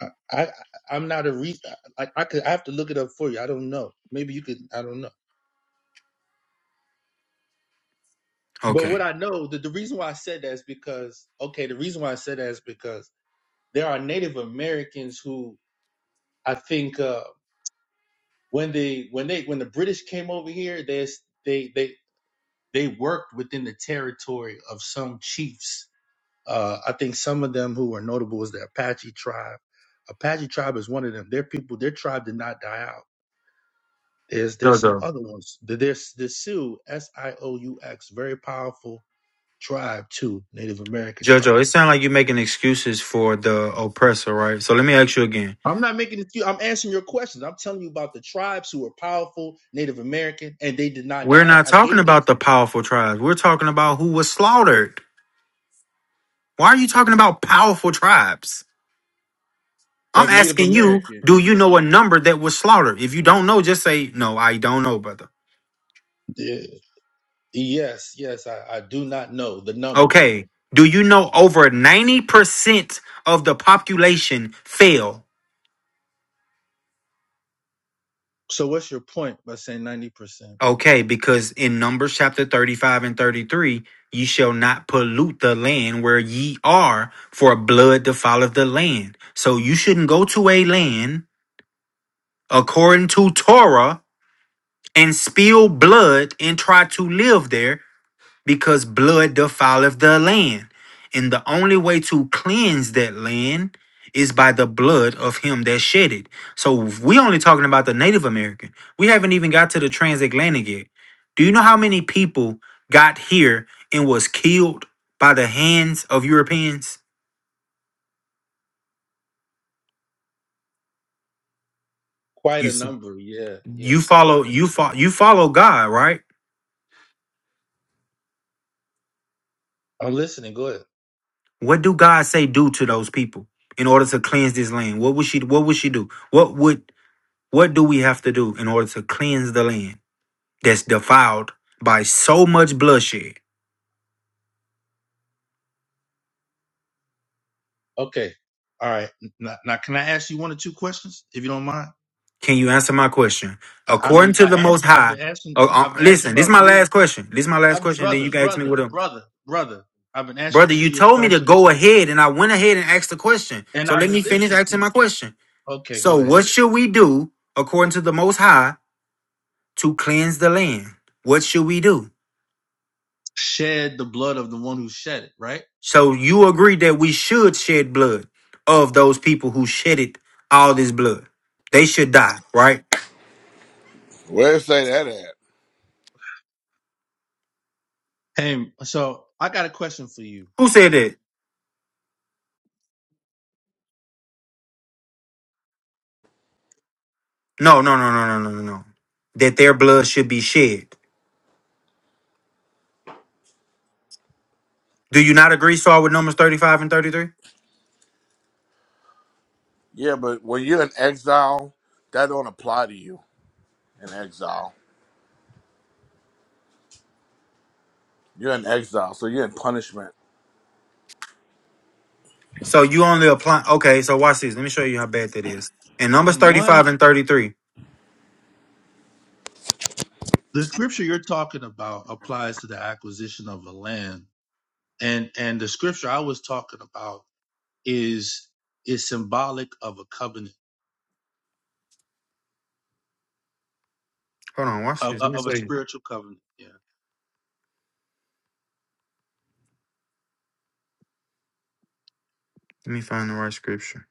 S17: I, I I'm not a re. I, I could I have to look it up for you. I don't know. Maybe you could. I don't know. But
S18: Okay.
S17: what I know, the, the reason why I said that is because okay, the reason why I said that is because there are Native Americans who I think uh, when they when they when the British came over here, they they they they worked within the territory of some chiefs. Uh, I think some of them who were notable was the Apache tribe. Apache tribe is one of them. Their people, their tribe did not die out. There's there's some
S18: Jojo.
S17: other ones. There- There's the Sioux, S I O U X, very powerful tribe too, Native American
S18: Jojo,
S17: tribe.
S18: it sounds like you're making excuses for the oppressor, right? So let me ask you again.
S17: I'm not making it. I'm answering your questions. I'm telling you about the tribes who were powerful Native American, and they did not
S18: We're
S17: die out.
S18: not
S17: I
S18: talking
S17: gave them
S18: about
S17: to
S18: the
S17: you
S18: powerful tribes. We're talking about who was slaughtered. Why are you talking about powerful tribes? I'm
S17: of Native
S18: asking you, do
S17: Americans.
S18: you
S17: yeah,
S18: know a number that was slaughtered? If you don't know, just say, no, I don't know, brother.
S17: Yeah. Yes, yes, I, I do not know the number, brother.
S18: Okay. Do you know over 90% of the population fell?
S17: So what's your point by saying 90%?
S18: Okay, because in Numbers chapter 35 and 33, ye shall not pollute the land where ye are, for blood defileth the land. So you shouldn't go to a land according to Torah and spill blood and try to live there because blood defileth the land. And the only way to cleanse that land is by the blood of him that shed it. So we only talking about the Native American. We haven't even got to the transatlantic yet. Do you know how many people got here and was killed by the hands of Europeans?
S17: Quite
S18: You
S17: a
S18: s-
S17: number. Yeah, yeah,
S18: you
S17: quite
S18: follow
S17: a
S18: you
S17: number.
S18: follow you follow God, right?
S17: I'm listening. Go ahead.
S18: What do God say do to those people in order to cleanse this land? What would she what would she do? What would What do we have to do in order to cleanse the land that's defiled by so much bloodshed?
S17: Okay. All right. Now, now can I ask you one or two questions, if you don't mind?
S18: Can you answer my question?
S17: I, I've
S18: According
S17: been,
S18: to
S17: I
S18: the
S17: asked,
S18: Most
S17: you- I've
S18: High,
S17: been asking,
S18: uh, uh,
S17: I've been asking
S18: listen, this is
S17: about
S18: my
S17: three.
S18: last question. This is my
S17: I,
S18: last question. Then you
S17: brother,
S18: can ask me what
S17: brother,
S18: a
S17: brother, brother. I've been asking
S18: brother. You
S17: three of your
S18: told me to
S17: questions
S18: go ahead, and I went ahead and asked the question.
S17: and
S18: So
S17: I've
S18: let
S17: been
S18: me finish
S17: listening to
S18: asking
S17: you.
S18: my question.
S17: Okay,
S18: So,
S17: go ahead.
S18: what
S17: Go ahead.
S18: should we do according to the Most High to cleanse the land? What should we do?
S17: Shed the blood of the one who shed it, right?
S18: So you agree that we should shed blood of those people who shedded all this blood. They should die, right?
S2: Where say that at?
S17: Hey, so I got a question for you.
S18: Who said
S17: Okay.
S18: that? No, no, no, no, no, no, no, no. That their blood should be shed. Do you not agree, Saul, with Numbers 35 and 33?
S2: Yeah, but when you're in exile, that don't apply to you in exile. You're in exile, so you're in punishment.
S18: So you only apply okay, so watch this. Let me show you how bad that is. In Numbers
S17: In 1
S18: 35 and 33.
S17: the scripture you're talking about applies to the acquisition of a land and and the scripture i was talking about is is symbolic of a covenant
S18: Hold on, watch
S17: of,
S18: this.
S17: of
S18: Let
S17: a spiritual covenant yeah
S18: me find the right scripture.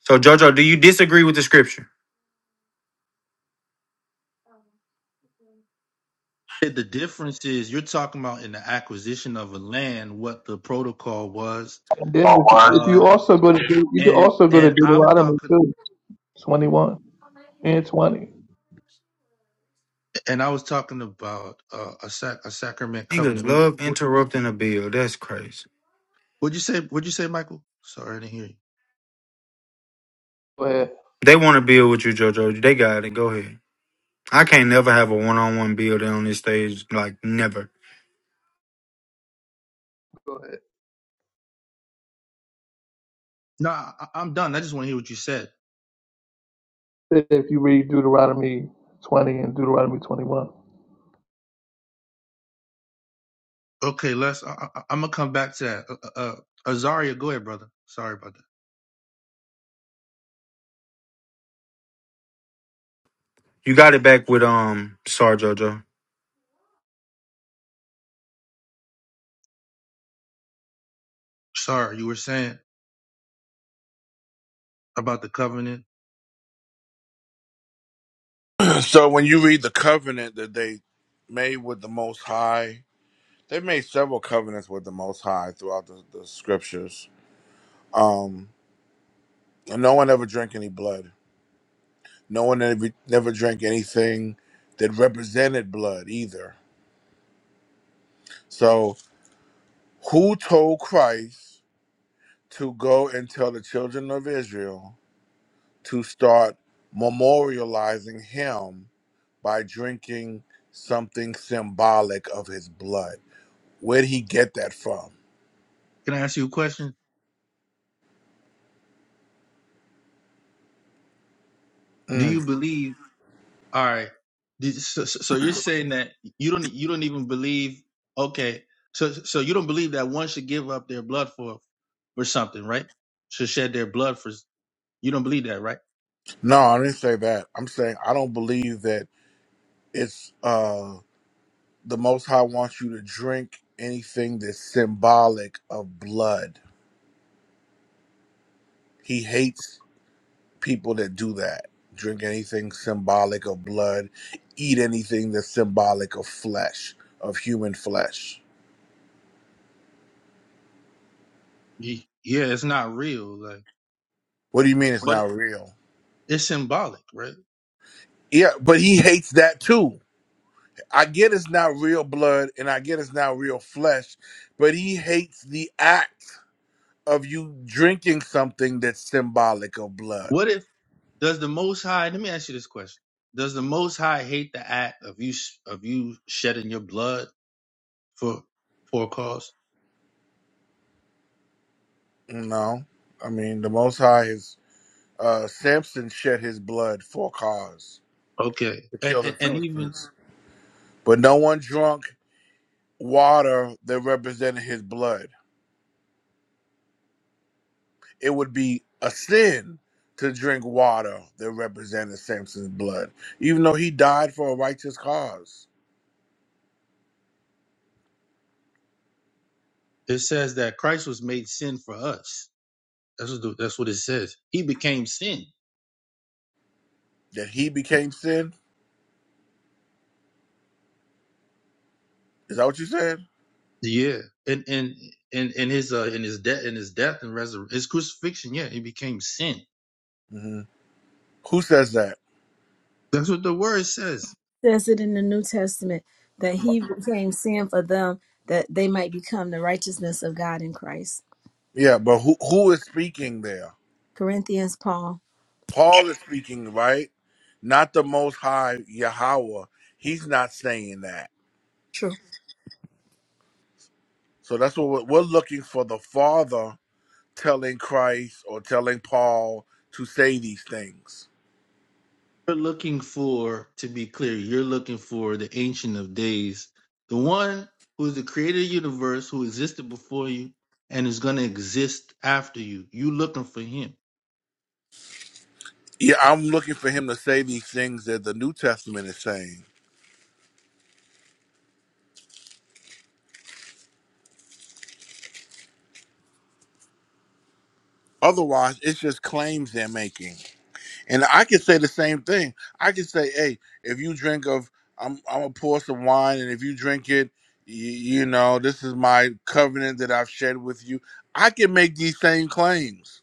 S18: So Jojo, do you disagree with the scripture?
S17: the difference is you're talking about in the acquisition of a land what the protocol was
S4: And then if you, if
S17: uh
S4: you also go to De- you could
S17: and
S4: also go to
S17: and i'm
S4: Deuteronomy
S17: talking
S4: too, twenty one and twenty.
S17: and i was talking about uh, a sac a sacrament
S18: Niggas
S17: covenant
S18: love
S17: what
S18: interrupting a bill. That's crazy.
S17: would you say what would you say michael sorry i didn't hear you
S4: Go ahead.
S18: They want to build with you, Jojo. They got it. Go ahead. I can't never have a one on one building on this stage, like never.
S4: Go
S17: no I- i'm done i just want to hear what you said
S4: ahead. If you read Deuteronomy twenty and Deuteronomy twenty one,
S17: Okay, Les, I, I, I'm gonna come back to that. Uh, uh, uh, Azaria, go ahead, brother. Sorry about that.
S18: You got it back with um Sar Jojo.
S17: Sorry, you were saying about the covenant.
S2: So when you read the covenant that they made with the Most High, they made several covenants with the Most High throughout the, the scriptures. And no one ever drank any blood. No one ever, never drank anything that represented blood either. So who told Christ? to go and tell the children of Israel to start memorializing him by drinking something symbolic of his blood. Where'd he get that from?
S17: Can I ask you a question? Do you believe? All right. Did, so, so so you're saying that you don't you don't even believe? Okay. So so you don't believe that one should give up their blood for for something, right? Should shed their blood for. You don't believe that, right?
S2: No, I didn't say that. I'm saying I don't believe that it's uh the most high wants you to drink anything that's symbolic of blood. He hates people that do that. Drink anything symbolic of blood, eat anything that's symbolic of flesh, of human flesh.
S17: Ye- Yeah, it's not real, like,
S2: What do you mean it's
S17: but
S2: not real?
S17: it's symbolic, right?
S2: Yeah, but he hates that too. I get it's not real blood and I get it's not real flesh, but he hates the act of you drinking something that's symbolic of blood.
S17: What if? Does the Most High? Let me ask you this question: Does the Most High hate the act of you of you shedding your blood for for a cause?
S2: No, I mean, the Most High is, uh, Samson shed his blood for a cause
S17: Okay,
S2: to
S17: and
S2: kill the
S17: and, and even
S2: Philistines, but no one drunk water that represented his blood. it would be a sin to drink water that represented Samson's blood, even though he died for a righteous cause.
S17: it says that Christ was made sin for us. That's what the- that's what it says. He became sin.
S2: That he became sin? Is that what you said?
S17: Yeah, and and and in his uh in his death in his death and resurrection his crucifixion. Yeah, he became sin.
S2: hmm Who says that?
S17: That's what the word says.
S1: says it in the New Testament that he became sin for them that they might become the righteousness of God in Christ.
S2: Yeah, but who who is speaking there?
S1: Corinthians, Paul.
S2: Paul is speaking, right? Not the Most High Yahweh. He's not saying that.
S1: True.
S2: So that's what we're, we're looking for. The Father telling Christ or telling Paul to say these things.
S17: You're looking for, to be clear, you're looking for the Ancient of Days, the one who is the creator of the universe, who existed before you and is going to exist after you. You looking for him.
S2: Yeah, I'm looking for him to say these things that the New Testament is saying. Otherwise, it's just claims they're making. And I could say the same thing. I could say, hey, if you drink of, I'm, I'm going to pour some wine, and if you drink it, you, you know, this is my covenant that I've shared with you. I can make these same claims.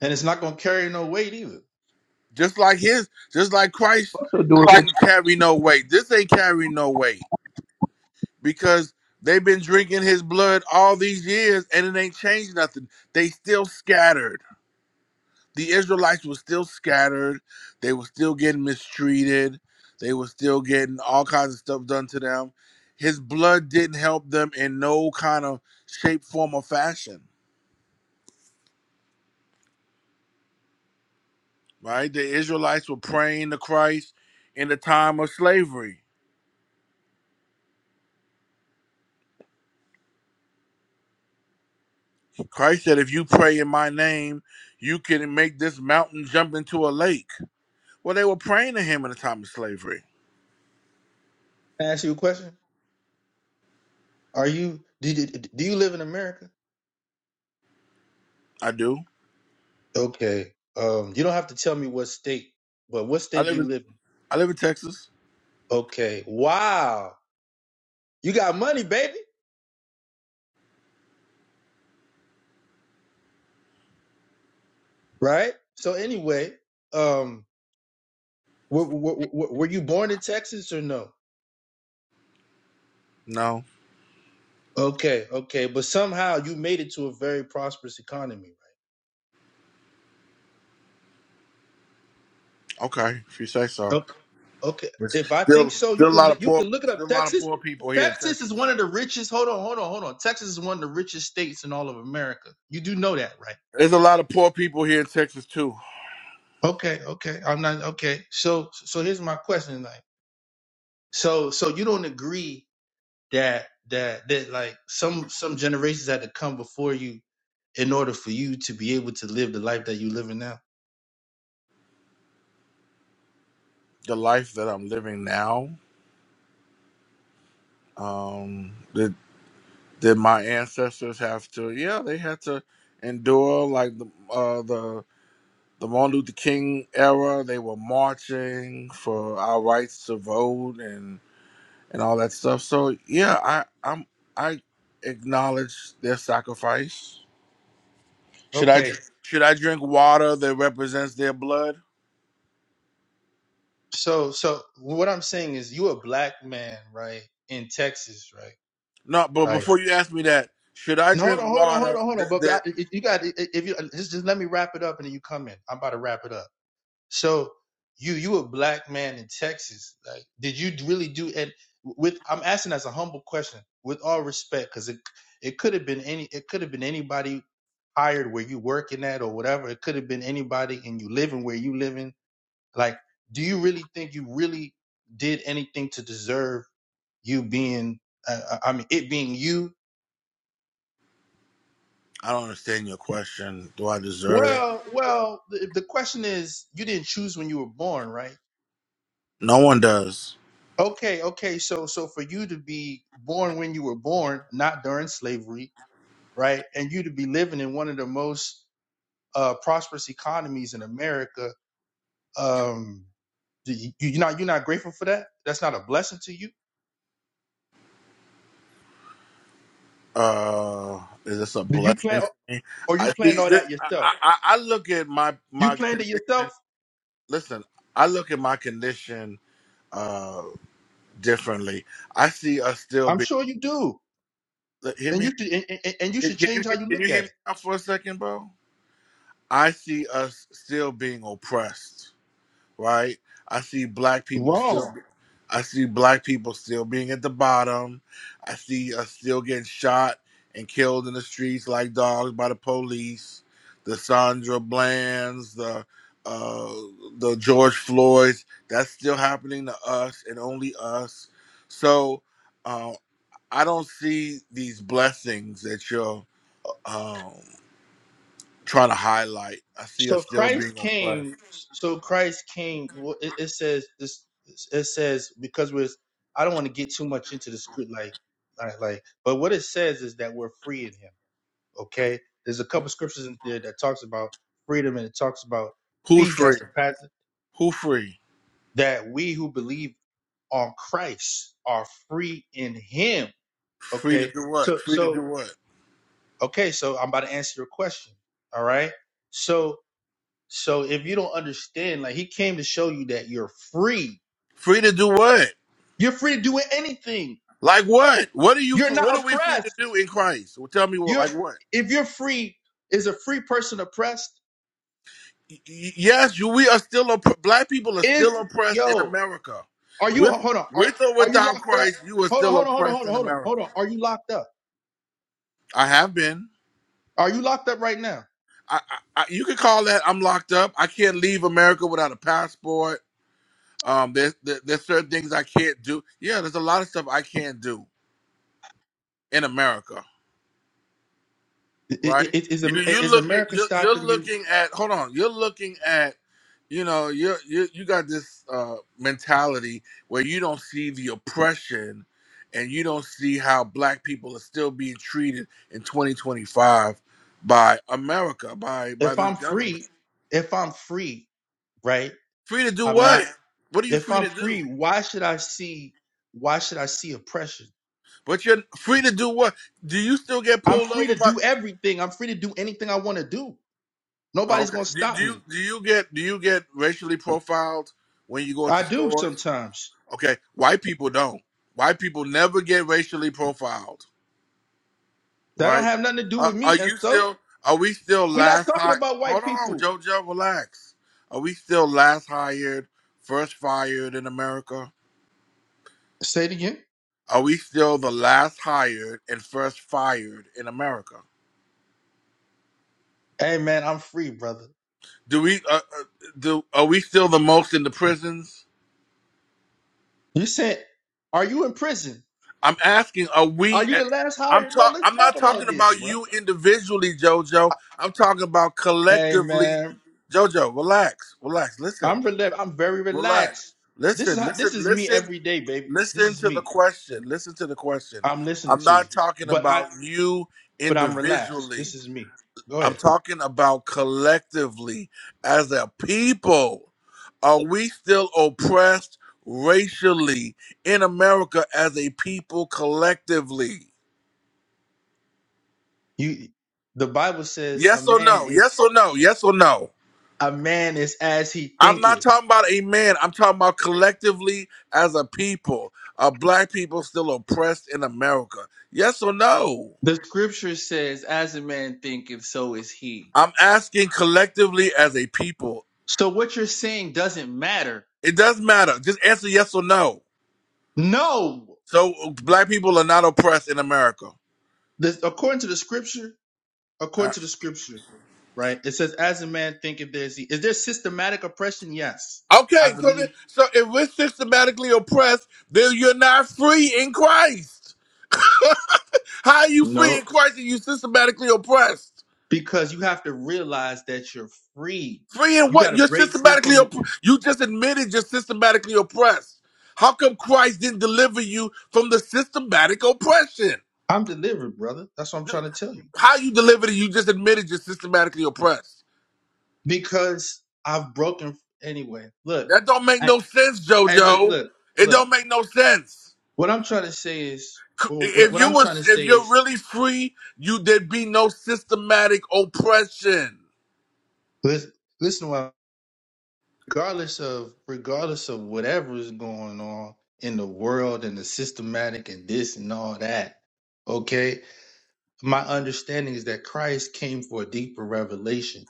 S17: And it's not going to carry no weight either.
S2: Just like his, just like Christ
S4: also do it
S2: didn't carry no weight. This ain't carry no weight. because they've been drinking his blood all these years and it ain't changed nothing. They still scattered. The Israelites were still scattered. They were still getting mistreated. They were still getting all kinds of stuff done to them. His blood didn't help them in no kind of shape, form, or fashion. Right? The Israelites were praying to Christ in the time of slavery. Christ said, If you pray in my name, you can make this mountain jump into a lake. Well, they were praying to him in the time of slavery
S17: Can I ask you a question? Are you, do, do do you live in America?
S2: I do.
S17: Okay. Um, you don't have to tell me what state, but what
S2: I
S17: state do
S2: live
S17: you
S2: in
S17: live
S2: I live in Texas.
S17: in? Okay. Wow. You got money, baby. Right? So anyway, um, were, were were you born in Texas or no?
S2: No.
S17: Okay, okay, but somehow you made it to a very prosperous economy,
S2: Okay, if you say so.
S17: right? O- Okay,
S2: There's
S17: if I think
S2: still
S17: so, you
S2: still a
S17: can
S2: lot
S17: li-
S2: of
S17: you
S2: poor
S17: can look it
S2: still
S17: up.
S2: a lot of
S17: Texas,
S2: poor people here in
S17: Texas
S2: Texas.
S17: is one of the richest. Hold on, hold on, hold on. Texas is one of the richest states in all of America. You do know that, right?
S2: There's a lot of poor people here in Texas too.
S17: Okay, okay. I'm not okay. So, so here's my question, like, so, so you don't agree that that that like some some generations had to come before you in order for you to be able to live the life that you living now?
S2: The life that I'm living now, that that my ancestors have to yeah, they had to endure like the uh the the Martin Luther King era. They were marching for our rights to vote and and all that stuff. So yeah, I I'm I acknowledge their sacrifice Should I
S17: Okay.
S2: dr- should I drink water that represents their blood?
S17: So, so what I'm saying is, you a black man, right, in Texas, right?
S2: No, but
S17: Like,
S2: before you ask me that, should I
S17: no, hold
S2: drink
S17: on, hold on, hold on,
S2: water
S17: hold on.
S2: that,
S17: But but I,
S2: that
S17: if you got, if you uh, just just let me wrap it up, and then you come in. I'm about to wrap it up. So, you you a black man in Texas? Like, did you really do? And with I'm asking as a humble question, with all respect, because it it could have been any, it could have been anybody hired where you working at or whatever. It could have been anybody and you living where you living like, do you really think you really did anything to deserve you being, uh, uh, I mean, it being you?
S2: I don't understand your question. Do I deserve?
S17: Well, well, the, the question is, you didn't choose when you were born, right?
S2: No one does.
S17: Okay, okay. So, so for you to be born when you were born, not during slavery, right? And you to be living in one of the most uh, prosperous economies in America, um, do you, you're not you're not grateful for that. That's not a blessing to you.
S2: Uh, is this a
S17: Did you
S2: blessing
S17: plan
S2: to me?
S17: or
S2: I
S17: you
S2: see.
S17: planned all
S2: This,
S17: that yourself?
S2: I, I, I look at my
S17: You
S2: my
S17: planned
S2: con-
S17: it yourself
S2: listen. I look at my condition uh differently. I see us still
S17: I'm
S2: being.
S17: sure you do.
S2: Hear
S17: And
S2: me.
S17: you should, and, and and you
S2: Can
S17: should
S2: you
S17: change how you
S2: can you
S17: look
S2: hear
S17: at
S2: me
S17: it.
S2: out for a second, bro? I see us still being oppressed right? I see black people still.
S17: Wrong.
S2: I see black people still being at the bottom. I see us still getting shot and killed in the streets like dogs by the police. The Sandra Bland's, the uh, the George Floyd's. That's still happening to us and only us. So uh, I don't see these blessings that you're um, trying to highlight. I see us
S17: So
S2: still
S17: Christ
S2: being oppressed.
S17: came. So Christ came. well, It, it says this. It says because we're. I don't want to get too much into the script, like, like, like. But what it says is that we're free in Him. Okay. There's a couple scriptures in there that talks about freedom and it talks about
S2: Who's
S17: peace. That's
S2: free?
S17: the path
S2: Who free?
S17: that we who believe on Christ are free in Him.
S2: Free to
S17: Okay.
S2: do what?
S17: So,
S2: Free to
S17: so
S2: do what?
S17: Okay, so I'm about to answer your question. All right. So so if you don't understand, like he came to show you that you're free.
S2: Free to do what?
S17: You're free to do anything.
S2: Like what? What are you?
S17: You're not
S2: What are we free to
S17: oppressed.
S2: do in Christ? Well, tell me what.
S17: You're
S2: Like what?
S17: if you're free, is a free person oppressed?
S2: Y- y- Yes, you, we are still opp- black people are
S17: Is
S2: still oppressed in
S17: yo,
S2: America.
S17: are you
S2: With
S17: hold on, are
S2: with or
S17: are you
S2: without
S17: locked up?
S2: Christ, you are
S17: Hold on,
S2: still
S17: hold on, hold on,
S2: oppressed
S17: hold on,
S2: in
S17: hold on, hold
S2: America.
S17: on. Are you locked up?
S2: I have been.
S17: Are you locked up right now?
S2: I, I, I you could call that I'm locked up. I can't leave America without a passport. Um, there's there, there's certain things I can't do. Yeah, there's a lot of stuff I can't do in America.
S17: I- I-
S2: right?
S17: I- Is
S2: You
S17: Am-
S2: you
S17: is
S2: look at
S17: America
S2: you're, you're
S17: stopping you?
S2: looking at hold on, you're looking at you know you you you got this uh, mentality where you don't see the oppression and you don't see how black people are still being treated in 2025 by America by by
S17: If
S2: this
S17: I'm
S2: government.
S17: free, if I'm free, right?
S2: Free to do
S17: I'm not.
S2: what? What are you
S17: If
S2: free
S17: I'm
S2: to
S17: free,
S2: do?
S17: why should I see why should I see oppression?
S2: But you're free to do what? Do you still get
S17: I'm
S2: pulled
S17: free
S2: over
S17: to
S2: by?
S17: do everything. I'm free to do anything I want to do.
S2: Oh,
S17: Nobody's
S2: okay.
S17: gonna
S2: Do, do
S17: stop
S2: you
S17: me.
S2: do you get do you get racially profiled when you go
S17: I
S2: into
S17: do
S2: stores?
S17: sometimes.
S2: Okay, white people don't. White people never get racially profiled,
S17: That don't
S2: right?
S17: have nothing to do
S2: Are,
S17: with
S2: are
S17: me. And
S2: you
S17: so
S2: still? Are we still
S17: we're not
S2: last
S17: talking
S2: high?
S17: about
S2: Hold
S17: white
S2: on,
S17: people.
S2: JoJo, relax. Are we still last hired, first fired in America?
S17: Say it again.
S2: Are we still the last hired and first fired in America?
S17: Hey man, I'm free, brother.
S2: Do we? Uh, uh, do are we still the most in the prisons?
S17: You said, are you in prison?
S2: I'm asking, are
S17: Are
S2: we?
S17: you
S2: At,
S17: the last
S2: I'm
S17: hired? No,
S2: talk.
S17: let's
S2: I'm
S17: talk
S2: not
S17: about
S2: talking
S17: this,
S2: about
S17: bro.
S2: you individually, JoJo. I'm talking about
S17: Hey
S2: collectively.
S17: man,
S2: JoJo, relax, relax. Listen,
S17: I'm rela- I'm very
S2: relax.
S17: relaxed. This is
S2: Listen,
S17: how
S2: listen,
S17: this is me
S2: listen,
S17: every day, baby. This
S2: listen
S17: is
S2: to the
S17: me.
S2: question. Listen to the question.
S17: I'm listening
S2: I'm
S17: to you.
S2: not talking
S17: But I.
S2: about you
S17: but I'm relaxed.
S2: individually.
S17: This is me. Go
S2: I'm
S17: ahead.
S2: talking about collectively as a people. Are we still oppressed racially in America as a people collectively?
S17: You the Bible says a
S2: Yes or
S17: man
S2: no?
S17: is
S2: Yes or no? Yes or no?
S17: a man is as he
S2: I'm not
S17: thinketh.
S2: talking about a man. I'm talking about collectively as a people. Are black people still oppressed in America? Yes or no?
S17: The scripture says, as a man thinketh, so is he.
S2: I'm asking collectively as a people.
S17: So what you're saying doesn't matter.
S2: It doesn't matter. Just answer yes or no.
S17: No.
S2: So black people are not oppressed in America.
S17: The, according to the scripture,
S2: Uh,
S17: according to the scripture, right? It says, as a man thinketh, there is he. Is there systematic oppression? Yes. I
S2: Okay, so th-
S17: believe.
S2: so if we're systematically oppressed, then you're not free in Christ. How are you free
S17: No.
S2: in Christ if you systematically oppressed?
S17: Because you have to realize that you're free.
S2: Free in
S17: You got
S2: what?
S17: to
S2: You're
S17: break free
S2: systematically
S17: from the.
S2: opp- you just admitted you're systematically oppressed. How come Christ didn't deliver you from the systematic oppression?
S17: I'm delivered, brother. That's what I'm
S2: Th-
S17: trying to tell you.
S2: How you delivered it, you just admitted you're systematically oppressed.
S17: because I've broken anyway. Look,
S2: That don't make
S17: I,
S2: no sense,
S17: I look,
S2: Jojo.
S17: look,
S2: It
S17: look.
S2: don't make no sense.
S17: What I'm trying to say is,
S2: C-
S17: or what,
S2: If
S17: what
S2: you
S17: I'm trying
S2: was
S17: to
S2: if
S17: say
S2: you're
S17: is,
S2: really free, you there'd be no systematic oppression.
S17: listen, listen. While regardless of regardless of whatever is going on in the world and the systematic and this and all that, okay. My understanding is that Christ came for a deeper revelation.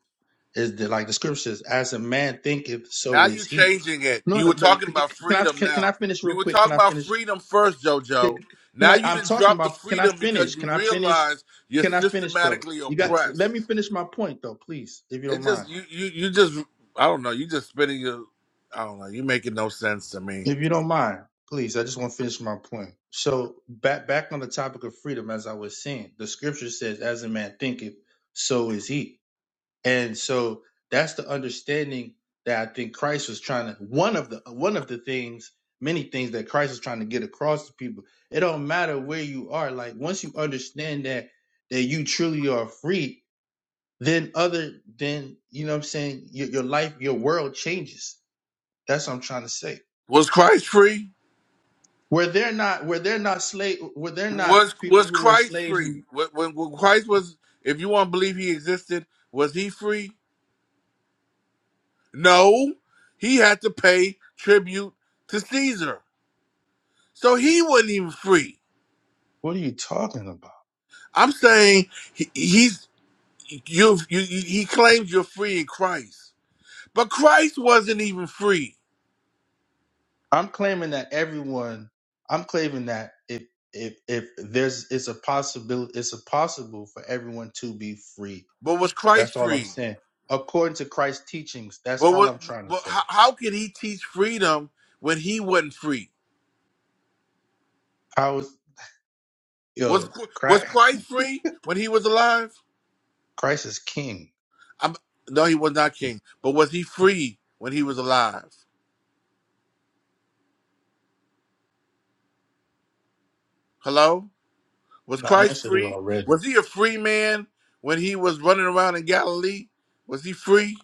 S17: Is that like the scriptures? As a man thinketh,
S2: Now
S17: so
S2: you
S17: is he.
S2: changing it.
S17: No,
S2: You were
S17: no. But you-
S2: talking
S17: you-
S2: about
S17: can I
S2: freedom
S17: can, can I
S2: now.
S17: finish
S2: You
S17: real
S2: were
S17: quick? Can
S2: talking
S17: I
S2: about
S17: finish?
S2: freedom first,
S17: Can
S2: JoJo.
S17: can
S2: Now
S17: I?
S2: you
S17: I'm
S2: didn't
S17: talking
S2: drop the
S17: about. Can I
S2: freedom because
S17: finish?
S2: you
S17: Can I finish?
S2: realize you're
S17: Can I finish though?
S2: systematically
S17: You got. Let me
S2: oppressed.
S17: finish my point though, please, if you
S2: It
S17: don't
S2: just
S17: mind.
S2: you you you just I don't know, you just spinning your I don't know, you making no sense to me.
S17: If you don't mind, please. I just want to finish my point. So back back on the topic of freedom, as I was saying, the scripture says, "As a man thinketh, so is he." And so that's the understanding that I think Christ was trying to one of the one of the things, many things that Christ was trying to get across to people. It don't matter where you are. Like once you understand that that you truly are free, then other then you know what I'm saying, your, your life, your world changes. That's what I'm trying to say.
S2: Was Christ free?
S17: Where they're not where they're not slave where they're not
S2: Was
S17: people
S2: was
S17: who were
S2: Christ
S17: slaves
S2: free? When, when when Christ was if you want to believe he existed, was he free? No. He had to pay tribute to Caesar. So he wasn't even free.
S17: what are you talking about?
S2: I'm saying he, he's you, you. He claims you're free in Christ, but Christ wasn't even free.
S17: I'm claiming that everyone. I'm claiming that if if if there's it's a possibility it's a possible for everyone to be free.
S2: But was Christ
S17: That's all I'm
S2: free?
S17: saying. According to Christ's teachings, that's
S2: But
S17: all
S2: what?
S17: I'm trying to
S2: But
S17: say.
S2: how, how could he teach freedom when he wasn't free?
S17: How is
S2: Was
S17: yo
S2: was
S17: Christ,
S2: Christ free when he was alive?
S17: Christ is King?
S2: I'm, no, he was not king. But was he free when he was alive? Hello, was
S17: I
S2: Christ
S17: answered it
S2: free?
S17: already.
S2: Was he a free man when he was running around in Galilee? Was he free?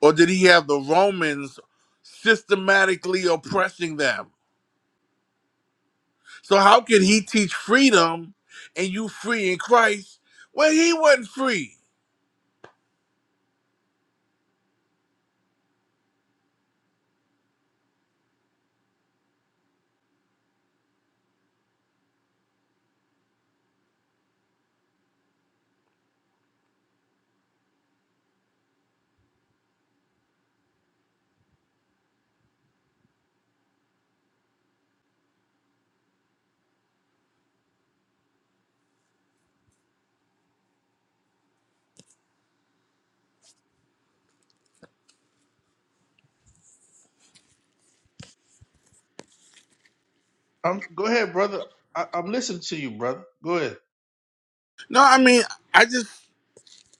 S2: Or did he have the Romans systematically oppressing them? So how could he teach freedom and you free in Christ when he wasn't free?
S17: Um, go ahead, brother. I, I'm listening to you, brother. Go ahead.
S2: No, I mean, I just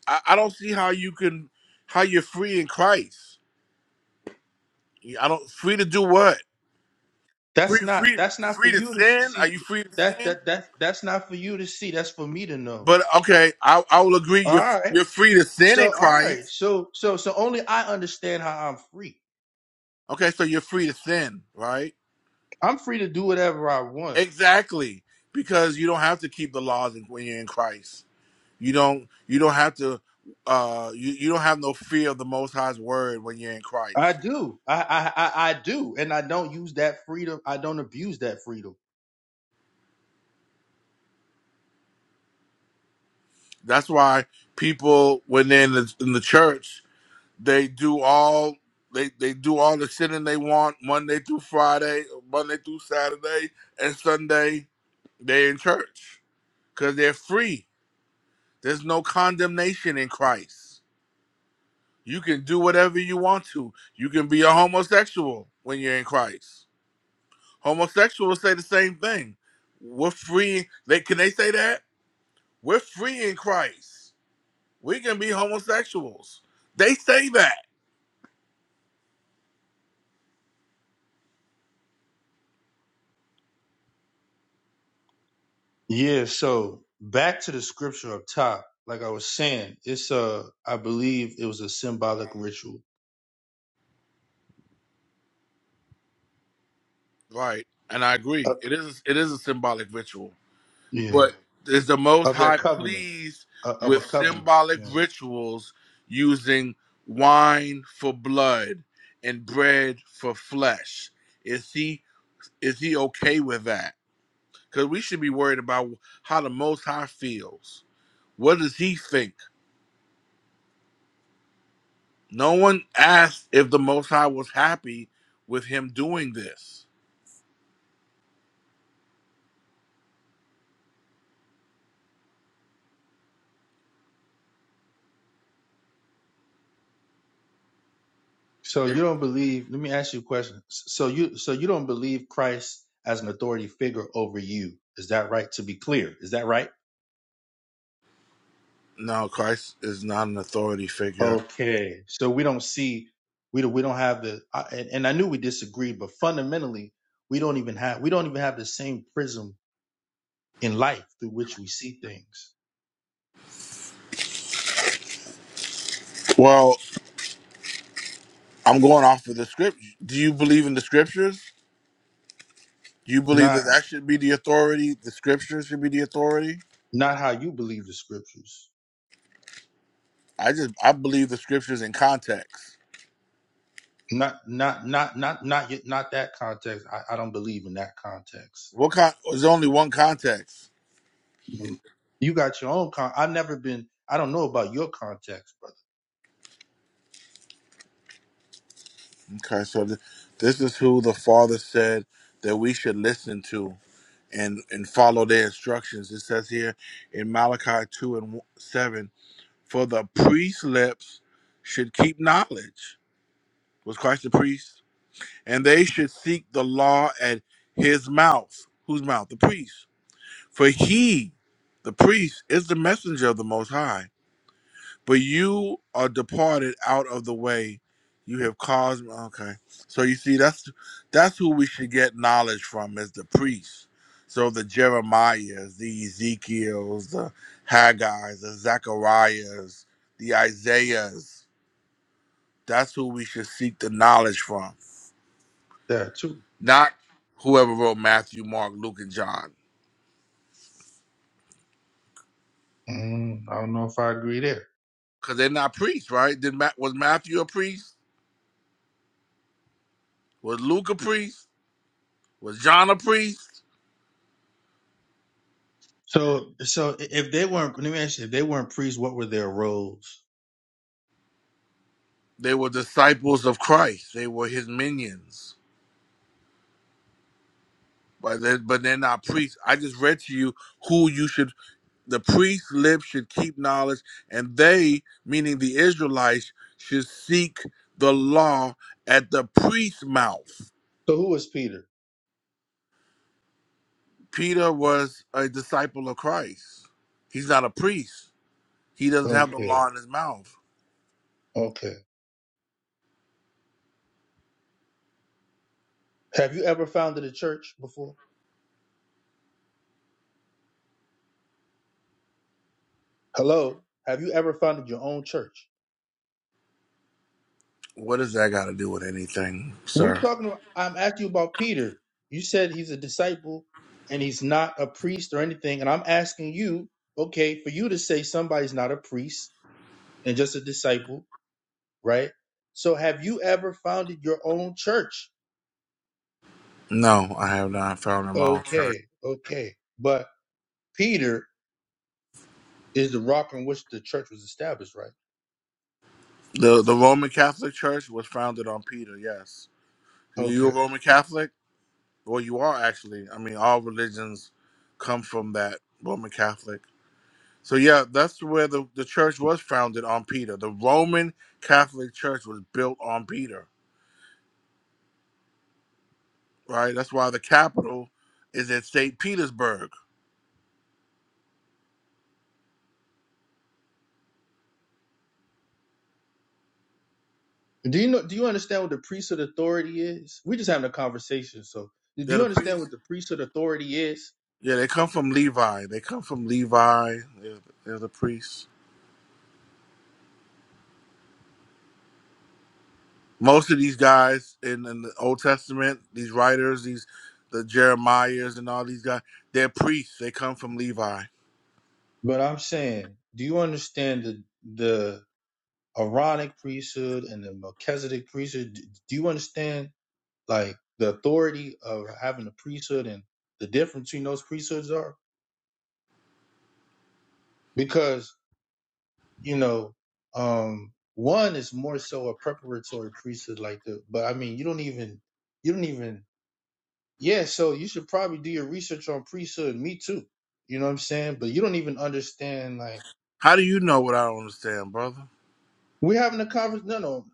S2: I, I don't see how you can how you're free in Christ. I don't free to do what?
S17: That's
S2: Free
S17: not
S2: free
S17: that's not for
S2: free to
S17: you to
S2: sin? Are you
S17: see.
S2: free to
S17: That
S2: sin?
S17: that that that's not for you to see. That's for me to know.
S2: But okay, I, I will agree
S17: All
S2: you're
S17: right.
S2: you're free to sin in
S17: So all right.
S2: Christ.
S17: So so so only I understand how I'm free.
S2: Okay, so you're free to sin, right?
S17: I'm free to do whatever I want.
S2: Exactly, because you don't have to keep the laws in- when you're in Christ. You don't. You don't have to. Uh, you you don't have no fear of the Most High's word when you're in
S17: I
S2: Christ.
S17: do. I I I, I do, and I don't use that freedom. I don't abuse that freedom.
S2: That's why people, when they're in the, in the church, they do all they they do all the sinning they want Monday through Friday, Monday through Saturday, and Sunday they're in church because they're free. There's no condemnation in Christ. You can do whatever you want to. You can be a homosexual when you're in Christ. Homosexuals say the same thing. We're free. They can they say that? We're free in Christ. We can be homosexuals. They say that.
S17: Yeah. So back to the scripture up top. Like I was saying, it's a. I believe it was a symbolic ritual.
S2: Right. And I agree.
S17: Uh,
S2: It is it is a symbolic ritual.
S17: yeah.
S2: But is the most
S17: Of their
S2: high
S17: covenant.
S2: pleased
S17: Uh, of a
S2: with
S17: covenant.
S2: symbolic
S17: Yeah.
S2: rituals using wine for blood and bread for flesh? Is he Is he okay with that? Because we should be worried about how the Most High feels. What does he think? No one asked if the Most High was happy with him doing this.
S17: So you don't believe? Let me ask you a question. So you so you don't believe Christ as an authority figure over you? Is that right? To be clear, is that right?
S2: No, Christ is not an authority figure.
S17: Okay, so we don't see we don't we don't have the I- and, and I knew we disagreed, but fundamentally we don't even have we don't even have the same prism in life through which we see things.
S2: Well, I'm going off of the script. Do you believe in the scriptures? Do you believe that
S17: Not
S2: that should be the authority? The scriptures should be the authority?
S17: not how you believe the scriptures.
S2: I just I believe the scriptures in context.
S17: Not not not not not yet not that context. I, I don't believe in that context.
S2: What con- there's only one context.
S17: Mm. You got your own con. I've never been. I don't know about your context, brother.
S2: Okay, so th- this is who the Father said that we should listen to and, and follow their instructions. It says here in Malachi 2 and w- 7 For the priest's lips should keep knowledge. Was Christ the priest? And they should seek the law at his mouth. Whose mouth? The priest. For he, the priest, is the messenger of the Most High but you are departed out of the way. You have caused okay. So you see, that's that's who we should get knowledge from is the priests. So the Jeremiahs, the Ezekiels, the Haggai's, the Zacharias, the Isaiahs. That's who we should seek the knowledge from,
S17: There too.
S2: not whoever wrote Matthew, Mark, Luke, and John,
S17: Mm, I don't know if I agree there.
S2: because they're not priests, right? Did Ma- was Matthew a priest? Was Luke a priest? Was John a priest?
S17: So so if they weren't let me ask you, if they weren't priests, what were their roles?
S2: They were disciples of Christ. They were his minions. But they're, but they're not priests. I just read to you who you should the priest's lips should keep knowledge, and they, meaning the Israelites, should seek the law at the priest's mouth.
S17: So who is Peter?
S2: Peter was a disciple of Christ. He's not a priest. He doesn't have the
S17: Okay,
S2: law in his mouth.
S17: okay. Have you ever founded a church before? Hello? Have you ever founded your own church?
S2: What does that got to do with anything,
S17: We're
S2: sir?
S17: talking about, I'm asking you about Peter. You said he's a disciple and he's not a priest or anything. And I'm asking you, okay, for you to say somebody's not a priest and just a disciple, right? So have you ever founded your own church?
S2: No, I have not found him out.
S17: Okay, okay. But Peter is the rock on which the church was established,
S2: The the Roman Catholic Church was founded on Peter. Yes,
S17: right?
S2: you a Roman Catholic? Well, you are actually. I mean, all religions come from that Roman Catholic. So yeah, that's where the the church was founded on Peter. The Roman Catholic Church was built on Peter, right? That's why the capital is at Saint Petersburg.
S17: Do you know? Do you understand what the priesthood authority is? We're just having a conversation, so do
S2: They're
S17: you
S2: the
S17: understand
S2: priests.
S17: what the priesthood authority is?
S2: Yeah, they come from Levi. They come from Levi. They're, they're the priests. most of these guys in, in the Old Testament, these writers, these the Jeremiahs and all these guys, they're priests. They come from Levi.
S17: But I'm saying, do you understand the the Aaronic priesthood and the Melchizedek priesthood? D- Do you understand like the authority of having a priesthood and the difference between those priesthoods are? Because you know, um, one is more so a preparatory priesthood, like the. But I mean, you don't even you don't even Yeah, so you should probably do your research on priesthood. Me too. You know what I'm saying? But you don't even understand. Like
S2: How do you know what I don't understand, brother?
S17: we're having a conversation. No, no.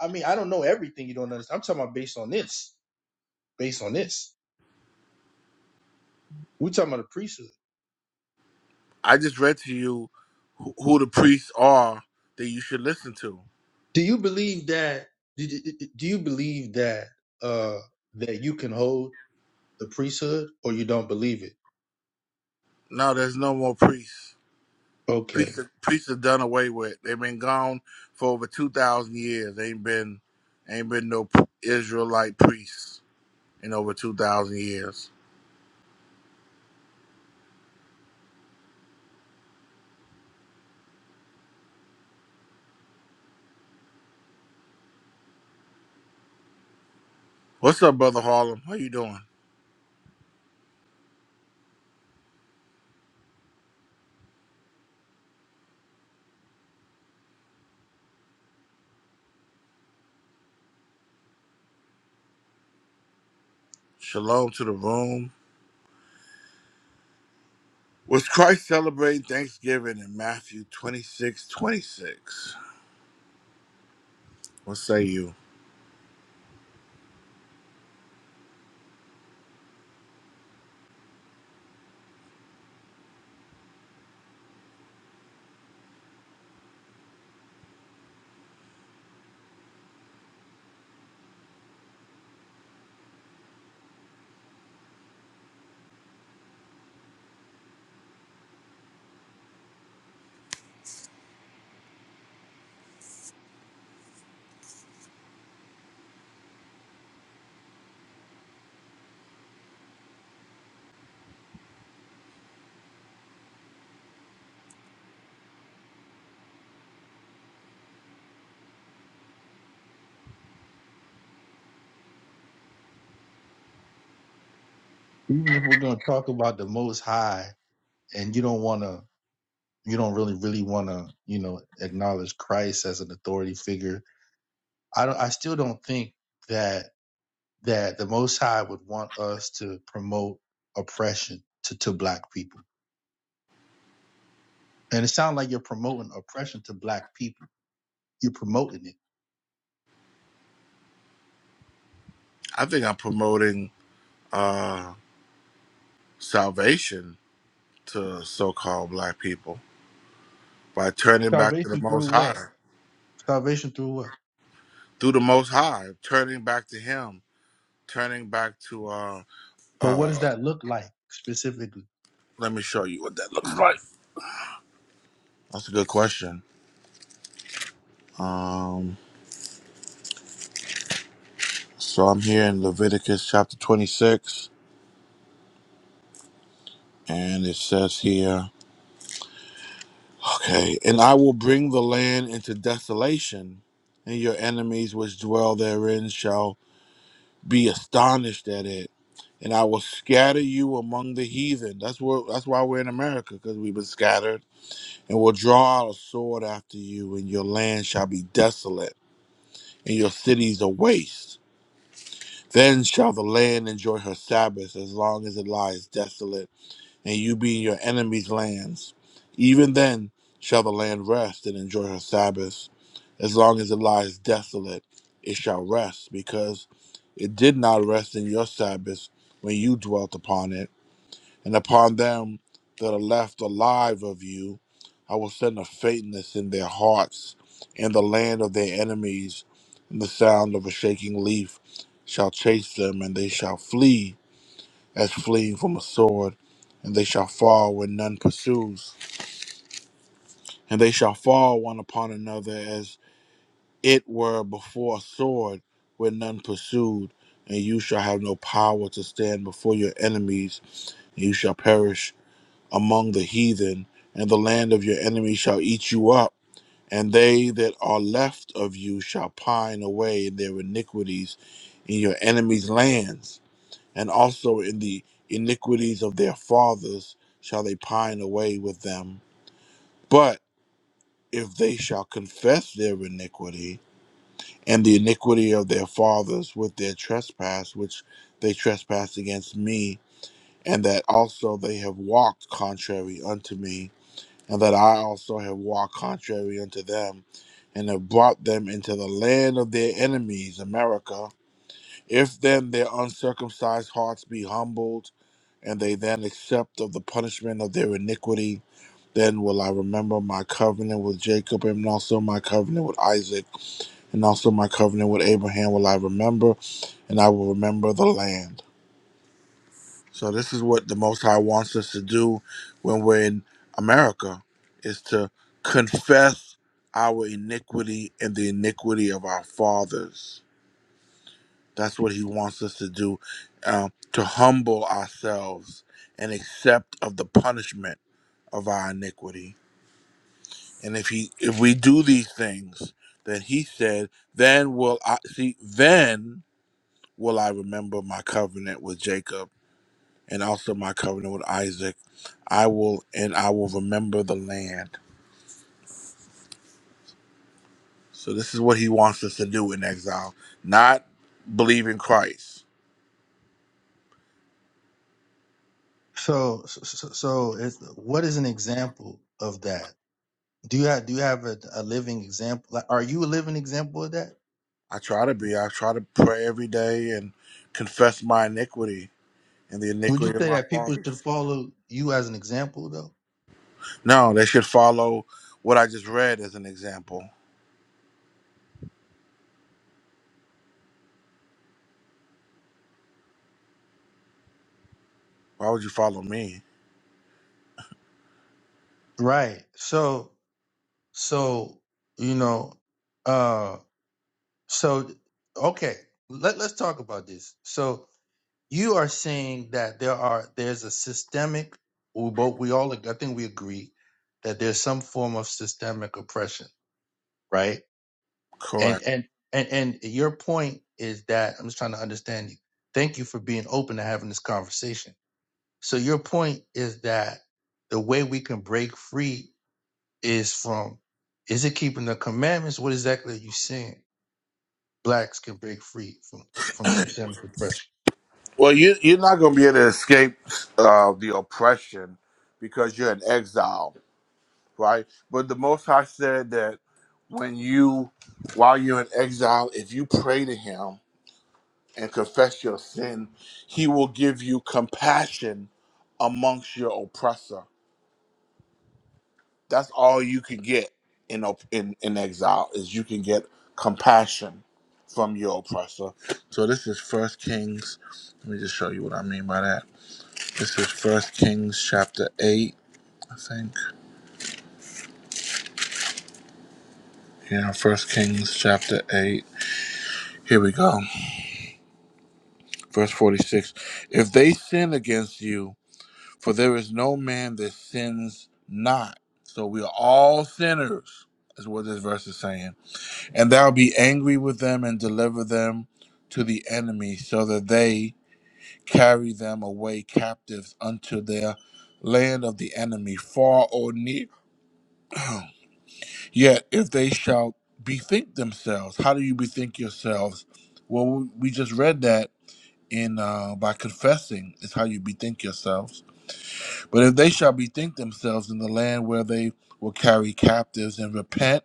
S17: I, I mean, I don't know everything. You don't understand. I'm talking about based on this. Based on this, we're talking about the priesthood.
S2: I just read to you who, who the priests are that you should listen to.
S17: Do you believe that? Do, do do you believe that uh that you can hold the priesthood, or you don't believe it?
S2: No, there's no more priests.
S17: Okay.
S2: Priests are, priests are done away with. They've been gone for over two thousand years. Ain't been ain't been no Israelite priests in over two thousand years. What's up, brother Harlem? How you doing? Shalom to the room. Was Christ celebrating Thanksgiving in Matthew 26 26? What say you?
S17: Even if we're gonna talk about the Most High, and you don't wanna, you don't really, really wanna, you know, acknowledge Christ as an authority figure I don't. I still don't think that that the Most High would want us to promote oppression to to black people. And it sounds like you're promoting oppression to black people. You're promoting it.
S2: I think I'm promoting uh, salvation to so called black people by turning back to the
S17: Salvation through
S2: Most High,
S17: what? Salvation through what?
S2: through the Most High, turning back to Him, turning back to, uh,
S17: But what
S2: uh,
S17: does that look like specifically?
S2: let me show you what that looks like. That's a good question. Um, so I'm here in Leviticus chapter 26, and it says here. Okay. And I will bring the land into desolation, and your enemies which dwell therein shall be astonished at it. And I will scatter you among the heathen. That's where that's why we're in America, because we've been scattered. And will draw out a sword after you, and your land shall be desolate, and your cities a waste. Then shall the land enjoy her Sabbath as long as it lies desolate and you be in your enemies' lands. Even then shall the land rest and enjoy her Sabbath. As long as it lies desolate, it shall rest, because it did not rest in your Sabbath when you dwelt upon it. And upon them that are left alive of you, I will send a faintness in their hearts, and the land of their enemies, and the sound of a shaking leaf shall chase them, and they shall flee as fleeing from a sword, and they shall fall when none pursues, and they shall fall one upon another as it were before a sword when none pursued, and you shall have no power to stand before your enemies, and you shall perish among the heathen, and the land of your enemies shall eat you up. And they that are left of you shall pine away in their iniquities in your enemies' lands and also in the iniquities of their fathers shall they pine away with them. But if they shall confess their iniquity and the iniquity of their fathers with their trespass, which they trespass against me, and that also they have walked contrary unto me, and that I also have walked contrary unto them, and have brought them into the land of their enemies, America. If then their uncircumcised hearts be humbled, and they then accept of the punishment of their iniquity. Then will I remember my covenant with Jacob, and also my covenant with Isaac, and also my covenant with Abraham will I remember, and I will remember the land. So this is what the Most High wants us to do when we're in America, is to confess our iniquity and the iniquity of our fathers. That's what He wants us to do, uh, to humble ourselves and accept of the punishment of our iniquity. And if he if we do these things, then he said, Then will I see then will I remember my covenant with Jacob and also my covenant with Isaac. I will and I will remember the land. So this is what he wants us to do in exile. Not believe in Christ.
S17: So so so so it's, what is an example of that? Do you have do you have a, a living example? Like, are you a living example of that?
S2: I try to be. I try to pray every day and confess my iniquity and the
S17: Would you
S2: iniquity of
S17: say
S2: my
S17: that people
S2: father.
S17: should follow you as an example though?
S2: No, they should follow what I just read as an example Why would you follow me?
S17: Right. So So, you know, uh so okay, let, let's talk about this. So you are saying that there are there's a systemic we both we all I think we agree that there's some form of systemic oppression, right? And
S2: Correct.
S17: and and and your point is that I'm just trying to understand you. Thank you for being open to having this conversation. So your point is that the way we can break free is from is it keeping the commandments? What exactly are you saying? Blacks can break free from, from systemic oppression.
S2: Well, you you're not going to be able to escape uh, the oppression because you're in exile, right? But the Most High said that when you, while you're in exile, if you pray to Him and confess your sin, He will give you compassion amongst your oppressor. That's all you can get in op- in in exile is you can get compassion from your oppressor. So this is First Kings. Let me just show you what I mean by that. This is First Kings chapter eight, I think. Yeah, First Kings chapter eight. Here we go. Verse forty-six. If they sin against you, for there is no man that sins not. So we are all sinners, is what this verse is saying And thou be angry with them and deliver them to the enemy, so that they carry them away captives unto their land of the enemy, far or near. Yet if they shall bethink themselves, how do you bethink yourselves? Well, we we just read that in uh, by confessing is how you bethink yourselves. But if they shall bethink themselves in the land where they will carry captives and repent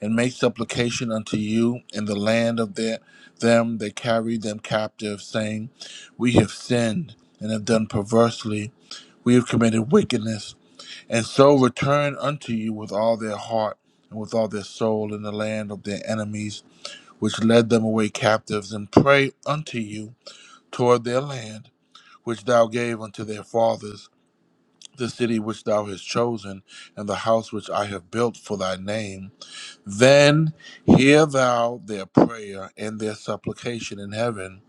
S2: and make supplication unto you in the land of their, them that carried them captive, saying, We have sinned and have done perversely, we have committed wickedness, and so return unto you with all their heart and with all their soul in the land of their enemies, which led them away captives, and pray unto you toward their land, which thou gave unto their fathers, the city which thou hast chosen, and the house which I have built for thy name then hear thou their prayer and their supplication in heaven,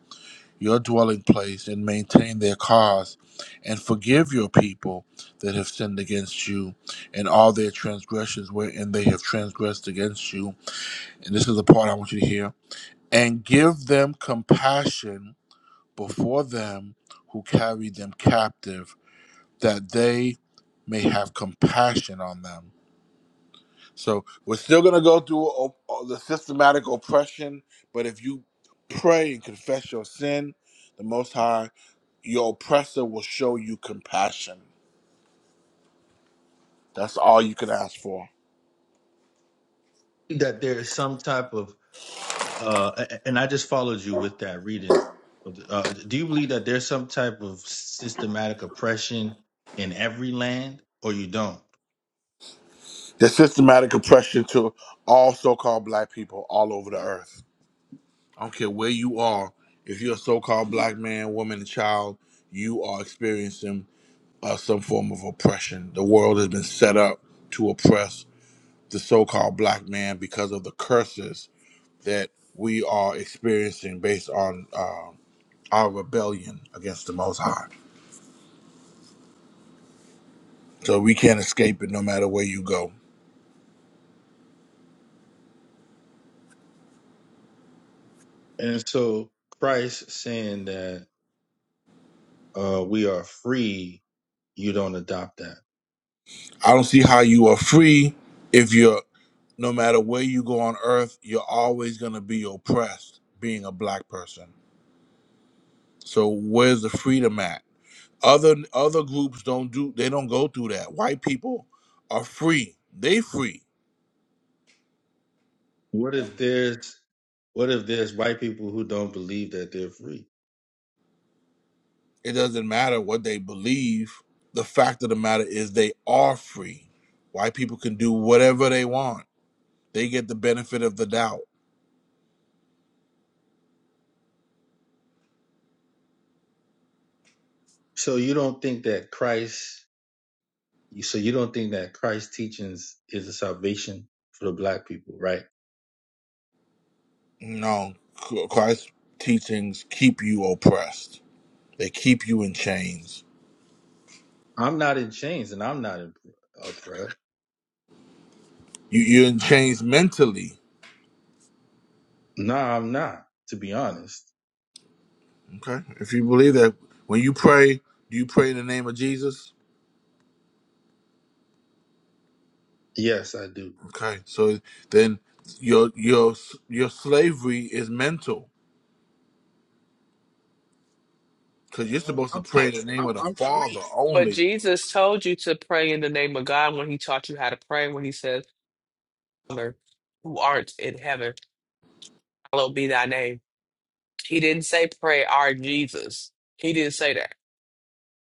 S2: your dwelling place, and maintain their cause, and forgive your people that have sinned against you, and all their transgressions wherein they have transgressed against you. And this is the part I want you to hear. And give them compassion before them who carry them captive, that they may have compassion on them So we're still going to go through o- o- the systematic oppression, but if you pray and confess your sin, the Most High, your oppressor will show you compassion. That's all you can ask for.
S17: that there is some type of uh a- and i just followed you with that reading uh, do you believe that there's some type of systematic oppression in every land or you don't
S2: The systematic oppression to all so called black people all over the earth. I don't care where you are, if you're a so called black man, woman, and child, you are experiencing uh, some form of oppression. The world has been set up to oppress the so called black man because of the curses that we are experiencing based on uh, our rebellion against the Most High. So we can't escape it no matter where you go.
S17: and so christ saying that uh we are free you don't adopt that
S2: I don't see how you are free if you're, no matter where you go on earth, you're always going to be oppressed being a black person. So where's the freedom at? Other other groups don't do they don't go through that. White people are free. They free.
S17: what if there's what if there's white people who don't believe that they're free
S2: It doesn't matter what they believe. The fact of the matter is they are free. White people can do whatever they want. They get the benefit of the doubt.
S17: So you don't think that Christ, so you don't think that Christ's teachings is a salvation for the black people, right?
S2: No, Christ's teachings keep you oppressed. They keep you in chains.
S17: I'm not in chains and I'm not in upright.
S2: You, you're in chains mentally.
S17: No, I'm not, to be honest.
S2: Okay. If you believe that, when you pray, do you pray in the name of Jesus?
S17: Yes, I do.
S2: Okay. So then your your your slavery is mental because you're
S17: Uh,
S2: supposed to
S17: I'm,
S2: pray in
S11: But
S2: the name
S17: I'm,
S2: of the
S17: I'm
S2: Father
S17: free.
S11: but
S2: only.
S11: Jesus told you to pray in the name of God when he taught you how to pray, when he said, Father, who art in heaven, hallowed be thy name. He didn't say pray our Jesus. He didn't say that.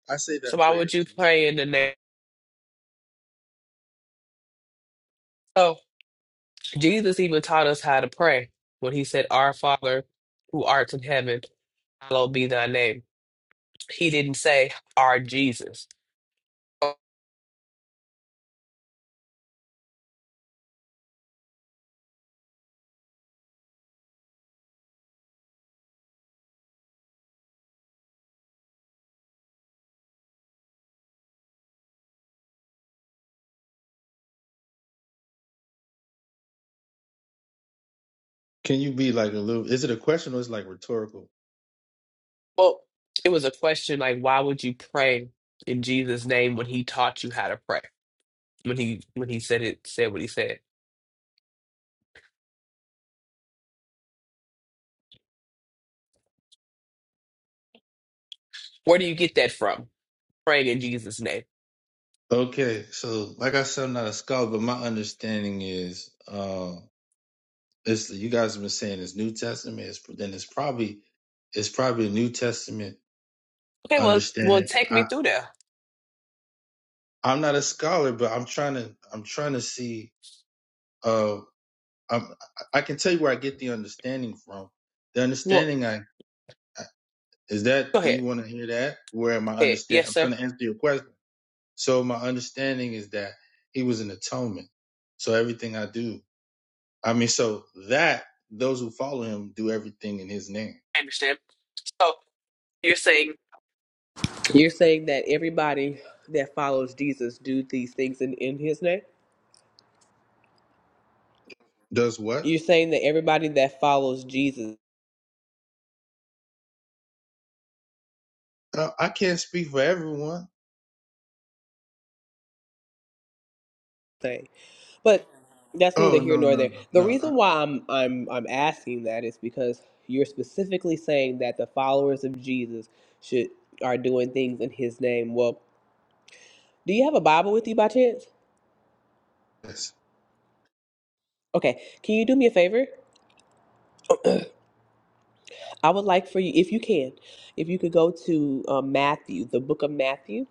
S17: I say
S11: So
S17: that
S11: why
S17: prayer
S11: would you
S17: too.
S11: pray in the name? So Jesus even taught us how to pray when he said, Our Father who art in heaven, hallowed be thy name. He didn't say, Our Jesus. Oh,
S17: Can you be like a little, is it a question or is it like rhetorical?
S11: Well, it was a question like, why would you pray in Jesus' name when he taught you how to pray? When he when he said it, said what he said. Where do you get that from? Praying in Jesus' name.
S17: Okay, so like I said, I'm not a scholar, but my understanding is, uh, it's, you guys have been saying it's New Testament, it's, then it's probably, it's probably the New Testament
S11: Okay, well, well,
S17: understanding.
S11: take me
S17: I
S11: through there.
S17: I'm not a scholar, but I'm trying to I'm trying to see. Uh, I'm, I can tell you where I get the understanding from. The
S11: Well,
S17: understanding I, I is that.
S11: go
S17: Do you
S11: ahead.
S17: want to hear that? Where my
S11: Go ahead.
S17: understand?
S11: Yes,
S17: I'm
S11: sir.
S17: trying to answer your question. So my understanding is that he was an atonement. So everything I do, I mean, so that those who follow him do everything in his name.
S11: I understand. So you're saying you're saying that everybody that follows Jesus do these things in, in His name.
S17: Does what?
S11: You're saying that everybody that follows Jesus
S17: Uh, I can't speak for everyone.
S11: thing, but that's neither
S17: Oh
S11: here
S17: no
S11: nor
S17: no
S11: there.
S17: no
S11: The
S17: no. I,
S11: reason why I'm I'm I'm asking that is because you're specifically saying that the followers of Jesus should are doing things in His name. Well, do you have a Bible with you by chance?
S17: yes.
S11: Okay, can you do me a favor? I would like for you, if you can, if you could go to um, Matthew, the book of Matthew,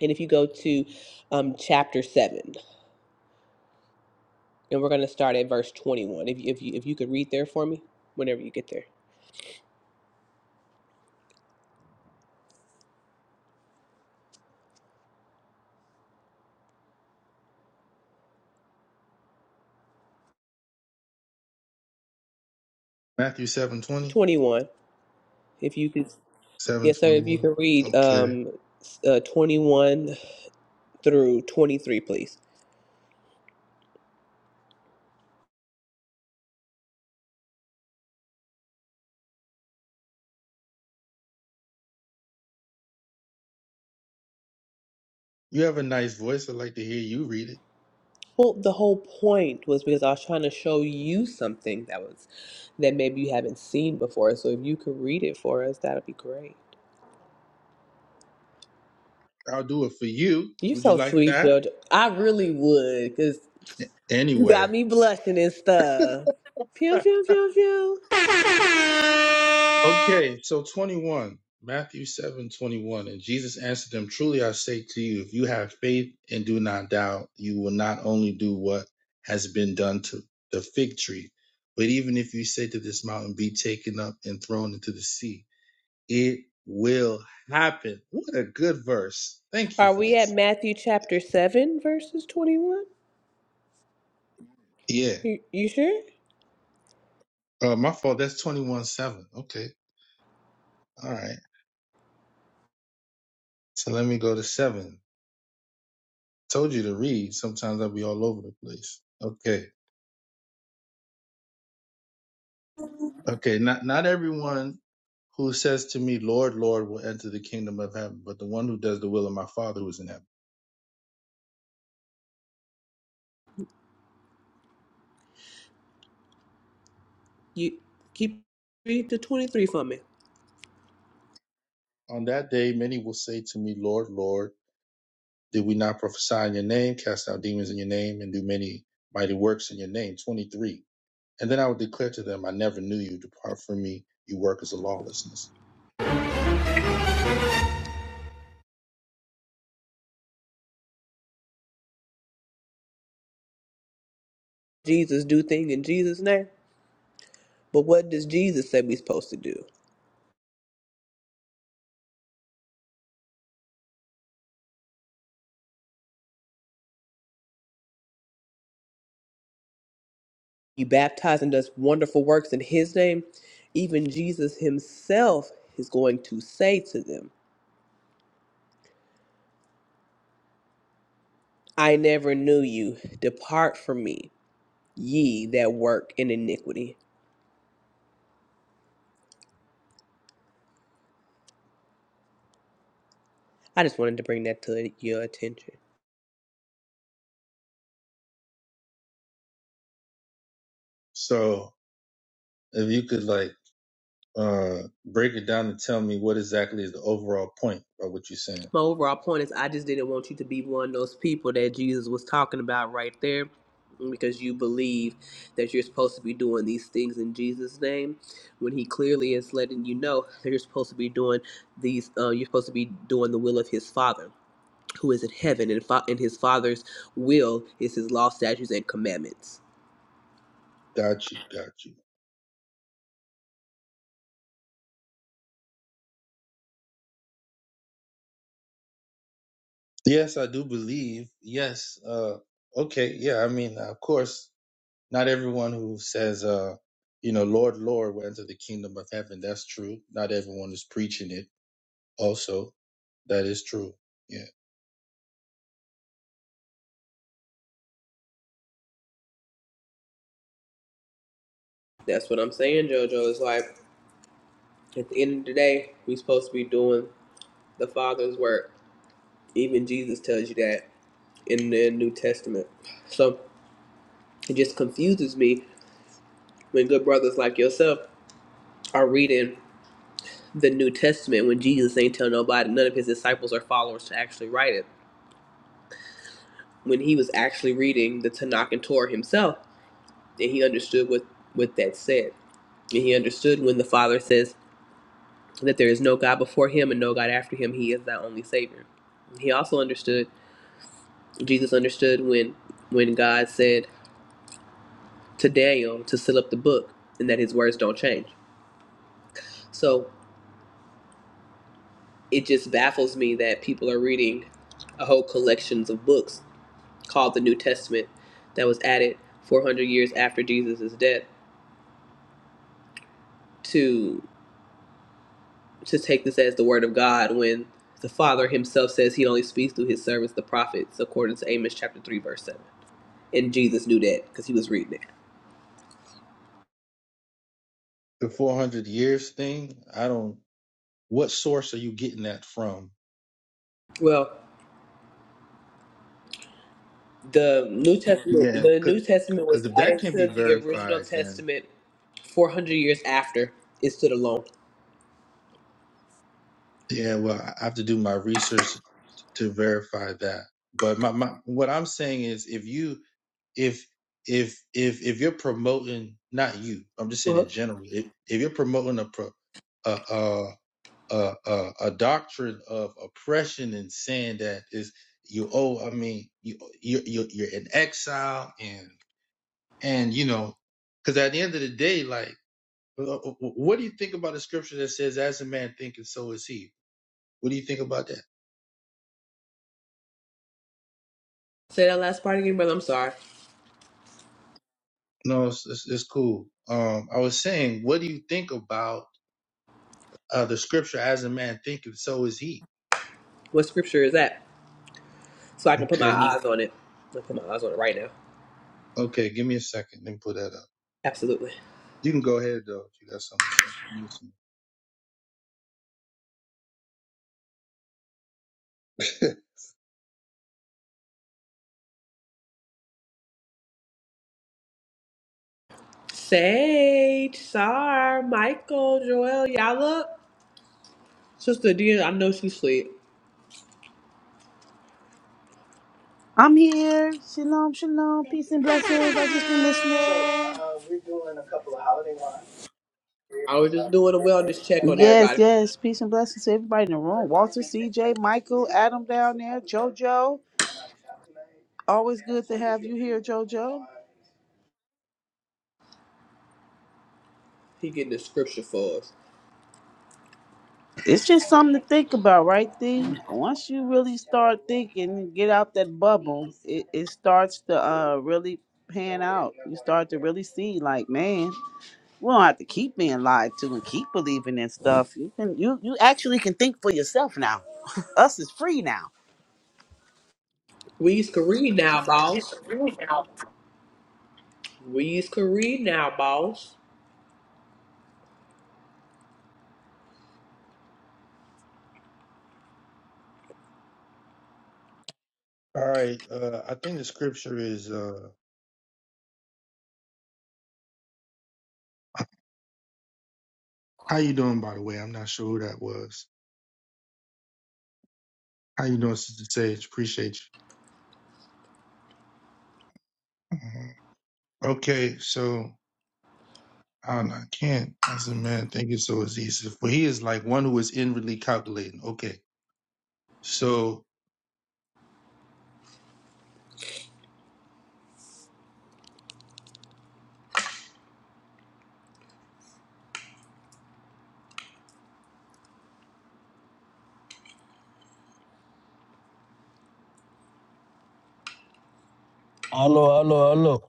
S11: and if you go to um, chapter seven, and we're going to start at verse twenty-one. If you, if you if you could read there for me, whenever you get there,
S17: Matthew seven twenty.
S11: twenty-one. If you could, yes, sir. If you
S17: 721.
S11: could read
S17: Okay.
S11: um, s- uh, twenty-one through 23, please.
S17: You have a nice voice. I'd like to hear you read it.
S11: Well, the whole point was because I was trying to show you something that was that maybe you haven't seen before. So if you could read it for us, that'd be great.
S17: I'll do it for you.
S11: You're
S17: Would you
S11: so
S17: like
S11: sweet,
S17: that?
S11: Jojo. I really would, cause. You
S17: Anyway.
S11: got me blushing and stuff. Pew, pew, pew, pew.
S17: Okay. So 21, Matthew 7 21, And Jesus answered them, Truly I say to you, if you have faith and do not doubt, you will not only do what has been done to the fig tree, but even if you say to this mountain, Be taken up and thrown into the sea, it will happen. What a good verse. Thank you
S11: Are
S17: for
S11: we at
S17: this.
S11: Matthew chapter 7, verses 21?
S17: Yeah.
S11: You, you sure?
S17: Uh, my fault. That's 21 7. Okay. All right. So let me go to 7. Told you to read. Sometimes I'll be all over the place. Okay. Okay. Not, not everyone who says to me, Lord, Lord, will enter the kingdom of heaven, but the one who does the will of my Father who is in heaven.
S11: You keep read the 23 for me.
S17: On that day, many will say to me, Lord, Lord, did we not prophesy in your name, cast out demons in your name, and do many mighty works in your name? 23. And then I will declare to them, I never knew you. Depart from me, you workers of lawlessness.
S11: Jesus do thing in Jesus' name. But what does Jesus say we supposed to do? He baptized and does wonderful works in his name. Even Jesus himself is going to say to them, I never knew you. Depart from me, ye that work in iniquity. I just wanted to bring that to your attention.
S17: So if you could, like, Uh, break it down and tell me what exactly is the overall point of what you're saying.
S11: My overall point is I just didn't want you to be one of those people that Jesus was talking about right there because you believe that you're supposed to be doing these things in Jesus' name when he clearly is letting you know that you're supposed to be doing these uh, you're supposed to be doing the will of his father who is in heaven and, fa- and his father's will is his law statutes and commandments
S17: Got you, got you. Yes, I do believe. Yes. Uh, okay. Yeah. I mean, of course, not everyone who says, uh, you know, Lord, Lord, will enter the kingdom of heaven. That's true. Not everyone is preaching it. Also, that is true. Yeah.
S11: that's what i'm saying jojo It's like at the end of the day we're supposed to be doing the father's work Even Jesus tells you that in the New Testament. So it just confuses me when good brothers like yourself are reading the New Testament when Jesus ain't tell nobody, none of his disciples or followers to actually write it. When he was actually reading the Tanakh and Torah himself, and he understood what, what that said. And he understood when the Father says that there is no God before him and no God after him, he is thy only Savior. He also understood, Jesus understood when when God said to Daniel to seal up the book and that his words don't change. So it just baffles me that people are reading a whole collections of books called the New Testament that was added 400 years after Jesus' death to to take this as the word of God when the Father himself says he only speaks through his servants the prophets according to Amos chapter 3 verse 7. And Jesus knew that because he was reading it.
S17: The 400 years thing. I don't. What source are you getting that from?
S11: Well, the New Testament
S17: Yeah.
S11: the New Testament was
S17: Because if that
S11: added
S17: can
S11: to
S17: be
S11: the original
S17: verified, then
S11: Testament 400 years after it stood alone.
S17: yeah. Well, I have to do my research to verify that. But my, my what I'm saying is if you if if if if you're promoting not you, I'm just saying
S11: Uh-huh.
S17: in general, if, if you're promoting a pro, a, a a a a doctrine of oppression and saying that is you owe, I mean you you you you're in exile and and you know because at the end of the day, like wh- wh- what do you think about the scripture that says as a man thinketh so is he? What do you think about that?
S11: Say that last part again, brother. I'm sorry.
S17: No, it's, it's, it's cool. Um, I was saying, what do you think about uh, the scripture, as a man thinketh, so is he?
S11: What scripture is that? So I can put my
S17: Okay.
S11: eyes on it. I'll put my eyes on it right now.
S17: Okay, give me a second. Let me pull that up.
S11: Absolutely.
S17: You can go ahead, though, if you got something to say. I'm listening.
S11: Sage, Sar, Michael, Joel, y'all up? Sister Dia, I know she sleep.
S19: I'm here. Shalom, shalom. Peace and blessings. I just been listening.
S11: I was just doing a wellness check on
S19: Yes,
S11: everybody.
S19: yes. Peace and blessings to everybody in the room. Walter, CJ, Michael, Adam down there, JoJo. Always good to have you here, JoJo.
S11: He getting the scripture for us.
S19: It's just something to think about, right, Thee? Once you really start thinking and get out that bubble, it, it starts to uh, really pan out. You start to really see, like, man. we don't have to keep being lied to and keep believing in stuff. You can you you actually can think for yourself now. Us is free now.
S11: We used read now, boss. We used read now, boss.
S17: All right. Uh, I think the scripture is, uh, how you doing, by the way? I'm not sure who that was. How you doing, Sister Sage? Appreciate you. Mhm. Okay, so I don't know. I can't, as a man, thinketh, so is he. For he is like one who is inwardly calculating. Okay. So,
S20: Hello, hello, hello.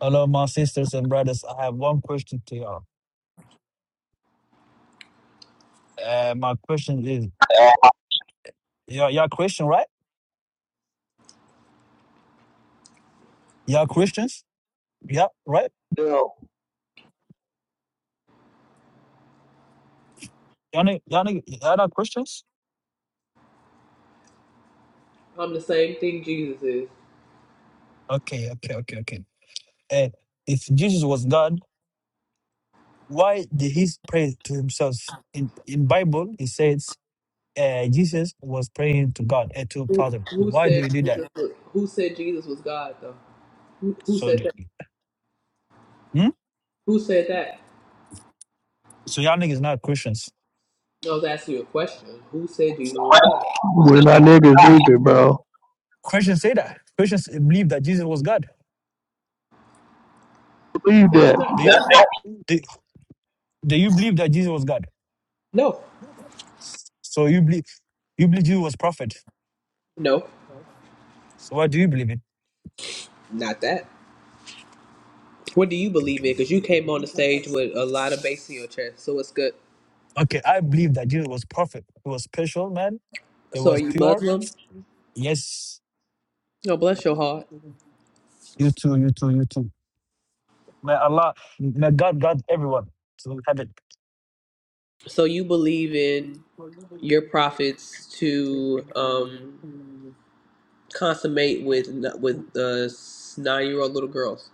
S20: Hello, my sisters and brothers. I have one question to y'all. Uh, my question is,
S4: for
S20: y'all, y'all Christian, right? Y'all Christians? Yeah, right?
S4: yourself.
S20: Y'all, ni- y'all, ni- y'all not Christians?
S11: I'm the same thing Jesus is.
S20: Okay, okay, okay, okay. Uh, if Jesus was God, why did he pray to himself? In in Bible, it says uh, Jesus was praying to God and to
S11: Who,
S20: Father.
S11: who
S20: Why do
S11: said
S20: you do that?
S11: Jesus was, Who said Jesus was God though? Who, who
S20: So,
S11: said that?
S20: the- hmm?
S11: Who said that?
S20: so y'all niggas not Christians.
S11: I was asking you a question. Who said Jesus was God?
S4: We're not niggas either, bro.
S20: Christians say that. Christians believe that Jesus was God.
S4: Believe that.
S11: That's not
S20: Do you
S11: true.
S4: That's
S20: do, do you believe that Jesus was God?
S11: No,
S20: So you believe you believe Jesus was prophet.
S11: no,
S20: So what do you believe in?
S11: not that. What do you believe in? Because you came on the stage with a lot of bass in your chest, so it's good.
S20: Okay, I believe that Jesus was prophet. He was special, man. He
S11: So are
S20: was
S11: you
S20: pure.
S11: Muslim?
S20: Yes.
S11: Oh, bless your heart.
S20: You too, you too, you too. May Allah, may God guide everyone to heaven.
S11: So you believe in your prophets to um, consummate with with uh, nine year old little girls?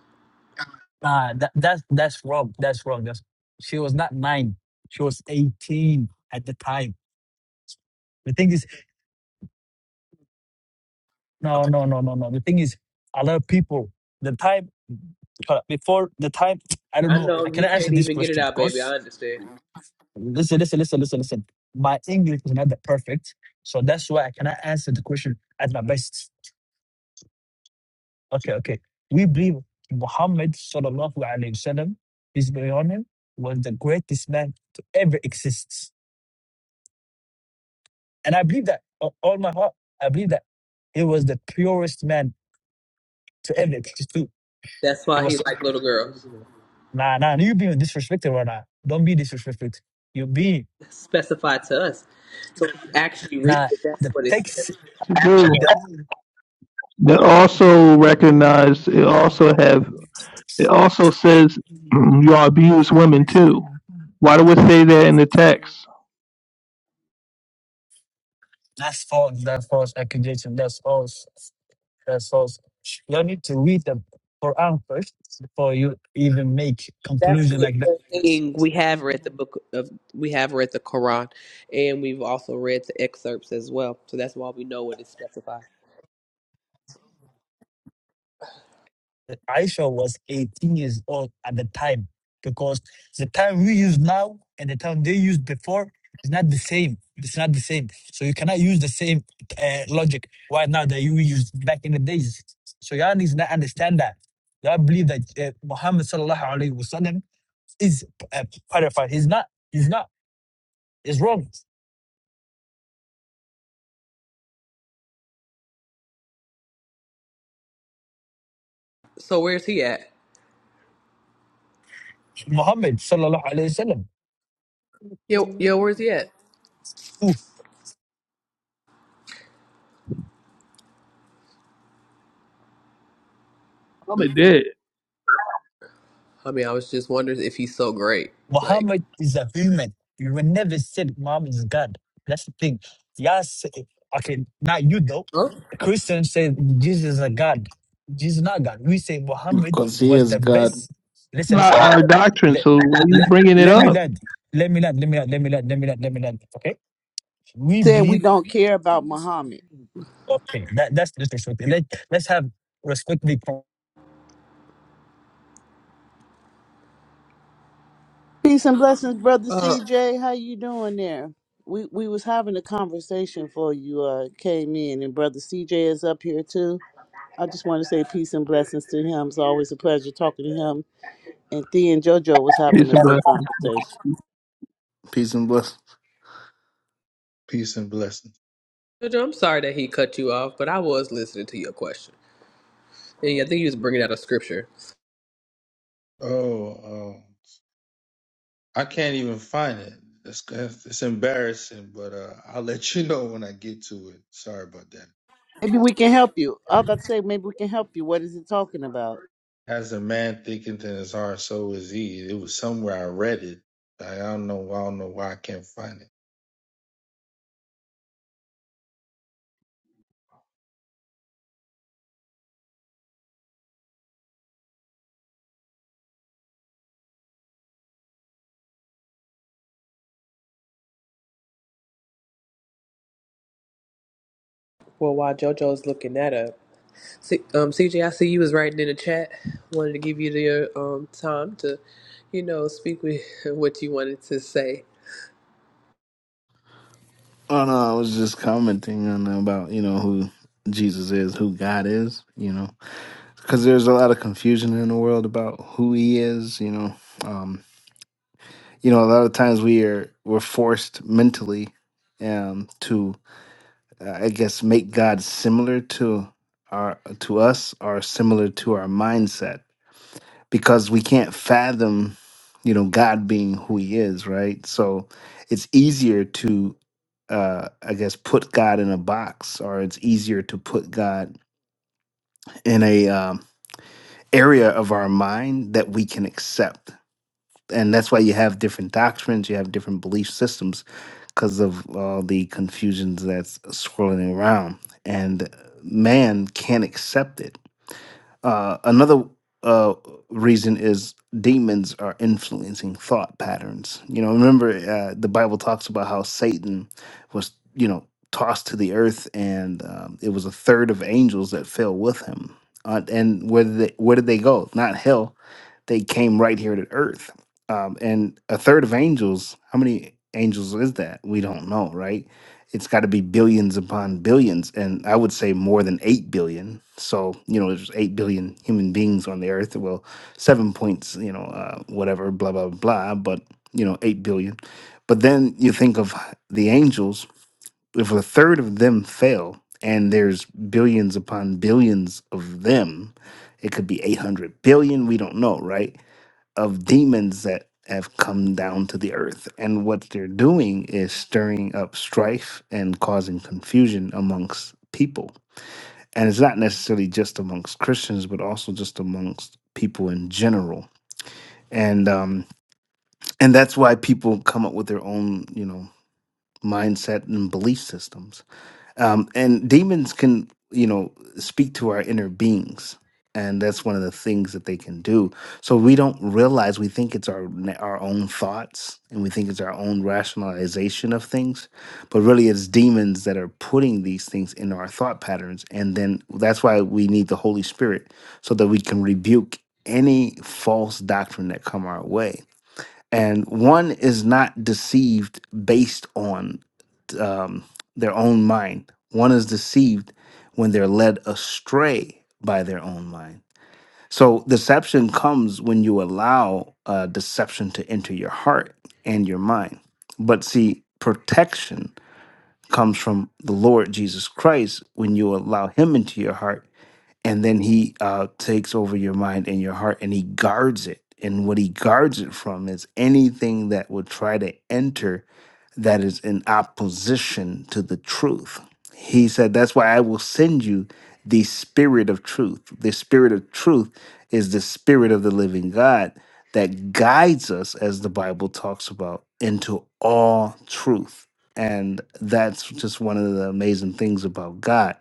S20: Ah, that, that's that's wrong. That's wrong. That's, she was not nine. She was eighteen at the time. The thing is. No, no, no, no, no. The thing is, a lot of people, the time, uh, before the time, I don't
S11: I
S20: know.
S11: know
S20: I
S11: you
S20: cannot answer
S11: can't
S20: this
S11: even get it
S20: question
S11: out, baby. I
S20: because,
S11: understand.
S20: listen, listen, listen, listen, listen. My English is not that perfect. So that's why I cannot answer the question at my best. Okay, okay. We believe Muhammad, sallallahu alayhi wasallam, peace be on him, was the greatest man to ever exist. And I believe that, of all my heart, I believe that he was the purest man to ever exist.
S11: That's
S20: It
S11: why he
S20: was
S11: like little girls.
S20: nah nah. You being disrespected right now. Don't be disrespected. You be
S11: specified to us. So when you actually read
S20: nah.
S11: it, that's
S20: The
S11: what it says.
S20: text.
S4: You do.
S20: The,
S4: They also recognize. It also have. It also says you all abuse women too. Why do it say that in the text?
S20: that's false. That's false accusation. That's false. That's false. You need to read the Quran first before you even make
S11: That's
S20: conclusion
S11: the,
S20: like that.
S11: the thing we have read the book of we have read the Quran and we've also read the excerpts as well. So that's why we know what is specified.
S20: Aisha was 18 years old at the time because the time we use now and the time they used before is not the same. It's not the same. So you cannot use the same uh, logic right now that you used back in the days. So y'all need to not understand that. Y'all believe that uh, Muhammad sallallahu alaihi wasallam is uh, qualified. He's not. He's not. It's wrong.
S11: So where's he at?
S20: Muhammad sallallahu alaihi wasallam.
S11: Yo yo, where's he at?
S4: Um, it
S11: Mm.
S4: did. It's
S11: I mean I was just wondering if he's so great. Like
S20: Muhammad is a human. You will never say that Muhammad is God. That's the thing. Y'all say okay, not you though.
S11: oh
S20: Christians say Jesus is a God. Jesus is not God. We say Muhammad
S21: Because he
S20: was
S21: is
S20: the
S21: God.
S20: best. Listen,
S4: not
S20: listen. Let,
S4: our doctrine,
S20: let,
S4: so why are you
S20: let,
S4: bringing it
S20: let me
S4: up?
S20: land. Let me land. Let me land. Let me land. Let me land. Let me land. Okay. We
S19: Saying we
S20: believe.
S19: don't care about Muhammad.
S20: Okay. That, that's the truth. Let, let's have respect.
S19: Peace and blessings, brother
S11: uh
S19: CJ. How you doing there? We we was having a conversation before you uh came in, and brother CJ is up here too. I just want to say peace and blessings to him. It's always a pleasure talking to him. And Thea and JoJo was having
S4: Peace
S19: a
S4: and blessings.
S19: good conversation.
S21: Peace and bless.
S17: peace and blessings.
S11: Jojo, I'm sorry that he cut you off, but I was listening to your question. And I think he was bringing out a scripture.
S17: Oh, um, I can't even find it. It's, it's embarrassing, but uh, I'll let you know when I get to it. Sorry about that.
S19: Maybe we can help you. I was about to say maybe we can help you. What is it talking about?
S17: As a man thinketh in his heart, so is he. It was somewhere I read it. I don't know. I don't know why I can't find it.
S11: Well, while JoJo's looking that up. C- um, CJ, I see you was writing in the chat. Wanted to give you the um, time to, you know, speak with what you wanted to say.
S21: Oh no, I was just commenting on about you know who Jesus is, who God is. You know, because there's a lot of confusion in the world about who He is. You know, um, you know, a lot of times we are we're forced mentally um, to, uh, I guess, make God similar to our to us or similar to our mindset because we can't fathom, you know, God being who He is, right? So it's easier to uh i guess put god in a box or it's easier to put god in a um, area of our mind that we can accept and that's why you have different doctrines you have different belief systems because of all the confusions that's swirling around and man can't accept it uh, another uh, reason is demons are influencing thought patterns. You know, remember uh, the Bible talks about how Satan was, you know, tossed to the earth, and um, it was a third of angels that fell with him. Uh, and where did they, where did they go? Not hell. They came right here to earth. Um, and a third of angels. How many angels is that? We don't know, right? it's got to be billions upon billions and i would say more than 8 billion so you know there's 8 billion human beings on the earth well 7 points you know uh, whatever blah blah blah but you know 8 billion but then you think of the angels if a third of them fail and there's billions upon billions of them it could be 800 billion we don't know right of demons that have come down to the earth. And what they're doing is stirring up strife and causing confusion amongst people. And it's not necessarily just amongst Christians, but also just amongst people in general. And um, and that's why people come up with their own, you know, mindset and belief systems um, and demons can you know speak to our inner beings and that's one of the things that they can do so we don't realize we think it's our our own thoughts and we think it's our own rationalization of things but really it's demons that are putting these things in our thought patterns and then that's why we need the holy spirit so that we can rebuke any false doctrine that come our way and one is not deceived based on um, their own mind. One is deceived when they're led astray by their own mind. So deception comes when you allow uh, deception to enter your heart and your mind. But see, protection comes from the Lord Jesus Christ when you allow Him into your heart, and then He uh, takes over your mind and your heart, and He guards it. And what He guards it from is anything that would try to enter that is in opposition to the truth. He said, That's why I will send you the spirit of truth. The spirit of truth is the spirit of the living God that guides us, as the Bible talks about, into all truth and that's just one of the amazing things about God.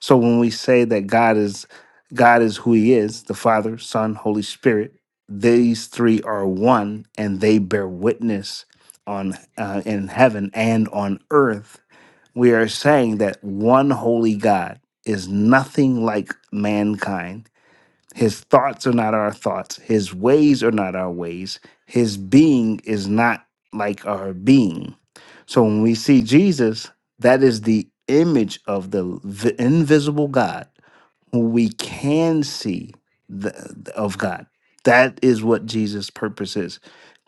S21: So when we say that God is God is who he is, the Father, Son, Holy Spirit, these three are one and they bear witness on uh, in heaven and on earth. We are saying that one holy God is nothing like mankind his thoughts are not our thoughts. His ways are not our ways. His being is not like our being. So when we see Jesus, that is the image of the v- invisible God who we can see the, of God. That is what Jesus' purpose is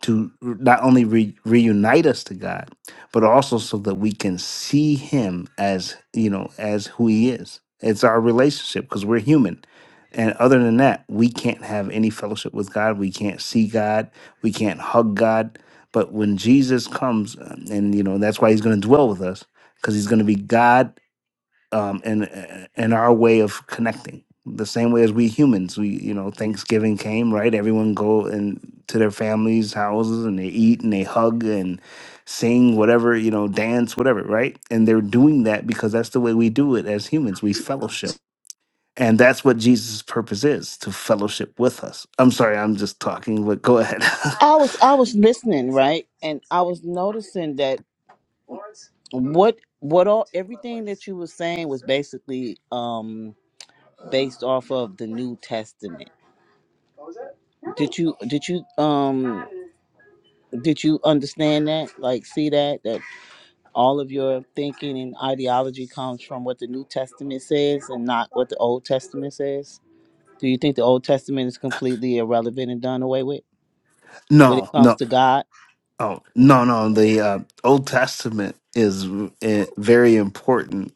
S21: to not only re- reunite us to God, but also so that we can see Him as, you know, as who He is. It's our relationship because we're human. And other than that, we can't have any fellowship with God. We can't see God. We can't hug God. But when Jesus comes, um, and, you know, that's why He's going to dwell with us because He's going to be God um, and uh, and our way of connecting. The same way as we humans, we you know Thanksgiving came right. Everyone go and to their families' houses and they eat and they hug and sing whatever you know, dance whatever, right? And they're doing that because that's the way we do it as humans. We fellowship, and that's what Jesus' purpose is to fellowship with us. I'm sorry, I'm just talking, but go ahead.
S19: I was I was listening, right? And I was noticing that what what all everything that you were saying was basically um based off of the New Testament. Did you did you um did you understand that? Like see that that all of your thinking and ideology comes from what the New Testament says and not what the Old Testament says? Do you think the Old Testament is completely irrelevant and done away with when
S21: no,
S19: it comes
S21: no,
S19: to God?
S21: oh no, no. The uh, Old Testament is uh, very important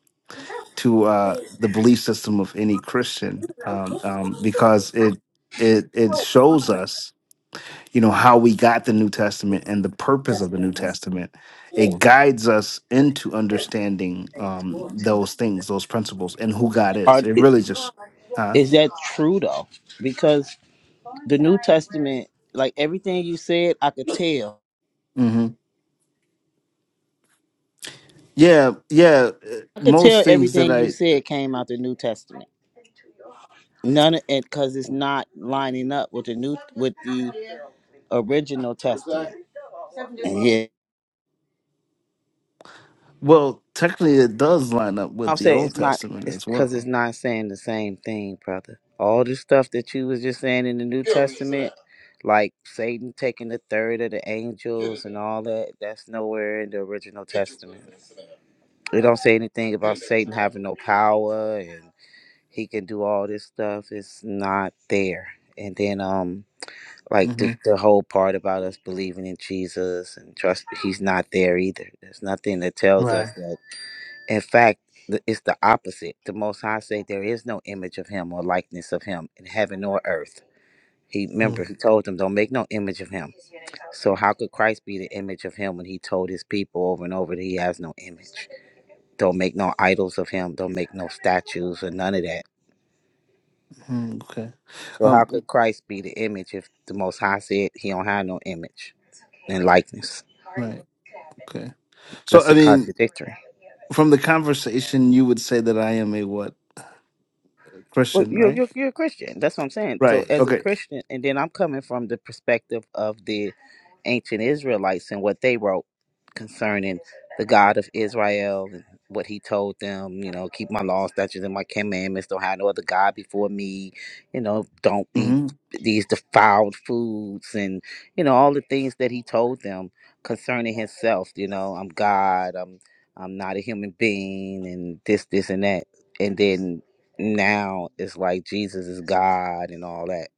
S21: to uh, the belief system of any Christian um, um, because it it it shows us you know how we got the New Testament and the purpose of the New Testament. It guides us into understanding um, those things, those principles, and who God is.
S19: Or
S21: It
S19: is
S21: really just, huh?
S19: is that true though? Because the New Testament, like everything you said, I could tell.
S21: hmm Yeah, yeah. uh,
S19: I could
S21: Most
S19: tell
S21: things that
S19: everything you
S21: I
S19: said came out the New Testament. None of it because it's not lining up with the new with the original testament. And yeah,
S21: well, technically, it does line up with
S19: I'm
S21: the
S19: saying
S21: Old
S19: it's not.
S21: Testament
S19: It's
S21: as well.
S19: because it's not saying the same thing, brother. All the stuff that you was just saying in the New Testament, like Satan taking the third of the angels and all that, that's nowhere in the original testament. It don't say anything about Satan having no power and. he can do all this stuff it's not there and then um like the,
S21: hmm
S19: the whole part about us believing in jesus and trust he's not there either there's nothing that tells us
S21: Right.
S19: that in fact th- it's the opposite the most high say there is no image of him or likeness of him in heaven or earth he remember
S21: Mm,
S19: he told them don't make no image of him so how could christ be the image of him when he told his people over and over that he has no image don't make no idols of him don't make no statues or none of that
S21: mm, Okay.
S19: So how
S21: Um.
S19: could Christ be the image if the Most High said he don't have no image and likeness?
S21: Right. Okay. So,
S19: That's
S21: I
S19: a
S21: mean,
S19: contradictory.
S21: from the conversation, you would say that I am a what
S19: Well,
S21: Christian,
S19: you're,
S21: right?
S19: you're you're a Christian. That's what I'm saying. So
S21: Right.
S19: as a
S21: Okay.
S19: Christian, and then I'm coming from the perspective of the ancient Israelites and what they wrote concerning the God of Israel and what He told them. You know, keep my laws, statutes, and my commandments. Don't have no other God before me. You know, don't eat
S21: hmm
S19: these defiled foods, and you know all the things that He told them concerning Himself. You know, I'm God. I'm I'm not a human being, and this, this, and that. And then now it's like Jesus is God and all that.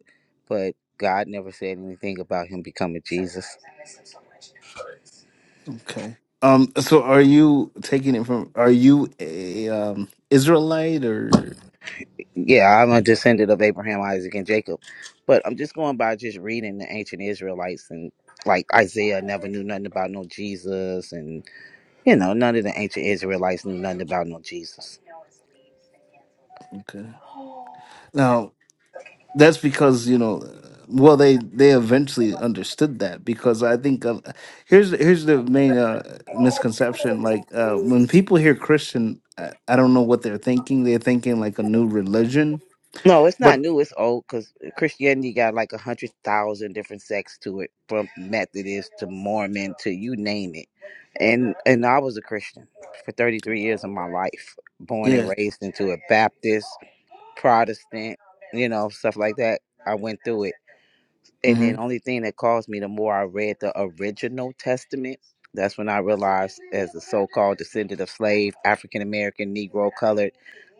S19: But God never said anything about him becoming Jesus.
S21: Okay. Um. So, are you taking it from? Are you a um Israelite or?
S19: Yeah, I'm a descendant of Abraham, Isaac, and Jacob. But I'm just going by just reading the ancient Israelites and like Isaiah never knew nothing about no Jesus and you know, none of the ancient Israelites knew nothing about no Jesus.
S21: Okay. Now, that's because you know. Well, they they eventually understood that because I think uh, here's here's the main uh, misconception. Like uh, when people hear Christian, I, I don't know what they're thinking. They're thinking like a new religion,
S19: No, it's not
S21: but
S19: new. It's old because Christianity got like a hundred thousand different sects to it, from Methodist to Mormon to you name it. And and I was a Christian for thirty three years of my life, born and
S21: yeah.
S19: raised into a Baptist, Protestant, you know, stuff like that. I went through it and then
S21: hmm
S19: only thing that caused me the more I read the original testament, that's when I realized as a so-called descendant of slave, African American, Negro, colored,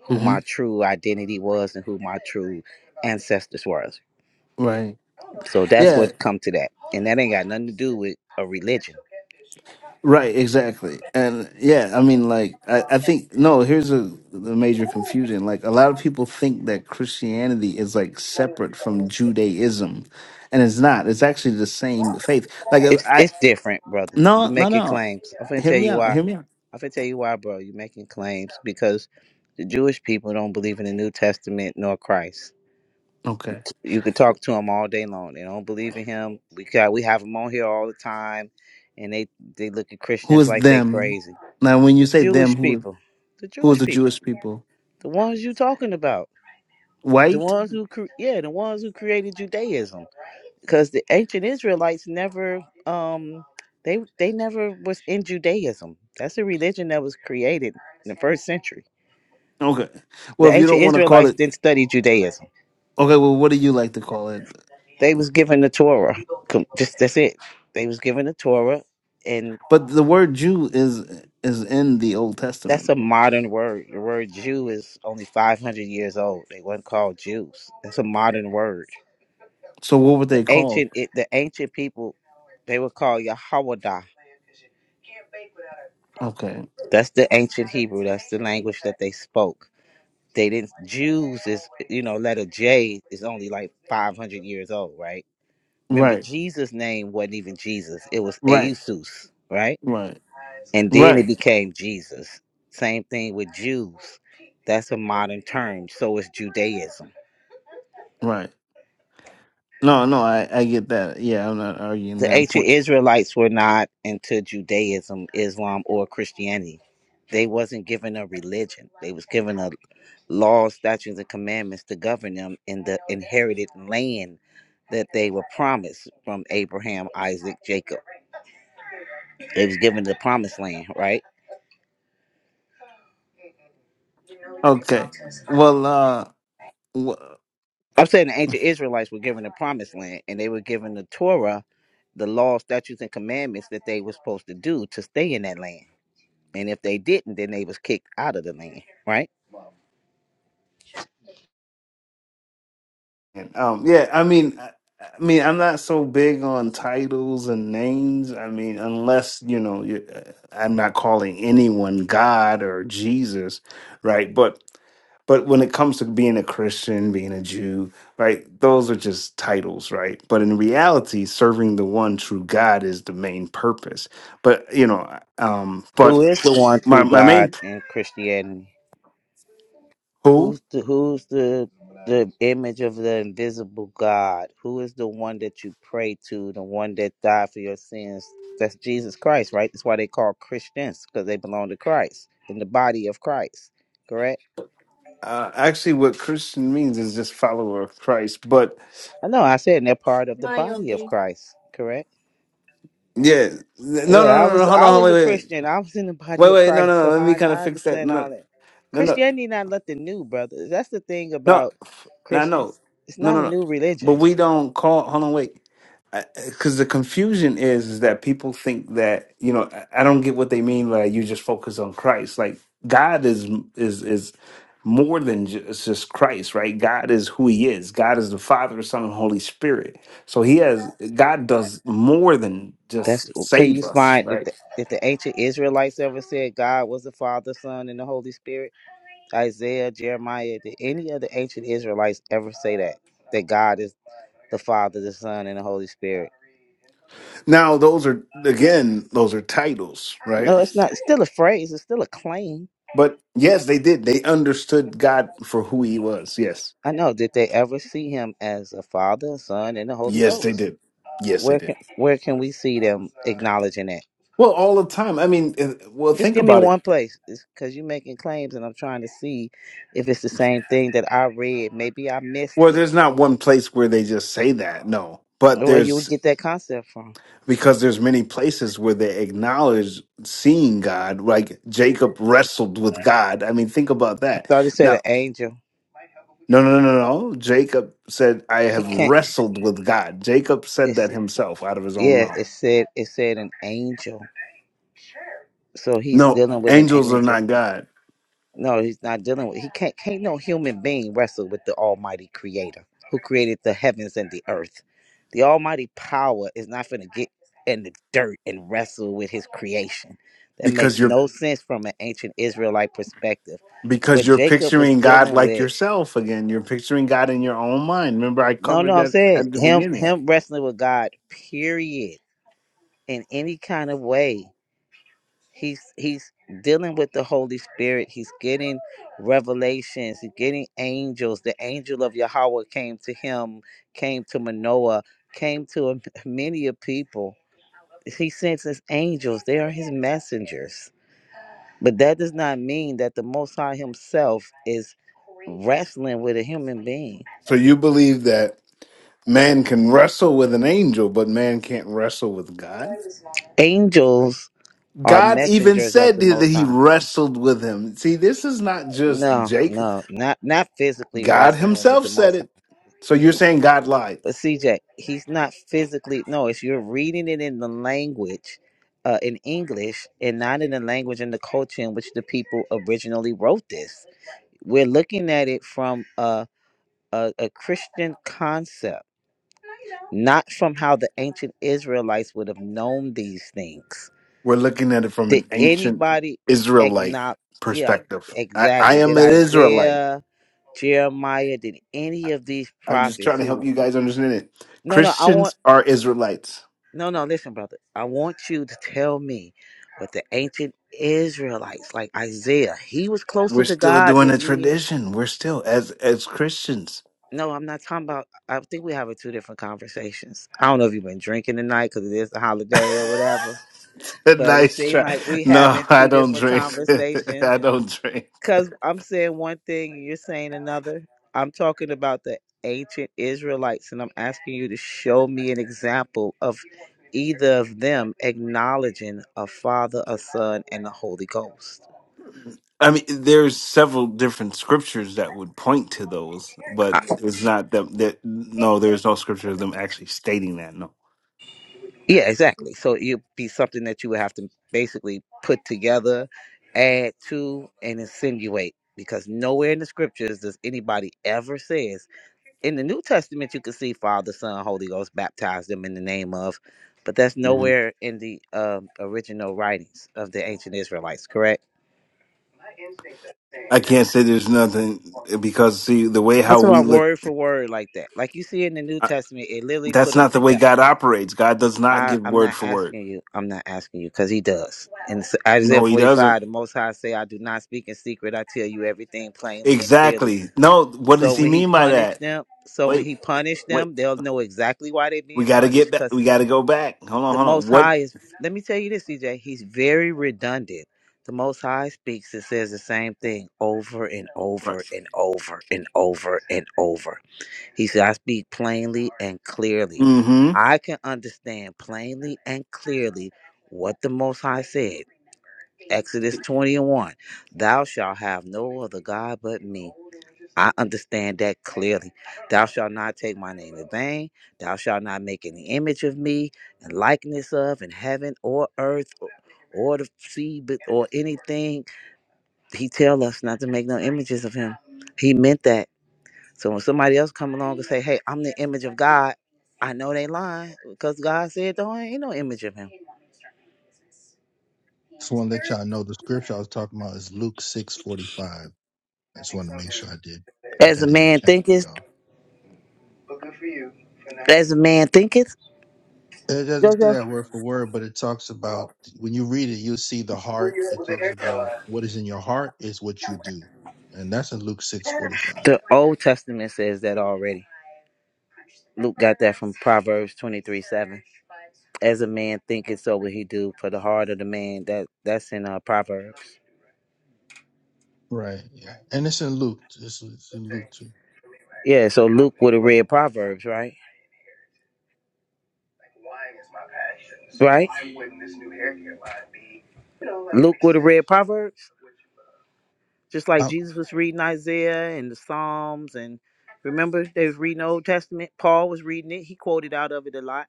S19: who my true identity was and who my true ancestors were.
S21: Right.
S19: So that's
S21: Yeah.
S19: what come to that, and that ain't got nothing to do with a religion.
S21: Right. Exactly. And yeah, I mean, like, I, I think no. Here's a the major confusion. Like, a lot of people think that Christianity is like separate from Judaism, and it's not. It's actually the same faith. Like, if
S19: It's
S21: I
S19: it's different, brother. You
S21: no, no,
S19: making
S21: no.
S19: claims. I'm finna
S21: Hear
S19: tell
S21: me
S19: you
S21: out.
S19: why.
S21: Hear me out.
S19: I'm finna tell you why, bro. You making claims because the Jewish people don't believe in the New Testament nor Christ
S21: Okay.
S19: you could talk to him all day long. They don't believe in him. We got we have him on here all the time, and they they look at
S21: Who
S19: Christians
S21: is
S19: like they
S21: them?
S19: crazy.
S21: Now, when you
S19: The
S21: say them,
S19: Jewish
S21: who is
S19: people, the
S21: who is
S19: Jewish
S21: the Jewish
S19: people,
S21: people?
S19: the ones you talking about, the
S21: White.
S19: ones who cre- yeah, the ones who created Judaism, because the ancient Israelites never um they they never was in Judaism. That's a religion that was created in the first century.
S21: Okay. Well,
S19: The
S21: if you don't
S19: ancient
S21: want to call
S19: Israelites
S21: it,
S19: didn't study Judaism.
S21: okay. Well, what do you like to call it?
S19: They was given the Torah. Com- Just that's it. They was given the Torah, and
S21: But the word Jew is is in the Old
S19: that's a
S21: Testament. bro.
S19: modern word. The word Jew is only 500 years old. They weren't called Jews. That's a modern word.
S21: So what were
S19: The
S21: they called?
S19: ancient it, the ancient people, they were called Yahwadah.
S21: Okay.
S19: That's the ancient Hebrew. That's the language that they spoke. They didn't Jews is you know letter J is only like 500 years old, right? Remember
S21: Right.
S19: Jesus' name wasn't even Jesus. It was
S21: Right.
S19: Eusus, right?
S21: Right.
S19: and then
S21: Right.
S19: it became Jesus. Same thing with Jews. That's a modern term. So is Judaism.
S21: Right. No, no, I I get that. Yeah, I'm not arguing
S19: The
S21: that
S19: ancient
S21: point.
S19: Israelites were not into Judaism, Islam, or Christianity. They wasn't given a religion. They was given a law, statutes, and commandments to govern them in the inherited land that they were promised from Abraham, Isaac, Jacob. They was given the promised land, right?
S21: Okay. Well, uh
S19: I'm saying the ancient Israelites were given the promised land and they were given the Torah the law, statutes, and commandments that they were supposed to do to stay in that land. And if they didn't, then they was kicked out of the land, right?
S21: And, um, yeah, I mean, I, I mean, I'm not so big on titles and names. I mean, unless you know, you, uh, I'm not calling anyone God or Jesus, right? But but when it comes to being a Christian, being a Jew, right, those are just titles, right? But in reality, serving the one true God is the main purpose. But you know, um, but
S19: Who is the one
S21: my
S19: true
S21: my
S19: God
S21: main
S19: in Christianity?
S21: who
S19: Who's the who's the the image of the invisible God? Who is the one that you pray to, the one that died for your sins? That's Jesus Christ, right? That's why they call Christians, because they belong to Christ in the body of Christ, correct?
S21: uh, actually what Christian means is just follower of Christ, but.
S19: I know I said they're part of the body of Christ, correct?
S21: Yeah. No, no, no,
S19: Yeah, I
S21: no. no,
S19: was
S21: Hold
S19: I
S21: on, hold
S19: was
S21: on, wait,
S19: a
S21: wait,
S19: Christian. I was in the
S21: wait,
S19: body of
S21: wait. No, no,
S19: Christ,
S21: no.
S19: so
S21: Let me
S19: I,
S21: kind of
S19: I
S21: fix that.
S19: understand
S21: No,
S19: all
S21: no,
S19: that.
S21: no, no,
S19: Christianity not nothing new, brother. That's the thing
S21: no.
S19: about
S21: No, no,
S19: Christians. It's
S21: no,
S19: not
S21: no,
S19: a
S21: no.
S19: new
S21: But
S19: religion.
S21: we don't call. Hold on, wait. Because the confusion is, is that people think that you know. I I don't get what they mean by you just focus on Christ. Like God is is is more than just, just Christ, right? God is who He is. God is the Father, Son, and Holy Spirit. So He has God does more than just
S19: That's okay.
S21: save
S19: you
S21: us,
S19: find that
S21: right?
S19: the, that the ancient Israelites ever said God was the Father, Son, and the Holy Spirit? Isaiah, Jeremiah, did any of the ancient Israelites ever say that? That God is the Father, the Son, and the Holy Spirit?
S21: Now, those are, again, those are titles, right?
S19: No, it's not. It's still a phrase. It's still a claim.
S21: But yes, they did. They understood God for who he was. Yes.
S19: I know. Did they ever see Him as a Father, Son, and the Holy
S21: Yes, they
S19: Ghost?
S21: did. Yes, they
S19: Where
S21: did.
S19: can where can we see them acknowledging that?
S21: Well, all the time. I mean, uh, well,
S19: Just
S21: think
S19: give me
S21: about it.
S19: one place, because you're making claims, and I'm trying to see if it's the same thing that I read. Maybe I missed
S21: Well,
S19: it.
S21: there's not one place where they just say that. No. But
S19: Where you would
S21: there's,
S19: get that concept from?
S21: because there's many places where they acknowledge seeing God, like Jacob wrestled with God. I mean, think about
S19: I
S21: that.
S19: thought it said
S21: Now,
S19: an angel.
S21: no, no, no, no, no. Jacob said, I
S19: He
S21: have
S19: can't.
S21: wrestled with God. Jacob said
S19: It's
S21: that himself out of his own
S19: yeah.
S21: mouth.
S19: It said it said an angel. So he's
S21: No,
S19: dealing with an
S21: angels are
S19: angel.
S21: not God
S19: No, he's not dealing with. He can't. Can't no human being wrestle with the Almighty Creator, who created the heavens and the earth. The Almighty power is not going to get in the dirt and wrestle with His creation. That
S21: because
S19: makes
S21: you're
S19: no sense from an ancient Israelite perspective.
S21: because
S19: What
S21: you're
S19: Jacob was
S21: picturing God
S19: dealing
S21: like
S19: with.
S21: yourself again. You're picturing God in your own mind. Remember, I
S19: No,
S21: covered
S19: no, I'm
S21: that
S19: saying
S21: at the
S19: him.
S21: beginning.
S19: Him wrestling with God. Period. In any kind of way. He's he's dealing with the Holy Spirit. He's getting revelations. He's getting angels. The angel of Yahweh came to him, came to Manoah, came to a- many a people. He sends his angels. They are his messengers. But that does not mean that the Most High Himself is wrestling with a human being.
S21: So you believe that man can wrestle with an angel, but man can't wrestle with God.
S19: Angels are
S21: God even
S19: messengers of
S21: said
S19: the
S21: that
S19: Most
S21: he
S19: High.
S21: wrestled with him. See, this is not just
S19: No,
S21: Jacob.
S19: no, not not physically
S21: God
S19: wrestling with
S21: himself
S19: the
S21: said
S19: Most
S21: it.
S19: High.
S21: So you're
S19: He's,
S21: saying God lied.
S19: But CJ, he's not physically. No, it's you're reading it in the language, uh, in English, and not in the language and the culture in which the people originally wrote this. We're looking at it from a a, a Christian concept, not from how the ancient Israelites would have known these things.
S21: We're looking at it from
S19: Did
S21: an ancient
S19: anybody
S21: Israelite
S19: acknowledge? Yeah,
S21: perspective. I, I
S19: exactly.
S21: am
S19: Did
S21: an Israelite.
S19: Isaiah, Jeremiah, did any of these
S21: I'm just
S19: prophets
S21: trying to help
S19: who?
S21: you guys understand it.
S19: No, no. I want.
S21: Christians are Israelites.
S19: No, no, listen, brother. I want you to tell me what the ancient Israelites, like Isaiah, he was
S21: We're
S19: closer to
S21: still
S19: God
S21: doing a
S19: than me.
S21: tradition. We're still as as Christians.
S19: No, I'm not talking about. I think we're having two different conversations. I don't know if you've been drinking tonight because it is a holiday or whatever, but it
S21: nice
S19: seemed
S21: try.
S19: like we
S21: No,
S19: having
S21: I
S19: two
S21: don't
S19: different
S21: drink.
S19: conversations.
S21: I don't drink.
S19: Because I'm saying one thing and you're saying another. I'm talking about the ancient Israelites, and I'm asking you to show me an example of either of them acknowledging a Father, a Son, and the Holy Ghost.
S21: I mean, there's several different scriptures that would point to those, but
S19: I-
S21: it's not them. That no, there's no scripture of them actually stating that. No,
S19: yeah, exactly. So it'd be something that you would have to basically put together, add to, and insinuate. Because nowhere in the scriptures does anybody ever says in the New Testament, you can see Father, Son, Holy Ghost baptize them in the name of, but that's
S21: hmm
S19: nowhere in the um, original writings of the ancient Israelites, correct?
S21: I can't say there's nothing because see the way how
S19: That's
S21: we
S19: about
S21: look.
S19: word for word like that. Like you see in the New Testament, it literally put
S21: That's
S19: them
S21: not the way
S19: together.
S21: God operates. God does not
S19: I,
S21: give
S19: I'm
S21: word
S19: not
S21: for word.
S19: asking you. I'm not asking you because he does. In S- Isaiah
S21: No, he doesn't.
S19: 45, the Most High say, I do not speak in secret. I tell you everything plainly and clearly.
S21: Exactly. No, what does
S19: So
S21: he
S19: when he
S21: mean by
S19: punished
S21: that?
S19: them, so when
S21: Wait,
S19: he punished
S21: wait.
S19: them, they'll know exactly why they're
S21: We
S19: being
S21: got to
S19: punished
S21: get back.
S19: because.
S21: We got to go back. Hold on,
S19: the
S21: hold on.
S19: Most
S21: What?
S19: High is. Let me tell you this, CJ. He's very redundant. The Most High speaks and says the same thing over and
S21: Right.
S19: over and over and over and over. He said, "I speak plainly and clearly.
S21: Mm
S19: I can understand plainly and clearly what the Most High said."
S21: hmm.
S19: Exodus twenty and one. Thou shalt have no other god but me. I understand that clearly. Thou shalt not take my name in vain. Thou shalt not make any image of me and likeness of in heaven or earth or, or the sea but- or anything. He tell us not to make no images of him. He meant that. So when somebody else come along and say, "Hey, I'm the image of God," I know they lying because God said there ain't no image of him.
S17: Just want to let y'all know the scripture I was talking about is Luke six forty five. I just want to make sure I did put
S19: As a
S17: that in the
S19: man
S17: chat for
S19: thinketh,
S17: y'all.
S19: as a man thinketh.
S17: It doesn't say
S19: Jojo.
S17: that word for word, but it talks about when you read it, you'll see the heart. It talks about what is in your heart is what you do, and that's in Luke six forty five.
S19: The Old Testament says that already. Luke got that from Proverbs 23 7. As a man thinketh, so will he do. For the heart of the man, that that's in uh, Proverbs.
S17: Right. Yeah, and it's in Luke. It's, it's in Luke too.
S19: Yeah, so Luke would have read Proverbs, right? Right? Luke would have read Proverbs, just like
S17: Um,
S19: Jesus was reading Isaiah and the Psalms. And remember, they was reading Old Testament. Paul was reading it. He quoted out of it a lot.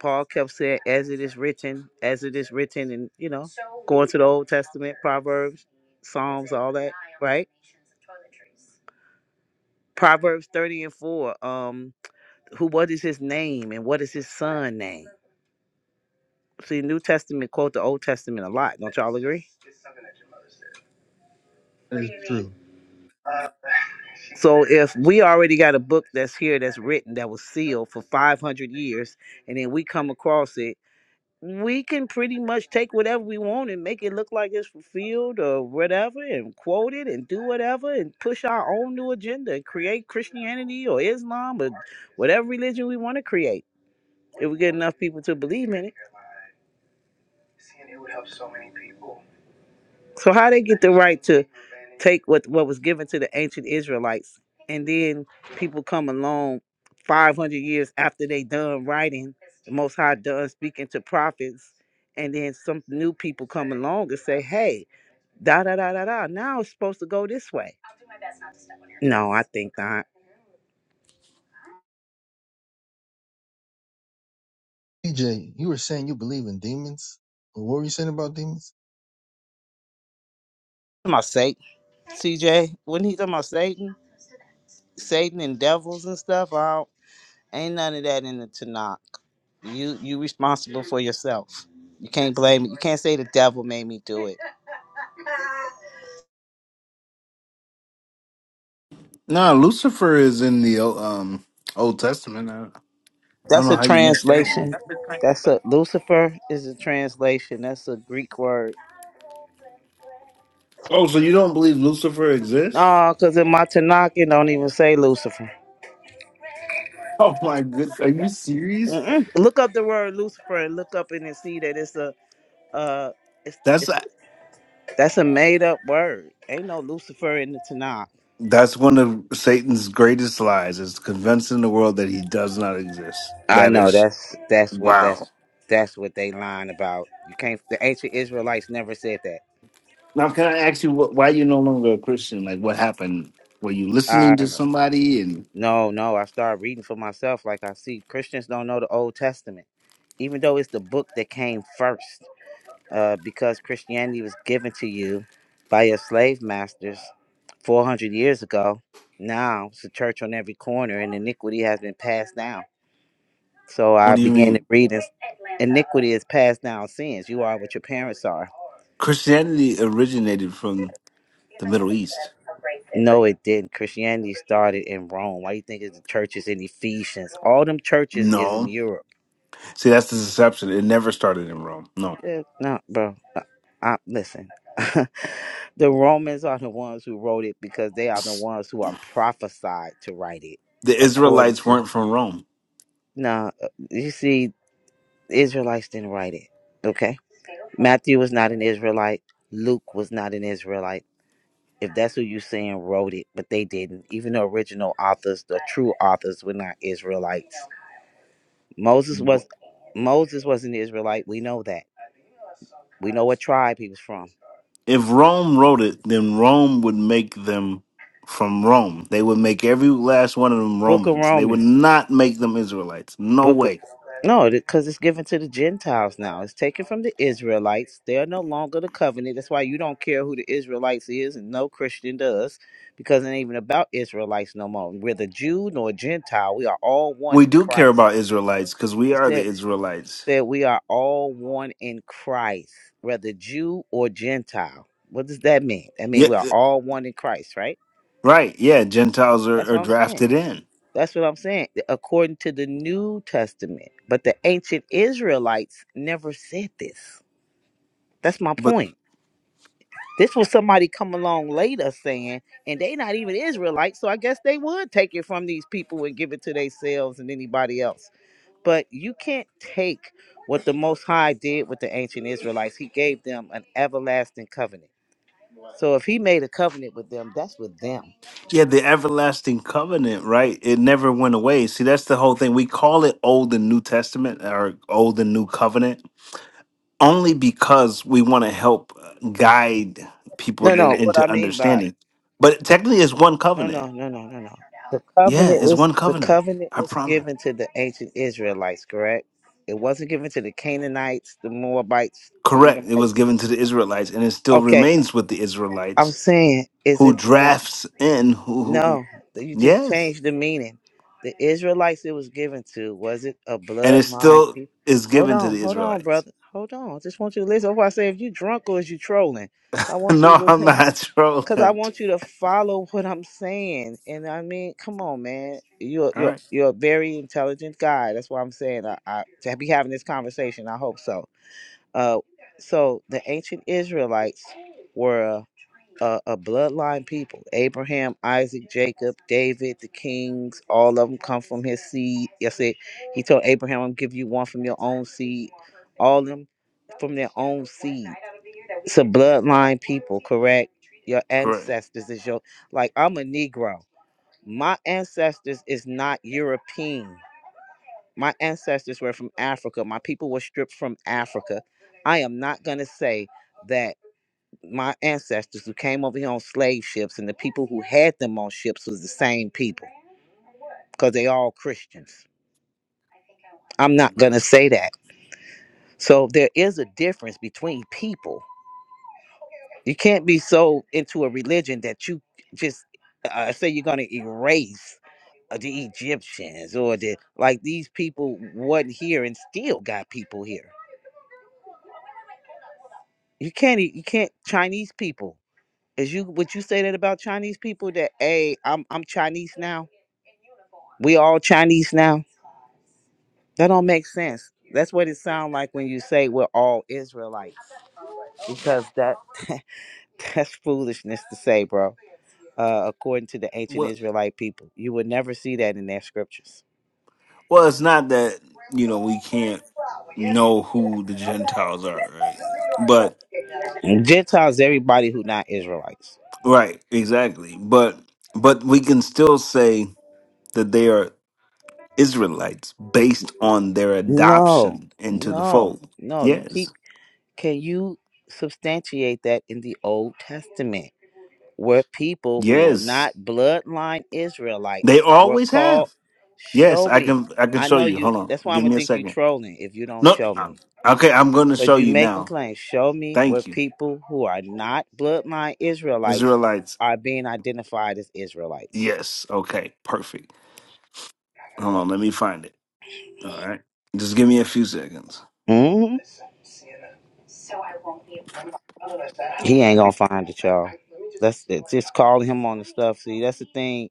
S19: Paul kept saying, as it is written, as it is written, and you know, going to the Old Testament, Proverbs, Psalms, all that, right? Proverbs 30 and 4, um, who what is his name and what is his son name? See, New Testament quote the Old Testament a lot, don't y'all agree?
S17: that is true.
S19: So if we already got a book that's here that's written that was sealed for 500 years and then we come across it we can pretty much take whatever we want and make it look like it's fulfilled or whatever and quote it and do whatever and push our own new agenda and create Christianity or Islam or whatever religion we want to create if we get enough people to believe in it. So how they get the right to take what what was given to the ancient Israelites and then people come along 500 years after they done writing, the Most High done speaking to prophets and then some new people come along and say, hey, Da da da da da. Now it's supposed to go this way. No, I think not.
S17: PJ, you were saying you believe in demons. What were you saying about demons?
S19: Talking about Satan, CJ. When he talking about Satan, Satan and devils and stuff, I don't, ain't none of that in the Tanakh. You you responsible for yourself. You can't blame me. You can't say the devil made me do it.
S21: No, Lucifer is in the um Old Testament. I, I don't
S19: That's
S21: know
S19: a
S21: how you missed that one.
S19: translation. That's a Lucifer is a translation. That's a Greek word.
S21: Oh, so you don't believe Lucifer exists?
S19: No, because in my Tanakh it don't even say Lucifer.
S21: Oh my goodness. Are you serious?
S19: Mm-mm. Look up the word Lucifer and look up in and see that it's a uh it's
S21: That's
S19: it's
S21: uh,
S19: That's a made up word. Ain't no Lucifer in the Tanakh.
S21: that's one of Satan's greatest lies is convincing the world that he does not exist.
S19: I
S21: That
S19: know
S21: is
S19: that's that's what
S21: Wow.
S19: that's that's what they lying about. You can't. The ancient Israelites never said that.
S21: Now, can I ask you what, why you no longer a Christian? Like, what happened? Were you listening to
S19: Uh,
S21: somebody? And
S19: no, no. I started reading for myself. Like I see Christians don't know the Old Testament, even though it's the book that came first. Uh, because Christianity was given to you by your slave masters 400 years ago. Now it's a church on every corner, and iniquity has been passed down. So
S21: What
S19: I
S21: do you
S19: began to
S21: mean?
S19: read. and Iniquity is passed down sins. You are what your parents are.
S21: Christianity originated from the Middle East.
S19: No, it didn't. Christianity started in Rome. Why you think it's the churches in Ephesians? All them churches is in
S21: no,
S19: Europe.
S21: See, that's the deception. It never started in Rome. No.
S19: Yeah, no, bro. I, I- listen. the Romans are the ones who wrote it because they are the
S21: S-
S19: ones who are prophesied to write it,
S21: The
S19: according
S21: Israelites
S19: to.
S21: weren't from Rome.
S19: No, you see, Israelites didn't write it. Okay, Matthew was not an Israelite. Luke was not an Israelite. if that's who you're saying wrote it, but they didn't. Even the original authors, the true authors, were not Israelites. Moses
S21: W-
S19: was Moses was an Israelite. We know that. We know what tribe he was from.
S21: If Rome wrote it, then Rome would make them from Rome. They would make every last one of them
S19: Book of
S21: Romans. They would
S19: Romans.
S21: not make them Israelites. No
S19: Book of
S21: way.
S19: no, because it's given to the Gentiles now. It's taken from the Israelites. They are no longer the covenant. That's why you don't care who the Israelites is, and no Christian does, because it ain't even about Israelites no more. We're the Jew nor Gentile. We are all one
S21: We
S19: in
S21: do care
S19: Christ.
S21: about Israelites because we are the Israelites.
S19: that we are all one in Christ, whether Jew or Gentile. What does that mean? I
S21: Yeah,
S19: mean, we are
S21: uh,
S19: all one in Christ, right?
S21: right. Yeah, Gentiles are,
S19: That's
S21: are
S19: what I'm saying.
S21: drafted in.
S19: That's what I'm saying, according to the New Testament. But the ancient Israelites never said this. That's my
S21: But
S19: point. This was somebody come along later saying, and they not even Israelites, so I guess they would take it from these people and give it to themselves and anybody else. but you can't take what the Most High did with the ancient Israelites. He gave them an everlasting covenant. So if He made a covenant with them, that's with them.
S21: yeah, the everlasting covenant, right? It never went away. See, that's the whole thing. We call it Old and New Testament or Old and New Covenant only because we want to help uh, guide
S19: No,
S21: people
S19: no.
S21: in,
S19: What I
S21: into
S19: mean by
S21: understanding. But technically, it's one
S19: no,
S21: covenant.
S19: no, no, no, no, no. The
S21: Yeah,
S19: covenant
S21: it's
S19: was
S21: one
S19: the
S21: covenant.
S19: covenant
S21: I
S19: was
S21: promise.
S19: given to the ancient Israelites, correct? It wasn't given to the Canaanites, the Moabites, the
S21: Correct. It was
S19: Edomites.
S21: given to the Israelites and it still
S19: Okay,
S21: remains with the
S19: I'm
S21: Israelites
S19: saying, is
S21: who
S19: it not?
S21: drafts in who, who who-
S19: No, you just
S21: yes.
S19: changed the meaning. The Israelites it was given to was it a
S21: and it
S19: bloodline
S21: still
S19: people?
S21: is
S19: Hold
S21: given to
S19: on,
S21: the
S19: hold on,
S21: Israelites.
S19: brother, hold on. I just want you to listen. That's why I say if you drunk or is you trolling, I want you
S21: no,
S19: to
S21: I'm
S19: listen.
S21: not trolling.
S19: Cause I want you to follow what I'm saying, and I mean, come on, man. You're
S21: All
S19: you're
S21: right,
S19: you're a very intelligent guy. That's why I'm saying I, I to be having this conversation. I hope so. Uh, so the ancient Israelites were a, a bloodline people. Abraham, Isaac, Jacob, David, the kings, all of them come from his seed. Yes, it. He told Abraham, "I'll give you one from your own seed." All of them from their own seed. It's a bloodline people, correct? Your
S21: correct.
S19: ancestors is your like. I'm a Negro. My ancestors is not European. My ancestors were from Africa. My people were stripped from Africa. I am not gonna say that my ancestors who came over here on slave ships and the people who had them on ships was the same people because they all Christians. I'm not going to say that. So there is a difference between people. You can't be so into a religion that you just uh, say you're going to erase uh, the Egyptians or the like these people wasn't here and still got people here. You can't e- you can't Chinese people. Is you would you say that about Chinese people that hey, I'm I'm Chinese now? We all Chinese now? That don't make sense. That's what it sounds like when you say we're all Israelites. Because that that's foolishness to say, bro. Uh, according to the ancient
S21: Well,
S19: Israelite people. You would never see that in their scriptures.
S21: well, it's not that you know we can't know who the Gentiles are, right? But
S19: Gentiles everybody who not Israelites.
S21: right, exactly. But but we can still say that they are Israelites based on their
S19: No,
S21: adoption into the
S19: no,
S21: fold.
S19: no. You
S21: Yes,
S19: keep can you substantiate that in the Old Testament? Where people who were
S21: yes,
S19: not bloodline Israelites
S21: they
S19: were
S21: always
S19: called.
S21: have. Yes,
S19: Show
S21: I
S19: me.
S21: can I can
S19: I
S21: show
S19: know
S21: you.
S19: you.
S21: Hold on,
S19: That's why I'm
S21: give
S19: gonna
S21: me a
S19: think you
S21: second.
S19: trolling if you don't
S21: No.
S19: show
S21: uh,
S19: me.
S21: Okay, I'm going to
S19: Cause
S21: show
S19: you
S21: you
S19: making
S21: now.
S19: claims. Show me where
S21: Thank you.
S19: people who are not bloodline Israelites
S21: Israelites.
S19: are being identified as Israelites.
S21: Yes. Okay, perfect. Hold on. Let me find it. All right. Just give me a few seconds.
S19: hmm He ain't gonna find it, y'all. That's it's just calling him on the stuff. See, that's the thing.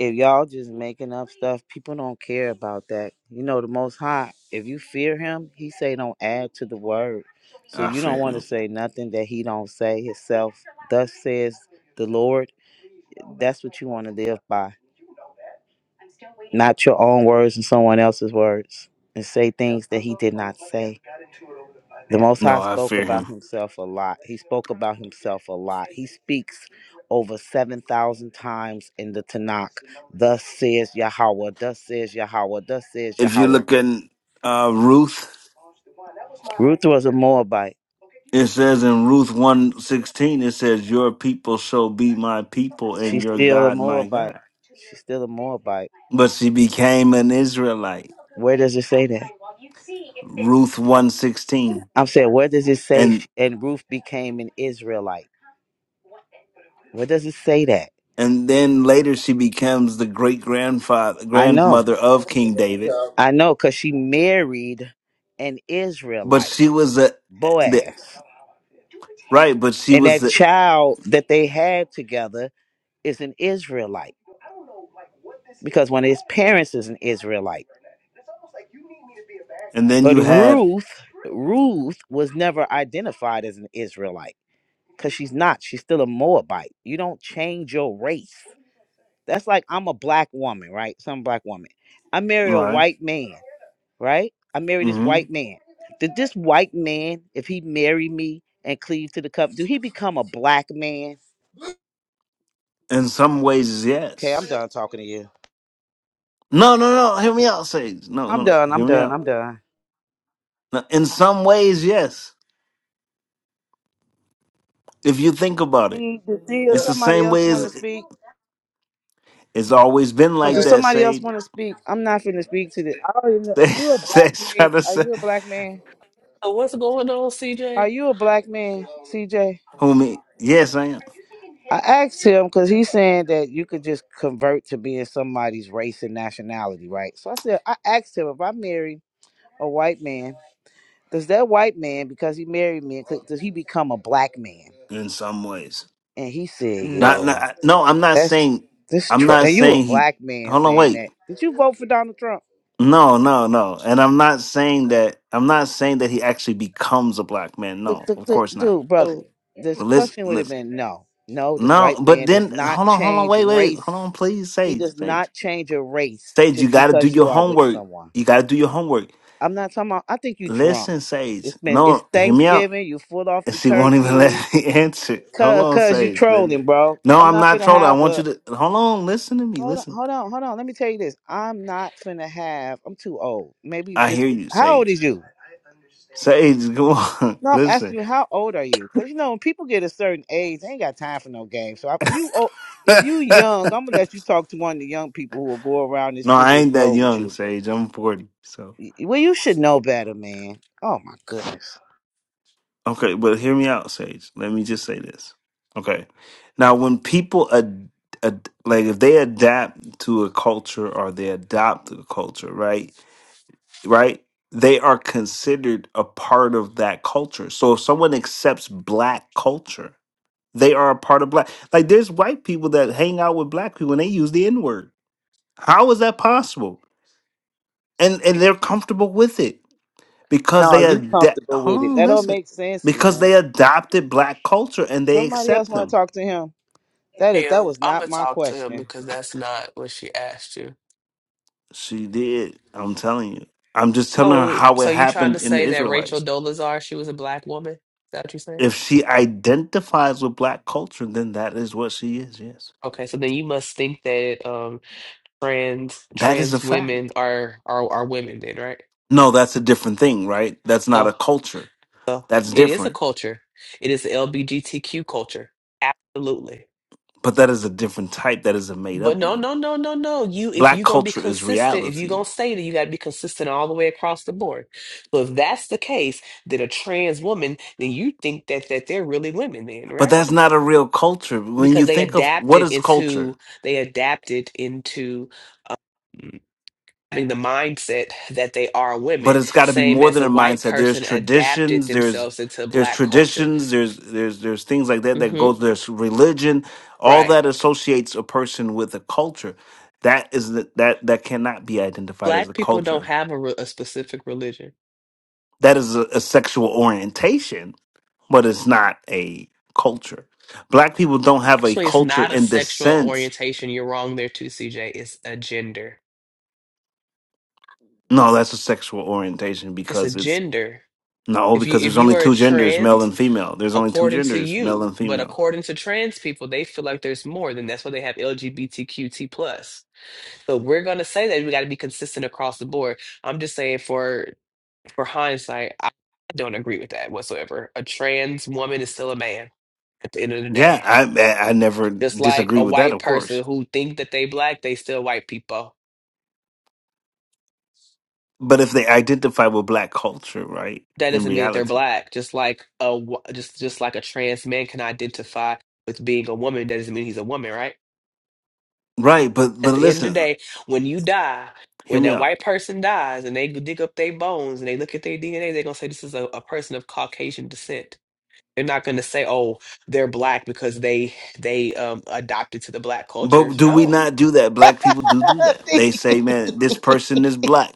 S19: If y'all just making up stuff, people don't care about that. You know, the Most High, if you fear Him, He say don't add to the word. So
S21: I
S19: you don't
S21: fear
S19: want to
S21: him.
S19: say nothing that He don't say Himself. Thus says the Lord. That's what you want to live by not your own words and someone else's words, and say things that he did not say. The Most
S21: No,
S19: High
S21: I
S19: spoke
S21: fear
S19: about
S21: him.
S19: himself a lot. He spoke about himself a lot. He speaks over 7,000 times in the Tanakh. Thus says Yahweh, thus says Yahweh, thus says
S21: If you
S19: Yahweh.
S21: look in uh, Ruth,
S19: Ruth was a Moabite.
S21: it says in Ruth 116, it says, Your people shall be my people and
S19: She's
S21: your
S19: still a
S21: God my
S19: Moabite.
S21: God.
S19: She's still a Moabite.
S21: But she became an Israelite.
S19: Where does it say that?
S21: Ruth 116.
S19: I'm saying, where does it say,
S21: and.
S19: sh- and Ruth became an Israelite? Where does it say that?
S21: and then later she becomes the great grandfather
S19: I know.
S21: grandmother of King David.
S19: I know because she married an
S21: But she
S19: Israelite,
S21: was a the
S19: Boaz.
S21: right, but she
S19: And
S21: was
S19: that
S21: the
S19: child that they had together is an Israelite. Because one of his parents is an Israelite.
S21: and then
S19: But
S21: you had
S19: Ruth, Ruth was never identified as an Israelite because she's not. She's still a Moabite. You don't change your race. That's like I'm a black woman, right? Some black woman. I marry a
S21: right.
S19: white man. right? I married this
S21: hmm
S19: white man. Did this white man, if he marry me and cleave to the cup, do he become a black man?
S21: In some ways,
S19: Okay, I'm
S21: yes.
S19: done talking to you.
S21: No, no, no. Hear me out, Sage. No, no,
S19: I'm
S21: no.
S19: done.
S21: Hear
S19: I'm
S21: me
S19: done.
S21: out.
S19: I'm done.
S21: No, in some ways, yes. If you think about it,
S19: Dee, did Dee
S21: it's the
S19: somebody
S21: same
S19: else
S21: way
S19: want
S21: as
S19: to speak?
S21: it's always been
S19: Or
S21: like
S19: does
S21: that.
S19: somebody else
S21: Sage,
S19: want to speak? I'm not finna speak to this. I don't even know. Is
S21: Sage,
S19: you a black
S21: Sage
S19: man?
S21: trying to
S19: Are
S21: say,
S19: you a black man?
S11: Oh, what's going on,
S19: Are
S11: CJ?
S19: you a black man, CJ?
S21: homie. Yes, I am.
S19: I asked him because he's saying that you could just convert to being somebody's race and nationality, right? So I said, I asked him if I married a white man Does that white man, because he married me, could- does he become a black man?
S21: In some ways.
S19: And he said,
S21: Not,
S19: Yeah,
S11: No.
S21: not no, I'm not
S19: that's
S21: saying
S19: this.
S21: I'm
S19: Tr-
S21: not
S19: and you a
S21: saying he
S19: black man
S21: hold on,
S19: saying
S21: wait.
S19: that. Did you vote for Donald Trump?
S21: No, no, no. And I'm not saying that I'm not saying that he actually becomes a black man.
S19: The,
S21: No,
S19: the,
S21: of
S19: the,
S21: course not.
S19: dude, brother,
S11: Oh,
S19: this
S21: Let's
S19: question would have
S21: let's
S19: been no. No, this
S21: no,
S19: white
S21: but
S19: man does
S21: then
S19: not
S21: hold on, hold on,
S19: change
S21: wait, wait, hold on,
S19: race.
S21: please,
S19: He
S21: Sage,
S19: does
S21: Sage.
S19: not change your race
S21: Sage, you
S19: just
S21: gotta do
S19: because
S21: your
S19: you are with
S21: homework.
S19: someone.
S21: You gotta do your homework.
S19: I'm not talking about, I think you drunk.
S21: Listen, Sage.
S19: It's been, it's
S21: No, hear me out.
S19: Thanksgiving, you foot off
S21: And
S19: the
S21: she won't even
S19: turkey.
S21: let me answer. Hold
S19: Cause,
S21: on,
S19: cause you
S21: Sage. Let me.
S19: trolling, bro.
S21: No,
S19: I'm
S21: I'm
S19: not
S21: not
S19: finna
S21: trolling. I
S19: have
S21: want you
S19: a,
S21: to hold on, listen to me.
S19: Hold on,
S21: Listen.
S19: hold on, hold on. Let me tell you this. I'm not finna have. I'm too old. Maybe
S21: I
S19: this.
S21: hear you,
S19: How old
S21: Sage.
S19: is you?
S21: Sage, come on.
S19: No, I'm asking
S21: Listen.
S19: you. How old are you? Cause you know when people get a certain age, they ain't got time for no game. So if you old, if you
S21: no,
S19: young, I'm gonna let you talk to one of the young people who will go around this
S21: I
S19: foolish
S21: ain't that
S19: road with
S21: young,
S19: you. But
S21: Sage. I'm 40. So,
S19: y- well, you should know better, man. Oh my goodness.
S21: okay, but hear me out, Sage. Let me just say this. Okay. Now, when people, ad- ad- like, if they adapt to a culture or they adopt a culture, right? Right? They are considered a part of that culture. So, if someone accepts black culture, they are a part of black. Like, there's white people that hang out with black people and they use the N word. How is that possible? and and they're comfortable with it because they
S19: No, you
S21: adapt.
S19: comfortable
S21: Hold
S19: with it?
S21: on,
S19: That don't
S21: listen,
S19: make sense,
S21: because
S19: man.
S21: they adopted black culture and they
S19: Somebody else
S21: accept
S19: want to
S21: them.
S19: talk to him. That is, that
S11: damn.
S19: was
S11: I'm gonna
S19: not my
S11: talk to him
S19: question.
S11: because that's not what she asked you.
S21: She did. I'm telling you. I'm just telling her
S11: Oh,
S21: how
S11: so
S21: it
S11: you trying
S21: happened
S11: to
S21: in the
S11: say that Rachel
S21: Israelites.
S11: Dolezal, she was a black woman? Is that what you saying?
S21: If she identifies with black culture, then that is what she is. Yes,
S11: Okay, so then you must think that um trans
S21: that is a
S11: trans women
S21: fact.
S11: are are are women then, right?
S21: No, that's a different thing, right? That's not a culture.
S11: So
S21: That's
S11: it is a
S21: different.
S11: culture. It is the LBGTQ culture. Absolutely.
S21: But that is a different type. That is a made
S11: But
S21: up
S11: no,
S21: one.
S11: no, no, no, no. You if
S21: Black
S11: you're gonna be
S21: culture is
S11: consistent, if you're
S21: reality
S11: gonna say that you gotta be consistent all the way across the board. So if that's the case, that a trans woman, then you think that that they're really women then,
S21: But
S11: right?
S21: that's not a real culture. When you
S11: Because they
S21: think of what
S11: adapted
S21: is culture,
S11: into they adapted into mm, having the mindset that they are
S21: but
S11: women,
S21: it's got to be
S11: same
S21: more
S11: as
S21: than
S11: a
S21: a
S11: white
S21: mindset. There's
S11: person adapted
S21: traditions. There's
S11: themselves into
S21: there's
S11: black culture.
S21: traditions. There's there's there's things like that that
S11: hmm
S21: goes. There's religion. All
S11: Right.
S21: that associates a person with a culture. That is the, that that cannot be identified as
S11: Black
S21: a
S11: people don't
S21: culture.
S11: have a, re- a specific religion.
S21: That is a, a sexual orientation, but it's not a culture. Black people don't have a
S11: Actually, it's
S21: culture
S11: not a
S21: in this
S11: sexual
S21: sense.
S11: orientation. You're wrong there too, CJ. It's a gender.
S21: No, that's a sexual orientation
S11: It's a
S21: because
S11: gender.
S21: No,
S11: If you
S21: because
S11: if
S21: there's
S11: you
S21: only
S11: are a
S21: two genders, male
S11: trans,
S21: and female. There's only two
S11: according to
S21: genders, male
S11: you,
S21: and
S11: but
S21: female.
S11: according to trans people, they feel like there's more. Then that's why they have LGBTQT plus. So we're gonna say that we got to be consistent across the board. I'm just saying for for hindsight, I don't agree with that whatsoever. A trans woman is still a man at the end of the
S21: Yeah,
S11: day.
S21: I I I never
S11: Just like
S21: disagree
S11: a
S21: with that,
S11: white
S21: of course.
S11: person who think that they black, they still white people.
S21: But if they identify with black culture, right?
S11: That
S21: In
S11: doesn't mean that they're
S21: reality,
S11: black. Just like a wh- just just like a trans man can identify with being a woman, that doesn't mean he's a woman, right?
S21: right? But but
S11: At the end of the
S21: listen,
S11: day, when you die,
S21: hear
S11: when a
S21: me out.
S11: person dies and they bones and they look at their DNA, they're gonna say this is a, a person of Caucasian descent. They're not gonna say, oh, they're black because they they um adopted to the black culture.
S21: But do we
S11: No.
S21: not do that? Black people do do that. They say, "Man, this person is black."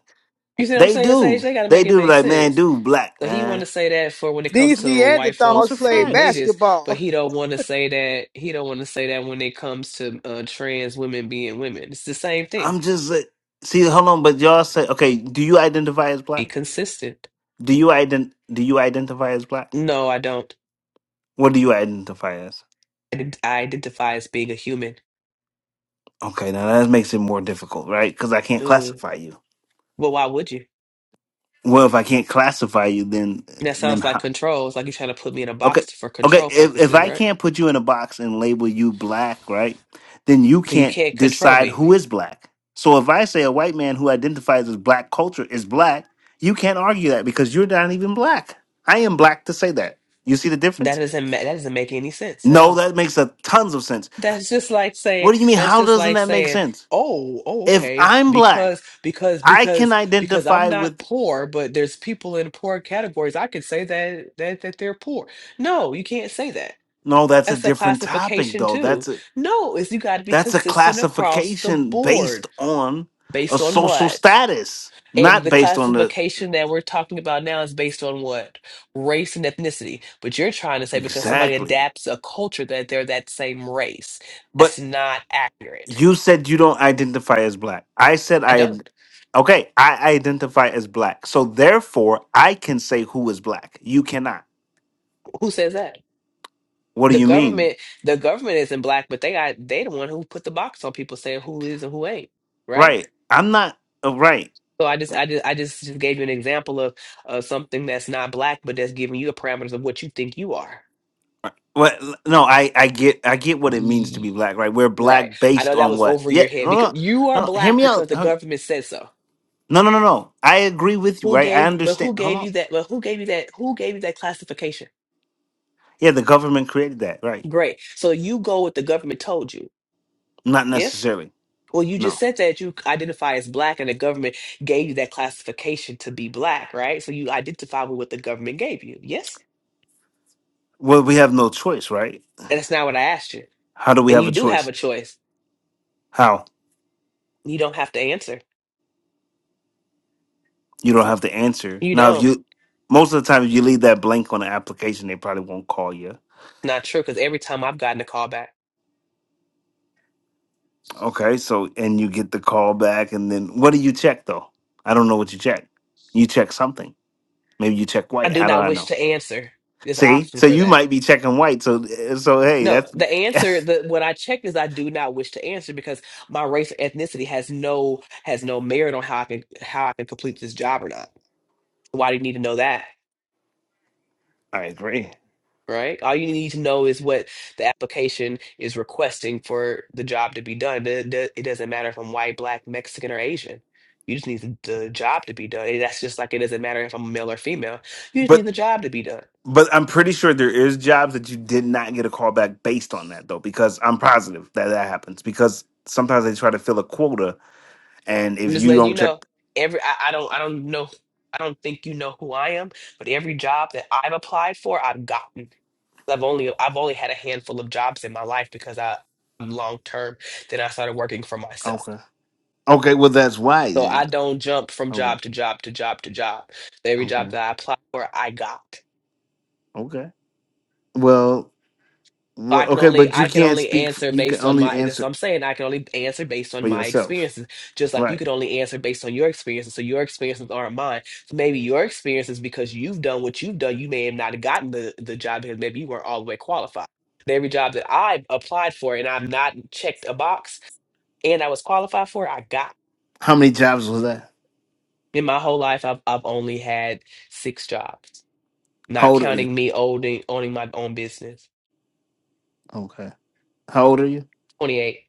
S11: You see what I'm
S21: They
S11: saying, Sage?
S21: do.
S11: They gotta
S21: They
S11: make it
S21: do.
S11: make
S21: Like, man,
S11: sense.
S21: dude, black
S11: So he want to
S21: man.
S11: say that for when it
S19: These
S11: comes to white
S21: Those are
S19: Neanderthals
S11: folks
S19: played
S11: and
S21: facts.
S11: niggas,
S19: basketball.
S11: but he don't want to say that he don't want to say that when it comes to uh, trans women being women. It's the same thing.
S21: I'm just like, see, hold on. But y'all say, okay, do you identify as black?
S11: Be consistent.
S21: Do you ident- do you identify as black?
S11: No, I don't.
S21: What do you identify as?
S11: I did- I identify as being a human.
S21: Okay, now that makes it more difficult, right? Because I can't
S11: Mm.
S21: classify you.
S11: Well, why would you?
S21: Well, if I can't classify you, then
S11: And that
S21: then
S11: sounds like
S21: how?
S11: control. It's like you're trying to put me in a
S21: Okay,
S11: box for
S21: okay.
S11: control
S21: If if
S11: purposes,
S21: I
S11: right?
S21: can't put you in a box and label you black, right? Then you
S11: So you
S21: can't
S11: can't control
S21: decide
S11: me.
S21: who is black. So if I say a white man who identifies as black culture is black, you can't argue that because you're not even black. I am black to say that. You see the
S11: That
S21: difference?
S11: doesn't ma- that doesn't make any sense at all.
S21: No, that makes a tons of sense.
S11: That's just like saying,
S21: What do you mean?
S11: that's
S21: How
S11: just
S21: doesn't
S11: like
S21: that make
S11: saying,
S21: sense?
S11: oh, oh,
S21: if
S11: okay,
S21: I'm black,
S11: because, because,
S21: I can
S11: because, because I'm
S21: identify
S11: not
S21: with
S11: poor, but there's people in poor categories. I can say that that that they're poor. No, you can't say that.
S21: no, that's a
S11: That's a
S21: different topic
S11: classification
S21: though.
S11: too.
S21: That's a
S11: No, is you got to be
S21: that's a
S11: consistent across the
S21: classification based
S11: board
S21: on a
S11: based on
S21: social
S11: what?
S21: status,
S11: And
S21: not
S11: the
S21: based on the
S11: classification that we're talking about now is based on what? Race and ethnicity. But you're trying to say because somebody
S21: exactly.
S11: adapts a culture that they're that same race. That's
S21: But
S11: not accurate.
S21: you said you don't identify as black. I said
S11: I
S21: I
S11: don't.
S21: okay, I identify as black. So therefore I can say who is black. You cannot.
S11: Who says that?
S21: What do
S11: The
S21: you mean?
S11: government, the government isn't black, but they are they the one who put the box on people saying who is and who ain't, right?
S21: Right. I'm not uh, right.
S11: So I just I just I just, just gave you an example of uh, something that's not black, but that's giving you the parameters of what you think you are.
S21: Well, l- no, I, I get I get what it means to be black, right? We're
S11: Right.
S21: black
S11: I
S21: based
S11: know that
S21: on
S11: was
S21: what?
S11: over
S21: Yeah,
S11: your head
S21: no, no,
S11: because
S21: no.
S11: you are
S21: no, Hear
S11: black
S21: me
S11: because
S21: out.
S11: the
S21: Hur-
S11: government said so.
S21: No, no, no, no. I agree with you,
S11: Who
S21: right? I
S11: gave, but
S21: understand.
S11: who
S21: Hold
S11: gave
S21: on.
S11: you that, but who gave you that, who gave you that classification?
S21: Yeah, the government created that, right?
S11: Great. So you go with the government told you.
S21: Not
S11: Yes?
S21: necessarily.
S11: Well, you
S21: No.
S11: just said that you identify as black and the government gave you that classification to be black, right? So you identify with what the government gave you. Yes?
S21: Well, we have no choice, right?
S11: And that's not what I asked you.
S21: How do we
S11: And
S21: have
S11: you
S21: a
S11: do have
S21: choice?
S11: a choice.
S21: How
S11: You don't have to answer.
S21: you don't have the answer
S11: You
S21: now. If
S11: don't.
S21: you most of the time, if you leave that blank on the application, they probably won't call you.
S11: Tom, I've got,
S21: Okay, so and you get the call back, and then what do you check though? I don't know what you check. You check something Maybe you check
S11: I
S21: white.
S11: do
S21: How
S11: not,
S21: do I know?
S11: sir.
S21: See, so you might be checking white. So eh, so hey,
S11: No,
S21: that's
S11: the answer the what I checked is I do not wish to answer because my race or ethnicity has no has no merit on how I can how I can complete this job or not. Why do you need to know that?
S21: I agree.
S11: Right? All you need to know is what the application is requesting for the job to be done. It it- it doesn't matter if I'm white, black, Mexican, or Asian. You just need the the job to be done. And that's just like it doesn't matter if I'm male or female. You just need
S21: but
S11: the job to be done.
S21: but I'm pretty sure there is jobs that you did not get a call back based on that though, because I'm positive that that happens because sometimes they try to fill a quota, and
S11: I'm
S21: if
S11: just
S21: you
S11: letting you
S21: don't check,
S11: know. Every I, I don't I don't know I don't think you know who I am, but every job that I've applied for, I've gotten. I've only I've only had a handful of jobs in my life because I I'm long term. Then I started working for myself.
S21: okay, okay, well that's why
S11: So
S21: then.
S11: I don't jump from
S21: Okay,
S11: job to job to job to job. Every job
S21: okay,
S11: that I applied for, I got.
S21: okay. Well, well,
S11: I can
S21: okay,
S11: only
S21: but you
S11: I can only
S21: can't speak. f-
S11: answer
S21: You can
S11: based on
S21: only
S11: my that's what
S21: answer
S11: I'm saying
S21: for yourself,
S11: experiences, just like you
S21: right?
S11: could only answer based on your experiences. So your experiences aren't mine. So maybe your experiences, because you've done what you've done, you may have not gotten the, the job because maybe you weren't all the way qualified. And every job that I applied for and I've not checked a box and I was qualified for, I got.
S21: How many jobs was that?
S11: In my whole life, I've, I've only had six jobs,
S21: How
S11: not
S21: old are you?
S11: counting me owning, owning my own business.
S21: Okay. How old are you?
S11: 28.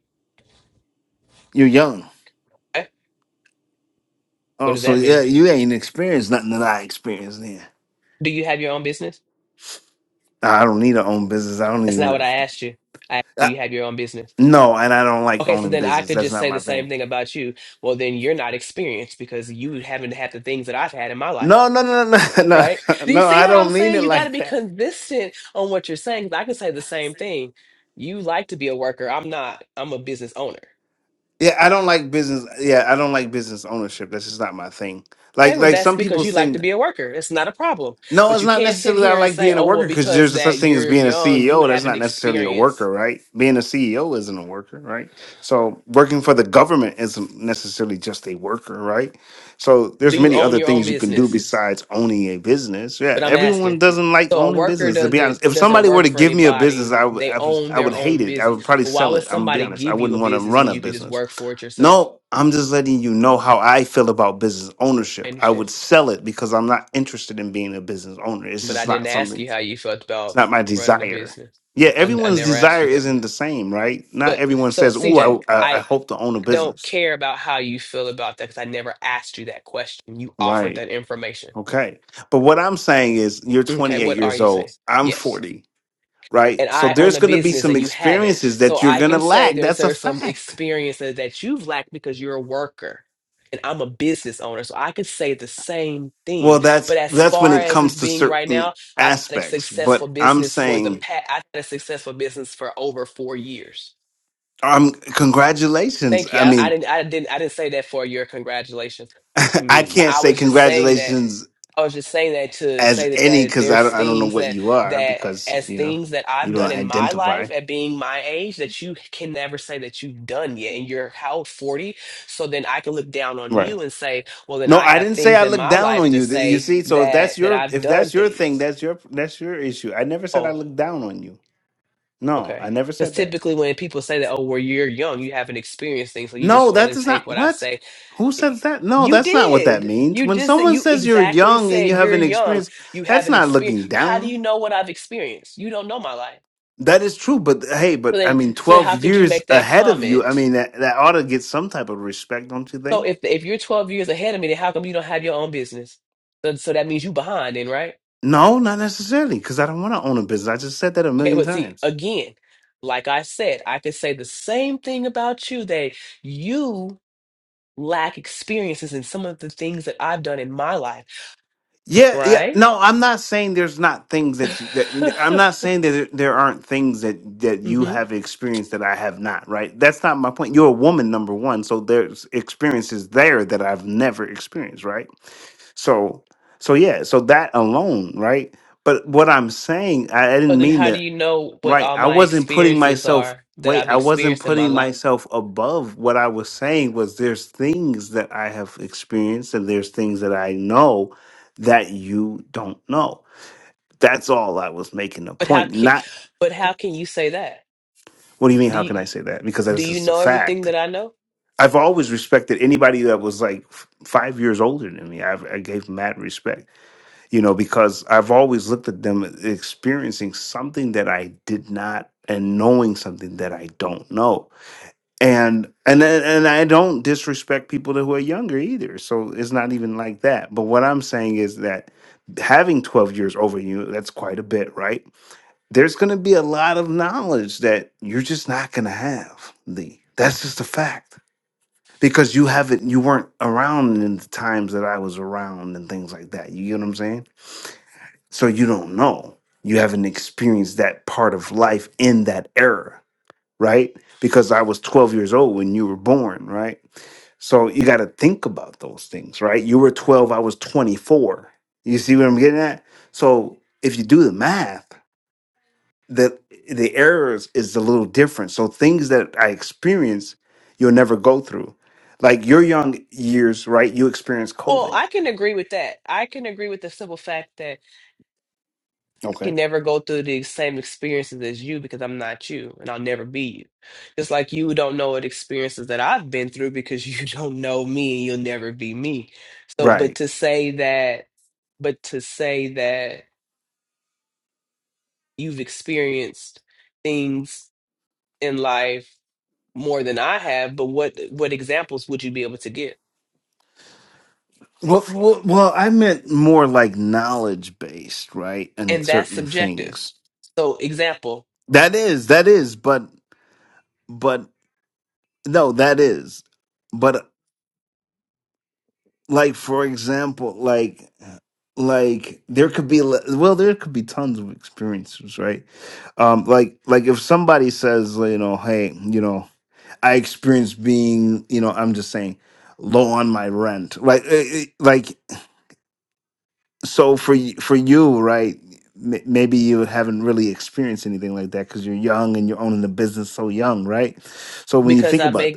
S21: You're young.
S11: Eh? What
S21: Oh,
S11: does
S21: so
S11: that
S21: yeah,
S11: mean?
S21: you ain't experienced nothing that I experienced then.
S11: Do you have your own business?
S21: Nah, I don't need to own business. I don't
S11: That's not what
S21: even.
S11: I asked you. I, do
S21: I,
S11: you have your own business?
S21: no, and I don't like
S11: Okay, so
S21: owning
S11: then I
S21: business.
S11: could
S21: That's
S11: just
S21: not
S11: say the
S21: my
S11: same
S21: thing.
S11: thing about you. Well, then you're not experienced because you haven't had the things that I've had in my life,
S21: No, no, no, no, no,
S11: right?
S21: no.
S11: Do you
S21: no,
S11: see
S21: I
S11: how I'm
S21: don't mean
S11: saying?
S21: it
S11: You got to
S21: like
S11: be
S21: that.
S11: consistent on what you're saying. 'cause I could say the same thing. You like to be a worker. I'm not. I'm a business owner.
S21: Yeah, I don't like business. Yeah, I don't like business ownership. That's just not my thing.
S11: Okay,
S21: Like,
S11: well,
S21: like
S11: that's
S21: some
S11: because
S21: people
S11: you like to
S21: think
S11: be a worker. It's not a problem.
S21: No,
S11: But
S21: it's
S11: you
S21: not
S11: can't sit
S21: necessarily that I
S11: here and
S21: like
S11: say,
S21: being a
S11: oh,
S21: worker
S11: well,
S21: because
S11: because
S21: there's a such
S11: that
S21: thing as
S11: you're
S21: being a
S11: young, you
S21: CEO. That's
S11: haven't
S21: not necessarily a worker,
S11: experienced.
S21: right? Being a CEO isn't a worker, right? So working for the government isn't necessarily just a worker, right? So
S11: Do
S21: there's
S11: you
S21: many
S11: own
S21: other
S11: your own
S21: things you can do
S11: business?
S21: besides owning a business. Yeah,
S11: but I'm
S21: everyone
S11: asking.
S21: doesn't like
S11: So a
S21: owning
S11: worker
S21: business. To be honest,
S11: doesn't
S21: if
S11: doesn't
S21: somebody were
S11: work
S21: to
S11: for
S21: give me a business,
S11: anybody.
S21: I would
S11: They
S21: I would
S11: own
S21: I would
S11: their
S21: hate
S11: own
S21: it. I
S11: business.
S21: would probably
S11: But why
S21: sell
S11: would
S21: it. I'm gonna be
S11: somebody
S21: honest. I
S11: give you a
S21: wouldn't want to
S11: business
S21: run
S11: when
S21: a
S11: you could just
S21: business.
S11: work for it yourself?
S21: No, I'm just letting you know how I feel about business
S11: I
S21: ownership. I
S11: understand.
S21: would sell it because I'm not interested in being a business owner. It's
S11: But
S21: just
S11: I didn't
S21: not
S11: ask
S21: something,
S11: you how
S21: it's
S11: you felt about
S21: not my
S11: running a
S21: desire.
S11: business.
S21: Yeah,
S11: I, I
S21: everyone's
S11: never asked
S21: desire
S11: you that.
S21: isn't the same, right? Not
S11: But
S21: everyone
S11: so
S21: says,
S11: CJ,
S21: Oh, I, I, I
S11: I
S21: hope to own a
S11: I don't
S21: business.
S11: care about how you feel about that because I never asked you that question. You offered
S21: Right.
S11: that information.
S21: Okay. But what I'm saying is, you're
S11: Okay,
S21: 28
S11: what are
S21: years
S11: you
S21: old,
S11: saying?
S21: I'm
S11: Yes.
S21: 40, right?
S11: and
S21: So
S11: I own
S21: there's
S11: a
S21: going to be
S11: business
S21: some
S11: and you haven't.
S21: experiences
S11: So
S21: that you're
S11: I
S21: going to
S11: can say
S21: lack.
S11: there's
S21: That's a
S11: there's some
S21: fact.
S11: experiences that you've lacked because you're a worker and I'm a business owner. So I could say the same thing.
S21: Well,
S11: But
S21: that's
S11: as
S21: that's when
S11: far
S21: it
S11: as
S21: comes
S11: it's
S21: to
S11: being right
S21: certain
S11: now, I've had a
S21: aspects, but
S11: successful
S21: I'm
S11: business for the
S21: saying
S11: past I've had a successful business for over four years.
S21: Um, congratulations.
S11: Thank you.
S21: I
S11: I, I
S21: mean,
S11: didn't I didn't I didn't say that for your congratulations. I
S21: I
S11: mean, but
S21: can't
S11: I
S21: say
S11: was just saying that
S21: congratulations
S11: I was just saying that to
S21: as
S11: say that
S21: any
S11: that
S21: because I
S11: there's
S21: don't, I don't know
S11: things
S21: what
S11: that
S21: you are
S11: that
S21: because
S11: as
S21: you know
S11: things that
S21: you
S11: I've
S21: don't
S11: done in my
S21: identify.
S11: life at being my age that you can never say that you've done yet, and you're how old, 40. So then I can look down on
S21: Right.
S11: you and say, well, then
S21: No,
S11: I
S21: I
S11: have
S21: didn't say
S11: things
S21: I
S11: in
S21: looked
S11: my
S21: down
S11: life
S21: on
S11: to
S21: you. Th- You
S11: say
S21: see, so if that's
S11: that that
S21: your
S11: I've
S21: if
S11: done
S21: that's your thing,
S11: things.
S21: that's your that's your issue. I never said I
S11: Oh,
S21: looked down on you. No, I
S11: okay.
S21: never
S11: Because
S21: said that.
S11: typically when people say that, oh, well, you're young, you haven't experienced things, so you
S21: No,
S11: just want
S21: that
S11: to
S21: is
S11: take
S21: not
S11: what I
S21: what.
S11: say
S21: Who says that? No,
S11: You
S21: that's not what that
S11: did.
S21: means.
S11: You
S21: When
S11: just
S21: someone
S11: you
S21: says you're
S11: exactly
S21: young and you
S11: said you're
S21: haven't
S11: young.
S21: experienced,
S11: You
S21: that's
S11: haven't
S21: not looking
S11: experienced. But how do
S21: down.
S11: you know what I've experienced? You don't know my life.
S21: That is true, but hey, but
S11: So
S21: I
S11: then,
S21: mean,
S11: so then,
S21: twelve
S11: how could you
S21: years
S11: make that
S21: ahead of you. I
S11: comment?
S21: mean, that that ought to get some type of respect, don't you
S11: So
S21: think?
S11: if if you're 12 years ahead of me, then how come you don't have your own business? So, so that means you behind, then, right?
S21: No, not necessarily, because I don't want to own a business. I just said that a
S11: Okay,
S21: million
S11: but see,
S21: times.
S11: again, like I said, I could say the same thing about you that you lack experiences in some of the things that I've done in my life,
S21: Yeah, yeah.
S11: right?
S21: No, I'm not saying there's not things that, you, that I'm not saying that there, there aren't things that that you
S11: Mhm.
S21: have experienced that I have not. Right? That's not my point. You're a woman, number one, so there's experiences there that I've never experienced. Right? So, so yeah. So that alone, right? But what I'm saying, I, I didn't mean to. Right. I wasn't putting myself, wait, I wasn't putting myself above. What I was saying was there's things that I have experienced and there's things that I know that you don't know. That's all I was making a point. Not,
S11: Do
S21: what do you mean? How
S11: you-
S21: can I say that? Because
S11: Do
S21: that's
S11: you
S21: just a
S11: know everything
S21: fact.
S11: that I know?
S21: I've always respected anybody that was like f- five years older than me. I've, I gave mad respect, you know, because I've always looked at them experiencing something that I did not and knowing something that I don't know and and then- and I don't disrespect people that who are younger either. So it's not even like that. But what I'm saying is that having 12 years over you, that's quite a bit, right? There's going to be a lot of knowledge that you're just not going to have. The that's just a fact because you haven't you weren't around in the times that I was around and things like that. You get what I'm saying? So you don't know. You haven't experienced that part of life in that era right? Because I was 12 years old when you were born, right? So you got to think about those things, right? You were 12, I was 24. You see what I'm getting at? So if you do the math, the the errors is a little different. So things that I experience, you'll never go through. Like your young years, right? You experienced
S11: Well,
S21: COVID.
S11: I can agree with that. I can agree with the simple fact that I
S21: Okay.
S11: can never go through the same experiences as you because I'm not you and I'll never be you. Just like you don't know what experiences that I've been through because you don't know me and you'll never be me. So, but
S21: Right.
S11: to say that, but to say that you've experienced things in life more than I have, but what what examples would you be able to give?
S21: Well, well, well, I meant more like knowledge based, right? And
S11: And that's
S21: certain
S11: subjective.
S21: things.
S11: So example,
S21: That is, that is, but but no that is but like for example like like there could be le- well there could be tons of experiences right um like like if somebody says like, you know hey you know i experienced being you know i'm just saying low on my rent like eh, eh, like so for y- for you right m- maybe you haven't really experienced anything like that because you're young and you're owning the business so young right so when you think about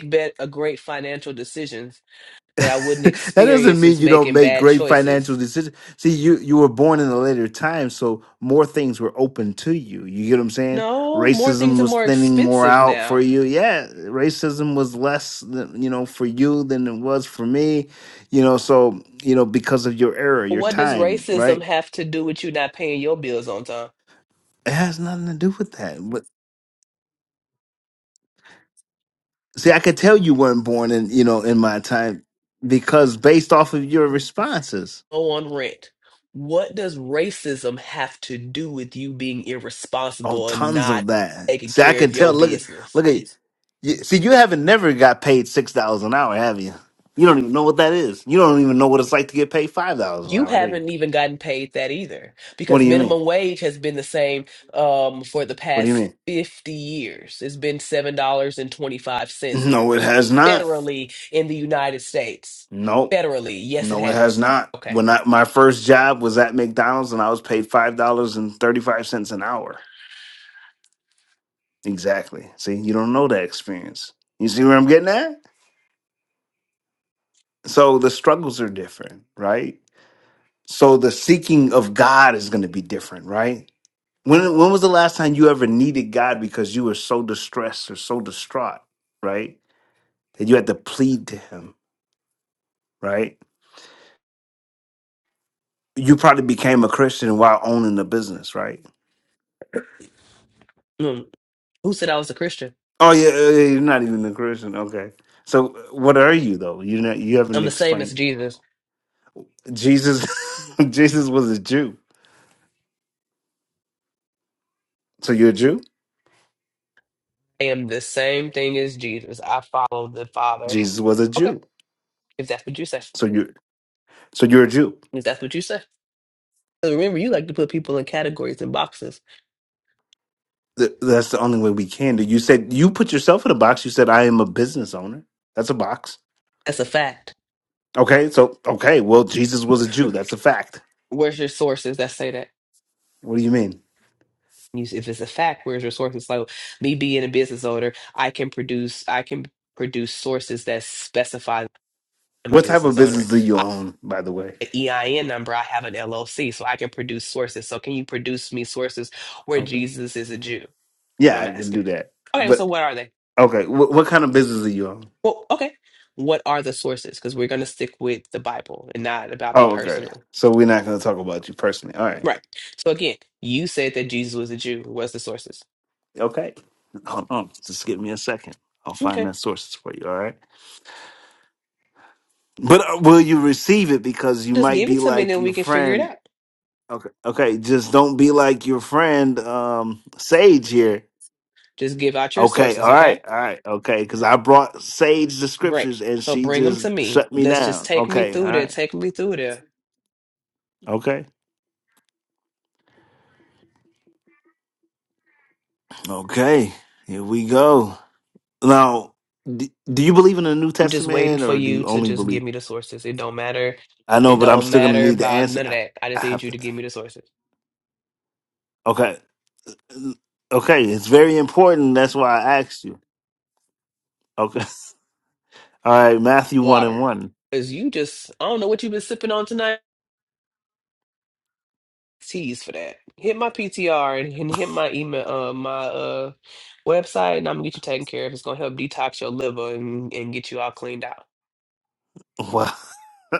S21: that doesn't mean you don't make great financial decisions. See, you you were born in a later time, so more things were open to you. You get what I'm saying?
S11: no, more things
S21: Racism
S11: are
S21: was
S11: more
S21: thinning more
S11: expensive
S21: out for
S11: now.
S21: you. Yeah, racism was less, than, you know, for you than it was for me. You know, so you know because of your era, your
S11: What does
S21: time,
S11: racism
S21: right?
S11: have to do with you not paying your bills on time?
S21: It has nothing to do with that. But see, I could tell you weren't born in you know in my time because based off of your responses.
S11: Oh, on rent. What does racism have to do with you being
S21: Oh,
S11: irresponsible and
S21: tons
S11: not
S21: of that.
S11: taking
S21: See, I
S11: care
S21: can
S11: of
S21: tell.
S11: your
S21: Look, at
S11: business?
S21: look at you. See, you haven't never got paid six dollars an hour, have you? You don't even know what that is. You don't even know what it's like to get paid five dollars an
S11: You
S21: hour, do you?
S11: haven't even gotten paid that either
S21: What do
S11: because
S21: you mean?
S11: minimum wage has been the same um, for the
S21: What do you
S11: past
S21: mean?
S11: 50 years. It's been $7.25
S21: No, it has not.
S11: federally in the United States.
S21: Nope.
S11: Federally, yes, it
S21: No, it has
S11: has.
S21: not.
S11: Okay.
S21: When I, my first job was at McDonald's, and I was paid five dollars and thirty five cents an hour. Exactly. See, you don't know that experience. You see where I'm getting at? So the struggles are different, right? So the seeking of God is going to be different, right? When when was the last time you ever needed God because you were so distressed or so distraught, right? That you had to plead to him, right? You probably became a Christian while owning a business, right?
S11: Mm. Who said I was a Christian?
S21: Oh yeah, yeah, yeah, you're not even a Christian. Okay. So uh, what are you though? You not you haven't
S11: I'm the same as
S21: explained.
S11: Jesus.
S21: Jesus Jesus was a Jew. So you're a Jew?
S11: I am the same thing as Jesus. I follow the Father.
S21: Jesus was a
S11: Okay.
S21: Jew.
S11: If that's what you say.
S21: So you so you're a Jew.
S11: If that's what you say. 'Cause Remember, you like to put people in categories and boxes.
S21: Th- that's the only way we can do. You said you put yourself in a box. You said I am a business owner. That's a box.
S11: That's a fact.
S21: Okay, so okay, well Jesus was a Jew. That's a fact.
S11: Where's your sources that say that?
S21: What do you mean?
S11: you if it's a fact where's your sources so me being a business owner i can produce i can produce sources that specify i'm a
S21: What type of
S11: business owner
S21: business do you
S11: I,
S21: own, by the way?
S11: have an ein number i have an llc so i can produce sources so can you produce me sources where
S21: Okay.
S11: jesus is a jew what
S21: Yeah,
S11: i'm
S21: I can
S11: asking
S21: do that.
S11: okay so
S21: But
S11: what are they
S21: okay, wh- what kind of business do you own?
S11: well okay what are the sources because we're going to stick with the bible and not about me
S21: Oh, okay.
S11: personally
S21: So we're not going to talk about you personally. All right.
S11: right so again you said that jesus was a jew what's the sources
S21: Okay. Hold on. Just give me a second. I'll find
S11: okay
S21: that sources for you. All right. But uh, will you receive it? Because you
S11: just
S21: might
S11: give
S21: be
S11: it to me and
S21: like
S11: then
S21: your
S11: we can figure it
S21: friend
S11: out
S21: Okay. Okay. Just don't be like your friend um Sage here.
S11: Just give out your
S21: Okay.
S11: sources,
S21: All right.
S11: okay?
S21: All right. Okay. Because I brought Sage the
S11: Great.
S21: scriptures and
S11: So
S21: she
S11: bring them to
S21: just
S11: me.
S21: shut me
S11: Let's just
S21: down.
S11: take me
S21: Okay. All
S11: through there.
S21: right.
S11: Take me through there.
S21: Okay. Okay. Here we go. Now, d- do you believe in the New
S11: I'm just waiting
S21: Testament
S11: for
S21: or do
S11: you
S21: you
S11: to
S21: only
S11: just
S21: believe?
S11: give me the sources. It don't matter.
S21: I know,
S11: It
S21: but I'm
S11: don't
S21: still gonna
S11: matter
S21: need the
S11: about
S21: answer.
S11: none of
S21: I,
S11: that. I
S21: I
S11: just
S21: have
S11: need you
S21: to.
S11: to give me the sources.
S21: Okay. Okay. It's very important. That's why I asked you. Okay. All right. Matthew one and
S11: Water.
S21: one.
S11: Because you just, I don't know what you've been sipping on tonight. Tease for that. Hit my PTR and, and hit my email, uh, my uh, website, and I'm gonna get you taken care of. It's gonna help detox your liver and, and get you all cleaned out.
S21: Wow.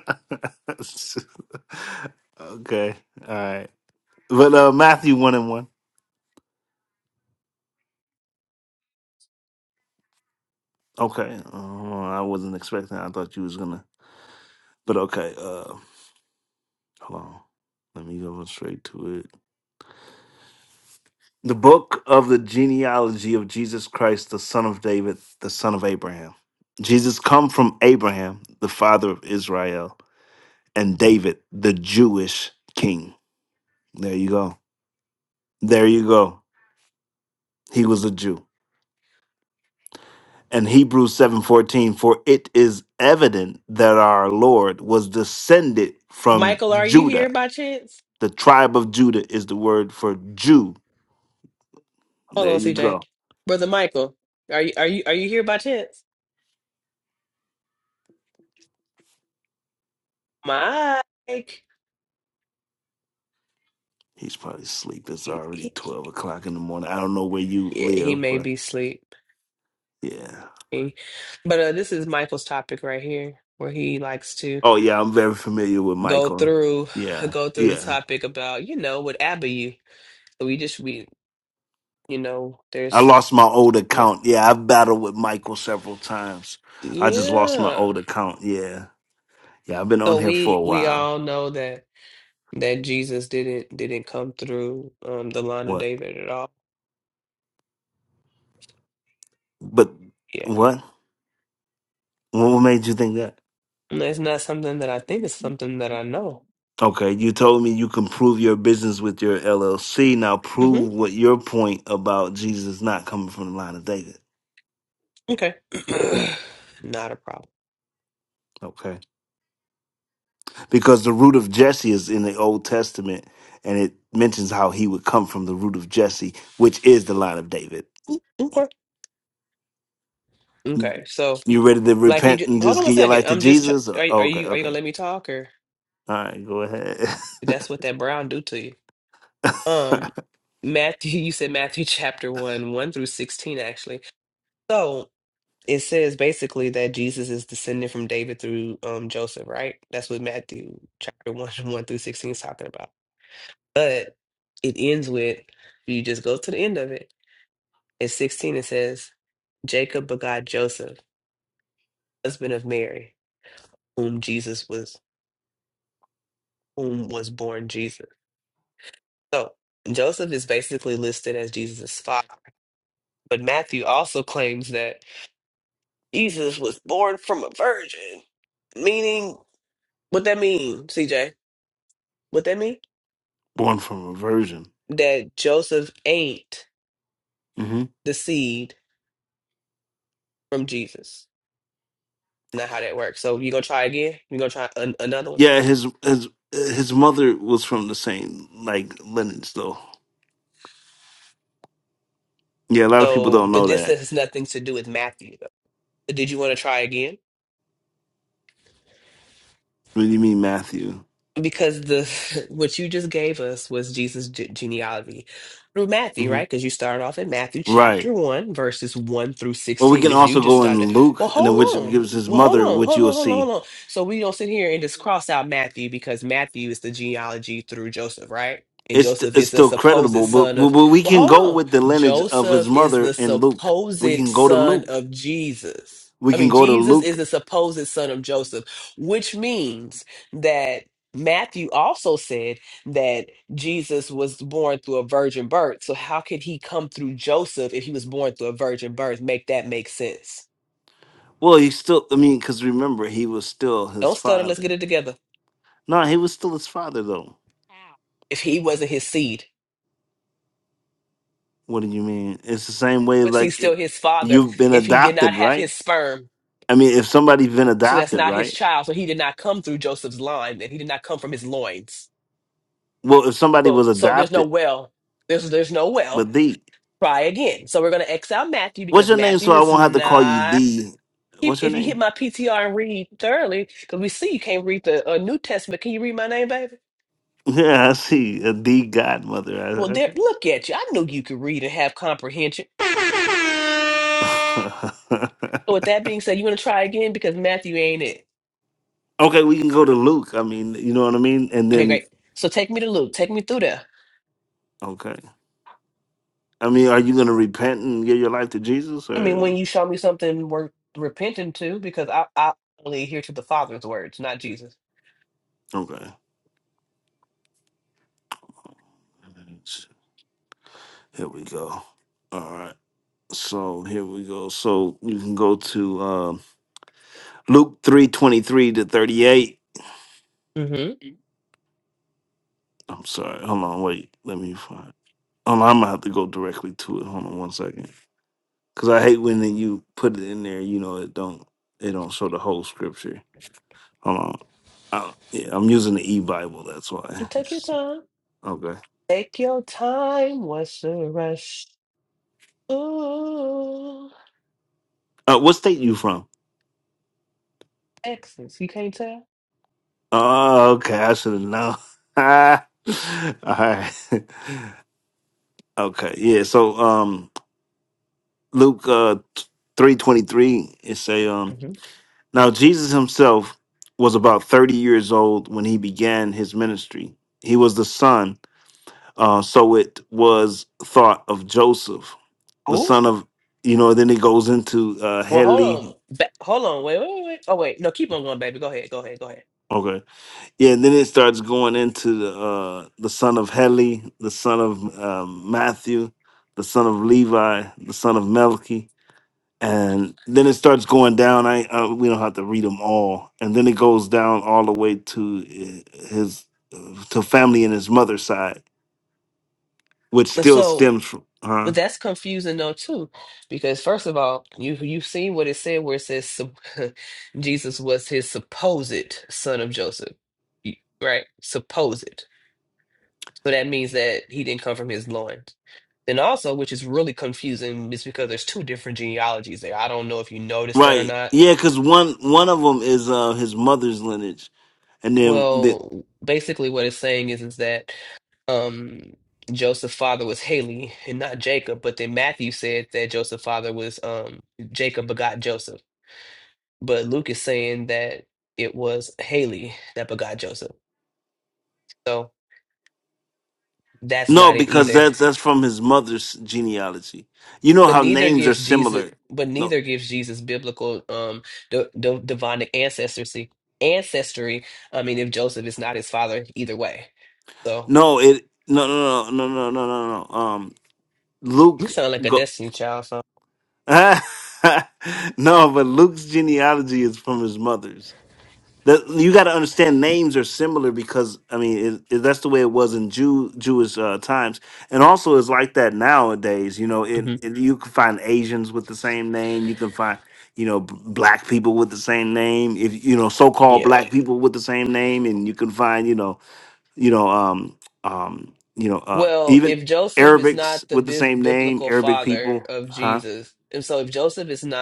S21: okay. All right. But uh, Matthew one and one. Okay. Uh, I wasn't expecting. I thought you was gonna. But okay. Uh, hold on. Let me go straight to it. The book of the genealogy of Jesus Christ, the son of David, the son of Abraham. Jesus come from Abraham, the father of Israel, and David, the Jewish king. There you go. There you go. He was a Jew. and Hebrews 7:14 for it is evident that our Lord was descended
S11: My
S21: from Judah
S11: hold
S21: the tribe of Judah is the word for Jew there
S11: on,
S21: you
S11: CJ,
S21: go
S11: brother Michael, are you are you are you here by chance? Mike.
S21: he's probably asleep it's
S11: He,
S21: already
S11: he,
S21: 12 o'clock in the morning I don't know where you
S11: yeah, he
S21: live
S11: may
S21: but
S11: be sleeping.
S21: yeah
S11: But uh, this is Michael's topic right here, where he likes to
S21: oh yeah I'm very familiar with
S11: go
S21: Michael
S11: through
S21: yeah
S11: go through the
S21: yeah
S11: topic about, you know, what Abba you. So we just we you know,
S21: I
S11: there's
S21: lost my old account yeah I've battled with Michael several times I just lost my
S11: yeah.
S21: old account yeah yeah I've been on
S11: So
S21: here for a
S11: we we
S21: while
S11: all know that that Jesus didn't didn't come through um the line of
S21: what
S11: David at all.
S21: but
S11: Yeah.
S21: what What made you think that?
S11: And it's not something that I think, it's something that I know.
S21: Okay, you told me you can prove your business with your LLC. Now
S11: hmm
S21: prove what your point about Jesus not coming from the line of David.
S11: Okay. Not a problem.
S21: Okay. Because the root of Jesse is in the Old Testament and it mentions how he would come from the root of Jesse, which is the line of David.
S11: Okay. Okay.
S21: Mm,
S11: So
S21: You ready to
S11: Like you
S21: repent
S11: just
S21: and
S11: hold
S21: just
S11: on one
S21: give your
S11: second.
S21: life to
S11: I'm just tr-
S21: Jesus? Or-
S11: are are
S21: Okay,
S11: you are you gonna
S21: okay.
S11: let me talk or
S21: All right, go ahead.
S11: that's what that brown do to you? Um, Matthew, you said Matthew chapter one, one through sixteen actually. So it says basically that Jesus is descended from David through um Joseph, right? That's what Matthew chapter one, one through sixteen is talking about. But it ends with you just go to the end of it. In sixteen, it says Jacob begot Joseph, husband of Mary, whom Jesus was whom was born Jesus. So Joseph is basically listed as Jesus' father, but Matthew also claims that Jesus was born from a virgin. Meaning, what that mean, CJ? What that mean?
S21: Born from a virgin.
S11: That Joseph ain't
S21: hmm
S11: the seed from Jesus. Not how that works. So you gonna try again? You gonna try an- another one?
S21: Yeah, his his his mother was from the same like lineage though. Yeah, a lot of people
S11: So,
S21: don't
S11: but
S21: know
S11: this
S21: that.
S11: has nothing to do with Matthew. Though. So, Did you want to try again?
S21: What do you mean, Matthew?
S11: Because the what you just gave us was Jesus' ge- genealogy through Matthew,
S21: hmm
S11: right? Because you started off in Matthew
S21: Right.
S11: verses 1 through
S21: Well, we
S11: 16
S21: can
S11: because you
S21: also
S11: just
S21: go in
S11: stopped at
S21: Luke,
S11: well
S21: and then
S11: hold
S21: which
S11: on
S21: gives his
S11: well hold
S21: mother,
S11: on
S21: which you
S11: hold
S21: will
S11: on hold on
S21: see.
S11: hold on so we don't sit here and just cross out matthew because matthew is the genealogy through joseph right and
S21: It's
S11: joseph
S21: it's
S11: is the
S21: still
S11: supposed
S21: creditable, but,
S11: son of
S21: but we
S11: well
S21: can
S11: hold
S21: go
S11: on
S21: with the lineage of his
S11: joseph is
S21: mother
S11: the
S21: in Luke. We
S11: supposed
S21: can go to
S11: son
S21: Luke.
S11: of jesus
S21: We
S11: i
S21: can
S11: mean
S21: go to
S11: jesus is
S21: Luke.
S11: the supposed son of joseph which means that matthew also said that jesus was born through
S21: Well, he still. I mean, because remember, he was still his
S11: don't stutter let's
S21: father.
S11: get it together
S21: No, he was still his father, though.
S11: if he wasn't his seed
S21: What do you mean? It's the same way,
S11: was he
S21: like
S11: still
S21: it,
S11: his father
S21: you've been
S11: if he did not
S21: adopted,
S11: have
S21: right?
S11: his sperm?
S21: I mean, if somebody's been
S11: So that's
S21: adopted,
S11: not his
S21: right?
S11: child. So he did not come through Joseph's line, and he did not come from his loins.
S21: Well, if somebody
S11: So
S21: was
S11: so there's no
S21: adopted,
S11: well. There's there's no well.
S21: but thee.
S11: Try again. So we're gonna X out Matthew
S21: What's
S11: because
S21: your name so
S11: Matthew
S21: I
S11: is
S21: won't have to call you
S11: not.
S21: the?
S11: If
S21: What's your
S11: if you hit
S21: name?
S11: my PTR and read thoroughly, because we see you can't read the uh, New Testament. Can you read my name, baby?
S21: Yeah, I see a the godmother.
S11: Well,
S21: I- Okay.
S11: there. Look at you. I knew you could read and have comprehension. So with that being said, you want to try again because Matthew ain't it.
S21: okay, we can go to Luke. I mean, you know what I mean. And then
S11: So
S21: okay, I mean, are you going to repent and give your life to Jesus or okay? Here we go. All right. So here we go. So you can go to um, Luke three twenty three to thirty eight.
S11: mm-hmm.
S21: I'm sorry. Hold on. Wait. Let me find. Hold on. I'm gonna have to go directly to it. Hold on one second. Cause I hate when then you put it in there, you know, it don't it don't show the whole scripture. Hold on. Uh, yeah, I'm using the e Bible, that's why.
S11: take your
S21: It's-
S11: time.
S21: okay.
S11: Take your time, what's the rush? Ooh,
S21: Uh, what state you from?
S11: Texas, you can't tell?
S21: Oh, okay. I should have known. All right. Okay. Yeah. So um Luke uh three twenty three it say um
S11: hmm
S21: now Jesus himself was about thirty years old when he began his ministry. He was the son Uh, so it was thought of Joseph, the son of, you know, then it goes into uh,
S11: Well,
S21: Heli.
S11: hold on. Ba- hold on. Wait, wait, wait. Oh, wait. No, keep on going, baby. Go ahead. Go ahead. Go ahead.
S21: Okay. Yeah, and then it starts going into the, uh, the son of Heli, the son of um, Matthew, the son of Levi, the son of Melchi. And then it starts going down. I, I we don't have to read them all. And then it goes down all the way to uh, his uh, to family and his mother's side, which still stems from, huh?
S11: Y- Right. Supposed. So that means that he didn't come from his loin. Then also, which is really confusing, is because there's two different genealogies there. I don't know if you noticed that or
S21: Right.
S11: not.
S21: Yeah, because one one of them is uh his mother's lineage, and then the,
S11: Well, basically what it's saying is is that um Joseph's father was Haley and not Jacob, but then Matthew said that Joseph's father was um Jacob begot Joseph. But Luke is saying that it was Haley that begot Joseph. So that's
S21: no,
S11: not it
S21: because
S11: either.
S21: that's that's from his mother's genealogy. You know
S11: But
S21: how
S11: neither
S21: names are
S11: gives Jesus
S21: similar.
S11: but
S21: No,
S11: neither gives Jesus biblical um the the
S21: no, it no no no no no no no no. Um, Luke go. no, but Luke's genealogy is from his mother's. That you got to understand names are similar because I mean it, it, that's the way it was in Jew Jewish uh, times, and also it's like that nowadays. You know, in in- you can find Asians with the same name. You can find you know b- black people with the same name. If you know so-called black people with the same name, and you can find you know you know um um you know uh even Arabics with the
S11: is
S21: same name. Arabic people, huh?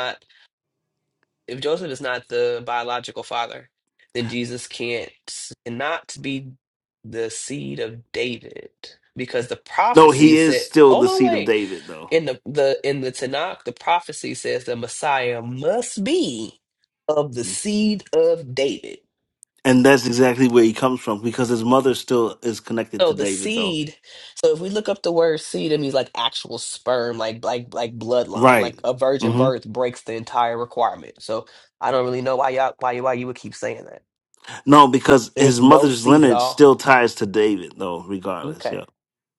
S11: not if Joseph is not the then Jesus can't seed of David. Because the
S21: No,
S11: prophecy
S21: he is
S11: said,
S21: still
S11: hold
S21: the
S11: on,
S21: seed of
S11: wait.
S21: David though.
S11: In the, the in the Tanakh, the prophecy says the Messiah must be of
S21: Mm.
S11: the seed of David.
S21: And that's exactly where he comes from because his mother still is connected
S11: So
S21: to
S11: the
S21: David, though.
S11: seed, so if we look up the word seed, it means like actual sperm, like like like bloodline.
S21: Right.
S11: Like a virgin
S21: hmm
S11: birth breaks the entire requirement. So I don't really know why y'all why why you would keep saying that.
S21: No, because
S11: There's
S21: his
S11: no
S21: mother's
S11: seed at
S21: lineage
S11: all.
S21: still ties to David, though, regardless.
S11: Okay.
S21: Yeah.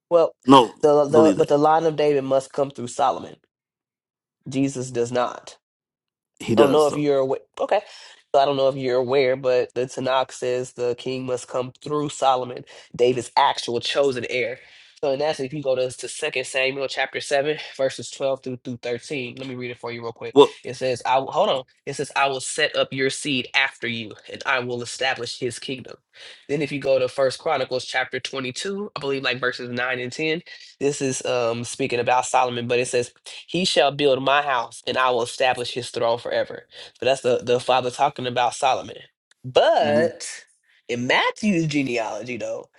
S11: Well,
S21: No,
S11: the the
S21: believe
S11: but
S21: that.
S11: the line of David must come through Solomon. Jesus does not.
S21: He
S11: I don't
S21: does,
S11: know if
S21: though.
S11: you're aware. Okay. So I don't know if you're aware, but the Tanakh says the king must come through Solomon, David's actual chosen heir. So and that's if you go to, to Second Samuel chapter 7, verses 12 through, through 13, let me read it for you real quick.
S21: Well,
S11: It says, I will, hold on. It says, I will set up your seed after you, and I will establish his kingdom. Then if you go to first Corinthians, like verses this is um speaking about Solomon, but it says, He shall build my house and I will establish his throne forever. So that's the, the father talking about Solomon.
S21: Mhm.
S11: But in Matthew's genealogy, though,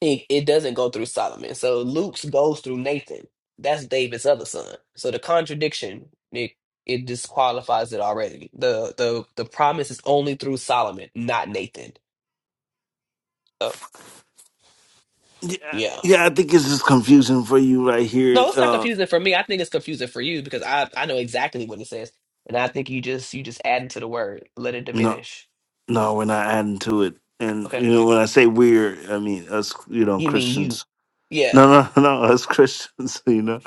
S11: it, it doesn't go through Solomon. So Luke's goes through Nathan. That's David's other son. So the contradiction, it it disqualifies it already. The the the promise is
S21: yeah, yeah, I think it's just confusing for you right here. Uh,
S11: says, and I let it
S21: no,
S11: diminish.
S21: no, we're not adding to it. And,
S11: Okay.
S21: you know, when I say we're, I mean us, you know,
S11: You mean you.
S21: Christians.
S11: Yeah.
S21: No, no, no, us Christians, you know.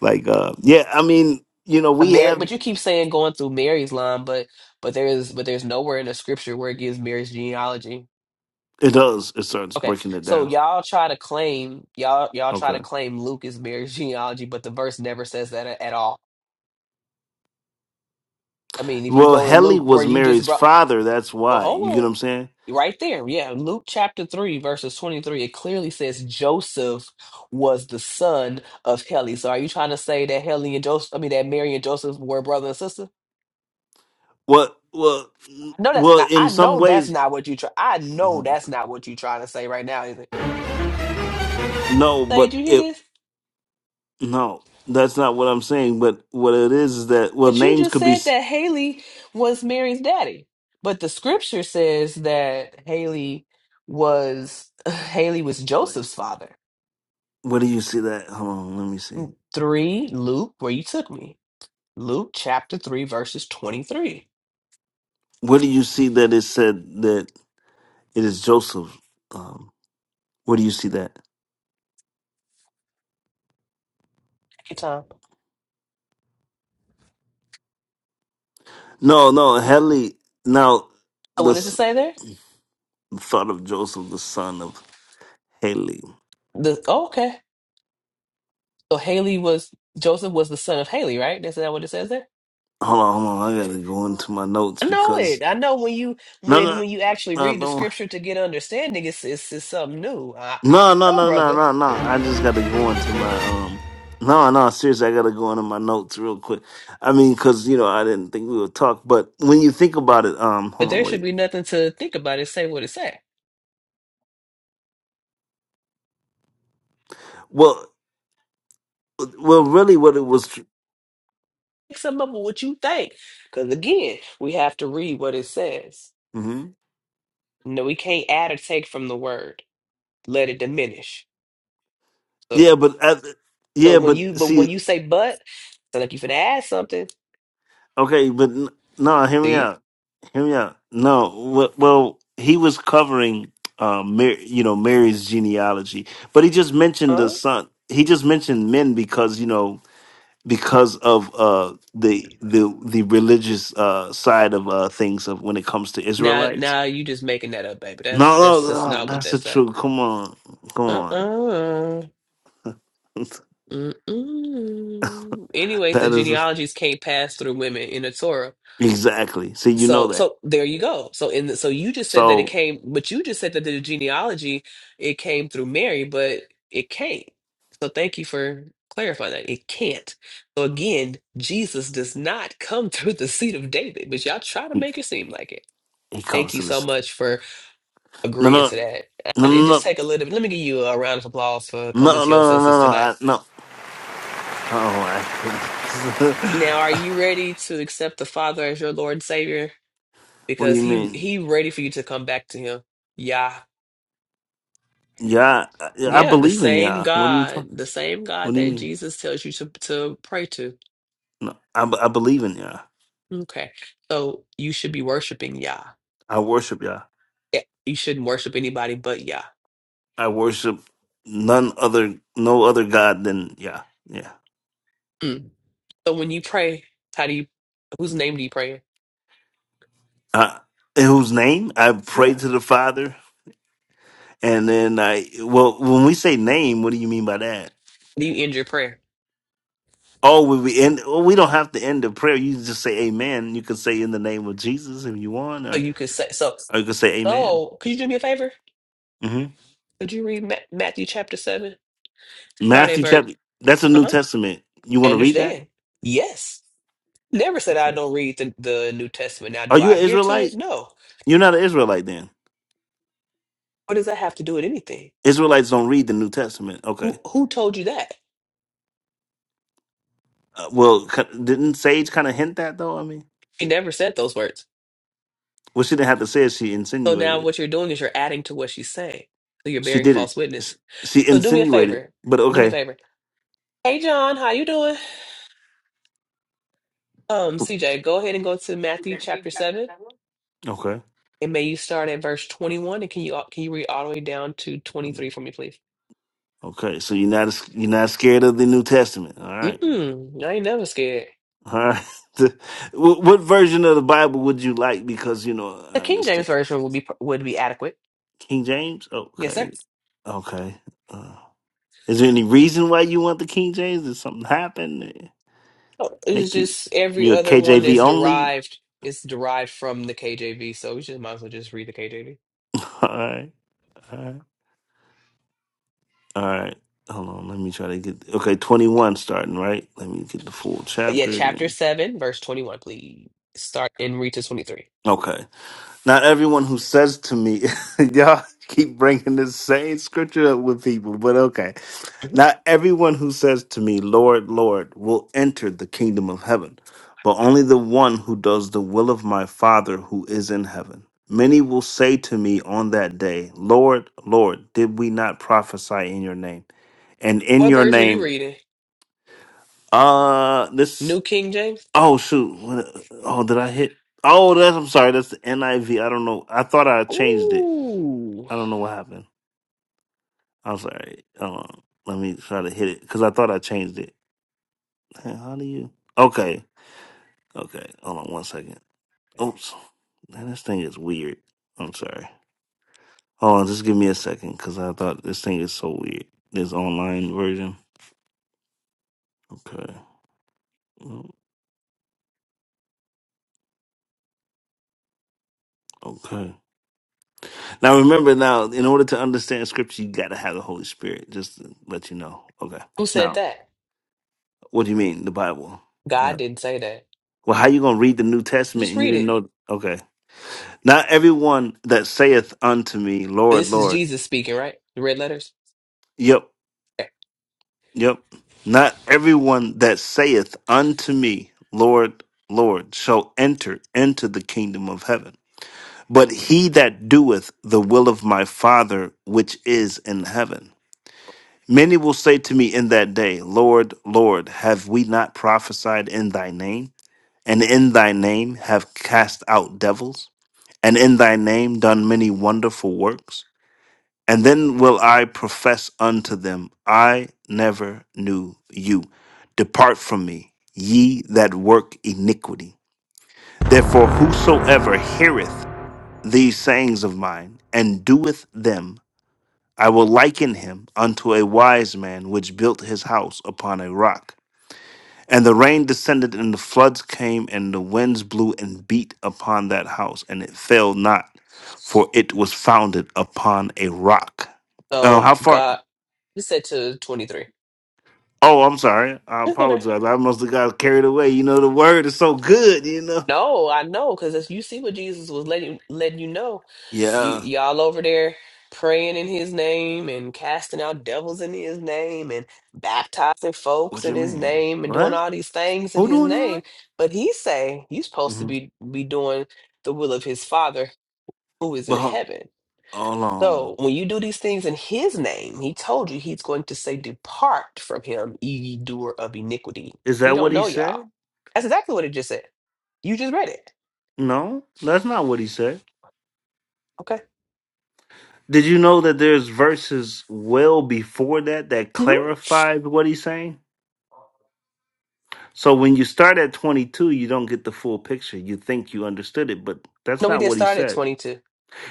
S21: Like, uh, yeah, I mean, you know, we have
S11: saying going through Mary's line, but but there is but there's nowhere in the scripture where it gives Mary's genealogy.
S21: It does. It starts
S11: Okay,
S21: breaking it
S11: so
S21: down.
S11: y'all try to claim y'all y'all try
S21: Okay.
S11: to claim Luke is Mary's genealogy, but the verse never says that a- at all. I mean, if you
S21: Well,
S11: go to
S21: Heli
S11: Luke, where
S21: was
S11: you just
S21: Mary's
S11: brought,
S21: father. That's
S11: well,
S21: why. You get what
S11: hold
S21: I'm saying?
S11: on, right there, yeah, Luke chapter three, verses twenty three, it clearly says Joseph was the son of Kelly. So are you trying to say
S21: Well, well, n-
S11: no? That's
S21: well. In some
S11: no that
S21: ways,
S11: you try. I know that's not what you're trying to say right now.
S21: no.
S11: Hey, did
S21: But
S11: you hear
S21: it
S11: this?
S21: no. That's not what I'm saying. But what it is is that well,
S11: But you
S21: names
S11: just
S21: could be.
S11: said
S21: s-
S11: that Haley was Mary's daddy. But the scripture says that Haley was Haley was
S21: Wait.
S11: Joseph's father
S21: Where do you see that? Hold on. Let me see.
S11: through Luke, Luke chapter 3 verses 23. Thank
S21: Where do you see that it said that it is Joseph? Um, where do you see that?
S11: you, Tom.
S21: No, no. Heli. Now
S11: Oh,
S21: the
S11: What is
S21: s-
S11: there?
S21: thought of Joseph, the son of Haley.
S11: The oh, okay. So Haley was Joseph was the son of Haley, right? Is that what it says there?
S21: Hold on, hold on. I gotta go into my notes
S11: I know
S21: because
S11: it. I know when you
S21: no,
S11: when
S21: no,
S11: when you actually
S21: no,
S11: read the
S21: don't.
S11: scripture to get understanding, it's it's, it's something new. I, I
S21: No, no,
S11: know,
S21: no, no,
S11: brother.
S21: no, no. I just gotta go into my um. No, no, seriously, I gotta go into my notes real quick. I mean, because you know, I didn't think we would talk, but when you think about it, um,
S11: But
S21: hold on,
S11: there should
S21: wait.
S11: be nothing to think about. It say what it say.
S21: Well, well, really, what it was.
S11: make something up of what you think. Because again, we have to read what it says.
S21: mhm.
S11: No, we can't add or take from the word. Let it diminish. So,
S21: Yeah, but at,
S11: so
S21: yeah,
S11: when you,
S21: but
S11: but when
S21: see,
S11: you say but, so like you finna add something.
S21: okay, but n- no, hear me out.
S11: See,
S21: Hear me out. No, well, well he was covering, um, Mary, you know, Mary's genealogy, but he just mentioned the
S11: uh,
S21: son. He just mentioned men because you know because of uh the the the religious uh side of uh things of when it comes to
S11: now,
S21: Israelites.
S11: now you just making that up, baby.
S21: No,
S11: That's that's that's
S21: no, no
S11: not what
S21: that's
S11: that
S21: the
S11: say.
S21: truth. Come on, come
S11: Uh,
S21: on.
S11: uh-uh. uh, mm, mm. Anyways, the
S21: that is exactly. See, you know that. So
S11: Jenny genealogy, it came through Mary, but it can't. So thank you for clarifying that. It can't. So again, Jesus does not come through the seed of David, but y'all try to
S21: he
S11: make it seem like it.
S21: he
S11: Thank
S21: comes
S11: you
S21: to
S11: so
S21: this.
S11: much for
S21: No,
S11: agreeing
S21: no,
S11: to that.
S21: no,
S11: And It just
S21: no,
S11: take a little bit. Let me give you a round of applause for
S21: no,
S11: coming
S21: no, no, no,
S11: to your
S21: no.
S11: senses
S21: no, I,
S11: tonight.
S21: no. Oh my goodness.
S11: Now, are you ready to accept the Father as your Lord and Savior?
S21: what do you
S11: Because he
S21: mean?
S11: he ready for you to come back to him. Yeah.
S21: Yeah, I, I
S11: Yeah, the
S21: believe in
S11: same
S21: Yah. What are you
S11: God,
S21: talking?
S11: the same
S21: What
S11: God
S21: do you
S11: that
S21: mean?
S11: Jesus tells you to to pray to.
S21: No, I, b- I believe in Yah.
S11: Okay. So you should be worshiping Yah.
S21: I worship Yah.
S11: Yeah, You shouldn't worship anybody but Yah.
S21: I worship none other, no other God than Yah. Yeah.
S11: Mm. So when you pray, how do you whose name do you pray? in?
S21: I, in whose name I pray
S11: Yeah.
S21: to the Father, and then I. Well, when we say name, what do you mean by that?
S11: Do you end your prayer?
S21: Oh, we we end. Well, we don't have to end the prayer. You just say Amen. You can say in the name of Jesus if you want,
S11: So
S21: or
S11: you could say so
S21: or you can say Amen.
S11: so could you do me a favor?
S21: Mm-hmm.
S11: Could you read Ma Matthew chapter seven? Start at
S21: Matthew
S11: verse.
S21: chapter. That's a New
S11: Uh-huh.
S21: Testament. You
S11: I
S21: want to read that?
S11: understand. Yes. Never said I
S21: Okay.
S11: don't read the, the New Testament. Now
S21: Are
S11: do
S21: you
S11: I
S21: an
S11: adhere to it?
S21: Israelite?
S11: No.
S21: You're not an Israelite then.
S11: What does that have to do with anything?
S21: Israelites don't read the New Testament. Okay.
S11: Who who told you that?
S21: Uh, well, c- didn't Sage kind of hint that though? I mean,
S11: She never said those words.
S21: well, she didn't have to say it. She
S11: So now
S21: insinuated it.
S11: what you're doing is you're adding to what she's saying. So you're
S21: She
S11: bearing
S21: didn't.
S11: false
S21: She
S11: witness.
S21: she
S11: So do me a
S21: insinuated.
S11: favor.
S21: But
S11: Do me a
S21: okay.
S11: favor. Hey John, how you doing? Um, CJ, go ahead and go to Matthew chapter seven,
S21: Okay.
S11: and may you start at verse twenty-one. And can you can you read all the way down to twenty-three for me, please?
S21: Okay. So you're not you're not scared of the New Testament. All right.
S11: Mm-mm, I ain't never scared.
S21: All right. what, what version of the Bible would you like? Because you know, I
S11: The King James
S21: understand
S11: version would be would be adequate.
S21: King James.
S11: Yes,
S21: Okay.
S11: sir.
S21: Okay. Uh, Is there any reason why you want the King James? Did something happen? that
S11: It's
S21: Make you
S11: just every
S21: you a
S11: other one
S21: KJV
S11: is
S21: only?
S11: derived. It's derived from the KJV, so we just might as well just read the KJV
S21: all right, all right, all right. Hold on, let me try to get okay. Twenty one starting right. Let me get the full chapter. Then.
S11: and read to twenty-three.
S21: Okay. Not everyone who says to me, y'all keep bringing the same scripture up with people, but okay. Not everyone who says to me, Lord, Lord, will enter the kingdom of heaven, but only the one who does the will of my Father who is in heaven. Many will say to me on that day, Lord, Lord, did we not prophesy in your name? And in
S11: What
S21: your
S11: version you
S21: name,
S11: reading?
S21: uh, this,
S11: New King James?
S21: oh, shoot. What, oh, did I hit? Oh, that's, I'm sorry. That's the NIV. I V. I don't know. I thought I changed it.
S11: Ooh.
S21: I don't know what happened. I'm sorry. Hold on. Let me try to hit it because I thought I changed it. Man, how do you? Okay. Okay. Hold on one second. Oops. Man, this thing is weird. I'm sorry. Hold on. Just give me a second because I thought this thing is so weird. This online version. Okay. Mm, Okay. Now remember, now in order to understand scripture, you got to have the Holy Spirit. Just to let you know. Okay.
S11: Who said
S21: Now,
S11: that?
S21: what do you mean the Bible? Yeah.
S11: God didn't say that.
S21: Well, how you gonna read the New Testament
S11: Just
S21: and you
S11: read
S21: didn't
S11: it.
S21: know? Okay. Not everyone that saith unto me, Lord,
S11: This is
S21: Lord.
S11: Jesus speaking, right? The red letters?
S21: Yep,
S11: Okay,
S21: yep. Not everyone that saith unto me, Lord, Lord, shall enter into the kingdom of heaven, but he that doeth the will of my Father which is in heaven. Many will say to me in that day, Lord, Lord, have we not prophesied in thy name? And in thy name have cast out devils? And in thy name done many wonderful works? And then will I profess unto them, I never knew you. Depart from me, ye that work iniquity. Therefore, whosoever heareth these sayings of mine and doeth them, I will liken him unto a wise man which built his house upon a rock. And the rain descended, and the floods came, and the winds blew and beat upon that house, and it fell not, for it was founded upon a rock. Uh, how far?
S11: uh, three.
S21: Oh, I'm sorry. I apologize. I must have got carried away. You know, the word is so good, you know.
S11: No, I know, because you see what Jesus was letting letting you know. You
S21: Yeah.
S11: y'all over there praying in his name and casting out devils in his name and baptizing folks
S21: What
S11: in
S21: you
S11: his
S21: mean?
S11: name and doing
S21: What?
S11: all these things in
S21: Who
S11: his
S21: doing all
S11: name.
S21: that?
S11: But he say you supposed to
S21: hmm
S11: be be doing the will of his father who is in
S21: But hold,
S11: heaven.
S21: hold on.
S11: So when you do these things in his name, he told you he's going to say, Depart from him, ye doer of iniquity.
S21: Is
S11: He
S21: that
S11: don't
S21: what he
S11: know y'all.
S21: said?
S11: That's exactly what it just said. You just read it.
S21: No, that's not what he said.
S11: Okay.
S21: Did you know that there's verses well before that that clarify what he's saying? So when you start at 22, you don't get the full picture. You think you understood it, but that's
S11: No, we
S21: not
S11: didn't
S21: what he
S11: start at
S21: said.
S11: 22.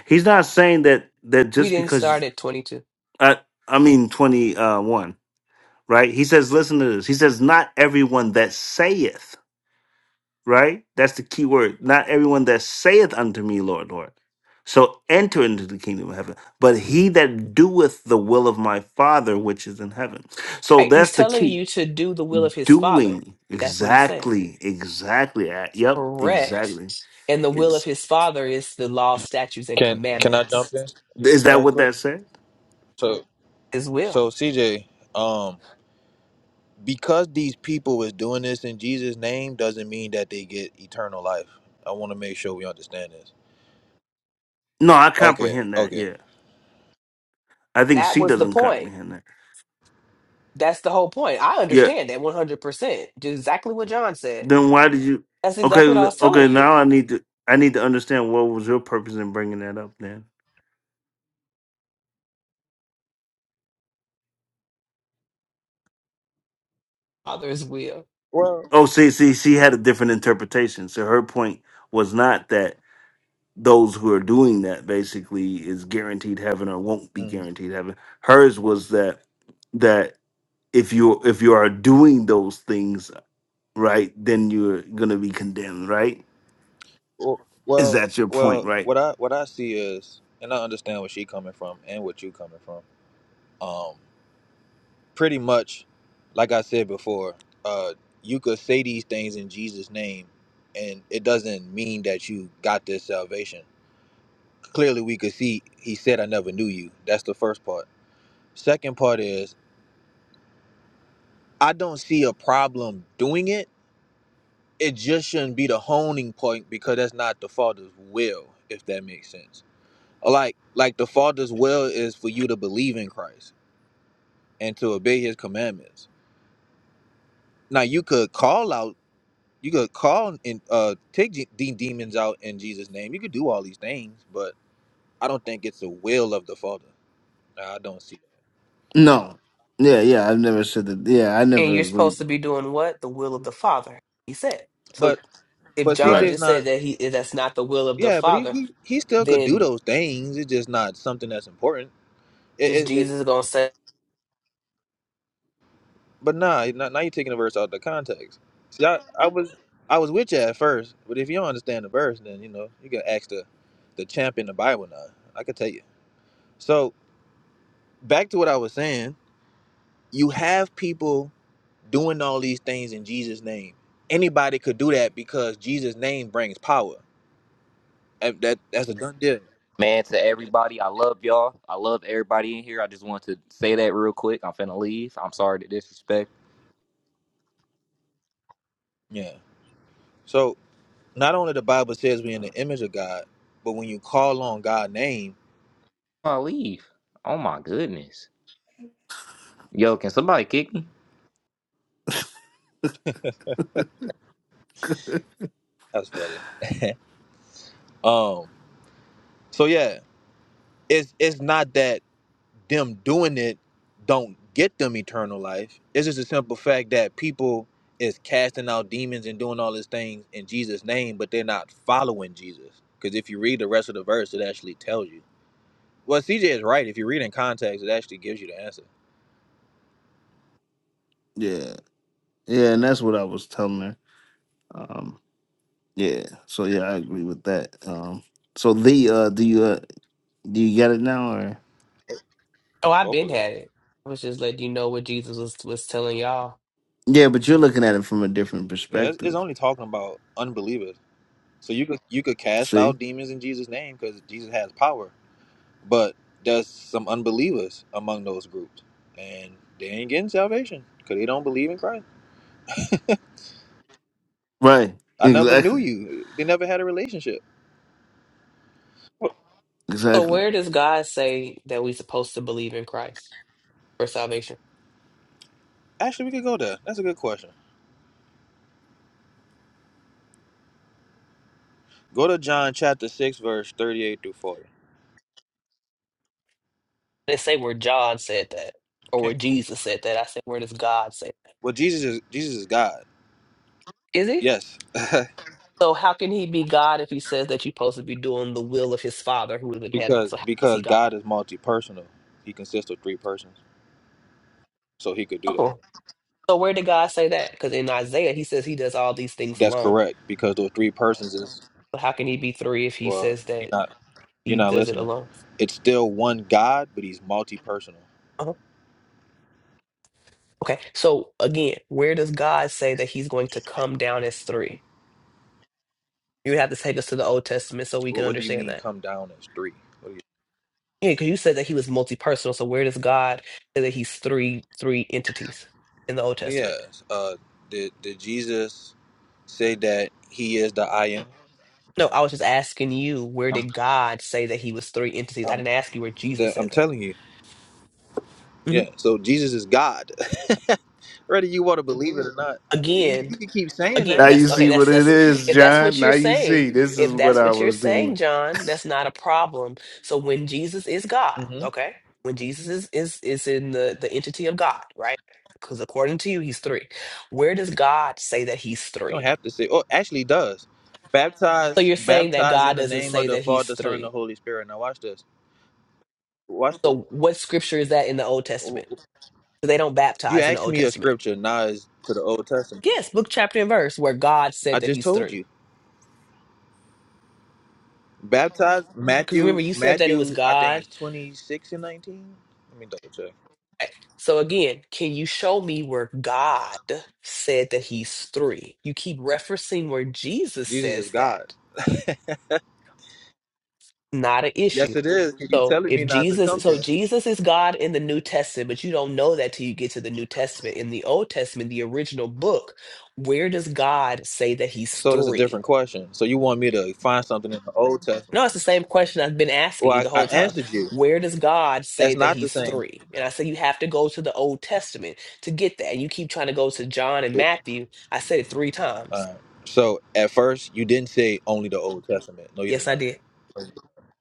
S21: He's not saying that that
S11: We
S21: just
S11: didn't start
S21: because
S11: at 22.
S21: I I mean 21. right? He says, listen to this. He says, not everyone that saith, right? That's the key word. Not everyone that saith unto me, Lord, Lord. So enter into the kingdom of heaven, but he that doeth the will of my Father which is in heaven. So
S11: Right. He's
S21: that's the
S11: telling
S21: key.
S11: you to do the will of his father.
S21: Doing
S11: That's what he's saying.
S21: exactly, exactly. uh, Yep,
S11: Correct.
S21: exactly.
S11: And the will of
S21: Ex-
S11: his father is the law, statutes, and
S22: Can can I jump
S11: commandments.
S22: in
S21: Is that
S22: right
S21: what
S22: quick?
S21: that said?
S22: So
S11: His
S22: so
S11: will.
S22: CJ, um, because these people is doing this in Jesus' name doesn't mean that they get eternal life. I want to make sure we understand this.
S21: No, I
S22: Okay,
S21: comprehend that.
S22: okay.
S21: Yeah, I think
S11: That
S21: she
S11: was the
S21: doesn't
S11: point.
S21: comprehend that.
S11: That's the whole point. I
S21: Yeah,
S11: understand that 100%. Just exactly what John said.
S21: Then why did you?
S11: That's
S21: Okay,
S11: exactly what I was telling
S21: okay.
S11: you
S21: Now I need to. I need to understand what was your purpose in bringing that up. Then.
S11: Father's will.
S22: Well,
S21: Oh, see, see, she had a different interpretation. So her point was not that those who are doing that basically is guaranteed heaven or won't be
S22: mhm.
S21: guaranteed heaven. Hers was that that if you if you are doing those things right, then you're gonna be condemned. Right?
S22: well,
S21: Is
S22: well,
S21: that your point?
S22: well,
S21: Right?
S22: what I what I see is, and I understand where she coming from and what you coming from. Um, pretty much, like I said before, uh, you could say these things in Jesus' name, and it doesn't mean that you got this salvation clearly we could see he said i never knew you that's the first part second part is i don't see a problem doing it it just shouldn't be the honing point because that's not the father's will if that makes sense like like the father's will is for you to believe in christ and to obey his commandments now you could call out you could call and uh take de- de- demons out in jesus name you could do all these things but i don't think it's the will of the father Nah, i don't see that.
S21: No. Yeah, yeah. I've never said that. Yeah, I
S11: And
S21: never
S11: you're
S21: agreed.
S11: supposed to be doing what? The will of the Father, he said. So
S22: but
S11: if
S22: but
S11: John
S21: Right.
S22: cj's
S11: just
S22: not
S11: said that he that's not the will of the
S22: Yeah, but he,
S11: Father,
S22: he he still could do
S11: then
S22: those things. It's just not something that's important. It, it, it but nah, now now you're taking the verse out of the context. See, I, I was I was with you at first, but if you don't understand the verse, then you know you can ask the the champ in the Bible now. I could tell you. So back to what I was saying, you have people doing all these things in Jesus' name. Anybody could do that because Jesus' name brings power. That that- that's a done deal.
S23: Man, to everybody, I love y'all. I love everybody in here. I just want to say that real quick. I'm finna leave. I'm sorry to disrespect.
S22: Yeah. So. not only the Bible says we're in the image of God, but when you call on God's name,
S23: I leave. Oh my goodness. Yo, can somebody kick me?
S22: that's funny. Um, so yeah, it's it's not that them doing it don't get them eternal life. It's just a simple fact that people is casting out demons and doing all these things in Jesus' name, but they're not following Jesus. Because if you read the rest of the verse, it actually tells you. Well, CJ is right. If you read in context, it actually gives you the answer.
S21: yeah. Yeah, and that's what I was telling her. Um, yeah, so yeah, I agree with that. Um, so the uh, do you uh, do you get it now or?
S11: oh
S22: Hopefully,
S11: I which you know when y'all
S21: Yeah, but you're looking at it from a different
S22: yeah. It's, it's
S21: perspective.
S22: only talking about unbelievers. So you could you could cast
S21: See,
S22: out demons in Jesus' name because Jesus has power. But there's some unbelievers among those groups, and they ain't getting salvation because they don't believe in Christ.
S21: right?
S22: I never knew
S21: Exactly,
S22: you. They never had a relationship. Well,
S11: so what
S21: exactly.
S11: say that we're supposed to believe in Christ for salvation.
S22: actually, we could go there. That's a good question. Go to John chapter six, verse thirty-eight through forty.
S11: They say where John said that or
S22: Okay.
S11: where Jesus said that. I said where does God say
S22: Well, Jesus is Jesus is God.
S11: that? Is he?
S22: Yes,
S11: So how can he be God if he says that you're supposed to be doing the will of his father who is in heaven?
S22: because
S11: So how is he
S22: because God
S11: God?
S22: is multi-personal. He consists of three persons, so he could do that.
S11: Oh. So where did God say that? Because in Isaiah he says he does all these things
S22: That's
S11: alone.
S22: correct because those three persons is
S11: But how can he be three if he
S22: well.
S11: says
S22: he
S11: that
S22: not. You're
S11: he
S22: not
S11: does it
S22: listening.
S11: alone?
S22: It's still one God, but he's multi-personal.
S11: Uh-huh. Okay. So again, where does God say that he's going to come down as three? You would have to take us to the Old Testament so we
S22: What,
S11: can
S22: what do you
S11: understand
S22: mean
S11: that.
S22: come down as three? What do
S11: Yeah, because you said that he was multi-personal. So where does God say that he's three three entities in the Old
S22: you
S11: Testament?
S22: Yes. Uh did did Jesus say that he is the I am?
S11: No, I was just asking you, where
S22: I'm
S11: did God say that he was three entities? I
S22: I'm,
S11: didn't ask you where Jesus
S22: the, I'm
S11: said that.
S22: telling you.
S11: Mhm.
S22: Yeah. So Jesus is God. Whether you want to believe it or not, you,
S11: Again,
S22: you can keep saying
S21: Now
S11: again
S22: that,
S21: you
S11: that's
S22: but
S21: see
S11: okay
S21: what
S11: that's
S21: it
S11: that's
S21: is,
S11: if that's
S21: John.
S11: what
S21: Now
S11: you're
S21: you
S11: saying
S21: see this is
S11: if
S21: what
S11: that's
S21: I
S11: what you're
S21: was
S11: saying
S21: doing.
S11: john that's not a problem so when jesus is god
S22: Mhm. you
S11: okay when jesus is is is in the the entity of god right because according to you he's three where does god say that he's
S22: don't have to say oh actually he does. Baptize baptize in the name of the Father, Son, and the Holy Spirit. Now watch this. Watch this. You asked me a scripture, now it's to the Old Testament. I just told you. Baptized Matthew Matthew I think it's twenty six and nineteen. Let me double check.
S11: three where god said that he's three you keep referencing where jesus
S22: Jesus is
S11: says
S22: God.
S11: that not an
S22: Yes
S11: issue
S22: it is. you
S11: so
S22: telling me
S11: if
S22: not to come
S11: jesus so
S22: here.
S11: jesus knew to, knew to the original book where does god
S22: So that's a
S11: see
S22: different question. So you want me to find something in the Old Testament?
S11: no it's the same
S22: Well, I, I
S11: time
S22: answered you.
S11: Wait
S22: That's not the same.
S11: a minute.
S22: Uh, so at first you didn't say only the Old Testament. No, you did
S11: Yes, I
S22: not.
S11: did.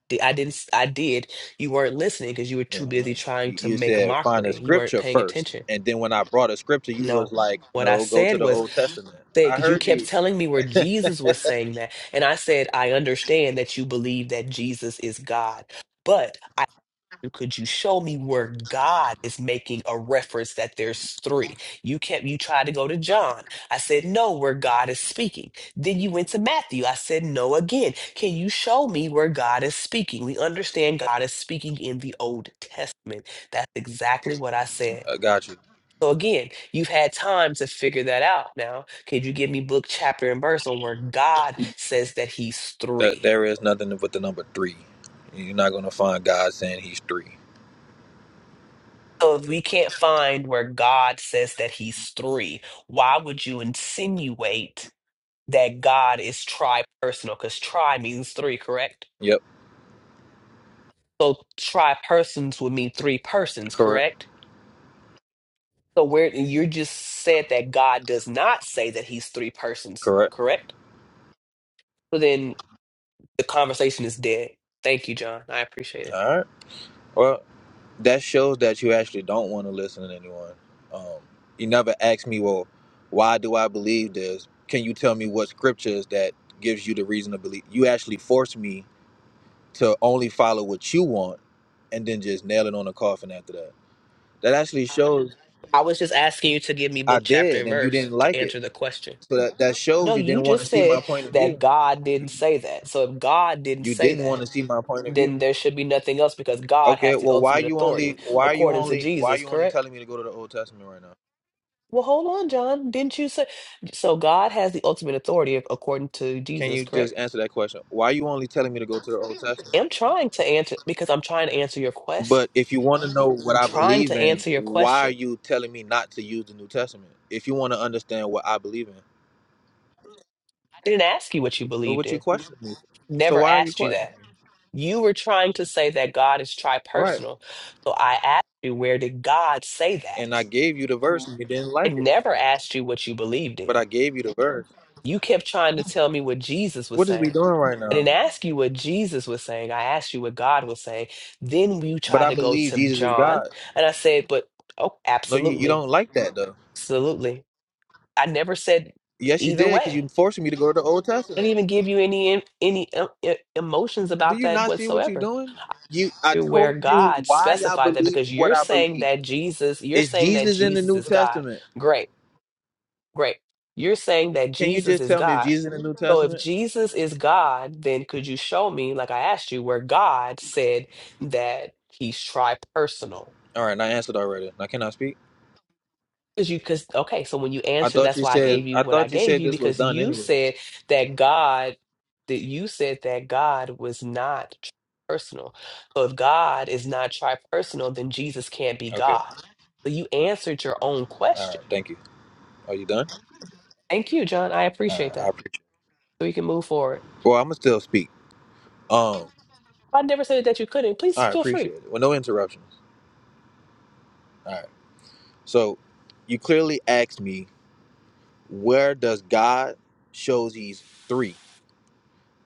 S11: di- I didn't. s- I did. You weren't listening because you were
S22: You,
S11: too
S22: know,
S11: busy trying
S22: you
S11: to
S22: you
S11: make a
S22: said find a
S11: mockery. You weren't
S22: scripture
S11: paying
S22: first,
S11: attention.
S22: and then when I brought a scripture, you was
S11: No.
S22: like,
S11: What I
S22: no, go to
S11: said
S22: the
S11: was,
S22: Old Testament.
S11: say,
S22: I
S11: because you
S22: heard
S11: kept
S22: you.
S11: telling me where
S22: I
S11: Jesus was saying that. And I said, I understand that you believe that Jesus is God.
S22: got you. That there is nothing but the number three. You're not gonna find God saying He's three.
S11: Try me.
S22: Yep,
S11: So try persons would mean three persons,
S22: correct,
S11: correct? So where you just said that God does not say that he's three persons,
S22: correct.
S11: correct?
S22: All right. Well, that shows that you actually don't want to listen to anyone. Um, you never ask me, well, why do I believe this? Can you tell me what scripture is that gives you the reason to believe? You actually force me to only follow what you want, and then just nail it on the coffin after that. That actually shows I did,
S11: In
S22: and you
S11: verse
S22: didn't
S11: to
S22: like it.
S11: answer the question.
S22: So that, that shows
S11: No,
S22: you didn't
S11: you
S22: want to
S11: just
S22: see my
S11: said
S22: point of view.
S11: that God didn't say that. So if God didn't
S22: You
S11: say
S22: didn't want
S11: that,
S22: to see my point of view.
S11: then there should be nothing else because God
S22: Okay,
S11: has the
S22: well, why
S11: ultimate
S22: you only,
S11: authority
S22: why you
S11: according to
S22: only, why
S11: Jesus,
S22: you only
S11: correct?
S22: telling me to go to the Old Testament right now?
S11: Well, hold on, John. Didn't you say so? God has the ultimate authority ac- according to
S22: Can
S11: Jesus,
S22: you just
S11: correct?
S22: answer that question? Why you only telling me to go to the Old Testament?
S11: I'm trying to answer because I'm trying to answer your question.
S22: But if you want to know what
S11: I'm
S22: I
S11: trying
S22: believe
S11: to
S22: in,
S11: answer your
S22: why are
S11: question.
S22: you telling me not to use the New Testament? If you want to understand what I believe in,
S11: I didn't ask you what you
S22: Well,
S11: believed
S22: what you
S11: in.
S22: questioning me? So
S11: Never
S22: why are you
S11: asked you
S22: questioning?
S11: that. You were trying to say that God is
S22: Right.
S11: tripersonal. So I asked you, where did God say
S22: And
S11: that?
S22: I gave you the verse, and you didn't
S11: I
S22: like it.
S11: never asked you what you believed
S22: But
S11: in.
S22: I gave you the verse.
S11: You kept trying to tell me what Jesus was
S22: What is we
S11: saying.
S22: doing right
S11: I
S22: now?
S11: didn't ask you what Jesus was saying. I asked you what God was saying. Then you
S22: But
S11: tried
S22: I
S11: to go
S22: believe
S11: to
S22: Jesus is
S11: John,
S22: God.
S11: and I said, but oh,
S22: No, you, you
S11: absolutely.
S22: don't like that though.
S11: Absolutely. I never said
S22: Yes, you
S11: either
S22: did, because you
S11: way.
S22: forcing me to go to the Old
S11: I
S22: Testament.
S11: didn't even give you any em- any um, e- emotions
S22: Do
S11: about
S22: you
S11: that
S22: not see what you're
S11: whatsoever.
S22: doing? You, I
S11: Where
S22: told you
S11: God
S22: why I
S11: specified that
S22: believe in
S11: because
S22: what
S11: you're
S22: I
S11: saying
S22: believe.
S11: that Jesus, you're
S22: Is
S11: saying that
S22: Jesus in the
S11: Jesus
S22: New
S11: is God.
S22: Testament?
S11: Great. Great. You're saying that
S22: Can you
S11: Jesus
S22: just
S11: is
S22: tell me if
S11: God.
S22: Jesus in the New
S11: So if
S22: Testament?
S11: Jesus is God, then could you show me, like I asked you, where God said that he's tri-personal?
S22: All right, I answered already. Now can I speak?
S11: Because you, because, okay, so when you
S22: I
S11: answered,
S22: thought
S11: that's
S22: you
S11: why I
S22: said.
S11: gave you
S22: I
S11: what I
S22: thought you
S11: gave
S22: said
S11: you,
S22: this was
S11: because
S22: done
S11: you
S22: anyway.
S11: said that God, that you said that God was not personal. So if God is not tri-personal, then Jesus can't be
S22: Okay.
S11: God. So you answered your own
S22: All right.
S11: question.
S22: Thank you. Are you done?
S11: Thank you, John. I
S22: All
S11: appreciate
S22: right. I
S11: that.
S22: appreciate. It.
S11: So we can move forward.
S22: Well, I'm gonna still speak. Um. All
S11: I never said that you couldn't. Please
S22: right.
S11: feel
S22: Appreciate
S11: free.
S22: it. Well, no interruptions. All right. So, you clearly asked me where does God shows He's three.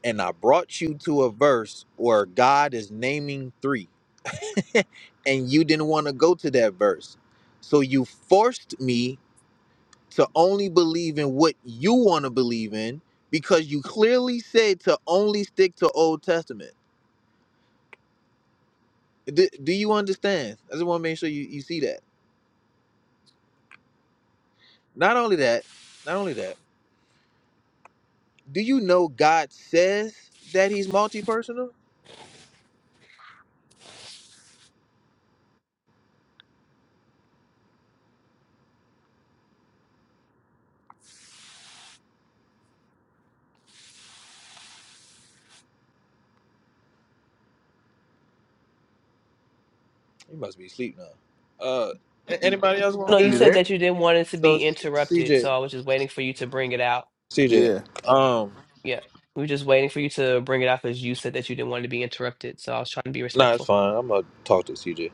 S22: and I brought you to a verse where God is naming three, and you didn't want to go to that verse. So you forced me to only believe in what you want to believe in because you clearly said to only stick to Old Testament. Do, do you understand? I just want to make sure you, you see that. Not only that, not only that, do you know God says that he's multi personal? You must be asleep now. Uh, a- anybody else want to
S11: No, you
S21: You
S22: build?
S11: said
S21: there?
S11: that you didn't want it to
S22: So,
S11: be interrupted,
S22: CJ,
S11: so I was just waiting for you to bring it out.
S22: CJ.
S21: Yeah.
S22: Um,
S11: Yeah, we were just waiting for you to bring it out because you said that you didn't want it to be interrupted, so I was trying to be
S22: nah, it's
S11: respectful.
S22: fine. I'm gonna talk to CJ.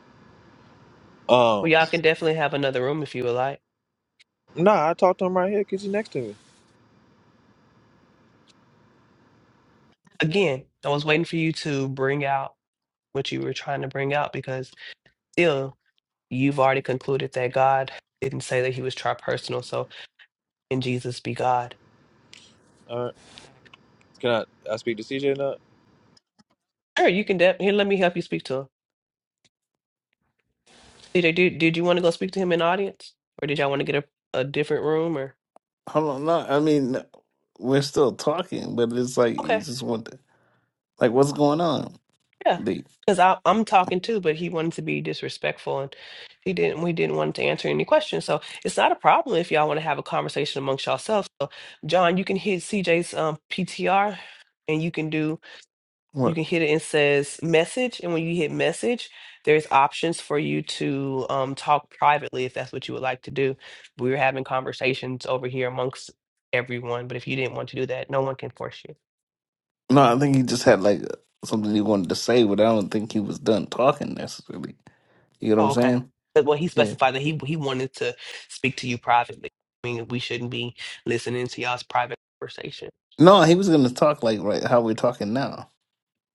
S22: Um,
S11: We definitely have another room if you would like.
S22: nah, I talked to him right here because he's next to me.
S11: Again, I was waiting for you to bring out what you were trying to bring out because still, you've already concluded that God didn't say that he was tripersonal, so in Jesus be God.
S22: All right, can I? I speak to CJ now.
S11: Sure, you can de- here, let me help you speak to him. DJ, did, did you want to go speak to him in the audience? Or did y'all want to get a, a different room or
S21: Hold on. No, I mean no, we're still talking, but it's like you
S11: okay,
S21: just want to like what's going on,
S11: yeah.
S21: Lee?
S11: Because I I'm talking too, but he wanted to be disrespectful and he didn't we didn't want to answer any questions. So it's not a problem if y'all want to have a conversation amongst yourselves. So John, you can hit CJ's um PTR and you can do you
S21: What?
S11: can hit it and says message and when you hit message there's option for you to um talk privately if that's what you would like to do we were having conversations over here amongst you.
S21: No, I think he just had like something he wanted to say, but I don't think he was done talking necessarily. You get what I'm
S11: oh okay
S21: saying?
S11: But what
S21: Yeah.
S11: to this private conversation.
S21: No, he was gonna talk like right how we're talking now.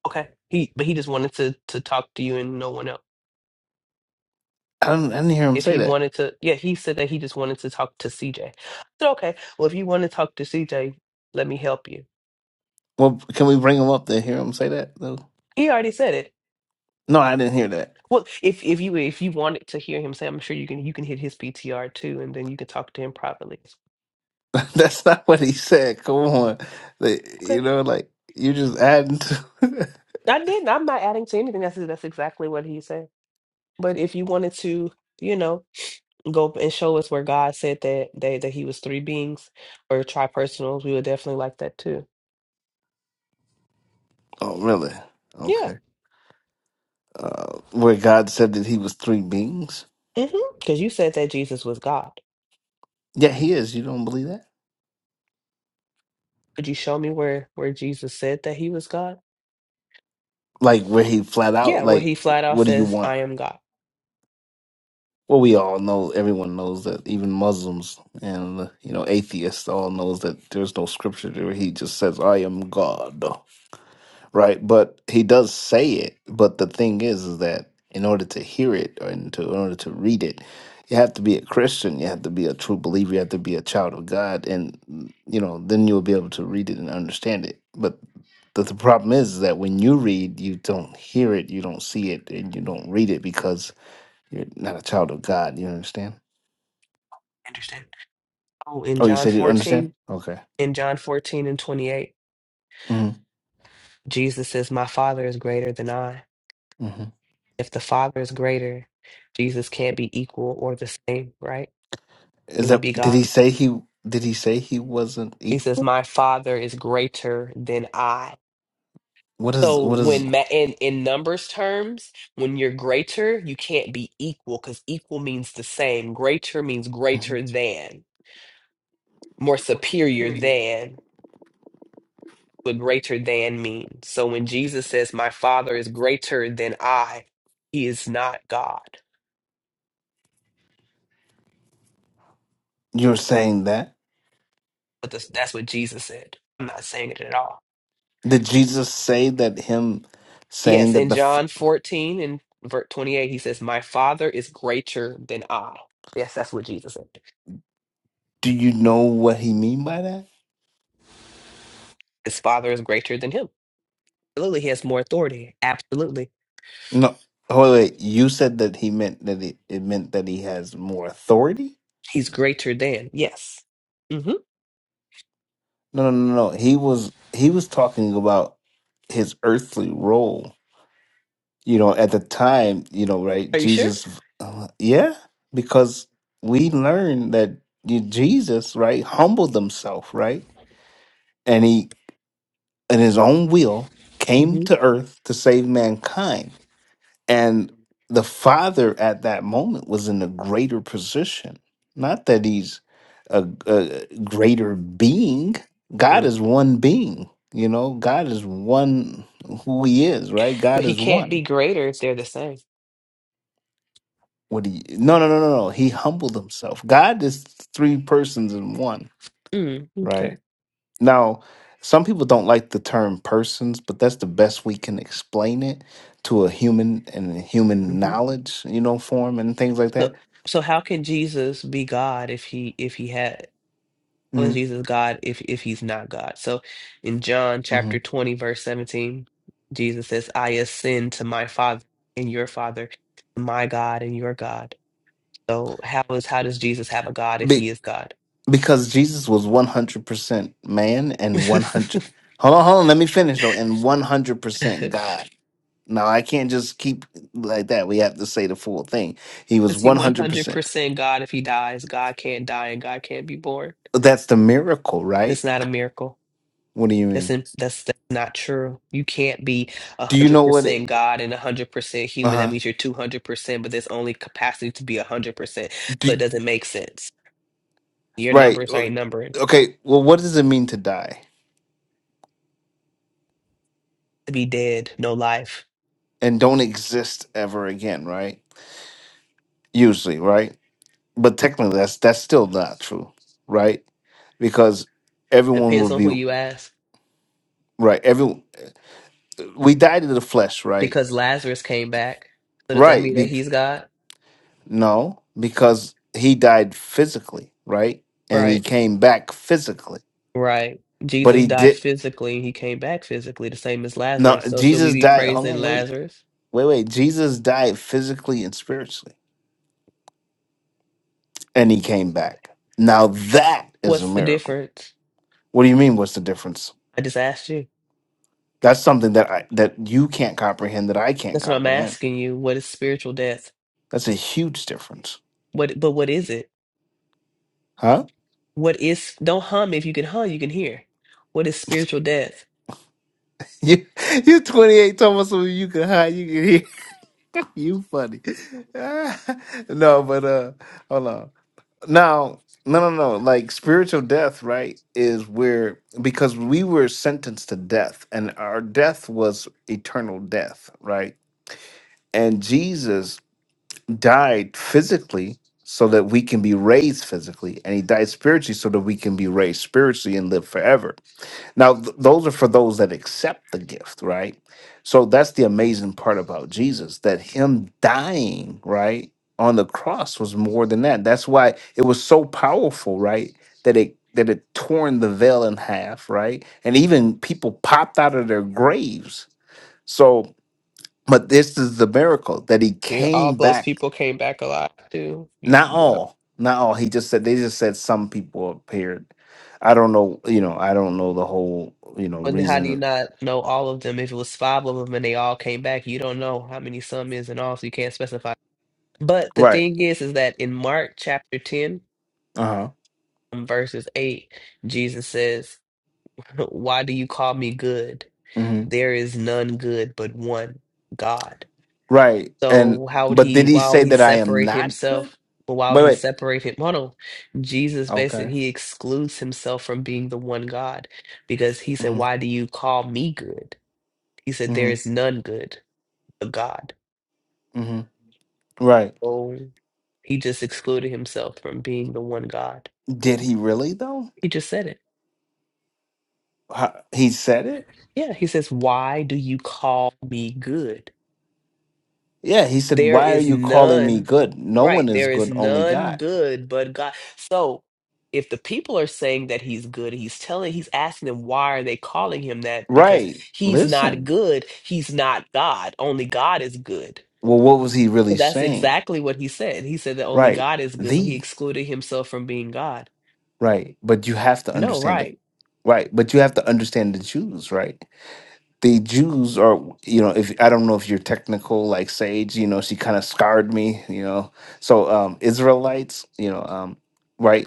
S11: Okay. He but he just wanted to to talk to you and no one else.
S21: I don't. I didn't hear him
S11: If
S21: say
S11: he
S21: that.
S11: wanted to yeah, he said that he just wanted to talk to CJ. I said, okay, well if you want to talk to CJ, let me help you.
S21: Well, can we bring him up to hear him say that though?
S11: He already said it.
S21: No, I didn't hear that.
S11: Well, if if you if you wanted to hear him say, I'm sure you can you can hit his PTR too, and then you can talk to him privately.
S21: That's not what he said. Come on, Like, you
S11: Okay.
S21: know, like you're just adding to.
S11: I didn't. I'm not adding to anything. That's that's exactly what he said. But if you wanted to, you know, go and show us where God said that that, that he was three beings or tripersonals, we would definitely like that too.
S21: oh, really?
S11: Yeah.
S21: Okay. Uh, where God said that He was three beings?
S11: Because you said that Jesus was God.
S21: Yeah, He is. You don't believe that?
S11: Could you show me where where Jesus said that he was God?
S21: Like where He flat out
S11: Yeah, where
S21: like,
S11: he flat out
S21: what do you
S11: says,
S21: want?
S11: I am God.
S21: Well, we all know, everyone knows that even Muslims and you know atheists all knows that there's no scripture there. He just says, "I am God," right? But he does say it. But the thing is, is that in order to hear it or in, to, in order to read it, you have to be a Christian. You have to be a true believer. You have to be a child of God, and you know then you'll be able to read it and understand it. But the, the problem is that when you read, you don't hear it, you don't see it, and you don't read it because you're not a child of God. You understand?
S11: Understand? Oh, in
S21: Oh, you
S11: John
S21: said you understand?
S11: 14,
S21: Okay.
S11: in John 14 and 28,
S21: hmm
S11: Jesus says, My Father is greater than I.
S21: hmm
S11: If the Father is greater, Jesus can't be equal or the same, right?
S21: Is
S11: Can he
S21: that?
S11: be
S21: Did
S11: God?
S21: he say he? Did he say he wasn't
S11: He says,
S21: equal?
S11: Father is greater than I.
S21: What is? What
S11: So
S21: is-
S11: in numbers terms, when you're greater, you can't be equal because equal means the same. Greater means
S21: mhm.
S11: greater than, more superior than I thought.
S21: You're saying that?
S11: But this is it. I'm not saying it at all.
S21: Did Jesus say that? Him
S11: Yes,
S21: saying that the? f-
S11: in verse 28, he says, My Father is God. Yes, that's what Jesus said.
S21: Do you know what he mean by that? No. Oh wait, you said that he meant that it, it meant that he has more authority. No, no, no, no. He was he was talking about his earthly role you know at the time you know right jesus uh, yeah because we learn that you- jesus right humbled himself right and he in his own will came
S11: Mhm.
S21: to earth to save mankind and the father at that moment was in a greater position not that he's a, a greater being god
S11: Mm.
S21: is one being you know god is one who he is right god
S11: But he
S21: is
S11: can't
S21: one
S11: be greater if they're the same.
S21: What do you? No, no, no, no, no. He humbled himself. God is three persons in one,
S11: Mm, okay.
S21: right? Now, some people don't like the term persons, but that's the best we can explain it to a human and a human
S11: hmm
S21: knowledge, you know, form and things like that.
S11: So, so how can Jesus be God if he if he had? How is
S21: hmm
S11: Jesus God if if he's not God? So in John
S21: hmm
S11: chapter 20 verse 17, Jesus says, "I ascend to my Father and your Father, to my God and your God." So how is how does Jesus have a God if he
S21: Be-
S11: is God?
S21: because Jesus was one hundred percent man and one hundred. Hold on, hold on. Let me finish though. And one hundred percent God. Now I can't just keep like that. We have to say the full thing. He was
S11: Is he
S21: 100%.
S11: 100% God if he dies? God can't die and God can't be born.
S21: That's the miracle, right?
S11: It's not a miracle.
S21: What do you
S11: That's
S21: mean?
S11: in, that's
S21: Do you know what it? Uh huh. Do right. o- Okay. Well, what does it mean to die and don't exist ever again? Right. Usually, right. But technically, that's that's still not true, right? Because everyone will
S11: depends on who
S21: be
S11: you ask.
S21: right. Every we died to the flesh, right?
S11: Because what is that
S21: Right. Be,
S11: not?
S21: no, because he died physically, right? And he came back physically, but he did. No, Jesus died. Hold on, wait. Wait, wait. Jesus died physically and spiritually, and he came back. Now that is a
S11: What's the
S21: miracle.
S11: difference?
S21: What do you mean? What's the difference?
S11: I just asked you.
S21: That's something that I, that you can't comprehend. That I can't
S11: That's what I'm
S21: comprehend.
S11: asking you. What is spiritual death?
S21: That's a huge difference,
S11: What but what is it?
S21: huh?
S11: What is, don't hum if you can hum, you can hear. What is spiritual death?
S21: You you twenty eight, Thomas. so You can hide. You can hear. You funny. no, but uh, hold on. Now, no, no, no. Like spiritual death, right? Is where because we were sentenced to death, and our death was eternal death, right? And Jesus died physically so that we can be raised physically, and he died spiritually so that we can be raised spiritually and live forever now, th- those are for those that accept the gift, right? So that's the amazing part about Jesus that him dying, right, on the cross was more than that. That's why it was so powerful, right? That it that it torn the veil in half, right? And even people popped out of their graves. So, but this is the miracle that he
S11: Yeah, all
S21: came
S11: those
S21: back.
S11: people came back alive too. You,
S21: Not
S11: yep.
S21: all, not all. He just said they just said some people appeared. I don't know, you know, I don't know the whole, you know,
S11: And how do you
S21: reason.
S11: not know all of them? If it was five of them and they all came back, you don't know how many some is in all, so you can't specify. But the
S21: Right.
S11: thing is, is that in Mark chapter 10,
S21: Uh-huh.
S11: um, verses 8, Jesus says, Why do you call me good?
S21: hmm
S11: There is none good but one, God.
S21: Right. And
S11: So how would
S21: but
S11: he?
S21: did he
S11: Why
S21: say
S11: would he
S21: that I am
S11: separate
S21: not good?
S11: himself? But why would
S21: Wait,
S11: he
S21: wait.
S11: separate him? Hold on. Jesus basically
S21: Okay.
S11: he excludes himself from being the one God.
S21: Mm-hmm. Mm-hmm.
S11: God
S21: Mm-hmm. Right.
S11: oh himself.
S21: Did he really though? Huh, He said it?
S11: Yeah,
S21: Yeah, he said,
S11: they're
S21: Why are you calling me good? No one is good, only God.
S11: God. Oh, if the people are so,
S21: Right. Listen. Well, what was he really saying? Right. The. Right. But you have to understand that. Right. But you have to understand the Jews, right? the Jews are, you know, if I don't know if you're technical like Sage, you know, she kind of scarred me, you know. So um Israelites, you know, um right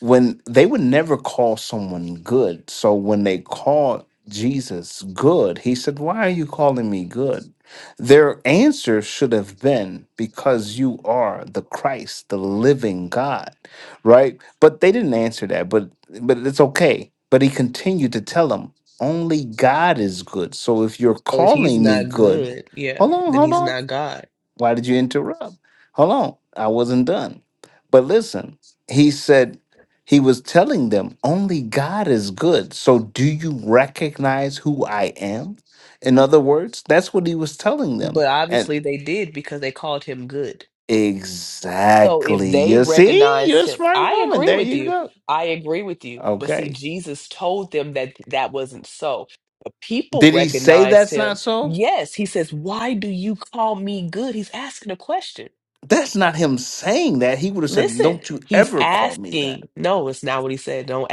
S21: when they would never call someone good. So when they called Jesus good, he said, Why are you calling me good? Their answer should have been, Because you are the Christ, the living God, right? But they didn't answer that, but but it's okay. But he continued to tell them, Only God is good. So if you're
S11: if he's
S21: calling me
S11: not
S21: good,
S11: good, yeah,
S21: hold on,
S11: then
S21: hold
S11: he's
S21: on.
S11: not God.
S21: Why did you interrupt? Hold on, I wasn't done. But listen, he said he was telling them only God is good. So do you recognize who I am? In other words, that's what he was telling them. And exactly, you see, you're a smart woman. There you go. Okay.
S11: It doesn't so.
S21: Did he say that's not
S11: He
S21: so?
S11: says, why do you call? He's
S21: That's not him saying that. He would have said,
S11: good.
S21: Don't you
S11: He's
S21: ever call me that.
S11: no. It's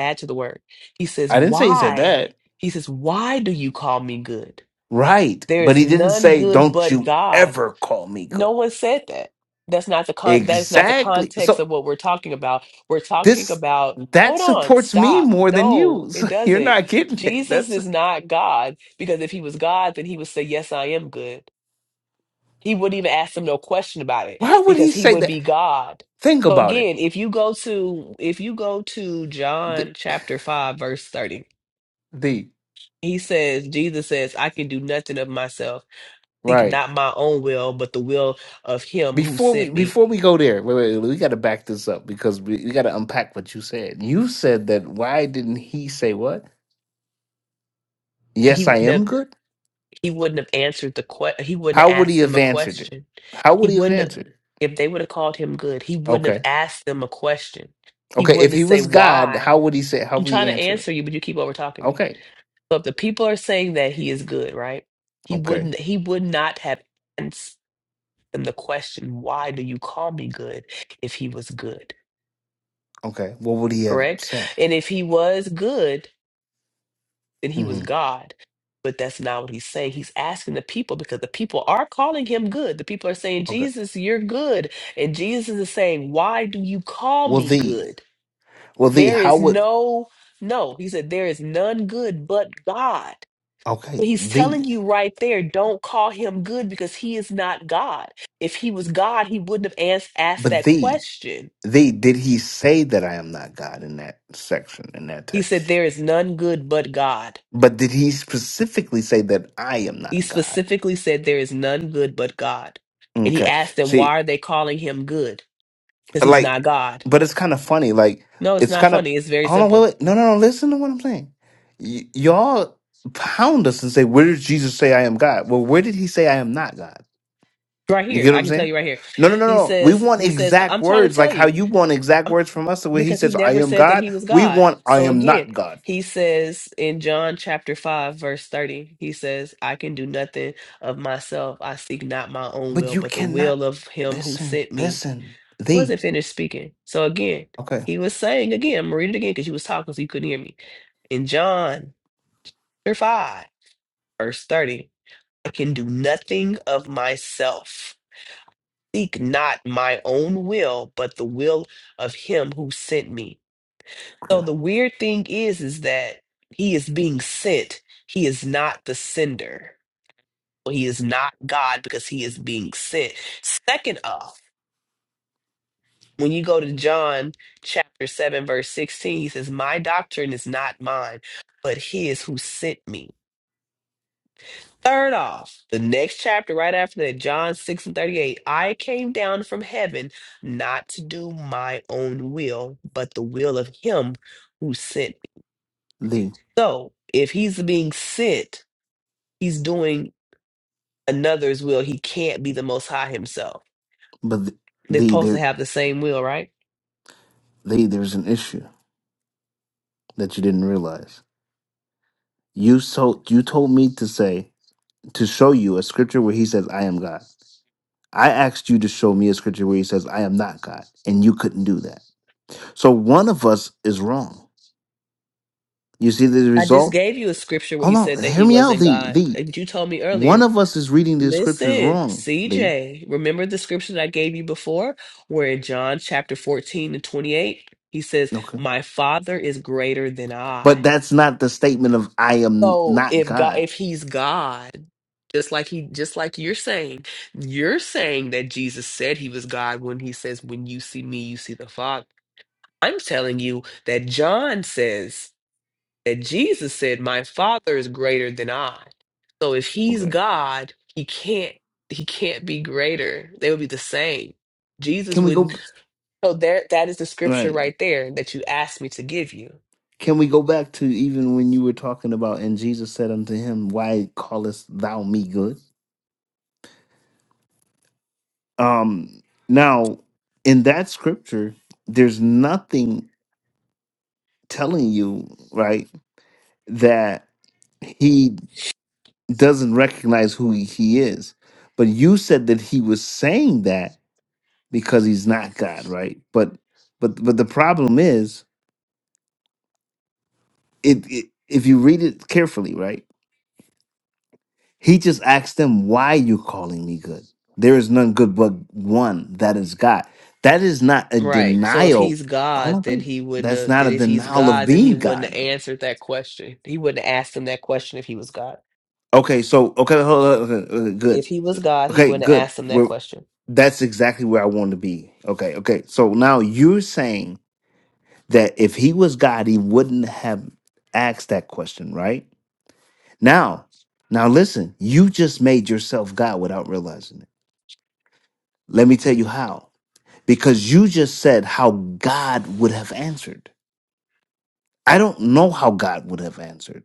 S11: attached to the word. He's
S21: I didn't say he said
S11: saying
S21: that.
S11: he's good.
S21: Right.
S11: There
S21: But
S11: is
S21: he didn't
S11: none
S21: say,
S11: good
S21: don't
S11: but
S21: you
S11: God.
S21: ever call me good.
S11: No one said that.
S21: Exactly. So
S11: talking about. We're talking
S21: this,
S11: about,
S21: that
S11: hold on,
S21: supports me
S11: stop.
S21: more than
S11: No,
S21: you. So
S11: it does.
S21: you're not getting it.
S11: Jesus
S21: That's
S11: is not God because if he was God, then he would say, Yes, I am good. He wouldn't even ask them no question about it
S21: why would he
S11: because he
S21: say
S11: would
S21: that?
S11: be God.
S21: Think
S11: So
S21: about it.
S11: again, if you go to if you go to
S21: The,
S11: John chapter 5 verse 30,
S21: the,
S11: he says Jesus says, I can do nothing of myself. Seek
S21: right.
S11: not my own will, but the will of him who
S21: Before we
S11: sent me.
S21: before we go there, wait, wait, we got to back this up because we, we got to unpack what you said. You said that why didn't he say what?
S11: He
S21: Yes, I
S11: wouldn't have
S21: am good.
S11: he wouldn't have answered the que- he wouldn't
S21: How
S11: have
S21: would he
S11: asked him
S21: have
S11: a
S21: answered it?
S11: question.
S21: How would
S11: He
S21: he have
S11: wouldn't
S21: answered it?
S11: If they would have called him good, he wouldn't have
S21: Okay,
S11: asked them a question. He
S21: okay.
S11: wouldn't
S21: If
S11: have
S21: he
S11: say
S21: was God,
S11: why.
S21: how would he say? How
S11: I'm
S21: would he
S11: trying to
S21: answer it?
S11: answer you, but you keep over talking me.
S21: Okay.
S11: So if the people are saying that he is good, right? He
S21: Okay.
S11: wouldn't he would not have asked them the question, why do you call me good if he was good?
S21: Okay. What would he have
S11: Correct?
S21: said?
S11: And if he was good, then he was
S21: hmm
S11: God. But that's not what he's saying. He's asking the people because the people are calling him good. The people are saying,
S21: Okay.
S11: Jesus, you're good. And Jesus is saying, Why do you call
S21: Well,
S11: me
S21: thee.
S11: good?
S21: Well, thee.
S11: There
S21: How
S11: is
S21: would?
S11: no, no. He said, there is none good but God.
S21: Okay.
S11: But he's
S21: Thee.
S11: telling you right there, don't call him good because he is not God. If he was God, he wouldn't have asked, asked
S21: But
S11: that
S21: thee.
S11: question.
S21: Thee. Did he say that I am not God in that section in that
S11: He said,
S21: text?
S11: there is none good but God.
S21: But did he specifically say that I am
S11: He
S21: not God?
S11: specifically said, there is none good but God. And he
S21: Okay.
S11: asked them,
S21: See,
S11: why are they calling him good? Because he's not
S21: like,
S11: God.
S21: but it's kind of funny. Like,
S11: No, it's
S21: it's
S11: not
S21: kind of.
S11: funny. It's very
S21: Hold on. Wait.
S11: simple.
S21: Wait. No. No. No. Listen to what I'm saying. Y- y'all pound us and say, "Where did Jesus say I am God?" Well, where did he say I am not God?
S11: Right
S21: You
S11: here.
S21: get what
S11: I
S21: I'm
S11: can tell
S21: saying?
S11: you right here.
S21: No, no, no,
S11: He
S21: no. We
S11: says,
S21: want
S11: he says,
S21: exact
S11: I'm trying to
S21: words, like
S11: tell
S21: how
S11: you.
S21: you want exact words from us, where he
S11: because he
S21: says, I
S11: never
S21: am
S11: said that he
S21: God.
S11: was
S21: We
S11: God.
S21: want, I
S11: So
S21: am
S11: again,
S21: not God.
S11: he says in John chapter 5, verse 30, he says, I can do nothing of myself. I seek not my own
S21: But
S11: will,
S21: you
S11: but the
S21: cannot
S11: will of him who
S21: listen,
S11: sent me.
S21: listen,
S11: I
S21: thee.
S11: wasn't finished speaking. So again,
S21: Okay.
S11: he was saying again, I'm gonna read it again because you was talking so you couldn't hear me. In John chapter 5, verse 30, I can do nothing of myself. Seek not my own will, but the will of him who sent me. So
S21: Okay.
S11: the weird thing is, is that he is being sent. He is not the sender. Well, he is not God because he is being sent. Second off, when you go to John chapter 7, verse 16, he says, My doctrine is not mine, but his who sent me. Third off, the next chapter right after that, John 6 and 38, I came down from heaven not to do my own will, but the will of him who sent me.
S21: Thee.
S11: So if he's being sent, he's doing another's will. He can't be the most high himself.
S21: But th-
S11: They're
S21: thee,
S11: supposed to
S21: there
S11: have the same will, right?
S21: thee, there's an issue that you didn't realize. You so you told me to say, to show you a scripture where he says, I am God. I asked you to show me a scripture where he says, I am not God. And you couldn't do that. So one of us is wrong. You see the
S11: I just
S21: result?
S11: gave you a scripture where
S21: Hold
S11: he said
S21: on,
S11: that
S21: hear
S11: he
S21: me out.
S11: wasn't
S21: The
S11: God.
S21: the
S11: And you told me
S21: one
S11: earlier,
S21: of us is reading the scriptures
S11: listen,
S21: wrong. The
S11: CJ, remember the scripture that I gave you before, where in John chapter 14 and 28, he says,
S21: Okay.
S11: My father is greater than
S21: but
S11: I.
S21: that's not the statement of I am
S11: So
S21: not
S11: if God
S21: God.
S11: if he's God, just like he just like you're saying, you're saying that Jesus said he was God when he says, When you see me, you see the Father. I'm telling you that John says that Jesus said, My Father is greater than I. So if he's
S21: Okay.
S11: God, he can't he can't be greater. They would be the same. Jesus
S21: Can we go
S11: wouldn't
S21: b-
S11: so there that is the scripture
S21: right?
S11: right there that you asked me to give you.
S21: Can we go back to even when you were talking about and Jesus said unto him, Why callest thou me good? Um now in that scripture, there's nothing telling you, right, that he doesn't recognize who he he is. But you said that he was saying that because he's not God, right? But but but the problem is, it, it if you read it carefully, right? He just asked them, "Why you calling me good? There is none good but one, that is God." That is not a
S11: Right. So if
S21: denial.
S11: he's
S21: Hold
S11: God,
S21: on,
S11: then
S21: wait.
S11: he wouldn't
S21: That's
S11: have
S21: not
S11: then
S21: a
S11: if he's
S21: denial of
S11: God, then he
S21: being
S11: wouldn't have
S21: God.
S11: answered that question. That question
S21: Okay, so okay, hold on, okay, okay, good.
S11: if he
S21: Okay, good. We're
S11: was
S21: that's exactly where I want to be. Okay, okay. So now you're saying that if he was God, he wouldn't have asked that question, right? Now, now listen, you just made yourself God without realizing it. Let me tell you how. Because you just said how God would have answered. I don't know how God would have answered.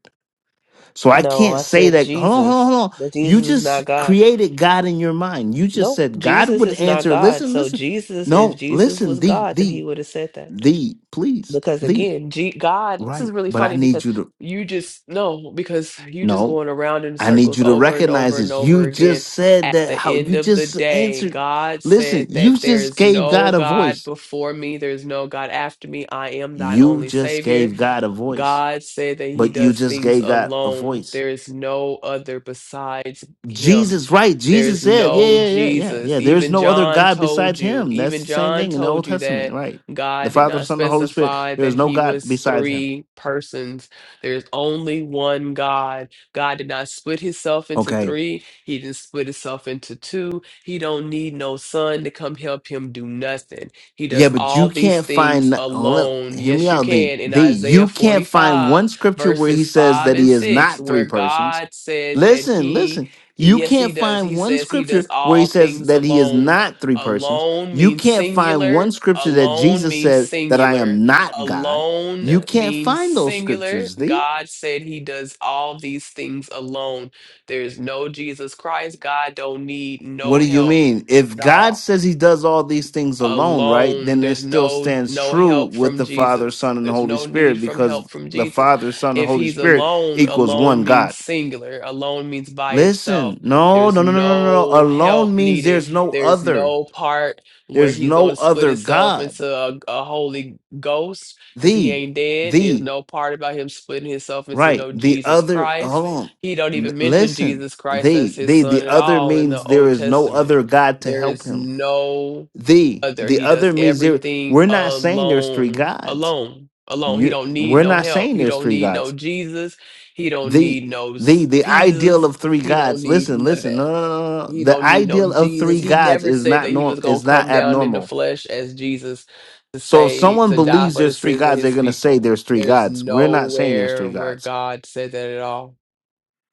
S21: So I
S11: No,
S21: can't
S11: I
S21: say
S11: said
S21: that, hold on, hold on,
S11: Jesus.
S21: hold on.
S11: That Jesus
S21: You
S11: is not
S21: just
S11: God.
S21: created God in your mind. You just
S11: No,
S21: said God
S11: Jesus
S21: would
S11: is not
S21: answer.
S11: God.
S21: Listen,
S11: So
S21: listen.
S11: Jesus, if
S21: No,
S11: Jesus
S21: listen,
S11: was
S21: the,
S11: God, then
S21: the,
S11: he would have said that.
S21: the, please,
S11: Because
S21: the,
S11: again, G God, this is
S21: right.
S11: really
S21: But I
S11: funny
S21: need
S11: because
S21: you to,
S11: you just no, because you just
S21: no.
S11: going around in
S21: I need
S11: circles
S21: you to
S11: over and
S21: recognize
S11: over and
S21: this. You
S11: over again.
S21: just said
S11: At
S21: that
S11: the
S21: how
S11: end
S21: you
S11: of the
S21: just
S11: day,
S21: answered.
S11: God
S21: Listen,
S11: said
S21: you
S11: that there
S21: just
S11: is
S21: gave
S11: no
S21: God a
S11: God
S21: voice.
S11: before me, there is no God after me. I am thy
S21: You
S11: only
S21: just
S11: Savior.
S21: gave God a voice,
S11: God said that he
S21: but you
S11: does
S21: just
S11: things
S21: gave God a
S11: alone.
S21: voice.
S11: There is no other besides him.
S21: Jesus, right?
S11: There
S21: Jesus
S11: is
S21: said, yeah,
S11: no
S21: yeah, yeah, yeah,
S11: Jesus.
S21: yeah. There's
S11: Even
S21: no other
S11: John
S21: God besides
S11: told you,
S21: Him. That's
S11: even
S21: the same
S11: John
S21: thing in the Old
S11: told you
S21: Testament,
S11: that
S21: right? The
S11: God did
S21: Father,
S11: not
S21: Son, and the Holy Spirit.
S11: specify
S21: There is
S11: that
S21: no
S11: he
S21: God
S11: was
S21: besides Him.
S11: three persons. There's only one God. God did not split himself into
S21: Okay
S11: three. He didn't split himself into two. He don't need no son to come help him do nothing. He
S21: Yeah,
S11: does
S21: but
S11: all
S21: you
S11: these
S21: can't find.
S11: things
S21: no, Hold up,
S11: alone.
S21: hear me
S11: Yes, you
S21: out. The
S11: can. In
S21: the
S11: Isaiah
S21: you can't find
S11: 45,
S21: one scripture where he
S11: verses
S21: says
S11: 5
S21: that he
S11: and
S21: is
S11: 6,
S21: not three
S11: where
S21: persons.
S11: God said that
S21: Listen,
S11: He,
S21: listen. You
S11: yes,
S21: can't
S11: He does.
S21: find
S11: He
S21: one
S11: says He does
S21: scripture where he
S11: all
S21: says
S11: things
S21: that he is
S11: alone.
S21: not three persons.
S11: Alone
S21: You
S11: means
S21: can't find one
S11: singular.
S21: scripture that
S11: Alone
S21: Jesus
S11: means
S21: said that I
S11: singular.
S21: am not God.
S11: Alone
S21: You can't
S11: means
S21: find those
S11: singular.
S21: scriptures. The.
S11: God said He does all these things alone. There's no Jesus Christ. God don't need
S21: What
S11: no
S21: do you
S11: help
S21: mean? If
S11: at
S21: God
S11: all
S21: says he does all these things alone, right,
S11: alone
S21: then it
S11: there's
S21: still
S11: no
S21: stands
S11: no
S21: true
S11: help
S21: with
S11: from
S21: the Father,
S11: jesus
S21: Son, and
S11: there's
S21: Holy
S11: no
S21: Spirit
S11: need from
S21: because
S11: help from
S21: the
S11: jesus
S21: Father, Son, and
S11: if
S21: Holy
S11: he's
S21: Spirit
S11: alone
S21: equals
S11: alone
S21: one
S11: means
S21: God.
S11: singular alone means by
S21: Listen,
S11: itself
S21: no,
S11: there's
S21: no, no, no, no, no. no.
S11: no
S21: Alone
S11: help
S21: means
S11: needed
S21: there's no
S11: there's
S21: other.
S11: no part where
S21: There's
S11: he's
S21: no
S11: going to split
S21: other
S11: himself
S21: God.
S11: into a, a holy ghost because he
S21: The,
S11: ain't dead there's
S21: the,
S11: no part about him splitting himself into
S21: right,
S11: no
S21: the
S11: jesus
S21: other,
S11: christ
S21: hold
S11: he don't
S21: on. L-
S11: even mention
S21: listen,
S11: jesus christ
S21: the,
S11: as his
S21: the,
S11: son
S21: the
S11: at
S21: other
S11: all in the
S21: means there
S11: old
S21: is no
S11: testament
S21: other God to
S11: there
S21: help
S11: is
S21: him.
S11: no
S21: the
S11: other.
S21: the
S11: He does
S21: other means there
S11: everything
S21: we're not saying there's three
S11: alone,
S21: gods
S11: alone, alone. He
S21: you
S11: don't need
S21: we're
S11: no
S21: not
S11: help.
S21: saying
S11: He
S21: there's
S11: don't
S21: three
S11: need no
S21: gods
S11: Jesus. He don't
S21: the
S11: need no
S21: the
S11: s-
S21: the ideal
S11: Jesus.
S21: of three
S11: He don't
S21: gods
S11: need
S21: listen
S11: none of
S21: listen
S11: that.
S21: no no no no no. no.
S11: He
S21: the
S11: don't need no
S21: ideal of
S11: Jesus.
S21: three
S11: He
S21: gods
S11: never
S21: is
S11: said
S21: not
S11: that he
S21: norm
S11: was gonna
S21: is not
S11: come down in the
S21: abnormal
S11: flesh as Jesus to
S21: so if
S11: save,
S21: someone
S11: to die
S21: believes
S11: for the
S21: there's three
S11: sins of
S21: gods they're
S11: his
S21: going to say
S11: people.
S21: there's three
S11: There's
S21: gods we're not saying there's
S11: nowhere
S21: three
S11: where
S21: gods
S11: God said that at all.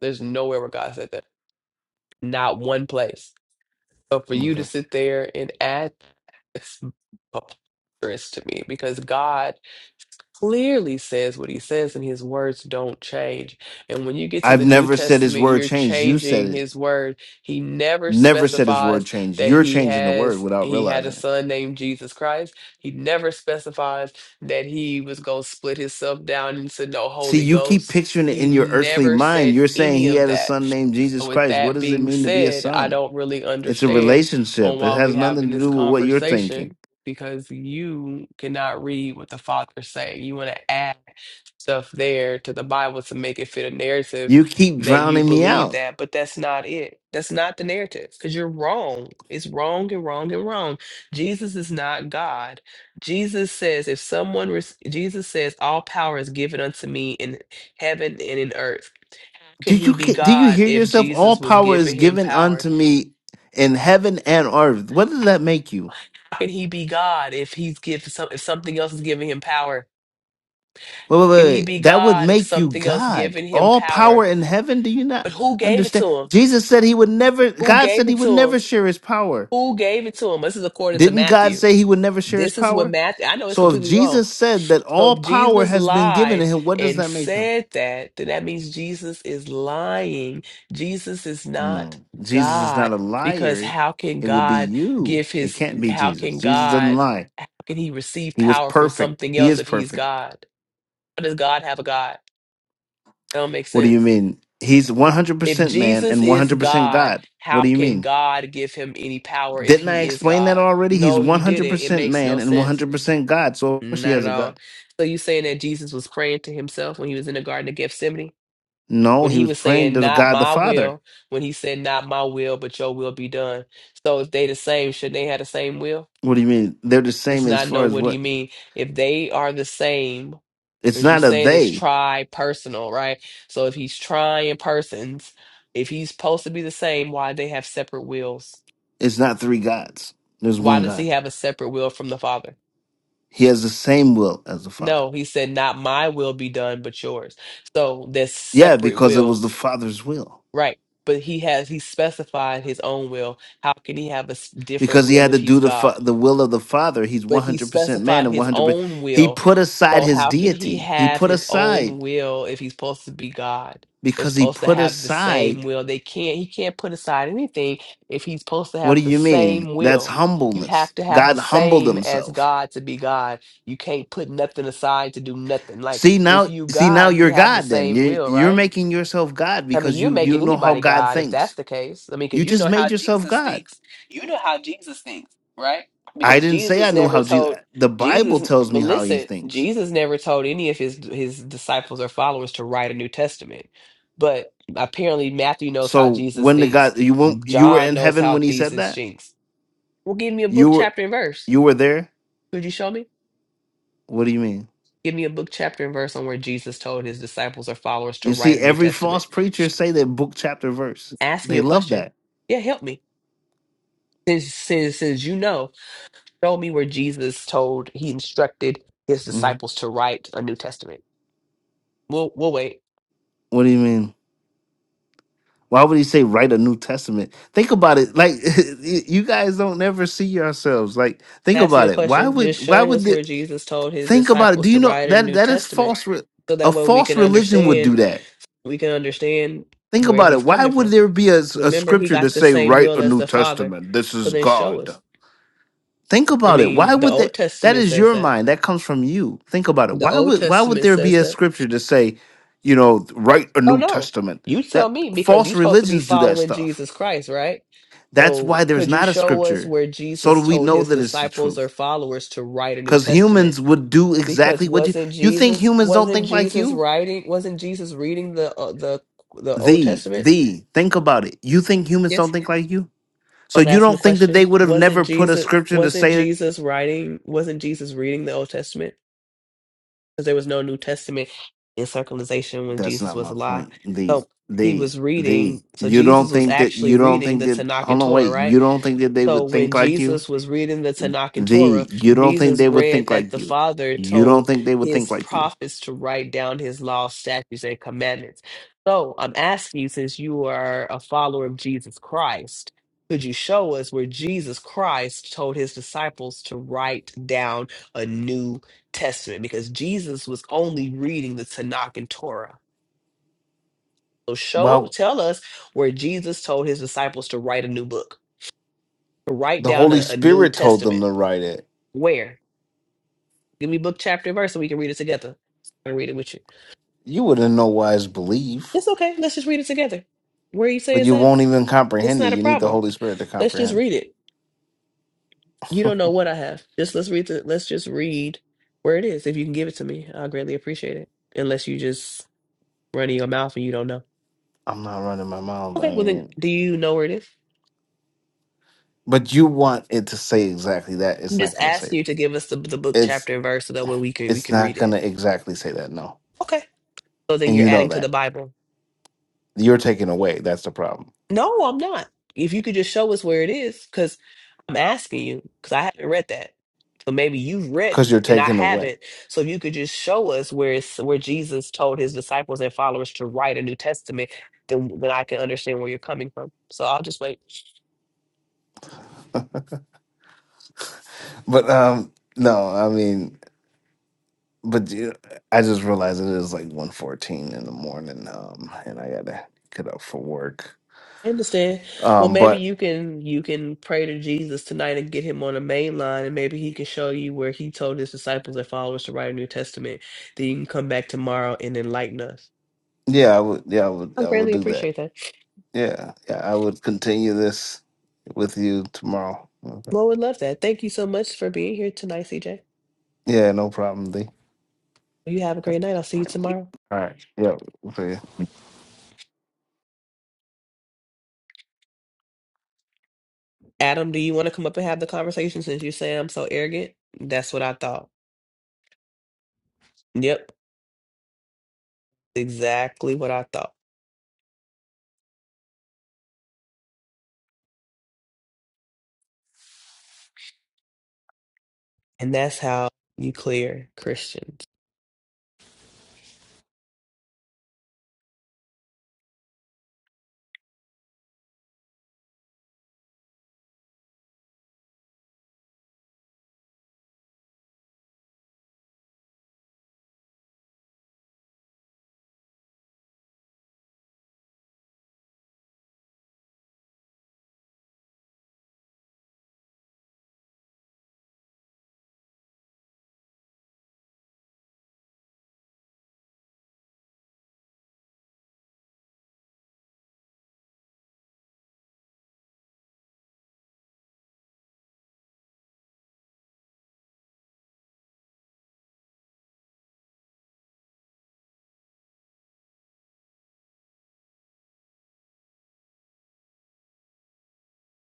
S11: There's nowhere where God said that. Not one place. So for you to
S21: okay
S11: sit there and add it's preposterous to me because God clearly says what he says and his words don't change. And when you get to
S21: i've
S11: the New
S21: never said his
S11: Testament,
S21: word
S11: you're
S21: changed you said
S11: changing
S21: it
S11: his word. He never
S21: never said his word
S11: specifies
S21: changed
S11: that
S21: you're
S11: he
S21: changing the word
S11: has
S21: without
S11: he had
S21: realizing
S11: a
S21: it
S11: son named Jesus Christ. He never specifies that he was going to split himself down into no
S21: See,
S11: Holy
S21: you keep
S11: Ghost.
S21: picturing it
S11: He
S21: in your earthly
S11: never
S21: mind.
S11: said
S21: You're saying
S11: any
S21: he
S11: of
S21: had a
S11: that.
S21: son named Jesus
S11: So with
S21: Christ. What
S11: that
S21: does it
S11: being
S21: mean to be a
S11: said, I
S21: son?
S11: don't really
S21: It's a
S11: understand on
S21: relationship. It
S11: why we
S21: has nothing
S11: having
S21: to
S11: this
S21: do with what you're
S11: conversation
S21: thinking.
S11: because you cannot read what the Father's saying. You want to add stuff there to the Bible to make it fit a narrative
S21: You keep
S11: that you
S21: drowning me
S11: believe
S21: out.
S11: that, but that's not it. That's not the narrative because you're wrong. It's wrong and wrong and wrong. Jesus is not God. Jesus says, if someone, rec- Jesus says, all power is given unto me in heaven and in earth
S21: Do
S11: can he
S21: you
S11: be
S21: do you
S11: God
S21: hear
S11: if
S21: yourself? All
S11: Jesus was
S21: power is
S11: giving him
S21: given
S11: power?
S21: unto me in heaven and earth. What does that make you?
S11: How can he be God if he's give some if something else is giving him power?
S21: Wait, wait, wait.
S11: Can he
S21: wait.
S11: be
S21: That would
S11: God if
S21: make you
S11: something else
S21: God.
S11: giving him
S21: All power
S11: power?
S21: in heaven. Do you not
S11: But who gave it
S21: understand?
S11: to him?
S21: Jesus said he would never.
S11: Who
S21: God said
S11: gave
S21: he
S11: it
S21: would
S11: to him?
S21: never share his power.
S11: Who gave it to
S21: Didn't God
S11: you?
S21: say he would never share
S11: Deadly
S21: his power? So if
S11: wrong.
S21: Jesus said that
S11: So
S21: all power has been given
S11: right,
S21: to him, what does
S11: and
S21: that make him?
S11: Jesus not
S21: No. Jesus is
S11: God
S21: not a
S11: because
S21: liar.
S11: how can
S21: It will be
S11: God
S21: you.
S11: give
S21: It
S11: his?
S21: can't be
S11: How
S21: Jesus.
S11: can
S21: Jesus doesn't
S11: God?
S21: lie.
S11: How can he receive
S21: He was
S11: power from
S21: perfect.
S11: something
S21: He
S11: else
S21: is
S11: if he?
S21: perfect.
S11: God? How does God have a God? That don't make
S21: What do you
S11: sense.
S21: mean? He's
S11: If
S21: 100% man
S11: Jesus
S21: and
S11: is
S21: 100%
S11: God,
S21: God. What
S11: how
S21: do you
S11: can
S21: mean?
S11: God give him any power if
S21: Didn't I
S11: he is
S21: explain that
S11: God?
S21: already? He's
S11: No, you didn't. It
S21: 100%
S11: makes
S21: man
S11: no
S21: and
S11: sense.
S21: 100% God. So of course he
S11: Not
S21: has
S11: at
S21: a
S11: all.
S21: God.
S11: So you saying that Jesus was praying to himself when he was in the Garden of Gethsemane?
S21: No,
S11: When
S21: he
S11: he
S21: was
S11: was
S21: praying
S11: saying,
S21: to
S11: Not
S21: God the
S11: my
S21: Father.
S11: will, when he said, Not my will, but your will be done. So if they the same, shouldn't they have the same will?
S21: What do you mean? They're the
S11: It's
S21: same as
S11: not
S21: far
S11: no
S21: as
S11: what do
S21: what?
S11: you mean? If they are the same,
S21: It's
S11: because you're
S21: not a
S11: saying it's
S21: they.
S11: tri personal, right? So if he's trying persons, if he's supposed to be the same, why they have separate wills?
S21: It's not three gods. There's
S11: Why
S21: one
S11: does
S21: God.
S11: he have a separate will from the Father?
S21: He has the same will as the Father.
S11: No, he said, not my will be done, but yours. So there's
S21: Yeah,
S11: separate
S21: because it was the
S11: wills,
S21: Father's will.
S11: right? But he has, he specified his own will. How can he have a s- different
S21: Because he
S11: will
S21: had
S11: if
S21: to
S11: he's
S21: do the fa-
S11: God?
S21: the will of the Father. He's
S11: But he
S21: 100% man
S11: specified
S21: and
S11: his
S21: 100%.
S11: own
S21: He
S11: will.
S21: put aside
S11: So,
S21: his deity. He put aside
S11: God.
S21: because he put aside.
S11: So they can't he can't put aside anything if he's supposed to
S21: What
S11: have
S21: do
S11: the
S21: you mean?
S11: same
S21: That's
S11: will. You
S21: humbleness.
S11: have to have
S21: God
S11: the
S21: humbled
S11: same as
S21: himself.
S11: God to be God. You can't put nothing aside to do nothing. Like
S21: See
S11: if
S21: now,
S11: you
S21: see now
S11: God, you
S21: you're
S11: have the
S21: God then.
S11: same
S21: You
S11: will,
S21: you're
S11: right?
S21: making yourself God
S11: I mean,
S21: because
S11: you're
S21: you you
S11: making
S21: know how
S11: anybody
S21: God
S11: God if that's
S21: thinks.
S11: the case. I mean,
S21: You
S11: because you
S21: just
S11: know how
S21: made yourself
S11: Jesus
S21: God.
S11: thinks. You know how Jesus thinks, right?
S21: I
S11: Because
S21: didn't say I
S11: Jesus
S21: knew
S11: never
S21: how Jesus.
S11: told
S21: The Bible
S11: Jesus,
S21: tells
S11: but
S21: me how he
S11: listen, Jesus,
S21: thinks.
S11: his disciple followers, man. But apparently, Matthew knows how
S21: So
S11: Jesus
S21: when the
S11: thinks.
S21: God you won't you were
S11: John
S21: in
S11: knows
S21: heaven
S11: how
S21: when he said
S11: Jesus
S21: that
S11: thinks. Give me a
S21: you
S11: book,
S21: were
S11: chapter, and verse.
S21: you were there.
S11: Could you show me?
S21: What do you mean?
S11: Give me a book, chapter, and verse on where Jesus told his disciples or followers to
S21: You
S11: write
S21: see,
S11: a New
S21: every
S11: Testament.
S21: false preacher say that book chapter verse.
S11: Asking
S21: They
S11: you a
S21: love
S11: question.
S21: that.
S11: Yeah, help me. Since since since you know, show me where Jesus told he instructed his
S21: Mhm.
S11: disciples to write a New Testament. We'll we'll wait.
S21: What do you mean? Why would he say write a New Testament? Think about it. Like y- you guys don't ever see yourselves. Like think
S11: Ask you
S21: about
S11: a
S21: it. Why
S11: question. Just
S21: would why
S11: show
S21: would
S11: us
S21: the
S11: where Jesus told his
S21: think about it? Do
S11: disciples
S21: you
S11: to
S21: know
S11: write a
S21: that
S11: New
S21: that is
S11: Testament.
S21: false? re-
S11: So
S21: A
S11: that way we
S21: false
S11: can
S21: religion would
S11: understand
S21: do that
S11: we can understand
S21: Think
S11: where
S21: about
S11: he's
S21: it. Why
S11: coming
S21: would
S11: from.
S21: there be a, a
S11: Remember, he
S21: scripture to
S11: got the
S21: say,
S11: same
S21: write
S11: will
S21: a
S11: as
S21: New
S11: the Father.
S21: Testament? This
S11: So
S21: is
S11: then show us.
S21: God. Think
S11: I
S21: about it. Why
S11: mean, the
S21: would that?
S11: Old
S21: That
S11: Testament
S21: is
S11: says
S21: your
S11: that.
S21: mind. That comes from you. Think about it.
S11: The
S21: Why
S11: Old
S21: would why would
S11: Testament
S21: there be
S11: says
S21: a
S11: that.
S21: scripture to say, you know, write a
S11: I don't
S21: New
S11: know.
S21: Testament?
S11: You tell
S21: That
S11: me because
S21: false
S11: you're supposed to be
S21: religions do that
S11: following
S21: stuff.
S11: Jesus Christ, right?
S21: That's
S11: So
S21: why there's
S11: could you
S21: not a
S11: show us
S21: scripture.
S11: where
S21: So
S11: Jesus
S21: do we
S11: told
S21: know
S11: his
S21: that it's the
S11: disciples or
S21: truth?
S11: followers to write a New
S21: Because
S11: Testament?
S21: humans would do
S11: Because
S21: exactly what you
S11: wasn't
S21: you think
S11: Jesus
S21: humans don't
S11: wasn't
S21: think like
S11: Jesus
S21: you?
S11: writing wasn't Jesus reading the uh, the the Old
S21: The
S11: Testament?
S21: the think about it. You think humans don't
S11: Yes.
S21: think like you?
S11: I
S21: So
S11: was
S21: you
S11: asking the
S21: don't think that they
S11: question.
S21: would have
S11: Wasn't
S21: never put a
S11: Jesus
S21: scripture to
S11: wasn't
S21: say
S11: Jesus writing wasn't Jesus reading the Old Testament? because there was no New Testament in circumcision when
S21: that's
S11: Jesus
S21: not
S11: was
S21: my
S11: alive.
S21: point. The
S11: So he
S21: the
S11: was
S21: the
S11: reading. So
S21: you don't
S11: Jesus was
S21: think that
S11: actually
S21: you don't
S11: reading
S21: think
S11: the
S21: that
S11: Tanakh and
S21: hold on
S11: Torah,
S21: wait
S11: right?
S21: you don't think that they
S11: So
S21: would
S11: when
S21: think like you.
S11: Jesus was reading the Tanakh and Torah,
S21: The you don't think
S11: Jesus
S21: they would
S11: read
S21: think
S11: that
S21: like
S11: the
S21: you.
S11: Father
S21: You don't
S11: told
S21: think they would think
S11: his
S21: like you.
S11: prophets to write down his law, statutes, and commandments. So I'm asking you, since you are a follower of Jesus Christ, could you show us where Jesus Christ told his disciples to write down a New Testament? Because Jesus was only reading the Tanakh and Torah. So show,
S21: Well,
S11: tell us where Jesus told his disciples to write a new book, to write
S21: the
S11: down
S21: Holy
S11: a, a New
S21: Spirit told
S11: Testament.
S21: them to write it.
S11: Where? Give me book, chapter, and verse, and we can read it together. I can read it with you.
S21: You would in no wise believe,
S11: It's okay. Let's just read it together. Where you say
S21: but
S11: is
S21: you
S11: at?
S21: won't even
S11: That's
S21: comprehend it.
S11: not a
S21: You need the
S11: problem.
S21: Holy Spirit to
S11: Let's just
S21: comprehend.
S11: read it. You don't know what I have. Just let's read the let's just read where it is. If you can give it to me, I'll greatly appreciate it. Unless you just running your mouth and you don't know.
S21: I'm not running my mouth. I
S11: Okay, well then
S21: mean,
S11: do you know where it is?
S21: but you want it to say exactly that. It's
S11: I'm
S21: not
S11: just
S21: going to say
S11: asking
S21: that.
S11: you to give us the, the book,
S21: It's
S11: chapter, and verse so that way we can we
S21: it's
S11: can
S21: not
S11: read
S21: going to
S11: it.
S21: exactly say that no
S11: Okay. So then
S21: and
S11: you're
S21: you know
S11: adding to the
S21: that
S11: Bible.
S21: you're taken away that's the problem
S11: No, I'm not. If you could just show us where it is, because I'm asking you, because I haven't read that. but maybe you've read
S21: because
S11: it
S21: you're
S11: and I
S21: taken away
S11: haven't. So if you could just show us where it's where Jesus told his disciples and followers to write a New Testament, then then I can understand where you're coming from. So I'll just wait
S21: but um no i mean but you- i just realized it is like one fourteen in the morning um and i gotta get up for work um but
S11: for the followers to write a new man. The I
S21: yeah i would yeah i would i would
S11: greatly
S21: do that
S11: appreciate that.
S21: yeah yeah i would continue this with you tomorrow okay.
S11: Well, would love that. Thank you so much for being here tonight, CJ.
S21: yeah no problem D.
S11: You have a
S21: Yep.
S11: great night. I'll see you tomorrow.
S21: all right yeah
S11: Adam, do you want to come up and have the conversation since you say I'm so arrogant? That's what I thought. Yep, exactly what I thought. And that's how you clear Christians.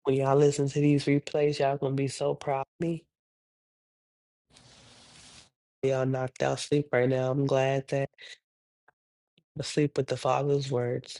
S11: When y'all listen to these replays, y'all gonna be so proud of me. Y'all knocked out sleep right now. I'm glad that I'm asleep with the Father's words.